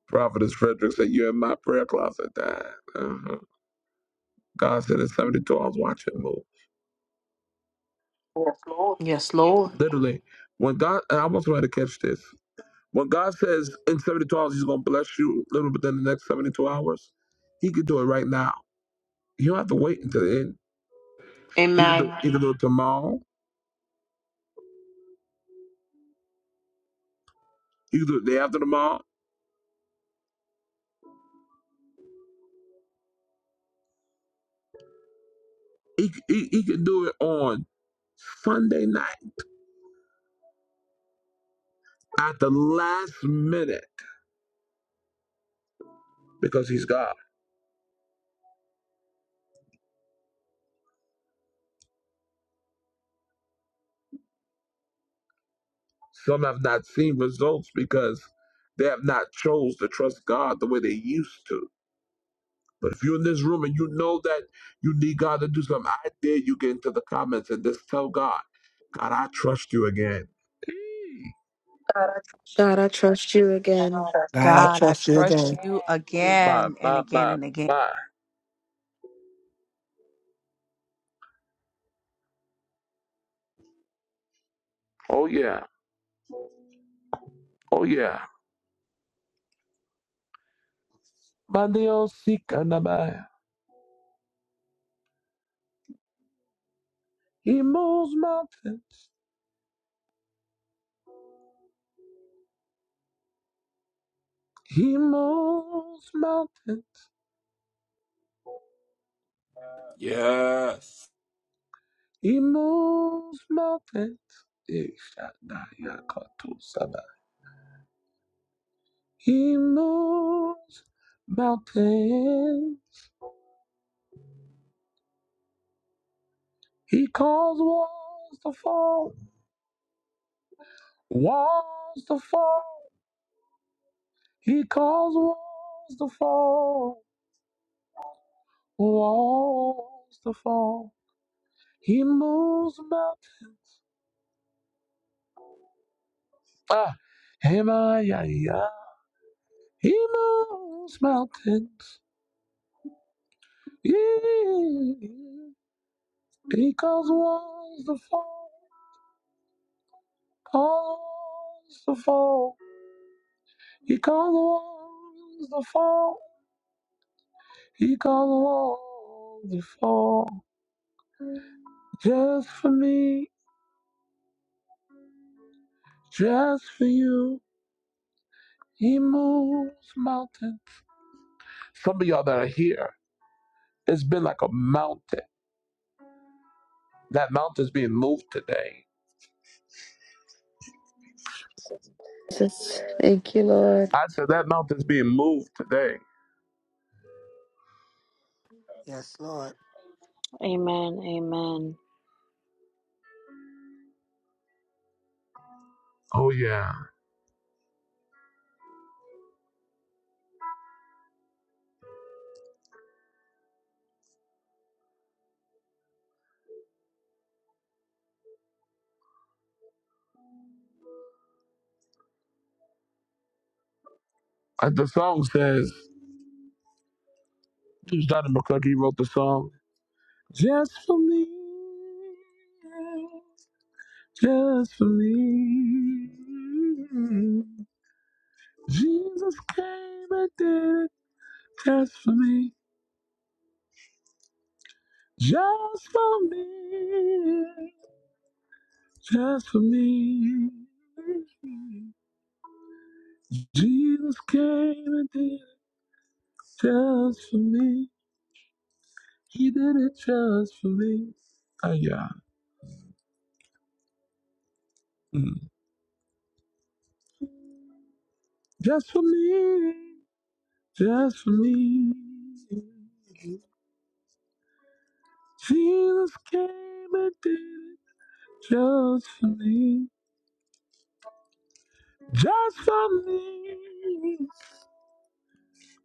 [SPEAKER 1] Prophetess Frederick said, You're in my prayer closet, Dad. Uh-huh. God said, In 72 hours, watch him move.
[SPEAKER 15] Yes, Lord.
[SPEAKER 1] Literally, when God, and I want somebody to catch this. When God says in 72 hours He's going to bless you, a little within the next 72 hours, He could do it right now. You don't have to wait until the end. He can do.
[SPEAKER 15] Amen.
[SPEAKER 1] He can do it tomorrow. He can do it the day after tomorrow. He he, he can do it on Sunday night at the last minute because He's God. Some have not seen results because they have not chose to trust God the way they used to. But if you're in this room and you know that you need God to do something, I dare you get into the comments and just tell God, God, I trust you again. Mm.
[SPEAKER 14] God, I trust you again.
[SPEAKER 2] God, I
[SPEAKER 3] God, I
[SPEAKER 2] trust you today.
[SPEAKER 3] trust you
[SPEAKER 1] Oh my,
[SPEAKER 3] again and
[SPEAKER 1] my,
[SPEAKER 3] again
[SPEAKER 1] my,
[SPEAKER 3] and again.
[SPEAKER 1] my. Oh yeah. Oh yeah. My Dios, sí, caramba. He moves mountains. He moves mountains.
[SPEAKER 7] Yes.
[SPEAKER 1] He moves mountains. Eh, shada, ya, kato, sada. He moves mountains. He calls walls to fall. Walls to fall. He calls walls to fall. Walls to fall. He moves mountains. Ah, him, ah, yeah, yeah. He moves mountains. Yeah. He calls walls to fall. Calls walls to fall. He calls walls to fall. He calls walls to fall. Just for me. Just for you. He moves mountains. Some of y'all that are here, it's been like a mountain. That mountain's being moved today.
[SPEAKER 14] Jesus. Thank you, Lord.
[SPEAKER 1] I said that mountain's being moved today.
[SPEAKER 2] Yes, Lord.
[SPEAKER 13] Amen. Amen.
[SPEAKER 1] Oh yeah. Uh, The song says it was Donnie McClurky wrote the song. Just for me. Just for me. Jesus came and did it just for me. Just for me. Just for me. Jesus came and did it just for me. He did it just for me. Oh, yeah. Just for me. Just for me. Jesus came and did it just for me. Just for me.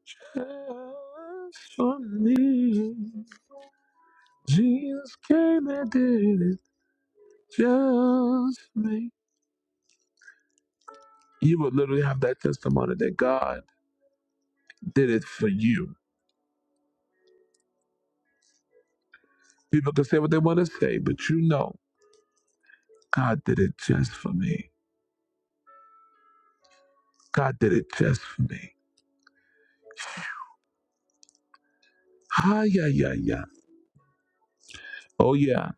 [SPEAKER 1] Just for me. Jesus came and did it just for me. You would literally have that testimony that God did it for you. People can say what they want to say, but you know, God did it just for me. God did it just for me. Ah, yeah, yeah, yeah. Oh, yeah.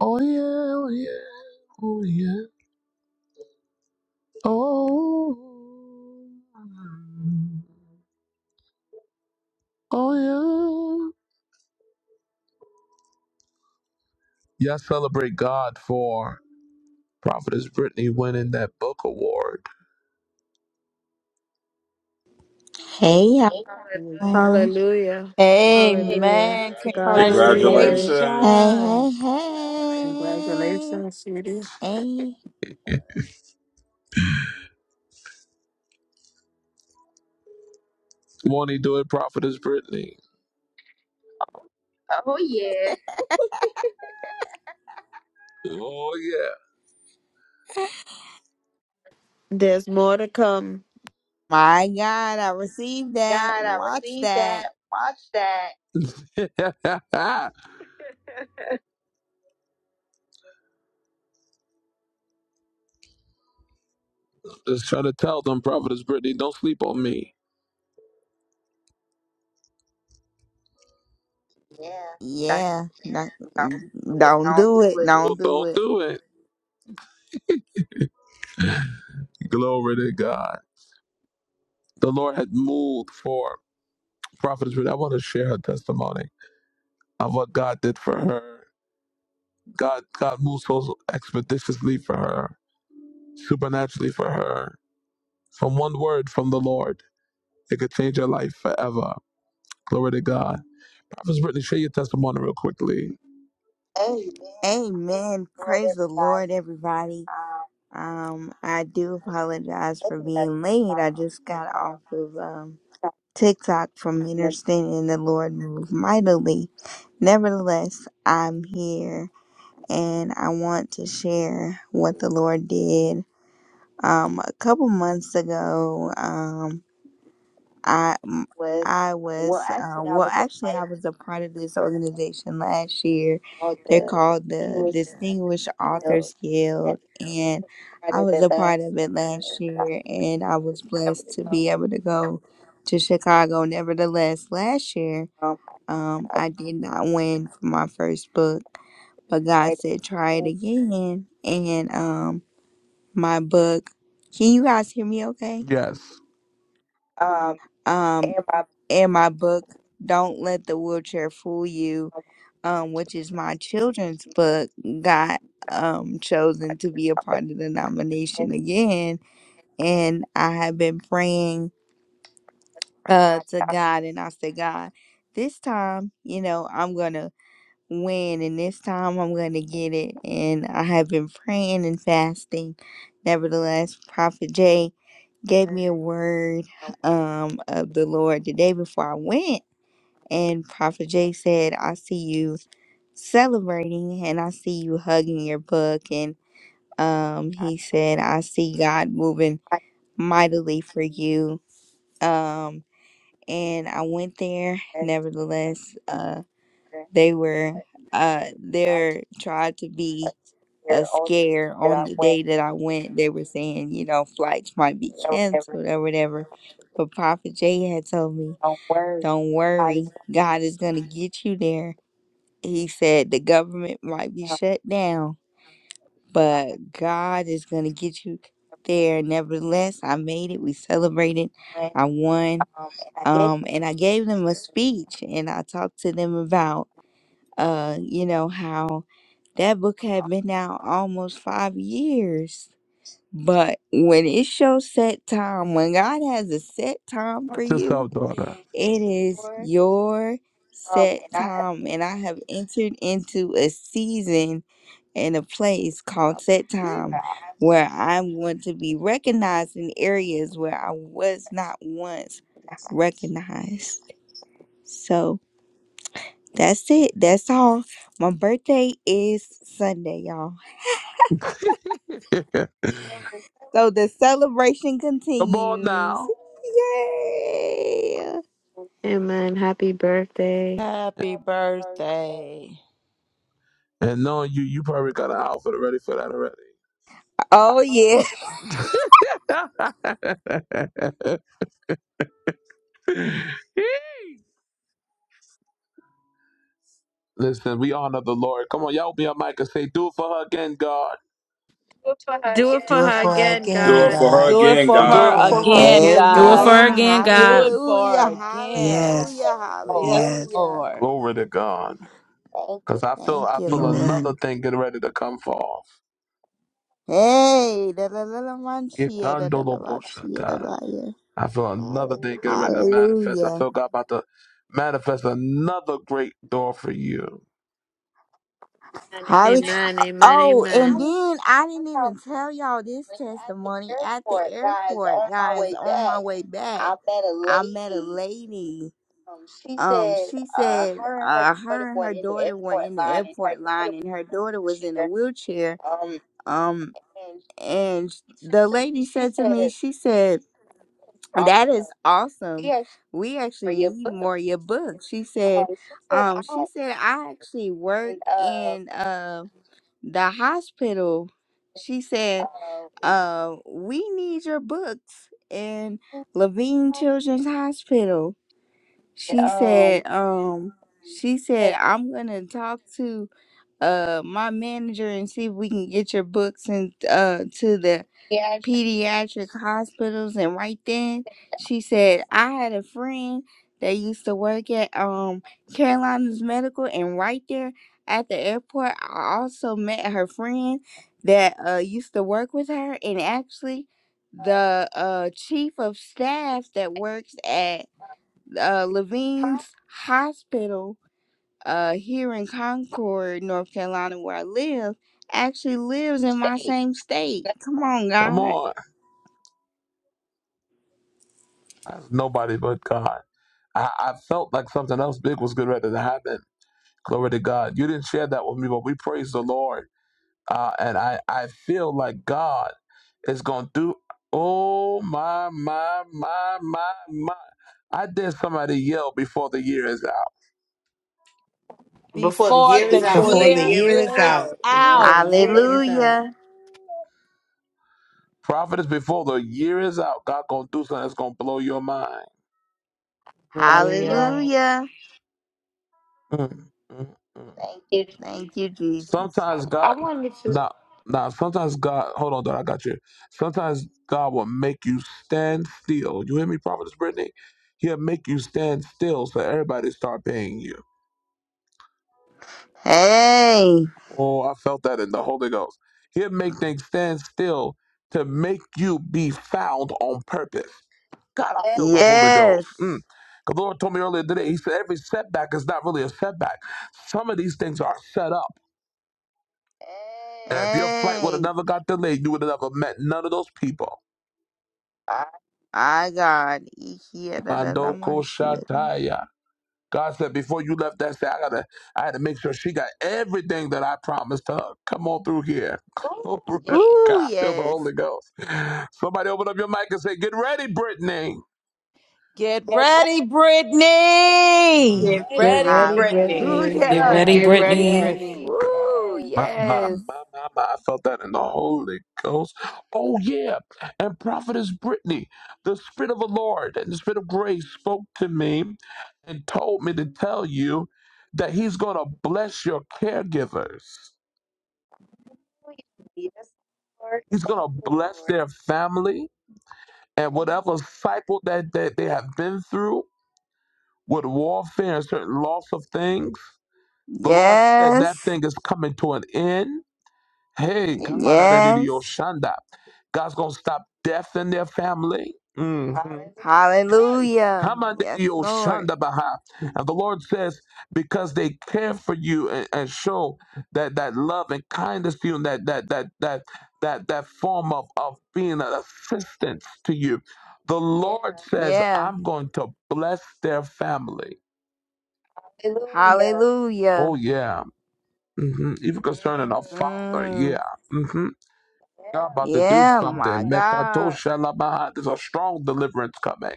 [SPEAKER 1] Oh, yeah, oh, yeah. Oh, yeah. Oh, oh, yeah. Y'all celebrate God for Prophetess Brittany winning that book award.
[SPEAKER 17] Hey y'all.
[SPEAKER 14] Hallelujah. Hallelujah.
[SPEAKER 3] Amen.
[SPEAKER 14] To God be the glory.
[SPEAKER 15] Hallelujah.
[SPEAKER 17] Hey,
[SPEAKER 7] Congratulations.
[SPEAKER 17] hey,
[SPEAKER 3] Congratulations.
[SPEAKER 17] hey.
[SPEAKER 2] Congratulations, sweetie.
[SPEAKER 17] Hey.
[SPEAKER 1] Won't he do it, Prophetess Brittany? Oh,
[SPEAKER 14] There's more to come.
[SPEAKER 17] My God, I received that. Watch that.
[SPEAKER 1] yeah. Just try to tell them, Prophetess Brittany, don't sleep on me.
[SPEAKER 17] Yeah. no- Don't do it. Don't
[SPEAKER 1] Don't,
[SPEAKER 17] do
[SPEAKER 1] don't
[SPEAKER 17] it.
[SPEAKER 1] do it. Glory to God. The Lord had moved for Prophetess Brittany. I want to share her testimony of what God did for her. God, God moved so expeditiously for her, supernaturally for her. From one word from the Lord, it could change her life forever. Glory to God. Prophetess Brittany, share your testimony real quickly.
[SPEAKER 17] Amen. Praise the Lord, everybody. Um, I do apologize for being late. I just got off of um TikTok from ministering and the Lord moved mightily. Nevertheless, I'm here. and I want to share what the Lord did. Um, a couple months ago, um, I m- I was uh, well, actually, I was a part of this organization last year. They're called the Distinguished Authors Guild, and I was a part of it last year, and I was blessed to be able to go to Chicago. Nevertheless, last year, um, I did not win for my first book but God said, try it again. And um, my book, can you guys hear me okay?
[SPEAKER 1] Yes.
[SPEAKER 17] Um, in my book, Don't Let the Wheelchair Fool You, um, which is my children's book, got um, chosen to be a part of the nomination again. And I have been praying uh, to God, and I said, God, this time, you know, I'm gonna when and this time I'm going to get it. And I have been praying and fasting. Nevertheless, Prophet Jay gave me a word um, of the Lord the day before I went. And Prophet Jay said, I see you celebrating and I see you hugging your book. And um, he said, I see God moving mightily for you. Um, and I went there. Nevertheless, uh, they were, uh, there tried to be a scare on the day that I went. They were saying, you know, flights might be canceled or whatever. But Prophet Jay had told me, don't worry, God is going to get you there. He said the government might be shut down, but God is going to get you there. Nevertheless, I made it. We celebrated. I won. Um, and I gave them a speech and I talked to them about, uh, you know, how that book had been out almost five years but when it shows set time, when God has a set time for
[SPEAKER 1] Watch
[SPEAKER 17] you,
[SPEAKER 1] yourself, daughter.
[SPEAKER 17] it is your set time. And I have entered into a season in a place called set time where I'm going to be recognized in areas where I was not once recognized. So that's it. That's all. My birthday is Sunday, y'all.
[SPEAKER 1] Come
[SPEAKER 17] So the celebration
[SPEAKER 1] on
[SPEAKER 17] continues.
[SPEAKER 1] now.
[SPEAKER 17] Yeah.
[SPEAKER 14] Amen. Happy birthday.
[SPEAKER 3] Happy birthday.
[SPEAKER 1] And knowing you, you probably got an outfit ready for that
[SPEAKER 17] Oh yeah.
[SPEAKER 1] already. Listen, we honor the Lord. Come on, y'all be on mic and say, do it for her again, God.
[SPEAKER 14] Do it for
[SPEAKER 2] Do it
[SPEAKER 14] her
[SPEAKER 2] for her
[SPEAKER 14] again,
[SPEAKER 2] again,
[SPEAKER 7] Do it
[SPEAKER 14] God.
[SPEAKER 7] for her
[SPEAKER 2] God.
[SPEAKER 3] Do it
[SPEAKER 7] again,
[SPEAKER 3] for
[SPEAKER 2] Do it
[SPEAKER 7] God.
[SPEAKER 3] her
[SPEAKER 15] Do it
[SPEAKER 2] for her
[SPEAKER 15] for her
[SPEAKER 3] again,
[SPEAKER 2] again.
[SPEAKER 15] again,
[SPEAKER 12] Do it
[SPEAKER 3] God.
[SPEAKER 12] for her
[SPEAKER 15] Lord,
[SPEAKER 17] Amen.
[SPEAKER 12] again,
[SPEAKER 3] Do it
[SPEAKER 12] God.
[SPEAKER 3] for her
[SPEAKER 17] Hallelujah.
[SPEAKER 3] again.
[SPEAKER 17] Hallelujah.
[SPEAKER 2] Yes.
[SPEAKER 3] Yes,
[SPEAKER 2] Yes.
[SPEAKER 17] Hallelujah.
[SPEAKER 3] Lord.
[SPEAKER 1] Glory to God. Because I feel
[SPEAKER 17] Thank
[SPEAKER 1] I
[SPEAKER 17] you,
[SPEAKER 1] feel
[SPEAKER 17] Lord.
[SPEAKER 1] another
[SPEAKER 2] Amen.
[SPEAKER 1] thing getting ready to come forth.
[SPEAKER 17] Hey, da da da da man, cheer, da da da man, cheer, da
[SPEAKER 1] Ikandoloboshata.
[SPEAKER 17] da yeah.
[SPEAKER 1] I feel another thing getting ready to manifest. I
[SPEAKER 17] Hallelujah.
[SPEAKER 1] feel God about to manifest another great door for you.
[SPEAKER 17] Holly.
[SPEAKER 14] Amen. Amen.
[SPEAKER 17] Oh,
[SPEAKER 14] Amen.
[SPEAKER 17] and then I didn't even tell y'all this testimony at the airport, guys. On my way back, I met a lady um she said uh her and her daughter were in the airport line and her daughter was in a wheelchair um and sh- the lady said to me she said that is awesome we actually need more of your books she said um she said i actually work in uh the hospital she said uh we need your books in levine children's hospital she said, um, she said, I'm gonna talk to uh my manager and see if we can get your books and uh to the pediatric hospitals and right then she said I had a friend that used to work at um Carolina's Medical and right there at the airport I also met her friend that uh used to work with her and actually the uh chief of staff that works at uh, Levine's Hospital uh, here in Concord, North Carolina, where I live, actually lives in my same state. Come on,
[SPEAKER 1] Come
[SPEAKER 17] God.
[SPEAKER 1] on. That's nobody but God. I, I felt like something else big was getting ready to happen. Glory to God. You didn't share that with me, but we praise the Lord. Uh, and I, I feel like God is going to do, oh, my, my, my, my, my. I dare somebody yell before the year is out.
[SPEAKER 15] before the
[SPEAKER 3] Before
[SPEAKER 15] year is
[SPEAKER 3] the
[SPEAKER 15] out.
[SPEAKER 2] Before the
[SPEAKER 3] year
[SPEAKER 2] year is out.
[SPEAKER 3] is
[SPEAKER 2] Before
[SPEAKER 3] out.
[SPEAKER 2] the year is out.
[SPEAKER 17] Hallelujah.
[SPEAKER 1] Prophet is before the year is out. God going to do something that's going to blow your mind.
[SPEAKER 15] Hallelujah.
[SPEAKER 17] Hallelujah.
[SPEAKER 1] Mm, mm, mm.
[SPEAKER 17] Thank you, Jesus.
[SPEAKER 15] I,
[SPEAKER 1] Sometimes
[SPEAKER 15] I
[SPEAKER 1] God,
[SPEAKER 15] wanted to
[SPEAKER 1] now, now, sometimes God, hold on, dog, I got you. Sometimes God will make you stand still. You hear me, Prophetess Brittany? He'll make you stand still so everybody start paying you.
[SPEAKER 17] Hey,
[SPEAKER 1] Oh, I felt that in the Holy Ghost. He'll make things stand still to make you be found on purpose. God, I feel the Holy Ghost. Mm.
[SPEAKER 17] yes.
[SPEAKER 1] The Lord told me earlier today, He said, every setback is not really a setback. Some of these things are set up. And if your flight would have
[SPEAKER 17] Hey,
[SPEAKER 1] never got delayed, you would have never met none of those people.
[SPEAKER 17] my God.
[SPEAKER 1] Mandoko Shataya. God said, before you left that side, I, gotta, I had to make sure she got everything that I promised her. Come on through here.
[SPEAKER 17] Ooh,
[SPEAKER 1] God, feel the
[SPEAKER 17] yes.
[SPEAKER 1] Holy Ghost. Somebody open up your mic and say, Get ready, Brittany.
[SPEAKER 3] Get ready, Brittany.
[SPEAKER 2] Get ready, Brittany.
[SPEAKER 16] Get
[SPEAKER 2] Yes,
[SPEAKER 16] ready,
[SPEAKER 15] get
[SPEAKER 17] Hallelujah.
[SPEAKER 2] yes,
[SPEAKER 15] ready,
[SPEAKER 16] Brittany.
[SPEAKER 2] yes.
[SPEAKER 15] Brittany.
[SPEAKER 1] God,
[SPEAKER 17] Ooh,
[SPEAKER 1] Yes. my, my,
[SPEAKER 17] yes.
[SPEAKER 1] my, my, my. I felt that in the Holy Ghost. Oh, yeah. And Prophetess Brittany, the Spirit of the Lord and the Spirit of grace spoke to me and told me to tell you that He's going to bless your caregivers. He's going to bless their family and whatever cycle that, that they have been through with warfare and certain loss of things. The Lord said that
[SPEAKER 17] Yes.
[SPEAKER 1] thing is coming to an end. Hey, come out of that idiot,
[SPEAKER 17] Yes.
[SPEAKER 1] Shanda. God's going to stop death in their family. Mhm.
[SPEAKER 17] Hallelujah. Yes,
[SPEAKER 1] Kamandidio
[SPEAKER 17] Lord.
[SPEAKER 1] Shandabaha. And the Lord says, because they care for you and, and show that, that love and kindness to you and that that that that that that form of, of being an assistance to you. The Lord says,
[SPEAKER 17] Yeah.
[SPEAKER 1] I'm going to bless their family. Oh
[SPEAKER 17] Hallelujah.
[SPEAKER 1] yeah. hmm Even concerning our father,
[SPEAKER 17] Mm.
[SPEAKER 1] yeah. hmm God about to do
[SPEAKER 17] Yeah, my
[SPEAKER 1] something. Mekato
[SPEAKER 17] God.
[SPEAKER 1] Shalabaha. There's a strong deliverance coming.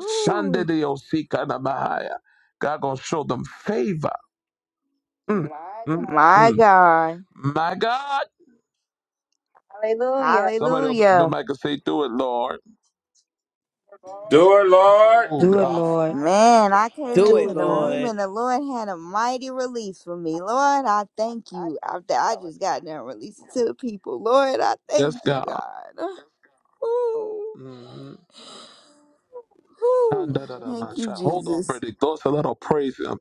[SPEAKER 1] Sunday they will see Mahaya. God gonna show them favor. Mm, My mm, God.
[SPEAKER 17] My
[SPEAKER 1] mm.
[SPEAKER 17] God.
[SPEAKER 1] My God. Somebody open up the
[SPEAKER 17] Hallelujah.
[SPEAKER 1] mic and say, do it, Lord.
[SPEAKER 7] Do it, Lord.
[SPEAKER 1] Oh
[SPEAKER 2] Do it,
[SPEAKER 1] God.
[SPEAKER 2] Lord.
[SPEAKER 17] Man, I came
[SPEAKER 15] Do
[SPEAKER 17] into
[SPEAKER 15] it,
[SPEAKER 17] the
[SPEAKER 15] Lord.
[SPEAKER 17] room and the Lord had a mighty release for me. Lord, I thank you. I, I just got done releasing to the people. Lord, I
[SPEAKER 1] Yes,
[SPEAKER 17] thank you,
[SPEAKER 1] God.
[SPEAKER 17] God. Ooh,
[SPEAKER 1] Mm. And
[SPEAKER 17] ooh.
[SPEAKER 1] da- da- da- man,
[SPEAKER 17] Thank you,
[SPEAKER 1] sha- Hold on,
[SPEAKER 17] Jesus.
[SPEAKER 1] Brittany. Go so let her praise him.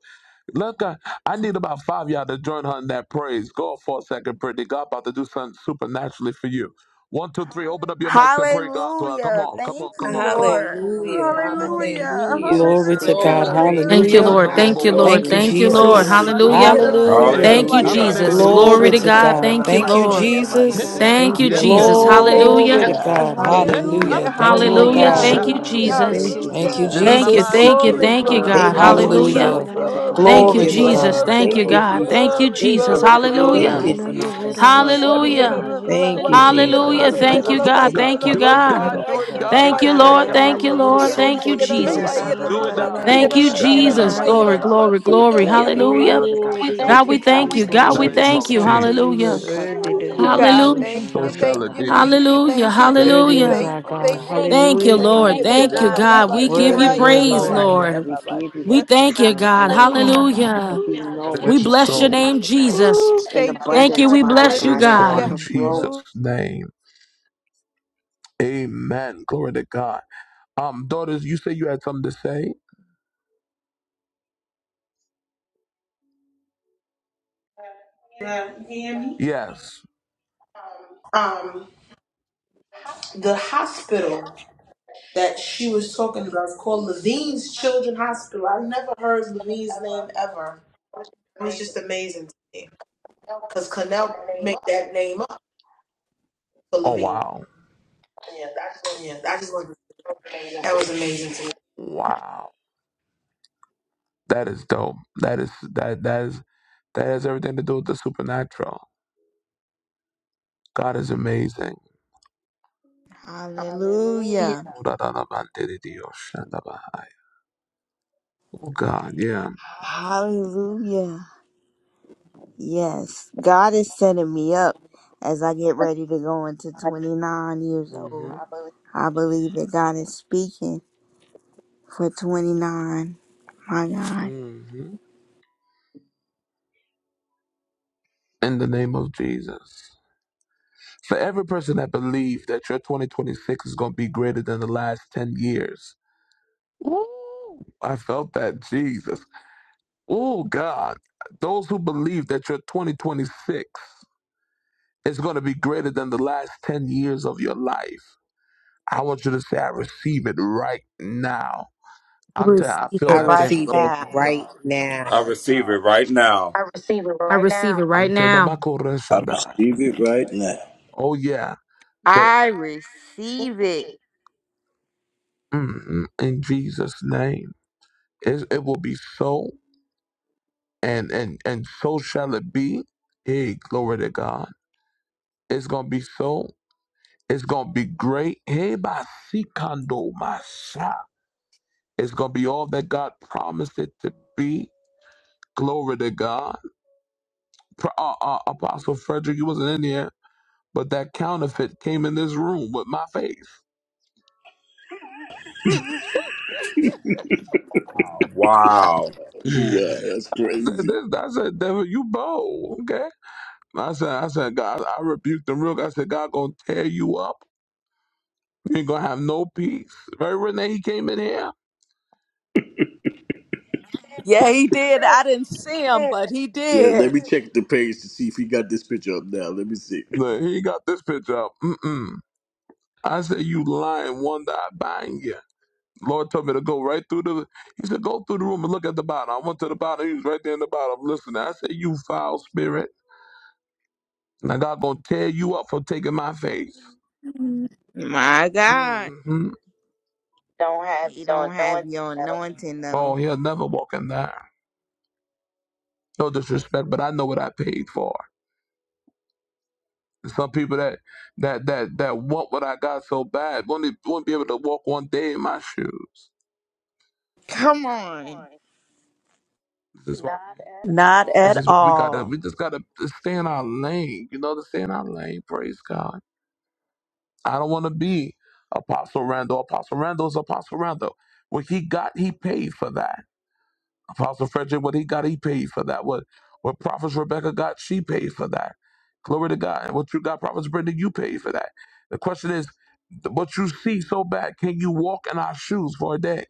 [SPEAKER 1] Look, I, I need about five of y'all to join her in that praise. Go for a second, Brittany. God about to do something supernaturally for you. One, two, three. Open up your mics and pray God to her. Come
[SPEAKER 17] Hallelujah.
[SPEAKER 1] on, come on,
[SPEAKER 17] Thank
[SPEAKER 1] come
[SPEAKER 17] you,
[SPEAKER 1] on, come on.
[SPEAKER 17] Lord.
[SPEAKER 13] Holy Father, thank you,
[SPEAKER 17] Hallelujah.
[SPEAKER 13] Jesus.
[SPEAKER 16] Glory to
[SPEAKER 13] Thank
[SPEAKER 17] Hallelujah.
[SPEAKER 13] you,
[SPEAKER 16] God.
[SPEAKER 15] Thank you,
[SPEAKER 13] Jesus,
[SPEAKER 12] Thank you,
[SPEAKER 17] Hallelujah.
[SPEAKER 16] Hallelujah.
[SPEAKER 13] Father
[SPEAKER 17] Da,
[SPEAKER 12] Lord.
[SPEAKER 17] da, da,
[SPEAKER 1] Shandolo
[SPEAKER 13] God.
[SPEAKER 15] Jesus.
[SPEAKER 12] Thank
[SPEAKER 1] Lord.
[SPEAKER 17] da,
[SPEAKER 12] you,
[SPEAKER 17] wa,
[SPEAKER 13] Thank
[SPEAKER 1] Thank
[SPEAKER 12] Lord.
[SPEAKER 1] you,
[SPEAKER 16] Thank
[SPEAKER 17] tu,
[SPEAKER 16] you,
[SPEAKER 13] you.
[SPEAKER 12] Thank you,
[SPEAKER 17] ya, da,
[SPEAKER 1] Bokoriana
[SPEAKER 17] da,
[SPEAKER 12] Lord.
[SPEAKER 17] da,
[SPEAKER 13] Thank you,
[SPEAKER 16] Jesus.
[SPEAKER 17] ma, ti,
[SPEAKER 13] Father
[SPEAKER 12] Hallelujah.
[SPEAKER 15] Thank
[SPEAKER 17] ya, da,
[SPEAKER 15] you,
[SPEAKER 17] da,
[SPEAKER 13] God.
[SPEAKER 15] Lord.
[SPEAKER 17] ya, da,
[SPEAKER 13] Thank
[SPEAKER 1] Hey,
[SPEAKER 17] da,
[SPEAKER 16] Hallelujah.
[SPEAKER 13] you.
[SPEAKER 12] Thank
[SPEAKER 17] ma,
[SPEAKER 12] you,
[SPEAKER 1] come
[SPEAKER 17] ya,
[SPEAKER 1] on,
[SPEAKER 17] da,
[SPEAKER 7] Hallelujah.
[SPEAKER 17] da,
[SPEAKER 12] Jesus.
[SPEAKER 17] ma,
[SPEAKER 15] Hallelujah.
[SPEAKER 13] Thank
[SPEAKER 1] Edio
[SPEAKER 13] you,
[SPEAKER 17] ti,
[SPEAKER 12] Glory
[SPEAKER 16] Glory
[SPEAKER 17] ya,
[SPEAKER 12] to
[SPEAKER 17] da,
[SPEAKER 16] to
[SPEAKER 17] da,
[SPEAKER 13] Father
[SPEAKER 12] God.
[SPEAKER 1] Shatabaha.
[SPEAKER 17] ya, da,
[SPEAKER 16] God.
[SPEAKER 17] da,
[SPEAKER 12] Thank you,
[SPEAKER 13] God,
[SPEAKER 17] ma,
[SPEAKER 16] Thank you,
[SPEAKER 17] ya, da,
[SPEAKER 12] Lord.
[SPEAKER 13] Father
[SPEAKER 17] da, ma,
[SPEAKER 13] God,
[SPEAKER 1] Hey,
[SPEAKER 13] because
[SPEAKER 17] ti.
[SPEAKER 16] Jesus.
[SPEAKER 13] you are
[SPEAKER 1] hey,
[SPEAKER 12] Thank you,
[SPEAKER 15] Takaraman
[SPEAKER 13] Alpha
[SPEAKER 1] yes,
[SPEAKER 13] and
[SPEAKER 1] God.
[SPEAKER 12] Jesus.
[SPEAKER 17] Thank
[SPEAKER 13] Omega,
[SPEAKER 15] sokoro
[SPEAKER 17] you,
[SPEAKER 16] Glory
[SPEAKER 12] Hallelujah.
[SPEAKER 16] to
[SPEAKER 13] Father
[SPEAKER 17] God.
[SPEAKER 13] God.
[SPEAKER 16] God.
[SPEAKER 1] Hey, come
[SPEAKER 13] We
[SPEAKER 16] Hallelujah.
[SPEAKER 17] Hallelujah.
[SPEAKER 1] on,
[SPEAKER 16] Thank you,
[SPEAKER 1] the
[SPEAKER 16] oh
[SPEAKER 12] Hallelujah.
[SPEAKER 13] praise you,
[SPEAKER 17] Hallelujah.
[SPEAKER 12] Thank
[SPEAKER 16] God.
[SPEAKER 1] Bosha.
[SPEAKER 13] Father
[SPEAKER 12] you,
[SPEAKER 13] God.
[SPEAKER 17] Hallelujah.
[SPEAKER 13] We
[SPEAKER 12] Jesus.
[SPEAKER 13] praise you,
[SPEAKER 16] Thank you,
[SPEAKER 13] Father
[SPEAKER 17] Hallelujah.
[SPEAKER 1] In the name
[SPEAKER 13] God.
[SPEAKER 12] Thank
[SPEAKER 1] of
[SPEAKER 12] you.
[SPEAKER 1] Naya,
[SPEAKER 16] Jesus.
[SPEAKER 12] Thank
[SPEAKER 15] Oh,
[SPEAKER 12] you.
[SPEAKER 15] we
[SPEAKER 13] We
[SPEAKER 17] Glory,
[SPEAKER 15] give
[SPEAKER 12] Thank you,
[SPEAKER 17] glory,
[SPEAKER 13] cry
[SPEAKER 12] God.
[SPEAKER 1] Naya,
[SPEAKER 13] unto you
[SPEAKER 15] you
[SPEAKER 17] glory,
[SPEAKER 13] right
[SPEAKER 15] praise,
[SPEAKER 1] Bosha.
[SPEAKER 12] Hallelujah.
[SPEAKER 17] glory,
[SPEAKER 13] now,
[SPEAKER 16] Hallelujah.
[SPEAKER 15] Lord
[SPEAKER 13] Father
[SPEAKER 1] Thank
[SPEAKER 17] glory,
[SPEAKER 1] you,
[SPEAKER 13] God.
[SPEAKER 12] Thank
[SPEAKER 13] Let
[SPEAKER 12] you,
[SPEAKER 16] Glory
[SPEAKER 13] the
[SPEAKER 17] glory,
[SPEAKER 16] to
[SPEAKER 1] Jesus. Thank
[SPEAKER 12] Jesus.
[SPEAKER 1] you,
[SPEAKER 13] blessings
[SPEAKER 16] God.
[SPEAKER 17] glory,
[SPEAKER 12] Thank you,
[SPEAKER 13] overflow,
[SPEAKER 17] glory,
[SPEAKER 12] God.
[SPEAKER 13] Father
[SPEAKER 12] Thank
[SPEAKER 13] God.
[SPEAKER 12] you,
[SPEAKER 17] glory,
[SPEAKER 12] Jesus.
[SPEAKER 17] glory,
[SPEAKER 13] Allow
[SPEAKER 1] God.
[SPEAKER 13] the
[SPEAKER 1] Thank you.
[SPEAKER 13] gates
[SPEAKER 17] glory.
[SPEAKER 13] to
[SPEAKER 12] Hallelujah.
[SPEAKER 1] Yeah.
[SPEAKER 13] open up and flood,
[SPEAKER 17] Ooh,
[SPEAKER 13] Father
[SPEAKER 12] Hallelujah.
[SPEAKER 13] God.
[SPEAKER 1] Hallelujah.
[SPEAKER 13] Allow
[SPEAKER 12] Hallelujah.
[SPEAKER 13] the
[SPEAKER 1] Thank you, God.
[SPEAKER 12] Thank
[SPEAKER 1] Do
[SPEAKER 13] blessing
[SPEAKER 1] it
[SPEAKER 12] you,
[SPEAKER 13] to
[SPEAKER 1] for
[SPEAKER 12] God.
[SPEAKER 1] God.
[SPEAKER 12] Thank you,
[SPEAKER 13] overpour,
[SPEAKER 1] Do it,
[SPEAKER 13] Father God,
[SPEAKER 1] God.
[SPEAKER 12] God.
[SPEAKER 1] Do
[SPEAKER 13] over
[SPEAKER 1] it,
[SPEAKER 13] her, over
[SPEAKER 12] Thank
[SPEAKER 13] her
[SPEAKER 1] God.
[SPEAKER 12] you,
[SPEAKER 1] Do it,
[SPEAKER 12] Lord.
[SPEAKER 13] caregivers,
[SPEAKER 1] God.
[SPEAKER 12] Thank you,
[SPEAKER 13] Father
[SPEAKER 12] Lord.
[SPEAKER 13] God.
[SPEAKER 12] Thank you,
[SPEAKER 13] Do it
[SPEAKER 12] Jesus.
[SPEAKER 1] Hey,
[SPEAKER 13] for her,
[SPEAKER 1] do it
[SPEAKER 13] Father
[SPEAKER 1] down
[SPEAKER 13] God,
[SPEAKER 1] the
[SPEAKER 12] Thank
[SPEAKER 13] for
[SPEAKER 12] you,
[SPEAKER 1] Osha
[SPEAKER 13] her
[SPEAKER 1] now, Leo Shana.
[SPEAKER 13] family,
[SPEAKER 12] Jesus.
[SPEAKER 13] Father
[SPEAKER 12] Glory,
[SPEAKER 13] God,
[SPEAKER 12] glory,
[SPEAKER 13] for the
[SPEAKER 12] glory.
[SPEAKER 13] caregivers,
[SPEAKER 12] Hallelujah.
[SPEAKER 13] Father God,
[SPEAKER 1] God, we
[SPEAKER 13] for those
[SPEAKER 1] thank
[SPEAKER 12] God, we
[SPEAKER 1] you.
[SPEAKER 13] that
[SPEAKER 1] God,
[SPEAKER 13] she
[SPEAKER 12] thank
[SPEAKER 1] we
[SPEAKER 12] you.
[SPEAKER 13] has
[SPEAKER 1] thank you. In
[SPEAKER 12] God,
[SPEAKER 1] the
[SPEAKER 12] we
[SPEAKER 13] blessed,
[SPEAKER 1] name
[SPEAKER 12] thank
[SPEAKER 1] of
[SPEAKER 15] Jesus.
[SPEAKER 13] Father
[SPEAKER 12] you.
[SPEAKER 13] God.
[SPEAKER 15] Hallelujah.
[SPEAKER 12] Hallelujah.
[SPEAKER 15] You're
[SPEAKER 1] Jesus.
[SPEAKER 13] Because,
[SPEAKER 15] worthy
[SPEAKER 13] Father
[SPEAKER 15] to
[SPEAKER 13] God, you
[SPEAKER 15] be
[SPEAKER 13] are
[SPEAKER 17] God,
[SPEAKER 13] the
[SPEAKER 12] Hallelujah.
[SPEAKER 17] thank
[SPEAKER 13] one and
[SPEAKER 1] So
[SPEAKER 17] you,
[SPEAKER 13] only,
[SPEAKER 1] shall
[SPEAKER 15] Oshanda.
[SPEAKER 17] thank
[SPEAKER 1] it
[SPEAKER 13] Father
[SPEAKER 17] you,
[SPEAKER 13] God.
[SPEAKER 1] be.
[SPEAKER 13] You
[SPEAKER 17] thank
[SPEAKER 13] are
[SPEAKER 17] you,
[SPEAKER 13] the
[SPEAKER 12] Hallelujah.
[SPEAKER 17] thank
[SPEAKER 13] Alpha
[SPEAKER 17] you,
[SPEAKER 13] and
[SPEAKER 1] Hallelujah.
[SPEAKER 17] thank
[SPEAKER 15] Worthy
[SPEAKER 17] you,
[SPEAKER 15] is
[SPEAKER 12] Hallelujah.
[SPEAKER 13] Omega,
[SPEAKER 17] thank
[SPEAKER 15] our
[SPEAKER 17] you,
[SPEAKER 13] Father
[SPEAKER 15] God.
[SPEAKER 17] thank
[SPEAKER 13] God
[SPEAKER 17] you, thank
[SPEAKER 12] Thank
[SPEAKER 17] you,
[SPEAKER 12] you,
[SPEAKER 13] the
[SPEAKER 15] Hallelujah.
[SPEAKER 17] thank
[SPEAKER 12] Lord.
[SPEAKER 13] highly
[SPEAKER 17] you.
[SPEAKER 13] and
[SPEAKER 17] La,
[SPEAKER 12] Thank
[SPEAKER 17] la,
[SPEAKER 12] you,
[SPEAKER 17] la,
[SPEAKER 13] anointed,
[SPEAKER 17] la,
[SPEAKER 12] God.
[SPEAKER 17] ba,
[SPEAKER 12] We
[SPEAKER 13] Father
[SPEAKER 17] chia,
[SPEAKER 12] give
[SPEAKER 13] God.
[SPEAKER 12] you
[SPEAKER 15] Worthy,
[SPEAKER 17] la, ya, la,
[SPEAKER 15] worthy,
[SPEAKER 17] la,
[SPEAKER 12] praise,
[SPEAKER 13] Father
[SPEAKER 17] ba, ya,
[SPEAKER 15] worthy.
[SPEAKER 13] God,
[SPEAKER 17] la,
[SPEAKER 12] Lord.
[SPEAKER 13] we
[SPEAKER 17] la, ba,
[SPEAKER 13] give you
[SPEAKER 12] We
[SPEAKER 13] that
[SPEAKER 17] chia.
[SPEAKER 12] thank
[SPEAKER 13] praise
[SPEAKER 12] you,
[SPEAKER 13] and that
[SPEAKER 12] God.
[SPEAKER 13] glory,
[SPEAKER 15] Oh,
[SPEAKER 13] Father God, because
[SPEAKER 12] Hallelujah.
[SPEAKER 13] we
[SPEAKER 1] Hallelujah. And
[SPEAKER 13] know what
[SPEAKER 1] it
[SPEAKER 12] We
[SPEAKER 13] you
[SPEAKER 1] is
[SPEAKER 13] can
[SPEAKER 12] bless your
[SPEAKER 13] do,
[SPEAKER 12] name,
[SPEAKER 1] so.
[SPEAKER 13] Father
[SPEAKER 15] yeah.
[SPEAKER 13] God,
[SPEAKER 12] Jesus.
[SPEAKER 17] Ooh,
[SPEAKER 13] in
[SPEAKER 17] Thank you,
[SPEAKER 12] Thank you.
[SPEAKER 13] abundance,
[SPEAKER 17] God.
[SPEAKER 12] We
[SPEAKER 13] Father
[SPEAKER 1] It
[SPEAKER 12] bless you,
[SPEAKER 13] God,
[SPEAKER 1] is
[SPEAKER 13] and
[SPEAKER 1] so in
[SPEAKER 17] Hallelujah.
[SPEAKER 12] God.
[SPEAKER 13] overflow,
[SPEAKER 1] Jesus'
[SPEAKER 17] Hallelujah.
[SPEAKER 1] name. Amen. Glory to God. Um, daughters, you say you had something to say?
[SPEAKER 11] Yeah, you hear me?
[SPEAKER 1] Yes.
[SPEAKER 11] Um, the hospital that she was talking about is called Levine's Children Hospital. I never heard Levine's name ever. It was just amazing. to me. Because Connell made that name up for
[SPEAKER 1] Oh
[SPEAKER 11] Levine.
[SPEAKER 1] wow.
[SPEAKER 11] Yeah, I just wanted to, that was amazing to me.
[SPEAKER 1] Wow. That is dope. That is that that is that has everything to do with the supernatural. God is amazing.
[SPEAKER 17] Hallelujah.
[SPEAKER 1] Oh God, yeah.
[SPEAKER 17] Hallelujah. Yes, God is setting me up as I get ready to go into 29 years
[SPEAKER 1] Mhm.
[SPEAKER 17] old. I believe that God is speaking for 29. My God.
[SPEAKER 1] hmm In the name of Jesus. For every person that believes that your 2026 is going to be greater than the last 10 years. Ooh, I felt that, Jesus. Oh, God. Those who believe that your 2026 is going to be greater than the last 10 years of your life, I want you to say, I receive it right now. I'm telling I
[SPEAKER 3] Receive
[SPEAKER 1] feel
[SPEAKER 3] it
[SPEAKER 1] that thing
[SPEAKER 3] right
[SPEAKER 1] from the power
[SPEAKER 3] now.
[SPEAKER 1] of God.
[SPEAKER 7] I receive it right now.
[SPEAKER 12] I receive it right
[SPEAKER 1] I'm telling you,
[SPEAKER 12] now.
[SPEAKER 1] my correction,
[SPEAKER 11] I
[SPEAKER 1] that-
[SPEAKER 11] receive it right now.
[SPEAKER 1] Oh, yeah. That,
[SPEAKER 17] I receive it.
[SPEAKER 1] mm, mm, in Jesus' name. It, it will be so, and and and so shall it be. Hey, glory to God. It's gonna be so. It's gonna be great. Hey, basikando masa. It's gonna be all that God promised it to be. Glory to God. Pro- uh, uh, Apostle Frederick, you wasn't in here, but that counterfeit came in this room with my face.
[SPEAKER 7] Wow.
[SPEAKER 11] Wow, that's
[SPEAKER 1] I said,
[SPEAKER 11] crazy.
[SPEAKER 1] this, I said, devil, you bold, okay? I said, I said, God, I rebuked the real. I said, God gonna tear you up. You ain't gonna have no peace. Right, Renee? He came in here.
[SPEAKER 3] Yeah, he did. I didn't see him, but he
[SPEAKER 11] Yeah,
[SPEAKER 3] did.
[SPEAKER 11] let me check the page to see if he got this picture up now. Let me see.
[SPEAKER 1] Look, he got this picture up. Mm-mm. I said, you lying wonder I bind you. Lord told me to go right through the. He said, go through the room and look at the bottom. I went to the bottom. He was right there in the bottom. Listen, I said, you foul spirit. Now God gonna tear you up for taking my face.
[SPEAKER 17] My God.
[SPEAKER 1] hmm
[SPEAKER 17] He don't have your anointing
[SPEAKER 1] Oh,
[SPEAKER 17] though.
[SPEAKER 1] he'll never walk in there. No disrespect, but I know what I paid for. Some people that that that that want what I got so bad won't, e- won't be able to walk one day in my shoes.
[SPEAKER 17] Come on.
[SPEAKER 1] This is what
[SPEAKER 3] Not
[SPEAKER 1] this
[SPEAKER 3] at
[SPEAKER 1] is what we gotta
[SPEAKER 3] all.
[SPEAKER 1] we just gotta stay in our lane, you know, to stay in our lane, praise God. I don't wanna be Apostle Randall. Apostle Randall's Apostle Randall. What he got, he paid for that. Apostle Frederick, what he got, he paid for that. What what Prophets Rebecca got, she paid for that. Glory to God. And what you got, Prophets Brenda, you paid for that. The question is, what you see so bad, can you walk in our shoes for a day?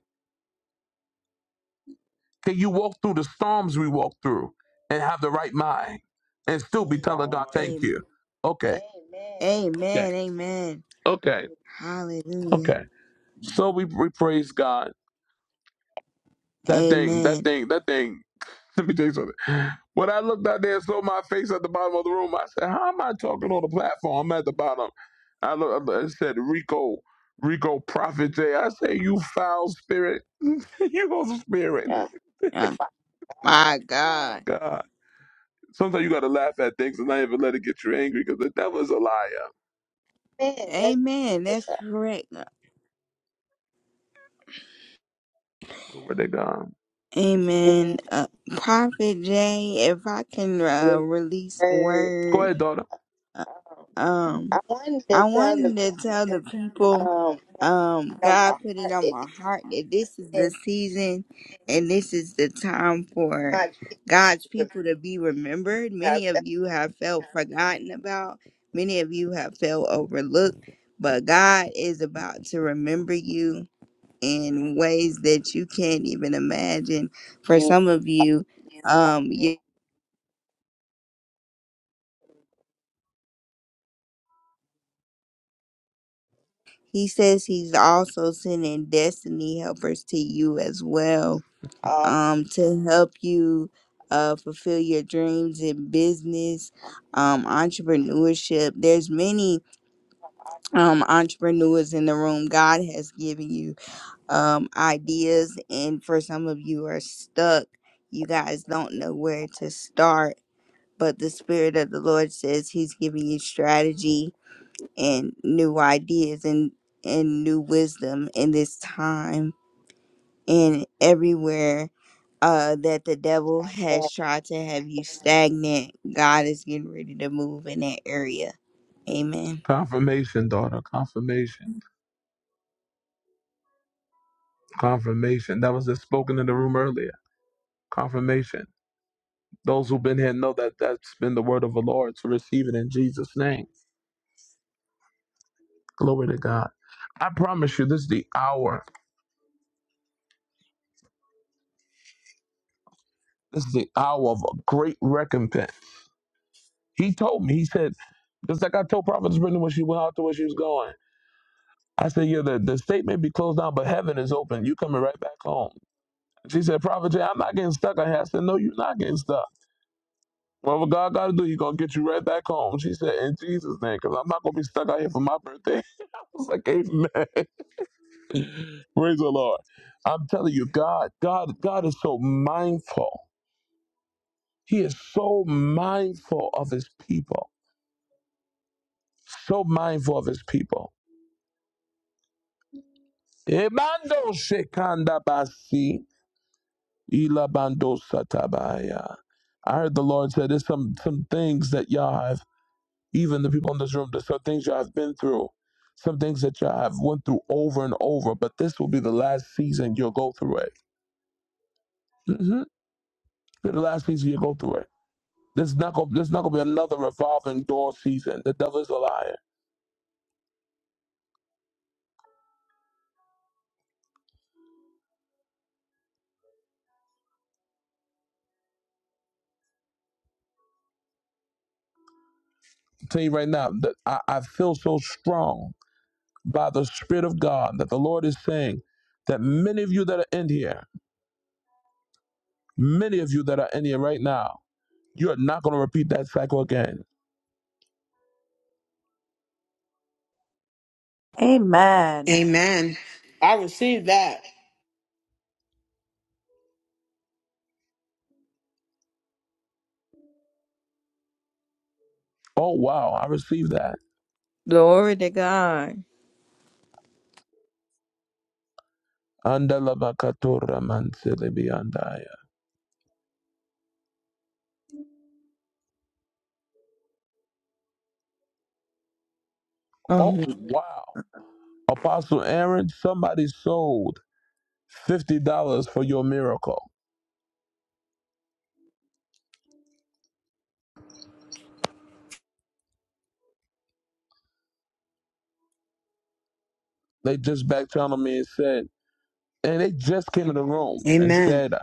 [SPEAKER 1] Can you walk through the storms we walk through and have the right mind and still be telling God, thank
[SPEAKER 17] Am-
[SPEAKER 1] you? Okay. Amen.
[SPEAKER 17] Amen. Amen.
[SPEAKER 1] Okay.
[SPEAKER 17] Hallelujah.
[SPEAKER 1] Okay. So we, we praise God. That thing, that
[SPEAKER 17] Amen.
[SPEAKER 1] thing, that thing. Let me tell you something. When I looked out there and saw my face at the bottom of the room, I said, How am I talking on the platform? I'm at the bottom. I look I said, Rico, Rico Prophet J. I say, You foul spirit. you go spirit.
[SPEAKER 17] Uh, my
[SPEAKER 1] Oh
[SPEAKER 17] God.
[SPEAKER 1] God. Sometimes you got to laugh at things and not even let it get you angry because the devil's a liar.
[SPEAKER 17] Amen. That's correct.
[SPEAKER 1] Where they gone?
[SPEAKER 17] Amen. Uh, Prophet Jay, if I can uh, release a
[SPEAKER 1] Go
[SPEAKER 17] word,
[SPEAKER 1] ahead, daughter.
[SPEAKER 17] uh, um, I wanted to tell the people, um, God put it on my heart that this is the season and this is the time for God's people to be remembered. Many of you have felt forgotten about, many of you have felt overlooked, but God is about to remember you in ways that you can't even imagine. For some of you, um, you, he says he's also sending destiny helpers to you as well, um, to help you uh, fulfill your dreams in business, um, entrepreneurship. There's many um, entrepreneurs in the room. God has given you um, ideas, and for some of you are stuck. You guys don't know where to start but the spirit of the lord says he's giving you strategy and new ideas and and new wisdom in this time and everywhere uh that the devil has tried to have you stagnant god is getting ready to move in that area amen
[SPEAKER 1] Confirmation, daughter. Confirmation. Confirmation. That was just spoken in the room earlier. Confirmation. Those who've been here know that that's been the word of the Lord to receive it in Jesus' name. Glory to God. I promise you, this is the hour. This is the hour of a great recompense. He told me, he said, just like I told Prophetess Brittany when she went out to where she was going. I said, yeah, the, the state may be closed down, but heaven is open. You coming right back home. She said, Prophet J, I'm not getting stuck on here. I said, No, you're not getting stuck. Whatever God got to do, He's going to get you right back home. She said, In Jesus' name, because I'm not going to be stuck out here for my birthday. I was like, Amen. Praise the Lord. I'm telling you, God, God, God is so mindful. He is so mindful of His people. So mindful of His people. Ebando shekanda basi, ilabando satabaya. I heard the Lord said, There's some, some things that y'all have even the people in this room, there's some things y'all have been through, some things that y'all have went through over and over, but this will be the last season you'll go through it. hmm The last season you'll go through it. There's not gonna there's not gonna be another revolving door season. The devil is a liar. i tell you right now that I, I feel so strong by the Spirit of God that the Lord is saying that many of you that are in here, many of you that are in here right now, you are not gonna repeat that cycle again.
[SPEAKER 3] Amen.
[SPEAKER 2] Amen.
[SPEAKER 15] I received that.
[SPEAKER 1] Oh wow, I received that.
[SPEAKER 17] Glory to God.
[SPEAKER 1] Andalabakatora manselebiandaya. Oh
[SPEAKER 17] um
[SPEAKER 1] wow. Apostle Aaron, somebody sold fifty dollars for your miracle. They just back channeled me and said and they just came in the room and
[SPEAKER 2] Amen.
[SPEAKER 1] said,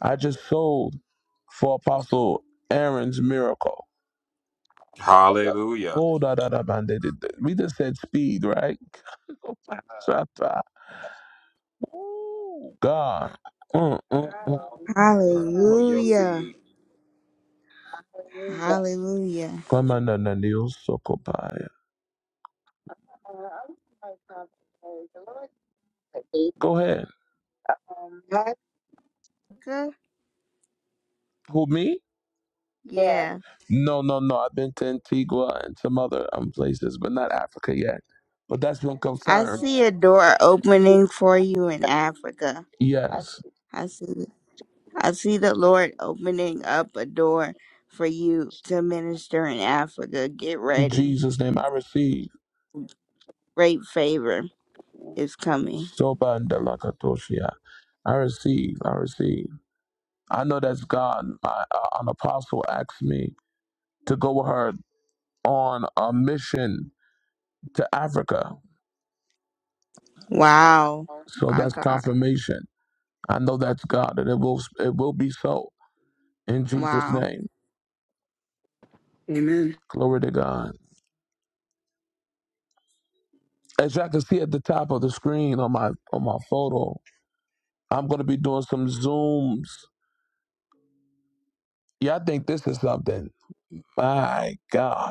[SPEAKER 1] "I just sold for Apostle Aaron's miracle." Yeah.
[SPEAKER 7] Hallelujah.
[SPEAKER 1] Oh, da da da, man. They did. that. We just said speed, right? Shut up. Ooh, God. Mm, mm, mm.
[SPEAKER 7] For your
[SPEAKER 17] hallelujah
[SPEAKER 7] seed.
[SPEAKER 17] hallelujah
[SPEAKER 1] Come on, na- na- na- so Go ahead.
[SPEAKER 17] Africa?
[SPEAKER 1] Who me?
[SPEAKER 17] yeah
[SPEAKER 1] No, no, no. I've been to Antigua and some other um, places, but not Africa yet. But that's been
[SPEAKER 17] i
[SPEAKER 1] confirmed.
[SPEAKER 17] see a door opening for you in africa
[SPEAKER 1] Yes.
[SPEAKER 17] i see I see the Lord opening up a door for you to minister in Africa. Get
[SPEAKER 1] In
[SPEAKER 17] ready.
[SPEAKER 1] Jesus' name, I receive.
[SPEAKER 17] Great favor is coming.
[SPEAKER 1] Sobandalakatoshia. I receive, I receive. I know that's God. My, uh, an apostle asked me to go with her on a mission to Africa.
[SPEAKER 17] Wow.
[SPEAKER 1] So
[SPEAKER 17] My
[SPEAKER 1] that's
[SPEAKER 17] God.
[SPEAKER 1] confirmation. I know that's God, and it will it will be so in Jesus'
[SPEAKER 17] Wow.
[SPEAKER 1] name.
[SPEAKER 2] Amen.
[SPEAKER 1] Glory to God. As y'all can see at the top of the screen on my on my photo, I'm gonna be doing some zooms. Y'all think this is something? My God.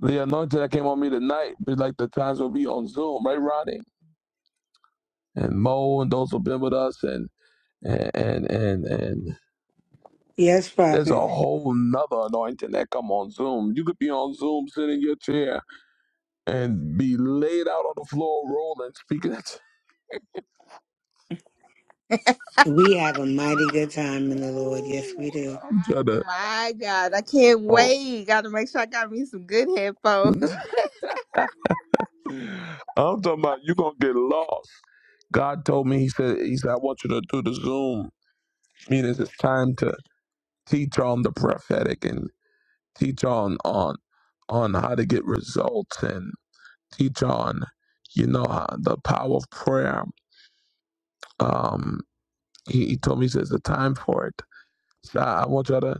[SPEAKER 1] The anointing that came on me tonight, like the times will be on Zoom, right, Ronnie? And Mo and those who've been with us and and and and and
[SPEAKER 2] Yes,
[SPEAKER 1] there's a
[SPEAKER 2] Prophet.
[SPEAKER 1] whole nother anointing that come on Zoom. You could be on Zoom sitting in your chair and be laid out on the floor rolling, speaking at
[SPEAKER 2] We have a mighty good time in the Lord. Yes, we do.
[SPEAKER 1] I'm trying to
[SPEAKER 17] My God. I can't
[SPEAKER 1] oh.
[SPEAKER 17] wait. Gotta make sure I got me some good headphones.
[SPEAKER 1] I'm talking about you gonna get lost. God told me, He said, He said, I want you to do the Zoom meetings. It's time to teach on the prophetic. and. teach on on on how to get results and teach on you know how, the power of prayer um he, he told me he says the time for it so i I want y'all to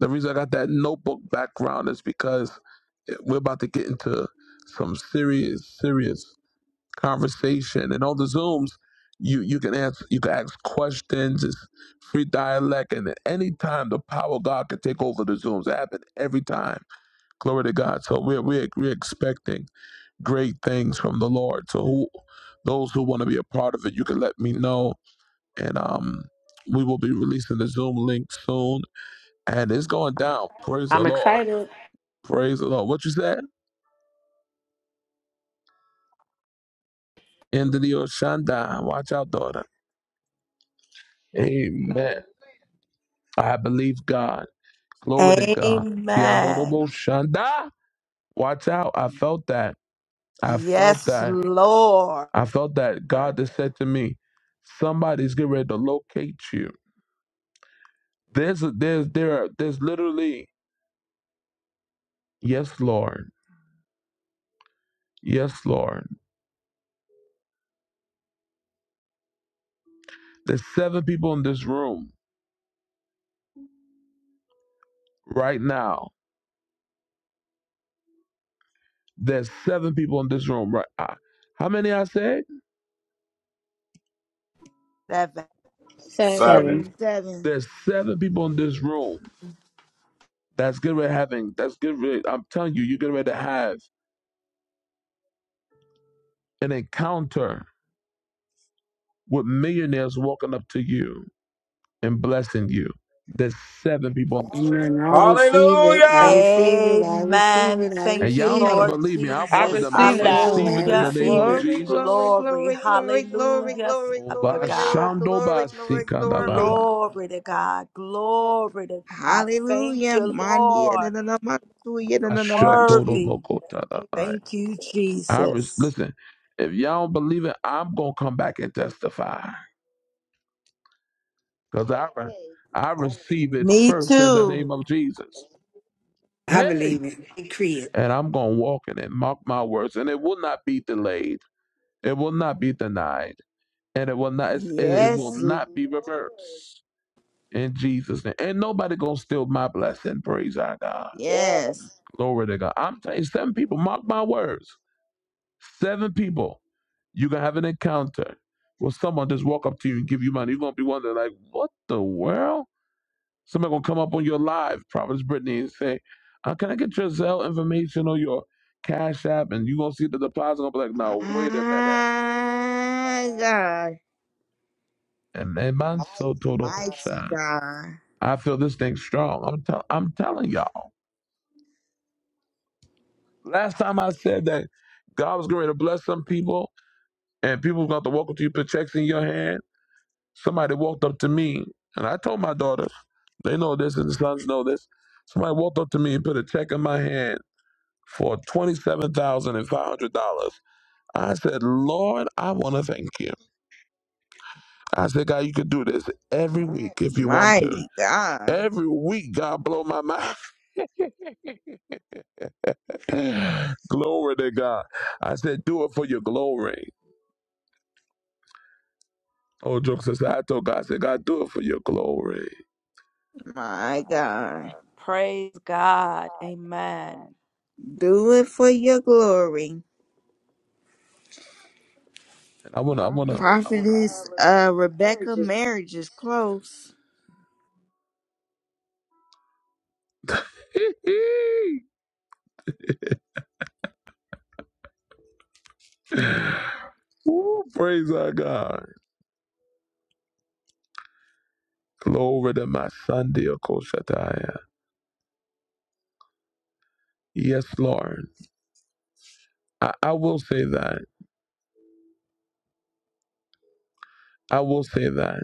[SPEAKER 1] the reason i got that notebook background is because we're about to get into some serious serious conversation and on the zooms you you can ask you can ask questions it's free dialect and at any time the power of god can take over the zooms it happened every time Glory to God. So we're, we're, we're expecting great things from the Lord. So who, those who want to be a part of it, you can let me know. And um, we will be releasing the Zoom link soon. And it's going down. Praise the
[SPEAKER 15] I'm
[SPEAKER 1] Lord.
[SPEAKER 15] excited.
[SPEAKER 1] Praise the Lord. What you said? End of the Oshanda. Watch out, daughter. Amen. I believe God. Glory to God. Tiadoro
[SPEAKER 3] Amen.
[SPEAKER 1] Shanda. Watch out. I felt that. I felt
[SPEAKER 3] Yes,
[SPEAKER 1] that.
[SPEAKER 3] Lord.
[SPEAKER 1] I felt that God has said to me, somebody's getting ready to locate you. There's a, there's there are, there's literally yes, Lord, yes, Lord. There's seven people in this room right now. There's seven people in this room right. I, how many I said?
[SPEAKER 3] That-
[SPEAKER 7] Seven.
[SPEAKER 2] Seven.
[SPEAKER 13] seven
[SPEAKER 17] Seven.
[SPEAKER 1] There's seven people in this room that's getting ready having that's getting ready. I'm telling you, you're getting ready to have an encounter with millionaires walking up to you and blessing you. There's seven people in this room.
[SPEAKER 2] Amen. I receive it. I
[SPEAKER 7] Hallelujah.
[SPEAKER 2] receive it. I receive
[SPEAKER 3] Amen.
[SPEAKER 2] it. I
[SPEAKER 1] And
[SPEAKER 3] Thank you,
[SPEAKER 1] y'all
[SPEAKER 2] receive
[SPEAKER 1] gotta
[SPEAKER 2] it.
[SPEAKER 3] Lord
[SPEAKER 1] believe me, I'm
[SPEAKER 15] I
[SPEAKER 1] one of
[SPEAKER 3] Jesus.
[SPEAKER 1] them. I
[SPEAKER 2] Yes,
[SPEAKER 15] received that.
[SPEAKER 2] Lord.
[SPEAKER 1] receive
[SPEAKER 2] I
[SPEAKER 1] it in the
[SPEAKER 3] Hallelujah.
[SPEAKER 1] name
[SPEAKER 2] receive
[SPEAKER 1] of
[SPEAKER 2] it.
[SPEAKER 17] Glory,
[SPEAKER 1] Jesus.
[SPEAKER 17] glory,
[SPEAKER 3] Glory.
[SPEAKER 17] glory, glory, glory,
[SPEAKER 3] Hallelujah,
[SPEAKER 17] glory,
[SPEAKER 1] Oh,
[SPEAKER 3] Father
[SPEAKER 17] glory, glory,
[SPEAKER 3] God.
[SPEAKER 17] glory, glory, glory.
[SPEAKER 3] Glory to God. Glory to God. Thank
[SPEAKER 17] Hallelujah.
[SPEAKER 3] you,
[SPEAKER 17] Mandia, da,
[SPEAKER 3] Lord.
[SPEAKER 17] da, da, ma, tuya, da,
[SPEAKER 3] You're
[SPEAKER 17] da, da, ma, chi.
[SPEAKER 3] worthy. Thank you,
[SPEAKER 1] I res-
[SPEAKER 3] Jesus.
[SPEAKER 1] listen, if y'all don't believe it, I'm gonna come back and testify. Because I, re- I receive it
[SPEAKER 3] Me
[SPEAKER 1] first in the
[SPEAKER 3] too.
[SPEAKER 1] name of Jesus.
[SPEAKER 2] I
[SPEAKER 1] Hey!
[SPEAKER 2] believe it. I Decree it.
[SPEAKER 1] And I'm gonna walk in it, mark my words, and it will not be delayed, it will not be denied, and it will not it, it will
[SPEAKER 17] Yes, Lord.
[SPEAKER 1] not be reversed. in Jesus' name. And nobody gonna steal my blessing. Praise our God.
[SPEAKER 17] Yes.
[SPEAKER 1] Glory to God. I'm telling you, seven people, mark my words. Seven people, you're gonna have an encounter where someone just walk up to you and give you money. You're gonna be wondering, like, what the world? Somebody gonna come up on your live, Providence Brittany, and say, uh, can I get your Zelle information or your Cash App? And you gonna see the deposit gonna be like,
[SPEAKER 17] My
[SPEAKER 1] no, wait a minute.
[SPEAKER 17] God,
[SPEAKER 1] And man, mine's so total.
[SPEAKER 17] mighty God,
[SPEAKER 1] I feel this thing strong. I'm tell I'm telling y'all. Last time I said that God was going to bless some people and people were going to walk up to you, put checks in your hand. Somebody walked up to me and I told my daughters, they know this and the sons know this. Somebody walked up to me and put a check in my hand for $27,500. I said, Lord, I want to thank you. I said, God, you could do this every week if you want to.
[SPEAKER 17] mighty God,
[SPEAKER 1] Every week, God, blow my mind. glory to God. I said, do it for your glory. Oh, jokes aside, though, God said, God, do it for your glory.
[SPEAKER 17] my God.
[SPEAKER 3] Praise God. Amen.
[SPEAKER 17] Do it for your glory.
[SPEAKER 1] And I wanna, I wanna.
[SPEAKER 17] Prophetess uh, Rebecca, marriage is close.
[SPEAKER 1] Ooh, praise our God. Glory to my son, dear Koshataya. Yes, Lord. I, I will say that. I will say that.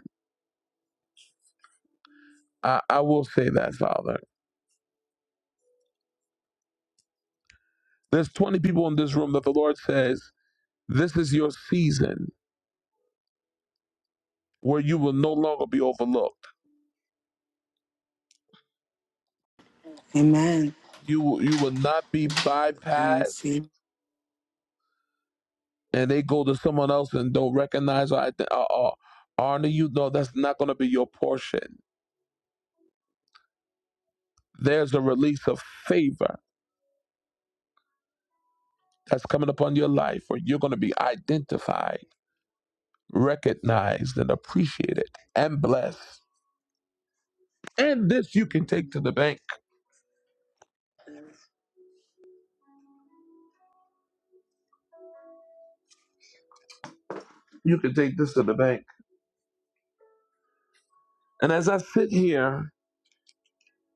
[SPEAKER 1] I, I will say that, Father. There's 20 people in this room that the Lord says, this is your season where you will no longer be overlooked.
[SPEAKER 2] Amen.
[SPEAKER 1] You, you will not be
[SPEAKER 2] I
[SPEAKER 1] bypassed.
[SPEAKER 2] receive
[SPEAKER 1] and they go to someone else and don't recognize or, ident- or, or honor you, no, that's not going to be your portion. There's a release of favor that's coming upon your life where you're going to be identified, recognized, and appreciated and blessed. And this you can take to the bank. You can take this to the bank. And as I sit here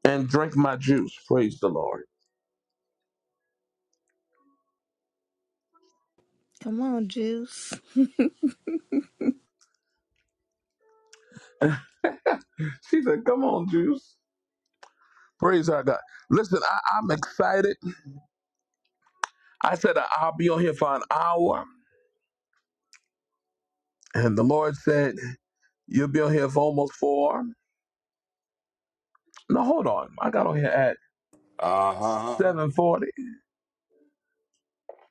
[SPEAKER 1] and drink my juice, praise the Lord.
[SPEAKER 17] Come on, Juice.
[SPEAKER 1] she said, Come on, juice. Praise our God. Listen, I, I'm excited. I said I'll be on here for an hour. And the Lord said, You'll be on here for almost four. No, hold on. I got on here at
[SPEAKER 7] Uh-huh.
[SPEAKER 1] 740. you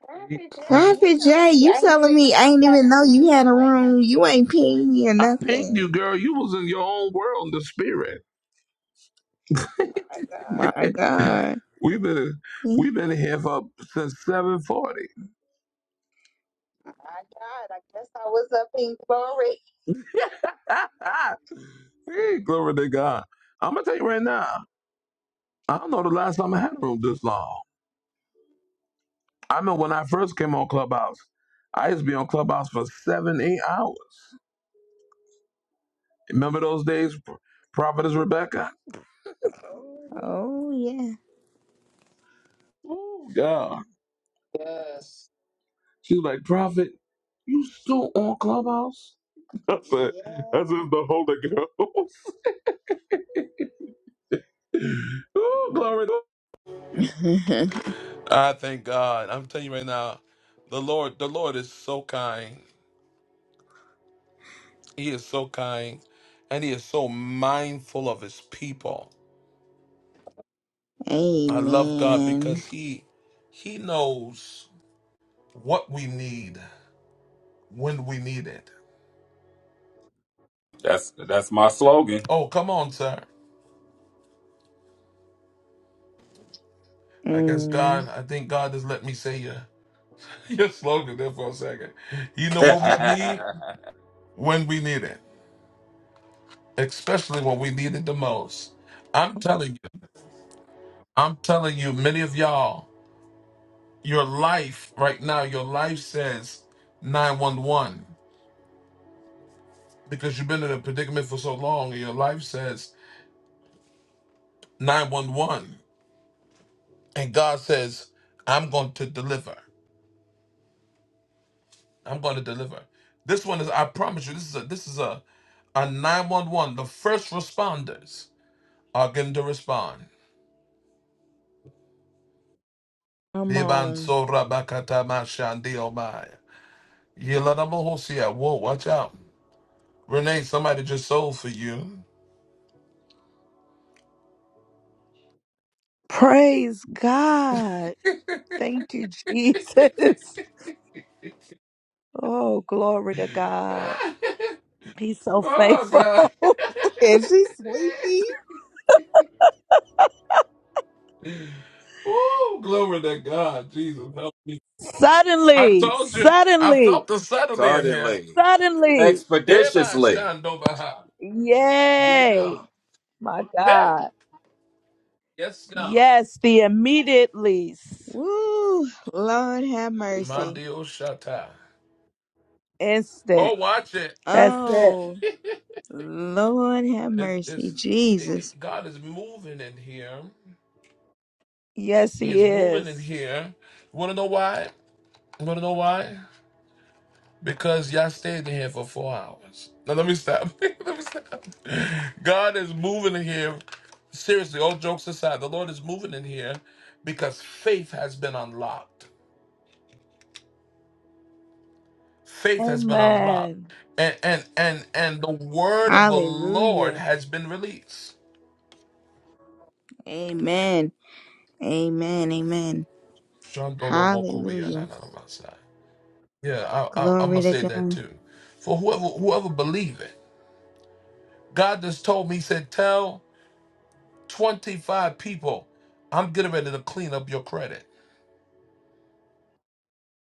[SPEAKER 1] told me
[SPEAKER 17] Prophet Jay, you
[SPEAKER 1] I didn't even know
[SPEAKER 17] telling me I ain't
[SPEAKER 1] that
[SPEAKER 17] even know you had a
[SPEAKER 1] point.
[SPEAKER 17] room. You ain't pinged me or
[SPEAKER 1] I pinged you,
[SPEAKER 17] nothing.
[SPEAKER 1] girl. You was in your own world the spirit.
[SPEAKER 17] My
[SPEAKER 1] My God,
[SPEAKER 17] God.
[SPEAKER 1] we've been we've been here for since 740. My God, I I guess I was up in glory. hey, glory to God. I'm gonna tell you right now, I don't know the last time I had a room this long. I remember when I first came on Clubhouse, I used to be on Clubhouse for seven, eight hours. Remember those days, P- Prophetess Rebecca?
[SPEAKER 17] Oh, yeah.
[SPEAKER 1] Oh, God. She was like, Prophet, you still on Clubhouse? I said, that's just the Holy Ghost. oh, glory to I thank God. I'm telling you right now, the Lord, the Lord is so kind. He is so kind. And he is so mindful of his people. I love God
[SPEAKER 17] Amen.
[SPEAKER 1] because he he knows what we need when we need it.
[SPEAKER 7] That's that's my slogan.
[SPEAKER 1] Oh, come on, sir. I guess
[SPEAKER 17] Mm.
[SPEAKER 1] God, I think God has let me say your, your slogan there for a second. You know what we need when we need it, especially when we need it the most. I'm telling you, I'm telling you, many of y'all, your life right now, your life says 911 because you've been in a predicament for so long and your life says 911. And God says, I'm going to deliver. I'm going to deliver. This one is, I promise you, this is a, this is a, a 911. The first responders are going to respond.
[SPEAKER 17] Come
[SPEAKER 1] Biban
[SPEAKER 17] on.
[SPEAKER 1] sora bakata mashandi omai. Yelana mohosia. Whoa, watch out. Renee, somebody just sold for you.
[SPEAKER 3] Praise God. Thank you, Jesus. Oh, glory to God. He's so
[SPEAKER 1] oh,
[SPEAKER 3] faithful.
[SPEAKER 1] God.
[SPEAKER 17] Is she sleepy?
[SPEAKER 1] Woo, glory to God. Jesus, help me. I
[SPEAKER 3] suddenly,
[SPEAKER 1] told you, I felt
[SPEAKER 3] suddenly,
[SPEAKER 1] the suddenly in here.
[SPEAKER 7] Suddenly.
[SPEAKER 3] suddenly.
[SPEAKER 1] Hey, by
[SPEAKER 7] Expeditiously.
[SPEAKER 1] Shandobaha. Yeah, God.
[SPEAKER 3] Yay. My
[SPEAKER 1] Hey!
[SPEAKER 3] God.
[SPEAKER 1] Yes, God.
[SPEAKER 3] Yes, the immediately
[SPEAKER 17] Woo! Lord have
[SPEAKER 7] Please stop.
[SPEAKER 17] mercy.
[SPEAKER 1] Mandio Shatai. Oh,
[SPEAKER 3] instant.
[SPEAKER 1] watch it.
[SPEAKER 3] That's it.
[SPEAKER 17] Oh,
[SPEAKER 1] it
[SPEAKER 17] Lord have mercy.
[SPEAKER 1] it's, it,
[SPEAKER 17] Jesus.
[SPEAKER 1] it- God is moving in here.
[SPEAKER 3] Yes, he
[SPEAKER 1] He's moving in
[SPEAKER 3] is.
[SPEAKER 1] here. Want to know why? Want to know why? Because y'all stayed in here for four hours. Now, let me stop. let me stop. God is moving in here. Seriously, all jokes aside, the Lord is moving in here because faith has been unlocked. Faith has been unlocked.
[SPEAKER 3] Amen.
[SPEAKER 1] And and and and the word of the Lord
[SPEAKER 17] Hallelujah.
[SPEAKER 1] has been released.
[SPEAKER 17] Amen. Amen. Amen. Hallelujah.
[SPEAKER 1] Yeah, I, I, I'm gonna
[SPEAKER 17] Glory to
[SPEAKER 1] say that
[SPEAKER 17] God.
[SPEAKER 1] too. For whoever whoever believe it, God just told me. He said, "Tell 25 people, I'm getting ready to clean up your credit."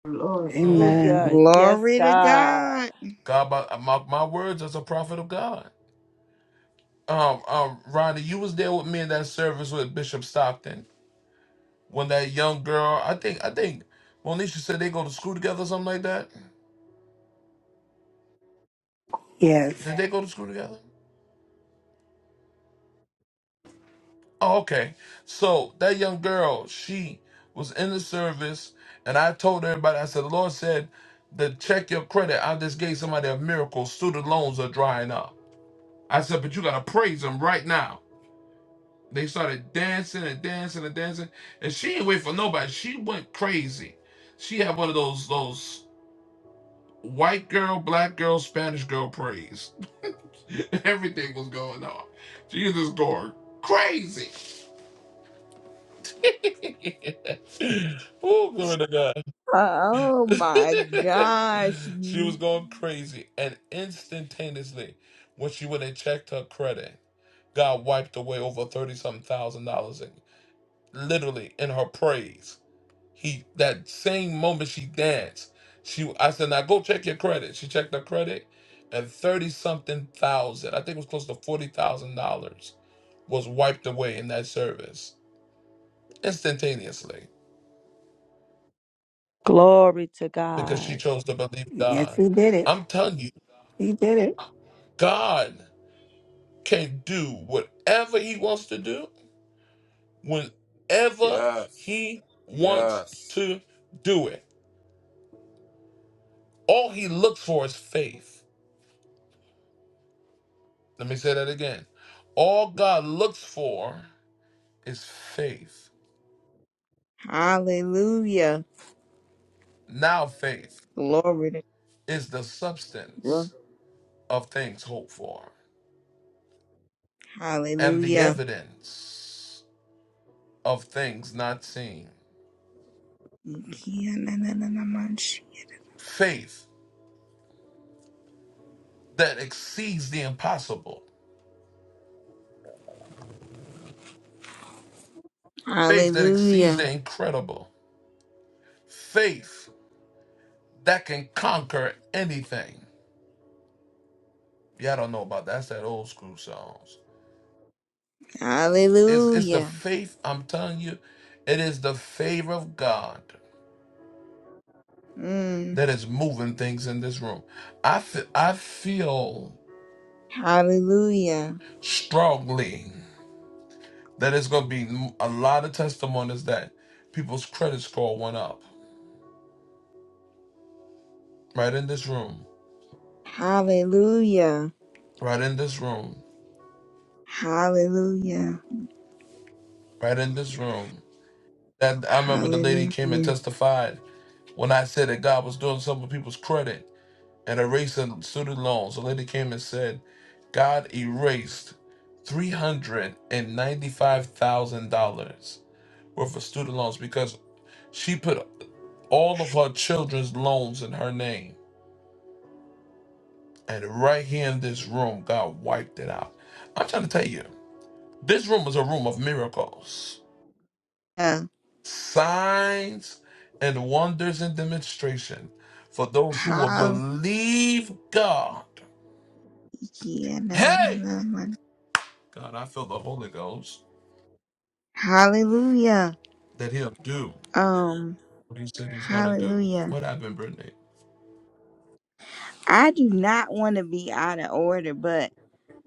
[SPEAKER 2] it. Lord. Amen.
[SPEAKER 1] hmm
[SPEAKER 3] Hallelujah. Yes,
[SPEAKER 17] Glory to
[SPEAKER 3] God.
[SPEAKER 17] God.
[SPEAKER 1] God, my, my my words as a prophet of God. Um, um, Ronnie, you was there with me in that service with Bishop Stockton when that young girl. I think I think Monisha said they go to school together, or something like that.
[SPEAKER 2] Yes.
[SPEAKER 1] Did they go to school together? Oh, okay. So that young girl, she was in the service, and I told everybody, I said, the Lord said to check your credit. I just gave somebody a miracle. Student loans are drying up. I said, but you gotta praise him right now. They started dancing and dancing and dancing, and she didn't wait for nobody. She went crazy. She had one of those those white girl, black girl, Spanish girl praise. Everything was going on. She was just going crazy. oh, glory to God.
[SPEAKER 17] Oh my gosh.
[SPEAKER 1] she was going crazy, and instantaneously, when she went and checked her credit, God wiped away over thirty something thousand dollars, in, literally in her praise. He that same moment she danced, she I said, "Now go check your credit." She checked her credit, and thirty something thousand, I think it was close to forty thousand dollars, was wiped away in that service instantaneously
[SPEAKER 3] Glory to
[SPEAKER 1] because she
[SPEAKER 3] God.
[SPEAKER 1] chose to believe
[SPEAKER 2] Yes,
[SPEAKER 1] God.
[SPEAKER 2] he did it.
[SPEAKER 1] I'm telling you,
[SPEAKER 2] He did it.
[SPEAKER 1] God. can do whatever he wants to do whenever
[SPEAKER 7] Yes.
[SPEAKER 1] he wants
[SPEAKER 7] Yes.
[SPEAKER 1] to do it. All he looks for is faith. Let me say that again. All God looks for is faith.
[SPEAKER 17] Hallelujah.
[SPEAKER 1] Now, faith
[SPEAKER 17] Glory to
[SPEAKER 1] is the
[SPEAKER 17] God.
[SPEAKER 1] substance of things hoped for and the
[SPEAKER 17] Hallelujah.
[SPEAKER 1] evidence of things not seen. Faith that exceeds the impossible, faith that exceeds
[SPEAKER 17] Hallelujah.
[SPEAKER 1] the incredible, faith that can conquer anything. Yeah, I don't know about that. That's that old school songs. It's it's the
[SPEAKER 17] Hallelujah.
[SPEAKER 1] faith, I'm telling you, it is the favor of God
[SPEAKER 17] Mm.
[SPEAKER 1] that is moving things in this room. I feel I feel
[SPEAKER 17] Hallelujah.
[SPEAKER 1] strongly that it's gonna be a lot of testimonies that people's credit score went up. Right in this room.
[SPEAKER 17] Hallelujah.
[SPEAKER 1] Right in this room.
[SPEAKER 17] Hallelujah.
[SPEAKER 1] Right in this room. That I remember the lady came and
[SPEAKER 17] Hallelujah.
[SPEAKER 1] testified when I said that God was doing something with people's credit. and erased the student loans. The lady came and said, God erased $395,000 worth of student loans because she put all of her children's loans in her name. And right here in this room, God wiped it out. I'm trying to tell you, this room was a room of miracles,
[SPEAKER 17] Uh,
[SPEAKER 1] signs, and wonders and demonstration for those who will
[SPEAKER 17] Hallelujah.
[SPEAKER 1] believe God.
[SPEAKER 17] Na, na, na,
[SPEAKER 1] Hey!
[SPEAKER 17] na, na.
[SPEAKER 1] God, I feel the Holy Ghost.
[SPEAKER 17] Hallelujah.
[SPEAKER 1] that he'll do
[SPEAKER 17] Um,
[SPEAKER 1] what he said he's going to do.
[SPEAKER 17] hallelujah.
[SPEAKER 1] What happened, Brittany?
[SPEAKER 17] I do not want to be out of order, but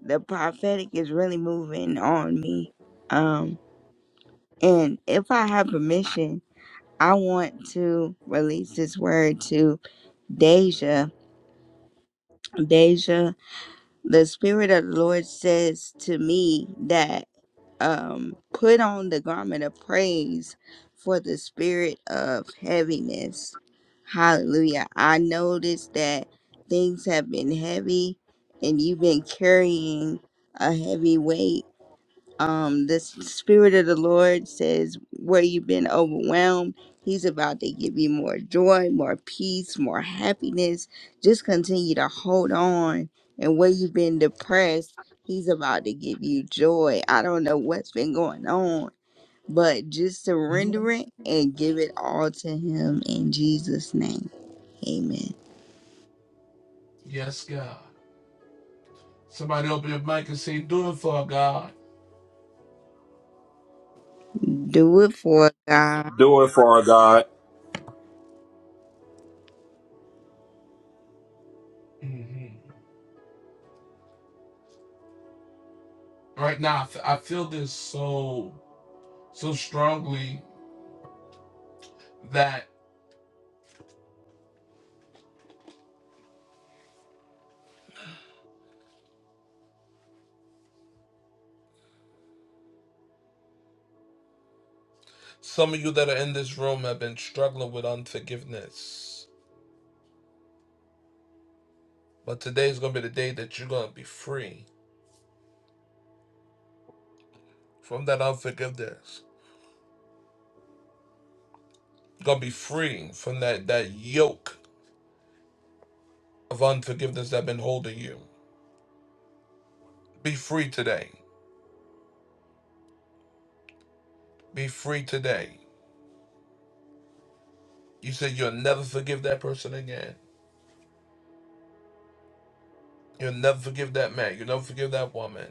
[SPEAKER 17] the prophetic is really moving on me. Um, and if I have permission, I want to release this word to Deja. Deja. the spirit of the lord says to me that um put on the garment of praise for the spirit of heaviness hallelujah i noticed that things have been heavy and you've been carrying a heavy weight um the spirit of the lord says where you've been overwhelmed he's about to give you more joy more peace more happiness just continue to hold on and where you've been depressed he's about to give you joy i don't know what's been going on but just surrender
[SPEAKER 1] Mhm.
[SPEAKER 17] it and give it all to him in jesus name amen
[SPEAKER 1] Yes, God. Somebody open your mic and say, do it for God.
[SPEAKER 17] do it for god
[SPEAKER 7] Do it for her, God.
[SPEAKER 1] hmm Right now, I feel this so, so strongly that some of you that are in this room have been struggling with unforgiveness. But today is going to be the day that you're going to be free from that unforgiveness. You're going to be free from that, that yoke of unforgiveness that's been holding you. Be free today. Be free today. You said you'll never forgive that person again. You'll never forgive that man. You'll never forgive that woman.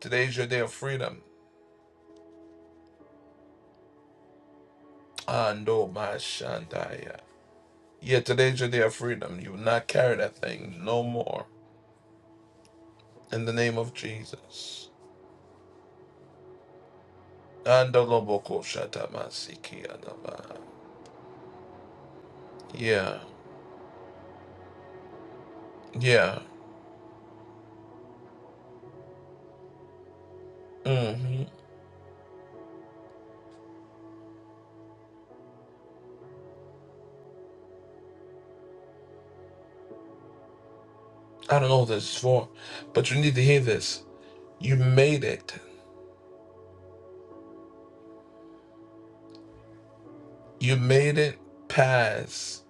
[SPEAKER 1] Today's your day of freedom. Ando my shandaya. Yeah, today's your day of freedom. You will not carry that thing no more. In the name of Jesus. Ando loboko shatamasiki adaba. Yeah, yeah. hmm I don't know what this is for, but you need to hear this. You made it. You made it past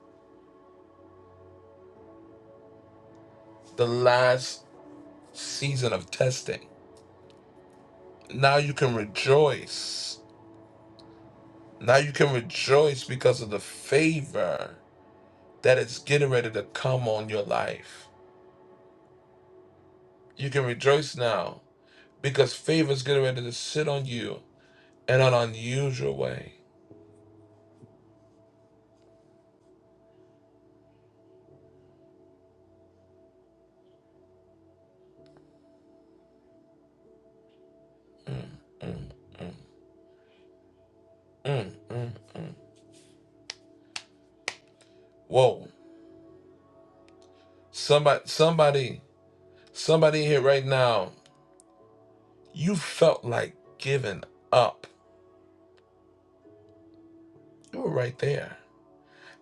[SPEAKER 1] the last season of testing. Now you can rejoice. Now you can rejoice because of the favor that is getting ready to come on your life. You can rejoice now because favor is getting ready to sit on you in an unusual way. Mm, mm, mm, mm. Whoa. Somebody, somebody, somebody here right now, you felt like giving up. You were right there.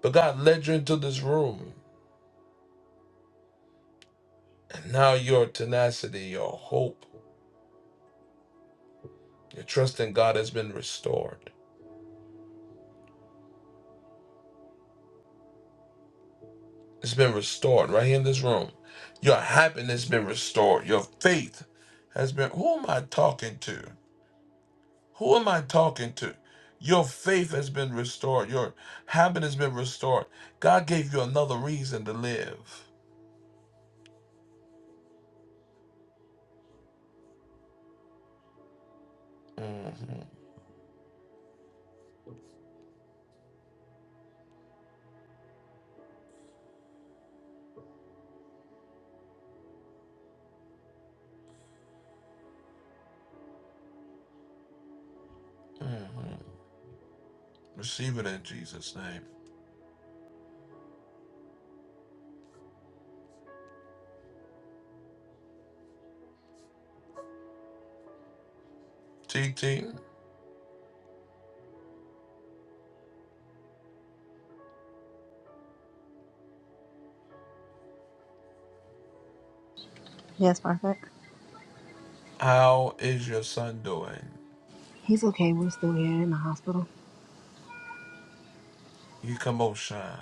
[SPEAKER 1] But God led you into this room. And now your tenacity, your hope, Your trust in God has been restored. It's been restored right here in this room. Your happiness has been restored. Your faith has been. Who am I talking to? Who am I talking to? Your faith has been restored. Your happiness has been restored. God gave you another reason to live. hmm Receive it in Jesus' name. TT,
[SPEAKER 18] Yes, perfect.
[SPEAKER 1] how is your son doing?
[SPEAKER 18] He's okay. We're still here in the hospital.
[SPEAKER 1] Yikamosha.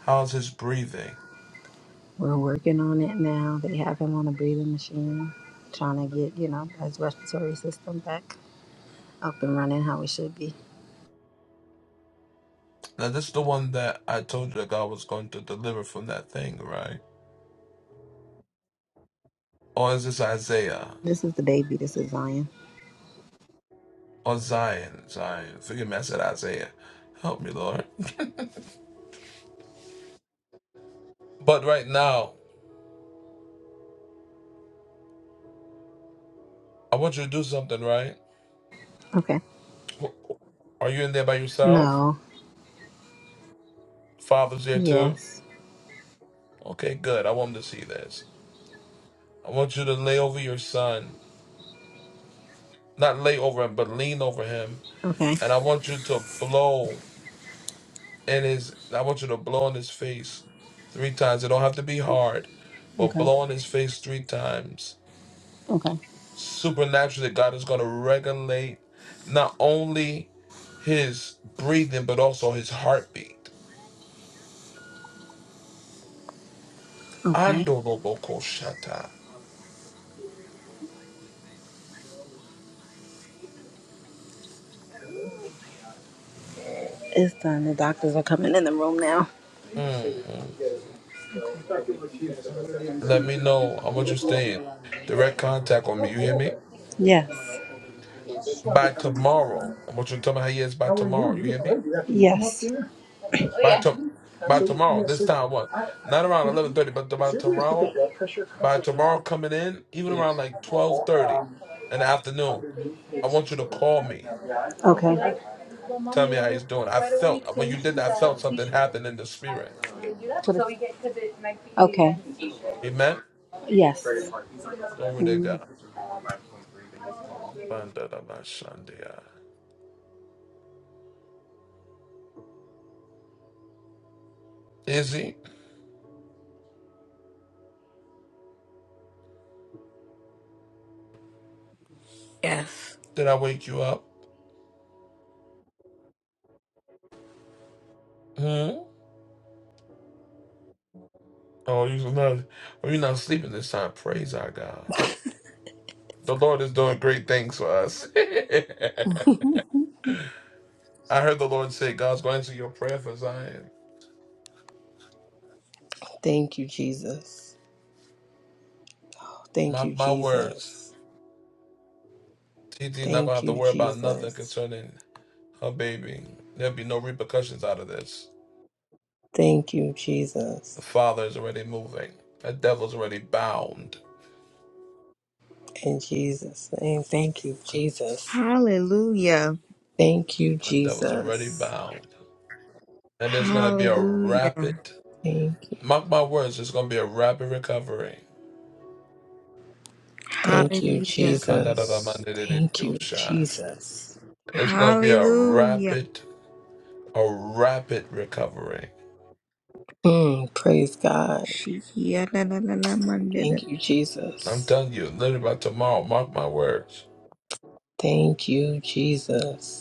[SPEAKER 1] How's his breathing?
[SPEAKER 18] We're working on it now. They have him on a breathing machine, trying to get, you know, his respiratory system back up and running how it should be.
[SPEAKER 1] Now, this is the one that I told you that God was going to deliver from that thing, right? Or is this Isaiah?
[SPEAKER 18] This is the baby. This is Zion.
[SPEAKER 1] Or Zion? Zion. Forgive me, I said Isaiah. Help me, Lord. But right now, I want you to do something, right?
[SPEAKER 18] Okay.
[SPEAKER 1] Are you in there by yourself?
[SPEAKER 18] No.
[SPEAKER 1] Father's there too?
[SPEAKER 18] Yes.
[SPEAKER 1] Okay, good. I want him to see this. I want you to lay over your son. Not lay over him, but lean over him.
[SPEAKER 18] Okay.
[SPEAKER 1] And I want you to blow. and his I want you to blow on his face three times. It don't have to be hard, but
[SPEAKER 18] Okay.
[SPEAKER 1] blow on his face three times.
[SPEAKER 18] Okay.
[SPEAKER 1] Supernaturally, God is gonna regulate not only his breathing but also his heartbeat.
[SPEAKER 18] Okay.
[SPEAKER 1] Andorobokoshata.
[SPEAKER 18] It's done. The doctors are coming in the room now.
[SPEAKER 1] Mhm. Let me know. I want you to stay in direct contact with me. You hear me?
[SPEAKER 18] Yes. How
[SPEAKER 1] By tomorrow, I want you to tell me how he is by
[SPEAKER 18] are you?
[SPEAKER 1] tomorrow.
[SPEAKER 18] You
[SPEAKER 1] You
[SPEAKER 18] look
[SPEAKER 1] hear me?
[SPEAKER 18] great. You have to come up Yes. Here. Oh
[SPEAKER 1] By
[SPEAKER 18] yeah.
[SPEAKER 1] to- by
[SPEAKER 18] So
[SPEAKER 1] tomorrow,
[SPEAKER 18] yeah,
[SPEAKER 1] this time what?
[SPEAKER 18] so
[SPEAKER 1] Not around
[SPEAKER 18] Could
[SPEAKER 1] eleven
[SPEAKER 18] you,
[SPEAKER 1] thirty, but
[SPEAKER 18] is
[SPEAKER 1] by
[SPEAKER 18] there a way to put the
[SPEAKER 1] tomorrow
[SPEAKER 18] blood pressure
[SPEAKER 1] by
[SPEAKER 18] cuff
[SPEAKER 1] tomorrow
[SPEAKER 18] around
[SPEAKER 1] coming in, even around like twelve
[SPEAKER 18] or
[SPEAKER 1] thirty
[SPEAKER 18] um,
[SPEAKER 1] in the afternoon,
[SPEAKER 18] underneath
[SPEAKER 1] I
[SPEAKER 18] his
[SPEAKER 1] want you to
[SPEAKER 18] clothes?
[SPEAKER 1] call me.
[SPEAKER 18] Yeah. Okay. Like, well, mom,
[SPEAKER 1] Tell
[SPEAKER 18] you
[SPEAKER 1] me how
[SPEAKER 18] want to
[SPEAKER 1] he's doing. I
[SPEAKER 18] why don't we
[SPEAKER 1] felt when you
[SPEAKER 18] change
[SPEAKER 1] did
[SPEAKER 18] his
[SPEAKER 1] that, I
[SPEAKER 18] uh,
[SPEAKER 1] felt something
[SPEAKER 18] t-shirt?
[SPEAKER 1] happen in the spirit.
[SPEAKER 18] Can we do that? So we get because it might be Okay. a t-shirt.
[SPEAKER 1] Amen.
[SPEAKER 18] Yes.
[SPEAKER 1] Glory to God. Bandaramashandia. Izzy, did I wake you up? Hmm? Oh, you're not, oh, you're not sleeping this time. Praise our God. The Lord is doing great things for us. I heard the Lord say, God's going to answer your prayer for Zion. Mark my words. T TT's not going to have to worry about nothing concerning her baby. There'll be no repercussions out of this. The father is already moving. That devil's already bound.
[SPEAKER 17] hallelujah
[SPEAKER 1] That devil's already bound. And there's going to be a
[SPEAKER 17] hallelujah
[SPEAKER 1] rapid, mark my words, there's going to be a rapid recovery.
[SPEAKER 17] hallelujah
[SPEAKER 1] It's going to be a
[SPEAKER 17] Hallelujah.
[SPEAKER 1] rapid, a rapid recovery.
[SPEAKER 17] Shikia la la la la mandela.
[SPEAKER 1] I'm telling you, literally by tomorrow, mark my words.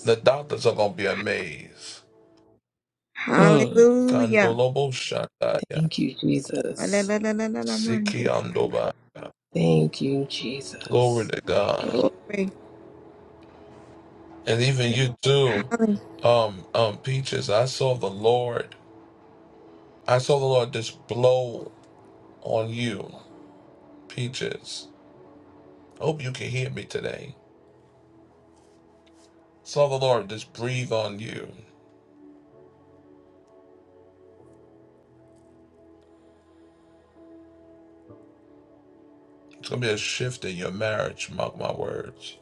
[SPEAKER 1] The doctors are going to be amazed.
[SPEAKER 17] Hallelujah. La la la la la la la mandela.
[SPEAKER 1] Glory to God.
[SPEAKER 17] Glory.
[SPEAKER 1] And even you do,
[SPEAKER 17] Hallelujah.
[SPEAKER 1] um, um, Peaches, I saw the Lord. I saw the Lord just blow on you, Peaches. Hope you can hear me today. Saw the Lord just breathe on you. It's gonna be a shift in your marriage, mark my words.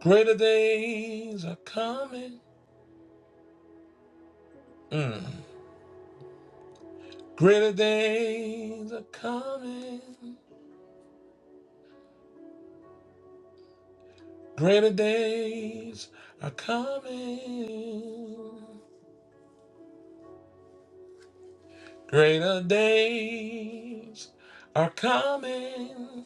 [SPEAKER 1] Greater days are coming. Mm. Greater days are coming. Greater days are coming. Greater days are coming.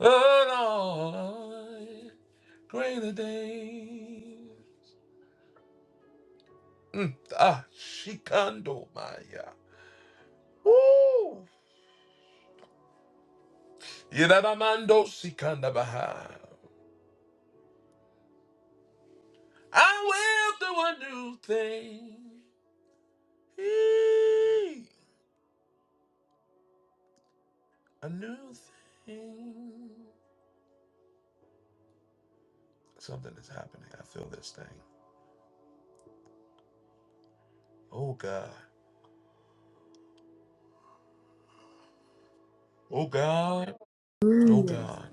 [SPEAKER 1] Oh Lord, greater days. Mm, ah, shikando maya. Woo! Yidadamando sikanda baha. I will do a new thing. Eee, A new thing. Something is happening. I feel this thing. Oh God. Oh God. Oh God.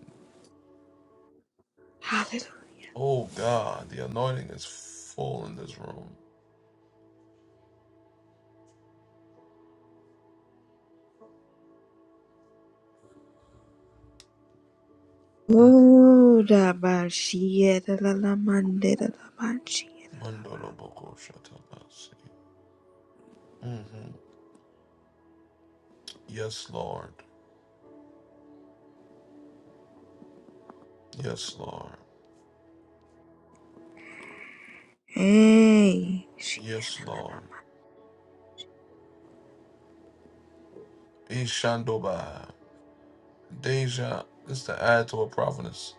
[SPEAKER 17] Hallelujah.
[SPEAKER 1] Oh God, the anointing is full in this room. Mm.
[SPEAKER 17] Oh, da ba shia da la la mandela la ba shia.
[SPEAKER 1] Mandolo Mhm. Yes, Lord. Yes, Lord.
[SPEAKER 17] Hey. shia.
[SPEAKER 1] Yes, Lord. Ishandoba. Deja, this is to add to a prophetess.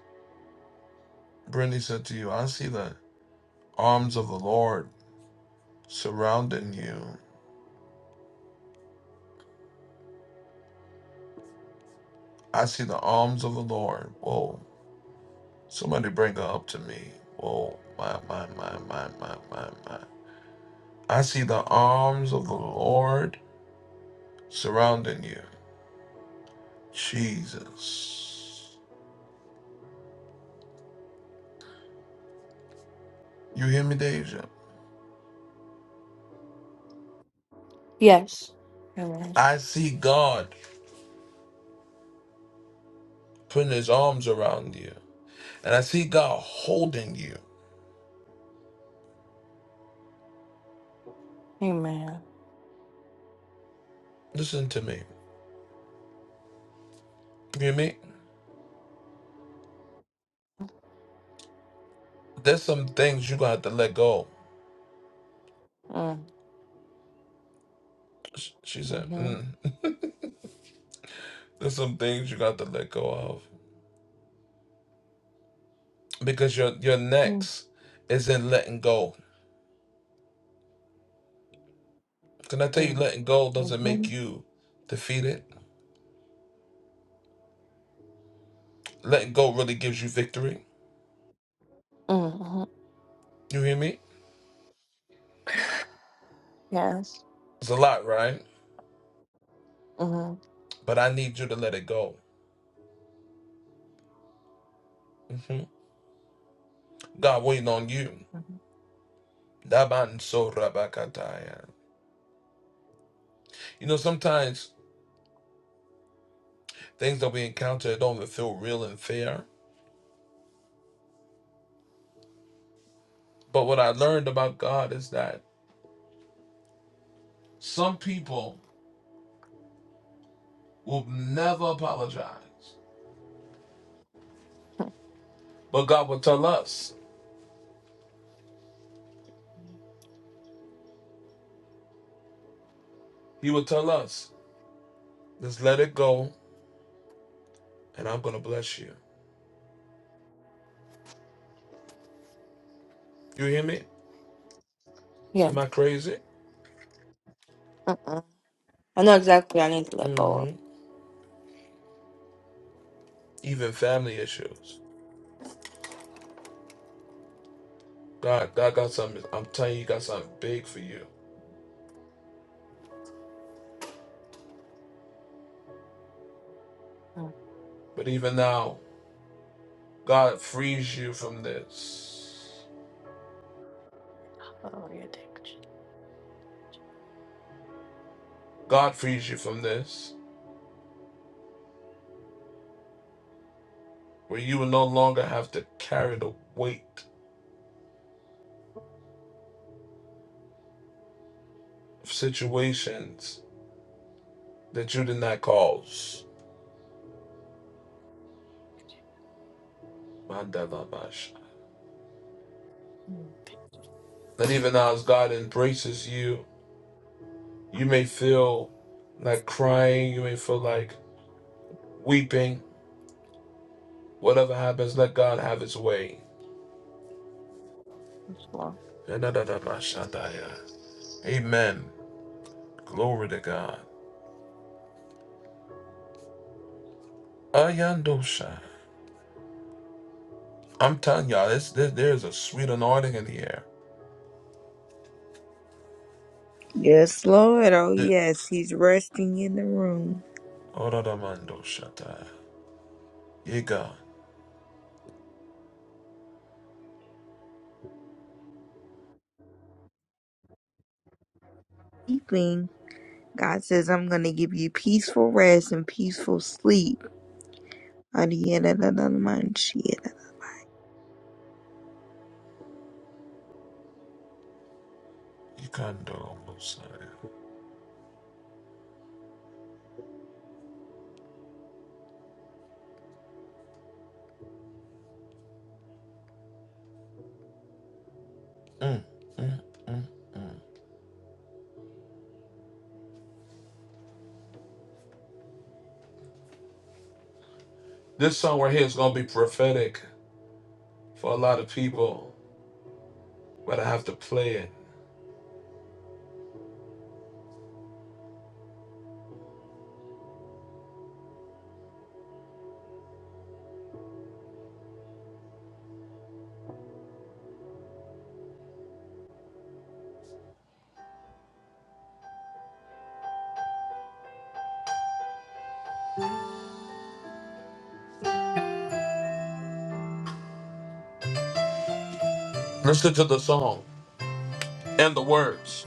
[SPEAKER 1] Brittany said to you, I see the arms of the Lord surrounding you. I see the arms of the Lord. Whoa. Somebody bring her up to me. Whoa. My, my, my, my, my, my, my. I see the arms of the Lord surrounding you. Jesus. You hear me, Deja?
[SPEAKER 19] Yes. Amen.
[SPEAKER 1] I see God putting his arms around you. And I see God holding you.
[SPEAKER 19] Amen.
[SPEAKER 1] Listen to me. You hear me? There's some things you're going to have to let go.
[SPEAKER 19] Mm,
[SPEAKER 1] Sh- She said,
[SPEAKER 19] mhm,
[SPEAKER 1] mm. There's some things you got to let go of. Because your, your
[SPEAKER 19] mm,
[SPEAKER 1] next is in letting go. Can I tell you,
[SPEAKER 19] mm,
[SPEAKER 1] letting go doesn't make
[SPEAKER 19] mhm,
[SPEAKER 1] you defeated. Letting go really gives you victory.
[SPEAKER 19] mm, mhm.
[SPEAKER 1] You hear me?
[SPEAKER 19] Yes.
[SPEAKER 1] It's a lot, right?
[SPEAKER 19] Mhm,
[SPEAKER 1] But I need you to let it go. Mm-hmm. God waiting on you.
[SPEAKER 19] mhm,
[SPEAKER 1] You know, sometimes things that we encounter don't even feel real and fair. But what I learned about God is that some people will never apologize.
[SPEAKER 19] mm,
[SPEAKER 1] But God will tell us, He will tell us, just let it go and I'm going to bless you. You hear me?
[SPEAKER 19] Yes.
[SPEAKER 1] Am I crazy?
[SPEAKER 19] Uh uh. I know exactly I need to let go of.
[SPEAKER 1] hmm Even family issues. God, God got something, I'm telling you, He got something big for you.
[SPEAKER 19] Mm.
[SPEAKER 1] But even now, God frees you from this.
[SPEAKER 19] Oh, yeah, thank
[SPEAKER 1] God frees you from this, where you will no longer have to carry the weight of situations that you did not cause.
[SPEAKER 19] you.
[SPEAKER 1] Not even now, as God embraces you, you may feel like crying, you may feel like weeping. Whatever happens, let God have his way.
[SPEAKER 19] Jesus. Mm.
[SPEAKER 1] Amen. Glory to God. I'm telling y'all, this, this, there's a sweet anointing in the air.
[SPEAKER 17] Yes, Lord. Oh, yes. He's resting in the room.
[SPEAKER 1] Yega,
[SPEAKER 17] Sleeping. God says, I'm going to give you peaceful rest and peaceful sleep. Adiada la la la man shia.
[SPEAKER 1] Yikando, Mosiah. Mm, mm, mm. This song right here is going to be prophetic for a lot of people, but I have to play it. Listen to the song and the words.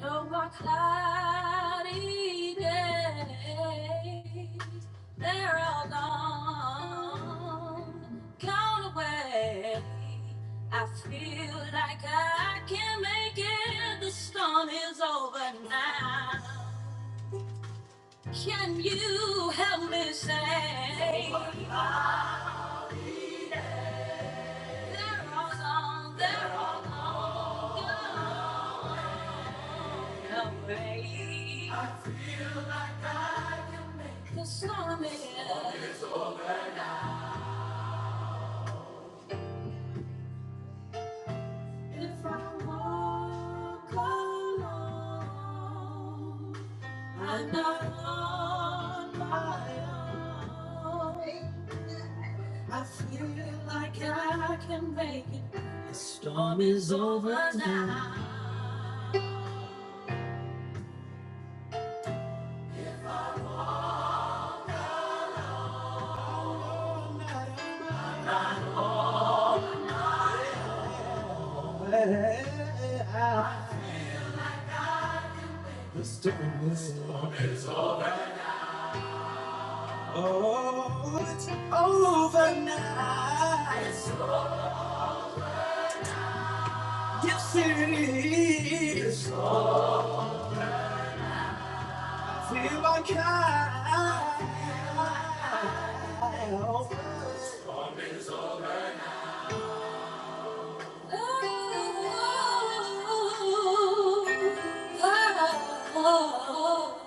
[SPEAKER 1] No more cloudy days. They're all gone, gone away. I feel like I can not make it. The storm is over now. Can you help me say they're all gone, they're all gone away? The storm is if I want my I feel like our storm is over now. Let's do this. Oh, it's over now. You see, I feel like I. Oh, oh, oh.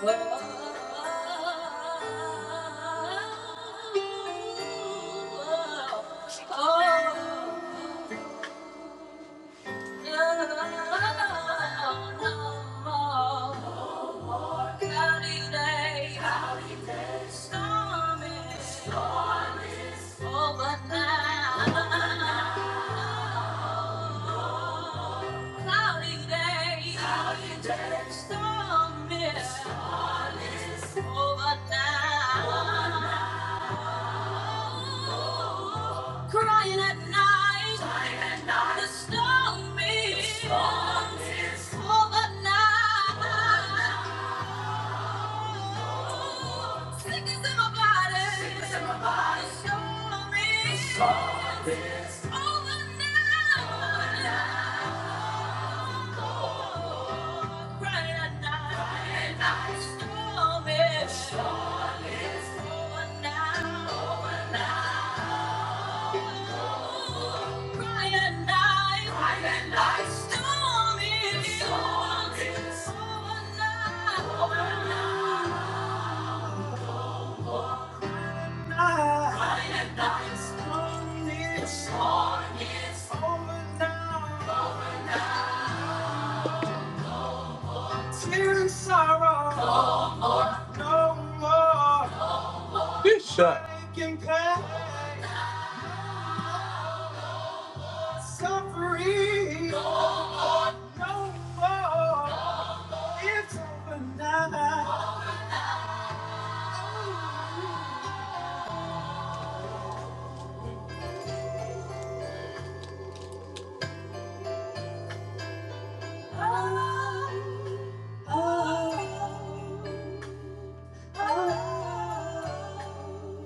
[SPEAKER 1] Storm is over now. Crying at night. Crying at night. The storm is. The storm is. Overnight. Sickness in my body. Sickness in my body. The storm is. The storm is. Overnight. Crying at night. Crying at night. The storm is. The storm is. Overnight. Overnight. Bright night, bright night, stormy waters. Tears and sorrow, no more suffering, no more, no more. It's over now. Oh, oh, oh, oh.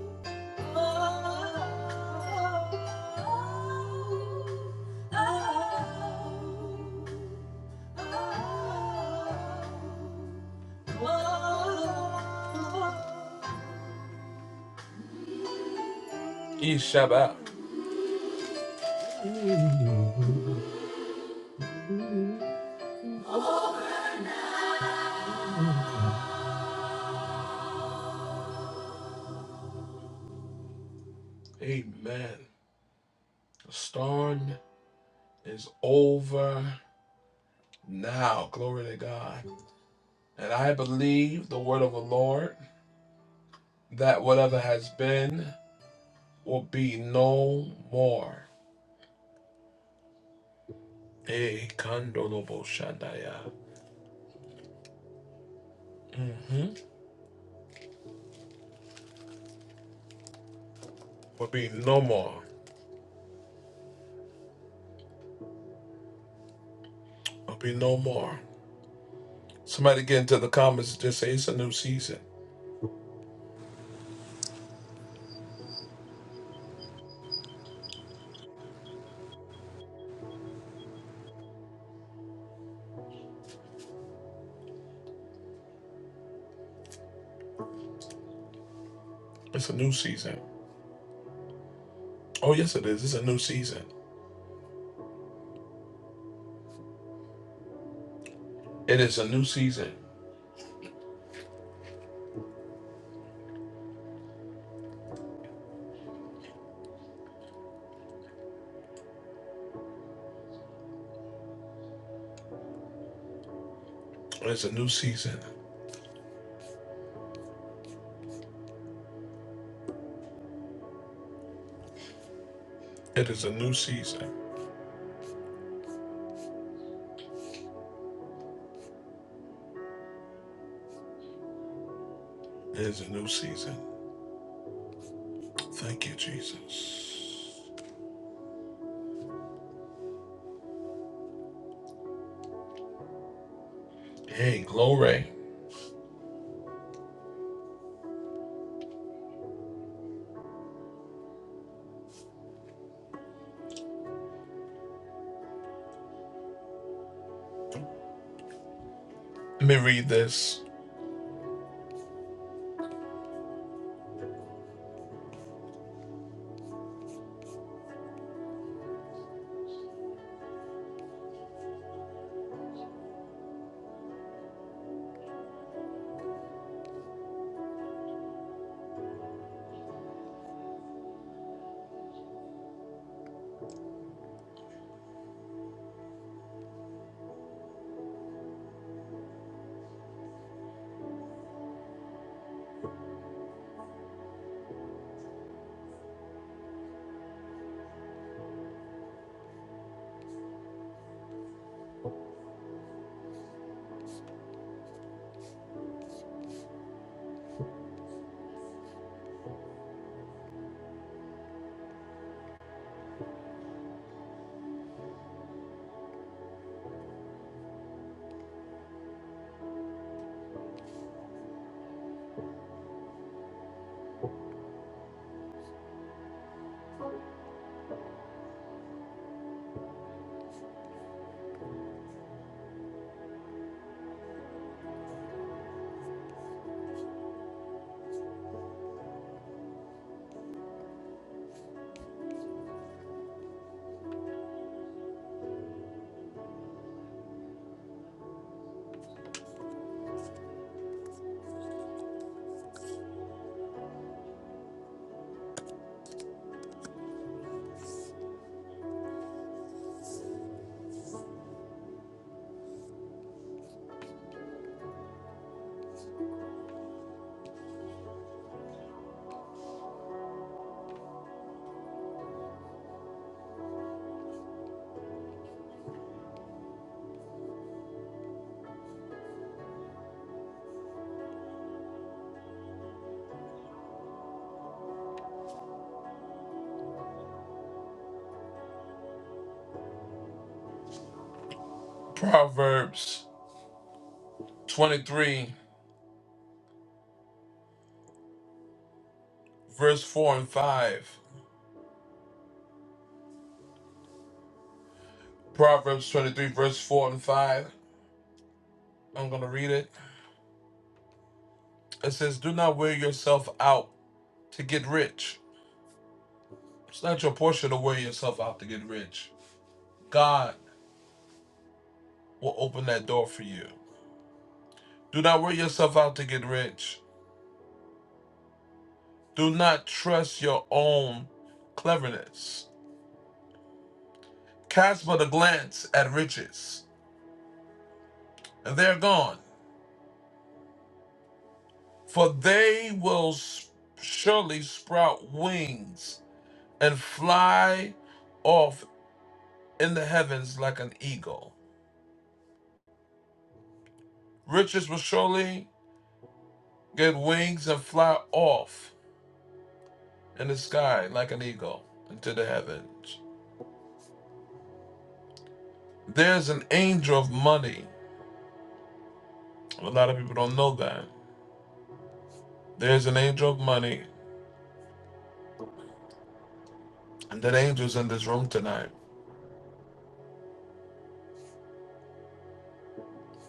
[SPEAKER 1] E Shabbat. Amen. The storm is over now. Glory to God. And I believe the word of the Lord that whatever has been will be no more. A candolo shandaya. hmm Will be no more. There'll be no more. Somebody get into the comments and just say it's a new season. season. It is it's a new season. It is a new season. It is a new season. Thank you, Jesus. Hey, glory. Let me read this. Proverbs 23, verse 4 and 5. Proverbs 23, verse 4 and 5. I'm going to read it. It says, Do not wear yourself out to get rich. It's not your portion to wear yourself out to get rich. God will open that door for you. Do not work yourself out to get rich. Do not trust your own cleverness. Cast but a glance at riches, and they're gone. For they will s- surely sprout wings and fly off in the heavens like an eagle. Riches will surely get wings and fly off in the sky like an eagle into the heavens. There's an angel of money A lot of people don't know that. There's an angel of money, and that angel's in this room tonight.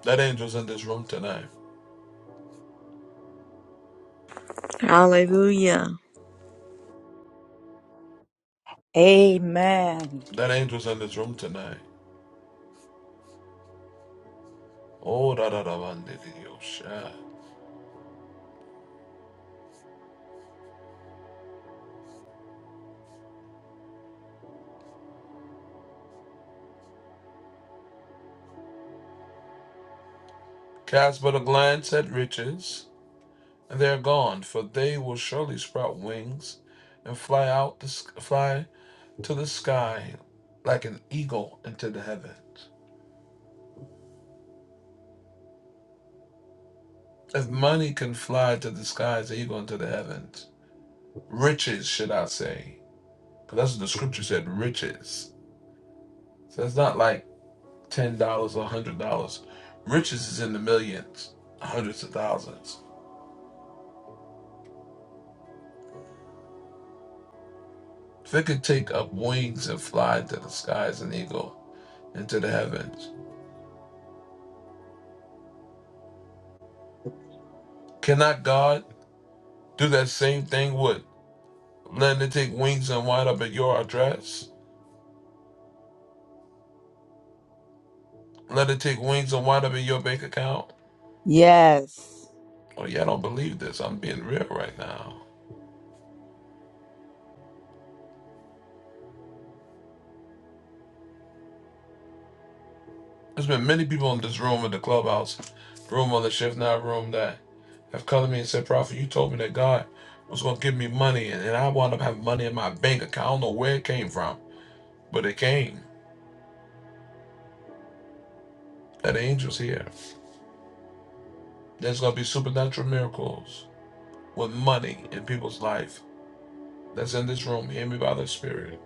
[SPEAKER 1] That angel's in this room tonight.
[SPEAKER 17] Hallelujah.
[SPEAKER 3] Amen.
[SPEAKER 1] That angel's in this room tonight. Oh, da da da vandidiyosha. Cast but a glance at riches, and they are gone, for they will surely sprout wings and fly out, the, fly to the sky like an eagle into the heavens. If money can fly to the sky as an eagle into the heavens, riches, should I say, because that's what the scripture said, riches. So it's not like ten dollars or one hundred dollars. Riches is in the millions, hundreds of thousands. If it could take up wings and fly into the sky as an eagle, into the heavens, cannot God do that same thing with letting it take wings and wind up at your address? Let it take wings and wind up in your bank account?
[SPEAKER 3] Yes.
[SPEAKER 1] Oh yeah, I don't believe this. I'm being real right now. There's been many people in this room, in the clubhouse, room on the shift now room that have come to me and said, Prophet, you told me that God was going to give me money, and, and I wound up having money in my bank account. I don't know where it came from, but it came. That angel's here. There's going to be supernatural miracles with money in people's life that's in this room. Hear me by the Spirit.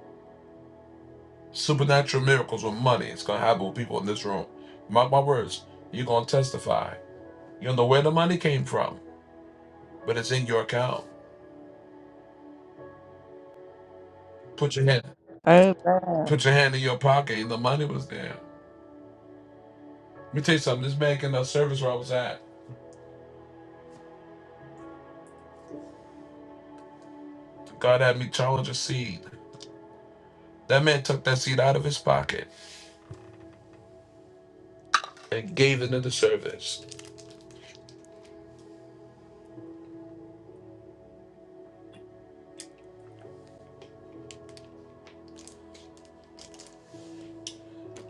[SPEAKER 1] Supernatural miracles with money. It's going to happen with people in this room. Mark my words. You're going to testify. You don't know where the money came from, but it's in your account. Put your hand. Put
[SPEAKER 3] Amen.
[SPEAKER 1] your hand in your pocket and the money was there. Let me tell you something. This man in the service where I was at. God had me challenge a seed. That man took that seed out of his pocket and gave it in the service.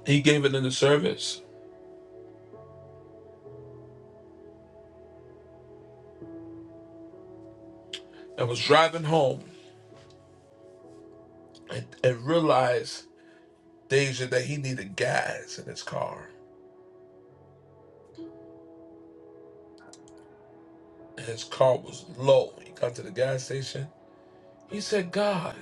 [SPEAKER 1] He gave it in the service and was driving home and, and realized, Deja, that he needed gas in his car. And his car was low. He got to the gas station. He said, God,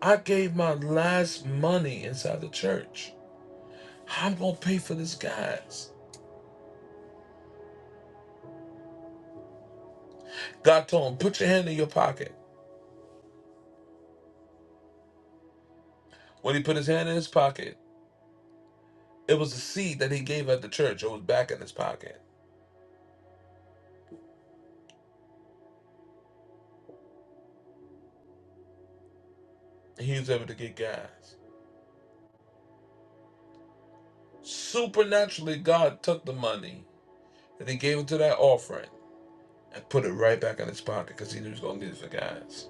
[SPEAKER 1] I gave my last money inside the church. How am I going to pay for this gas? God told him, put your hand in your pocket. When he put his hand in his pocket, it was a seed that he gave at the church. It was back in his pocket. And he was able to get guys. Supernaturally, God took the money and he gave it to that offering and put it right back in his pocket because he knew he was going to need it for guys'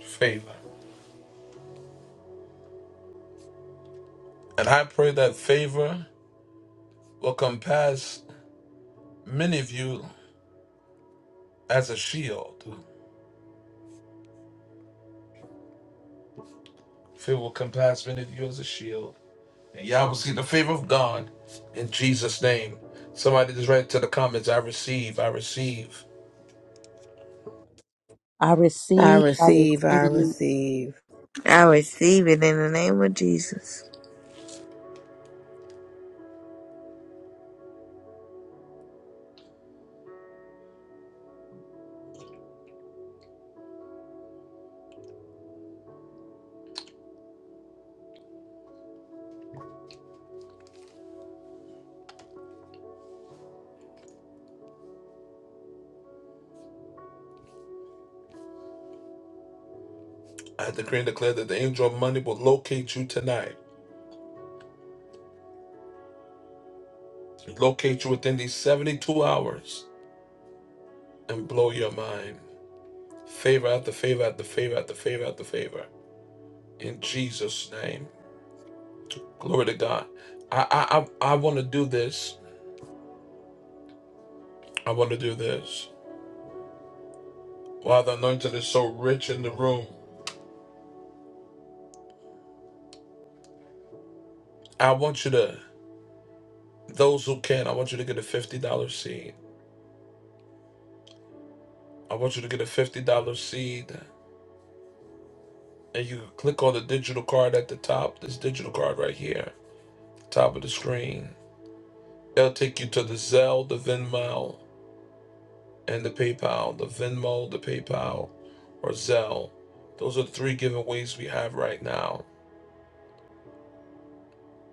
[SPEAKER 1] Favor. And I pray that favor will compass many of you as a shield. Favor will compass many of you as a shield. And y'all will see the favor of God in Jesus' name. Somebody just write to the comments, I receive, I receive.
[SPEAKER 3] I receive. I receive.
[SPEAKER 17] I receive it in the name of Jesus.
[SPEAKER 1] I decree and declare that the angel of money will locate you tonight, locate you within these 72 hours, and blow your mind. Favor after favor after favor after favor after favor. In Jesus' name. Glory to God. I I I, I want to do this. I want to do this. While the anointing is so rich in the room, I want you to, those who can, I want you to get a $50 seed. I want you to get a $50 seed. And you click on the digital card at the top, this digital card right here top of the screen. They'll take you to the Zelle, the Venmo, and the PayPal. The Venmo, the PayPal, or Zelle. Those are the three giveaways we have right now.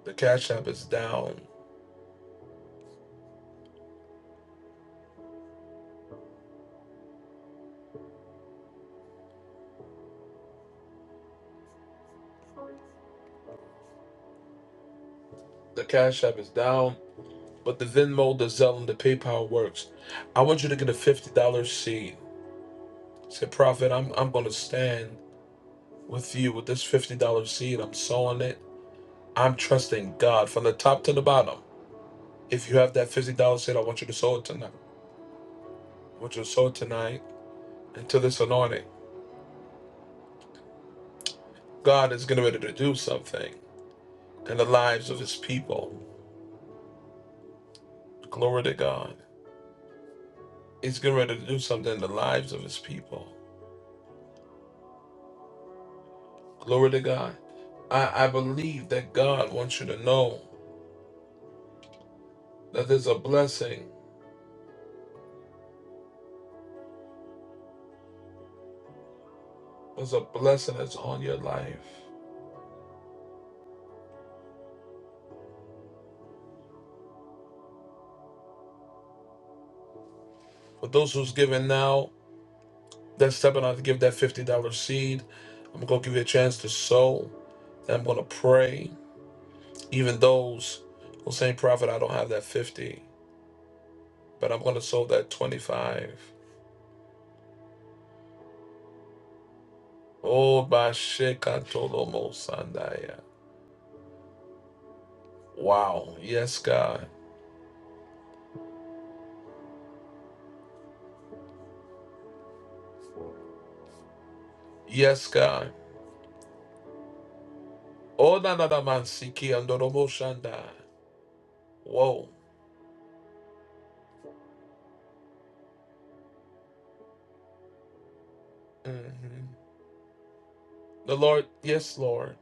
[SPEAKER 1] The Cash App is down. The Cash App is down, but the Venmo, the Zelle, and the PayPal works. I want you to get a $50 seed. Say, Prophet, I'm, I'm going to stand with you with this $50 seed. I'm sowing it. I'm trusting God from the top to the bottom. If you have that $50 seed, I want you to sow it tonight. what you saw tonight into this anointing. God is getting ready to do something in the lives of his people. Glory to God. He's getting ready to do something in the lives of his people. Glory to God. I, I believe that God wants you to know that there's a blessing. There's a blessing that's on your life. For those who's giving now, that's stepping out to give that $50 seed. I'm going to give you a chance to sow. And I'm going to pray. Even those who say, Prophet, I don't have that 50. but I'm going to solve that 25. Oh, Bashekatolomo Sandaya. Wow. Yes, God. Yes, God. Oh, Nanada Mansiki Andoromo Shanda. Whoa. Mhm. The Lord, yes, Lord.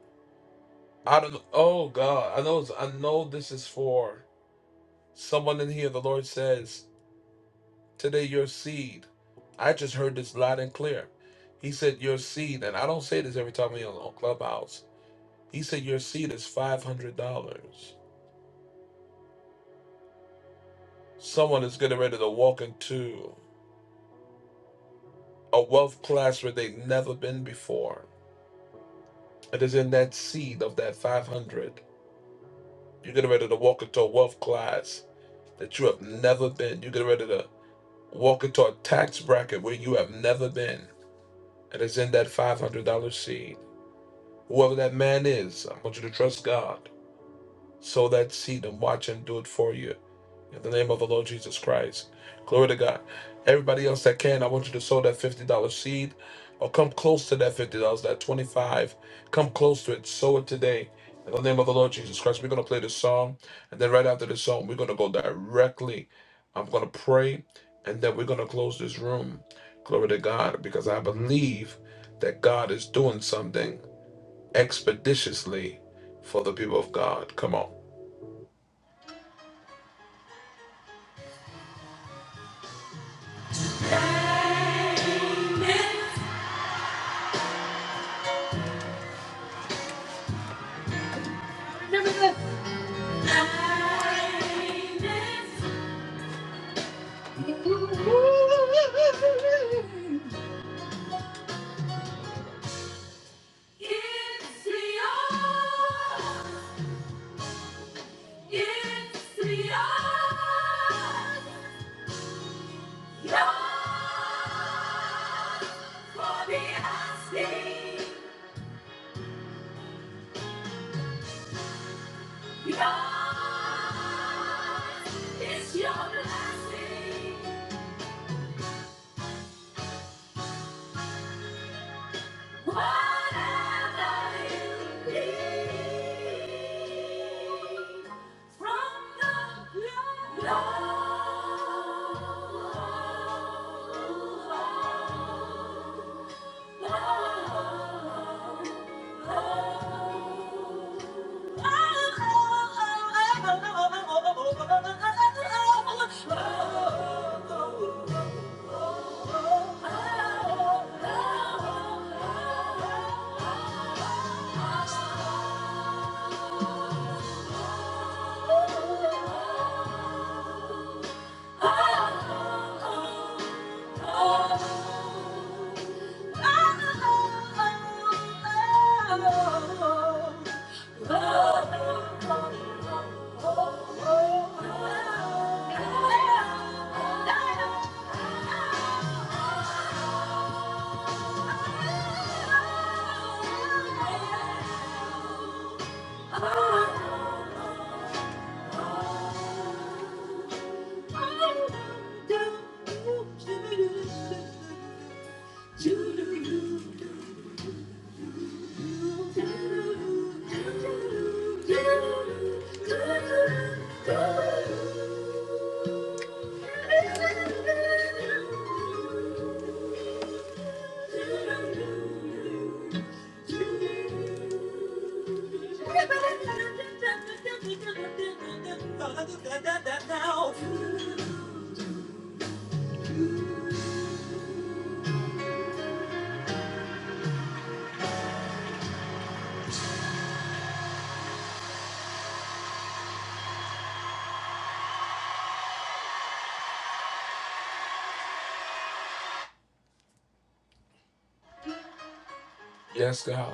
[SPEAKER 1] I don't know. Oh, God. I know, I know this is for someone in here. The Lord says, Today, your seed. I just heard this loud and clear. He said, Your seed, and I don't say this every time we're on on Clubhouse. He said, Your seed is $500. Someone is getting ready to walk into a wealth class where they've never been before. It is in that seed of that 500. You're getting ready to walk into a wealth class that you have never been. You're getting ready to walk into a tax bracket where you have never been. It is in that $500 seed. Whoever that man is, I want you to trust God. sow that seed and watch him do it for you. In the name of the Lord Jesus Christ. Glory to God. Everybody else that can, I want you to sow that $50 seed or come close to that $50, that 25 Come close to it. Sow it today. In the name of the Lord Jesus Christ. We're going to play this song. And then right after the song, we're going to go directly. I'm going to pray. And then we're going to close this room. Glory to God. Because I believe that God is doing something expeditiously for the people of God. Come on. It's beyond. It's beyond. You're for the asking. Yours is your blessing. Whatever leads from the Lord. Lord, Lord, Lord. Oh Yes, God.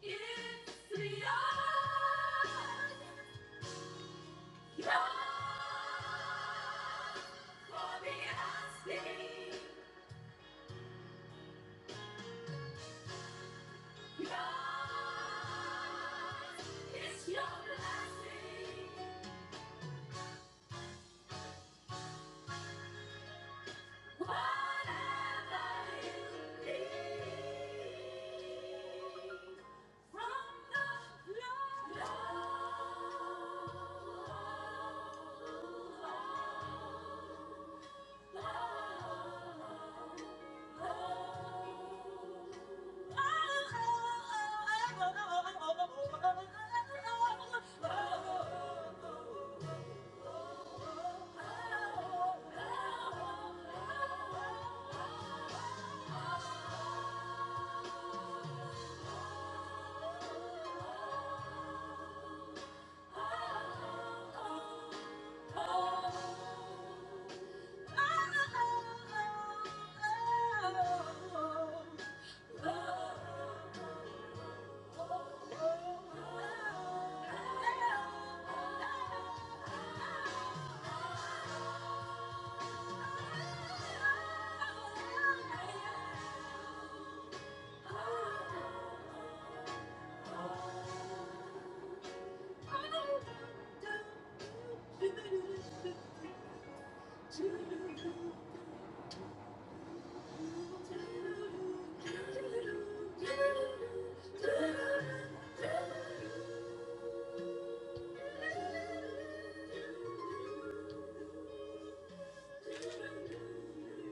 [SPEAKER 1] Oh Thank you.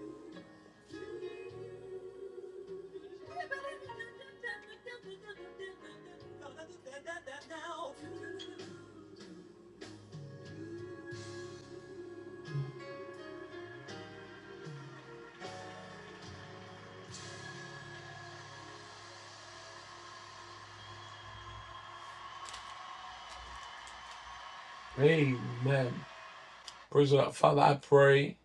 [SPEAKER 1] Amen. Praise God. Father, I pray,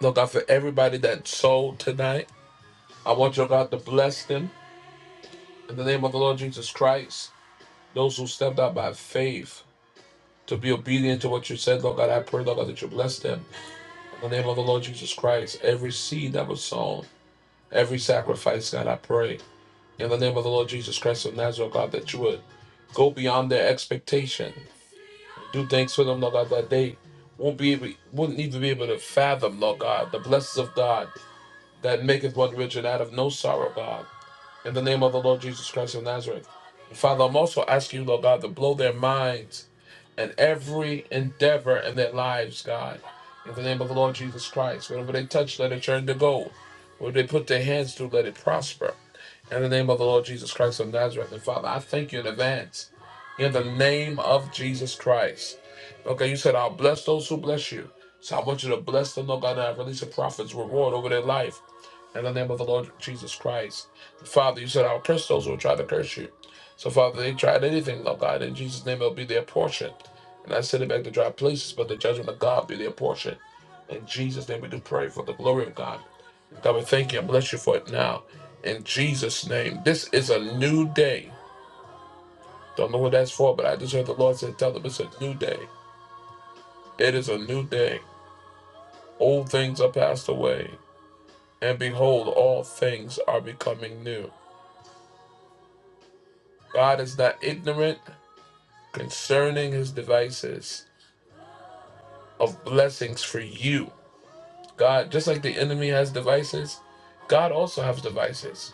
[SPEAKER 1] Lord God, for everybody that sold tonight. I want your God to bless them in the name of the Lord Jesus Christ. Those who stepped out by faith to be obedient to what you said, Lord God, I pray, Lord God, that you bless them in the name of the Lord Jesus Christ. Every seed that was sown, every sacrifice, God, I pray. In the name of the Lord Jesus Christ of Nazareth, God, that you would go beyond their expectation. Do things for them, Lord God, that they won't be able, wouldn't even be able to fathom, Lord God, the blessings of God that maketh one rich and out of no sorrow, God in the name of the Lord Jesus Christ of Nazareth. Father, I'm also asking you, Lord God, to blow their minds and every endeavor in their lives, God, in the name of the Lord Jesus Christ. Whatever they touch, let it turn to gold. What they put their hands to, let it prosper. In the name of the Lord Jesus Christ of Nazareth. And Father, I thank you in advance. In the name of Jesus Christ. Okay, you said, I'll bless those who bless you. So I want you to bless them, Lord God, and I release a prophet's reward over their life. In the name of the Lord Jesus Christ. Father, you said I'll curse those who will try to curse you. So, Father, they tried anything, Lord God. In Jesus' name, it'll be their portion. And I send it back to dry places, but the judgment of God be their portion. In Jesus' name, we do pray for the glory of God. God, we thank you and bless you for it now. In Jesus' name, this is a new day. Don't know what that's for, but I just heard the Lord say, Tell them it's a new day. It is a new day. Old things are passed away, and behold, all things are becoming new. God is not ignorant concerning his devices of blessings for you. God, just like the enemy has devices, God also has devices.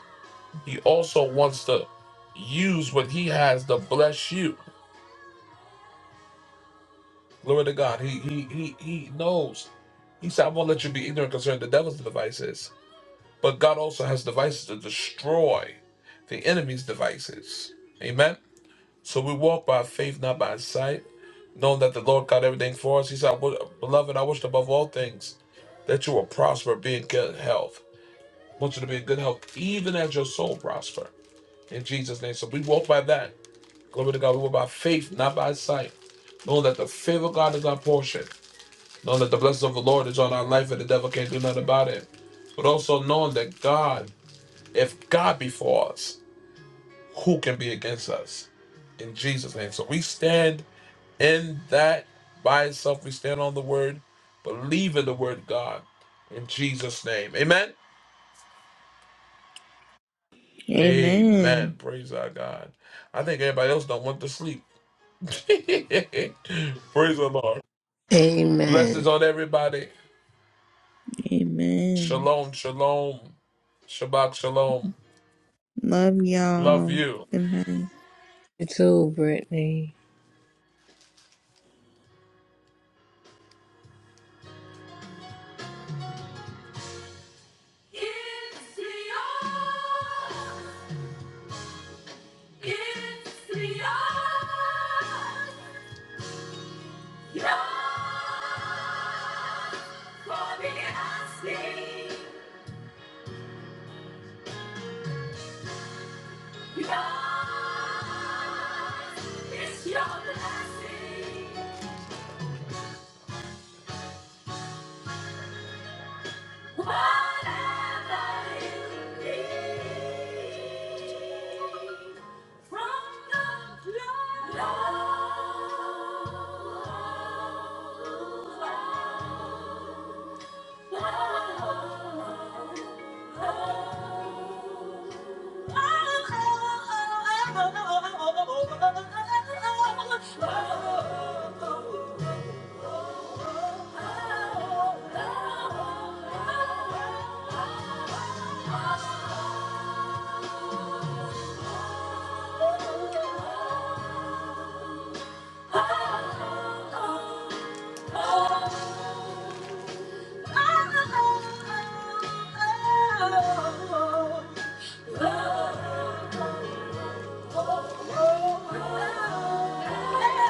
[SPEAKER 1] He also wants to use what he has to bless you. Glory to God. He he he he knows. He said, I won't let you be ignorant concerning the devil's devices. But God also has devices to destroy the enemy's devices. Amen. So we walk by faith, not by sight, knowing that the Lord got everything for us. He said, I wish- Beloved, I wish above all things that you will prosper, be in good health. I want you to be in good health, even as your soul prosper. In Jesus' name. So we walk by that. Glory to God. We walk by faith, not by sight, knowing that the favor of God is our portion, knowing that the blessings of the Lord is on our life and the devil can't do nothing about it. But also knowing that God, if God be for us, who can be against us? In Jesus' name. So we stand In that by itself we stand on the word, believe in the word God. In Jesus' name. Amen. Amen.
[SPEAKER 17] Amen.
[SPEAKER 1] Praise our God. I think everybody else don't want to sleep. Praise the Lord. Blessings on everybody.
[SPEAKER 17] Amen.
[SPEAKER 1] Shalom, shalom, Shabbat shalom.
[SPEAKER 17] Love
[SPEAKER 1] Love
[SPEAKER 17] y'all.
[SPEAKER 1] you.
[SPEAKER 17] Good night.
[SPEAKER 1] It's the Lord. It's the Lord. Lord, for me, I sing. Lord. Oh Thank you.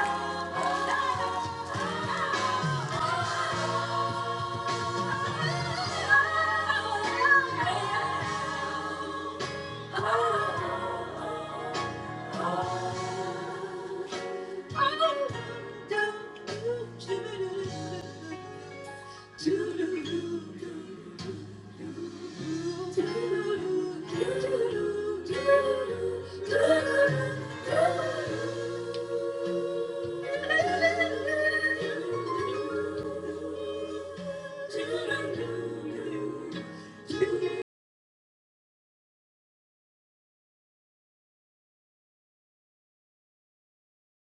[SPEAKER 1] Do-do-do-do-do.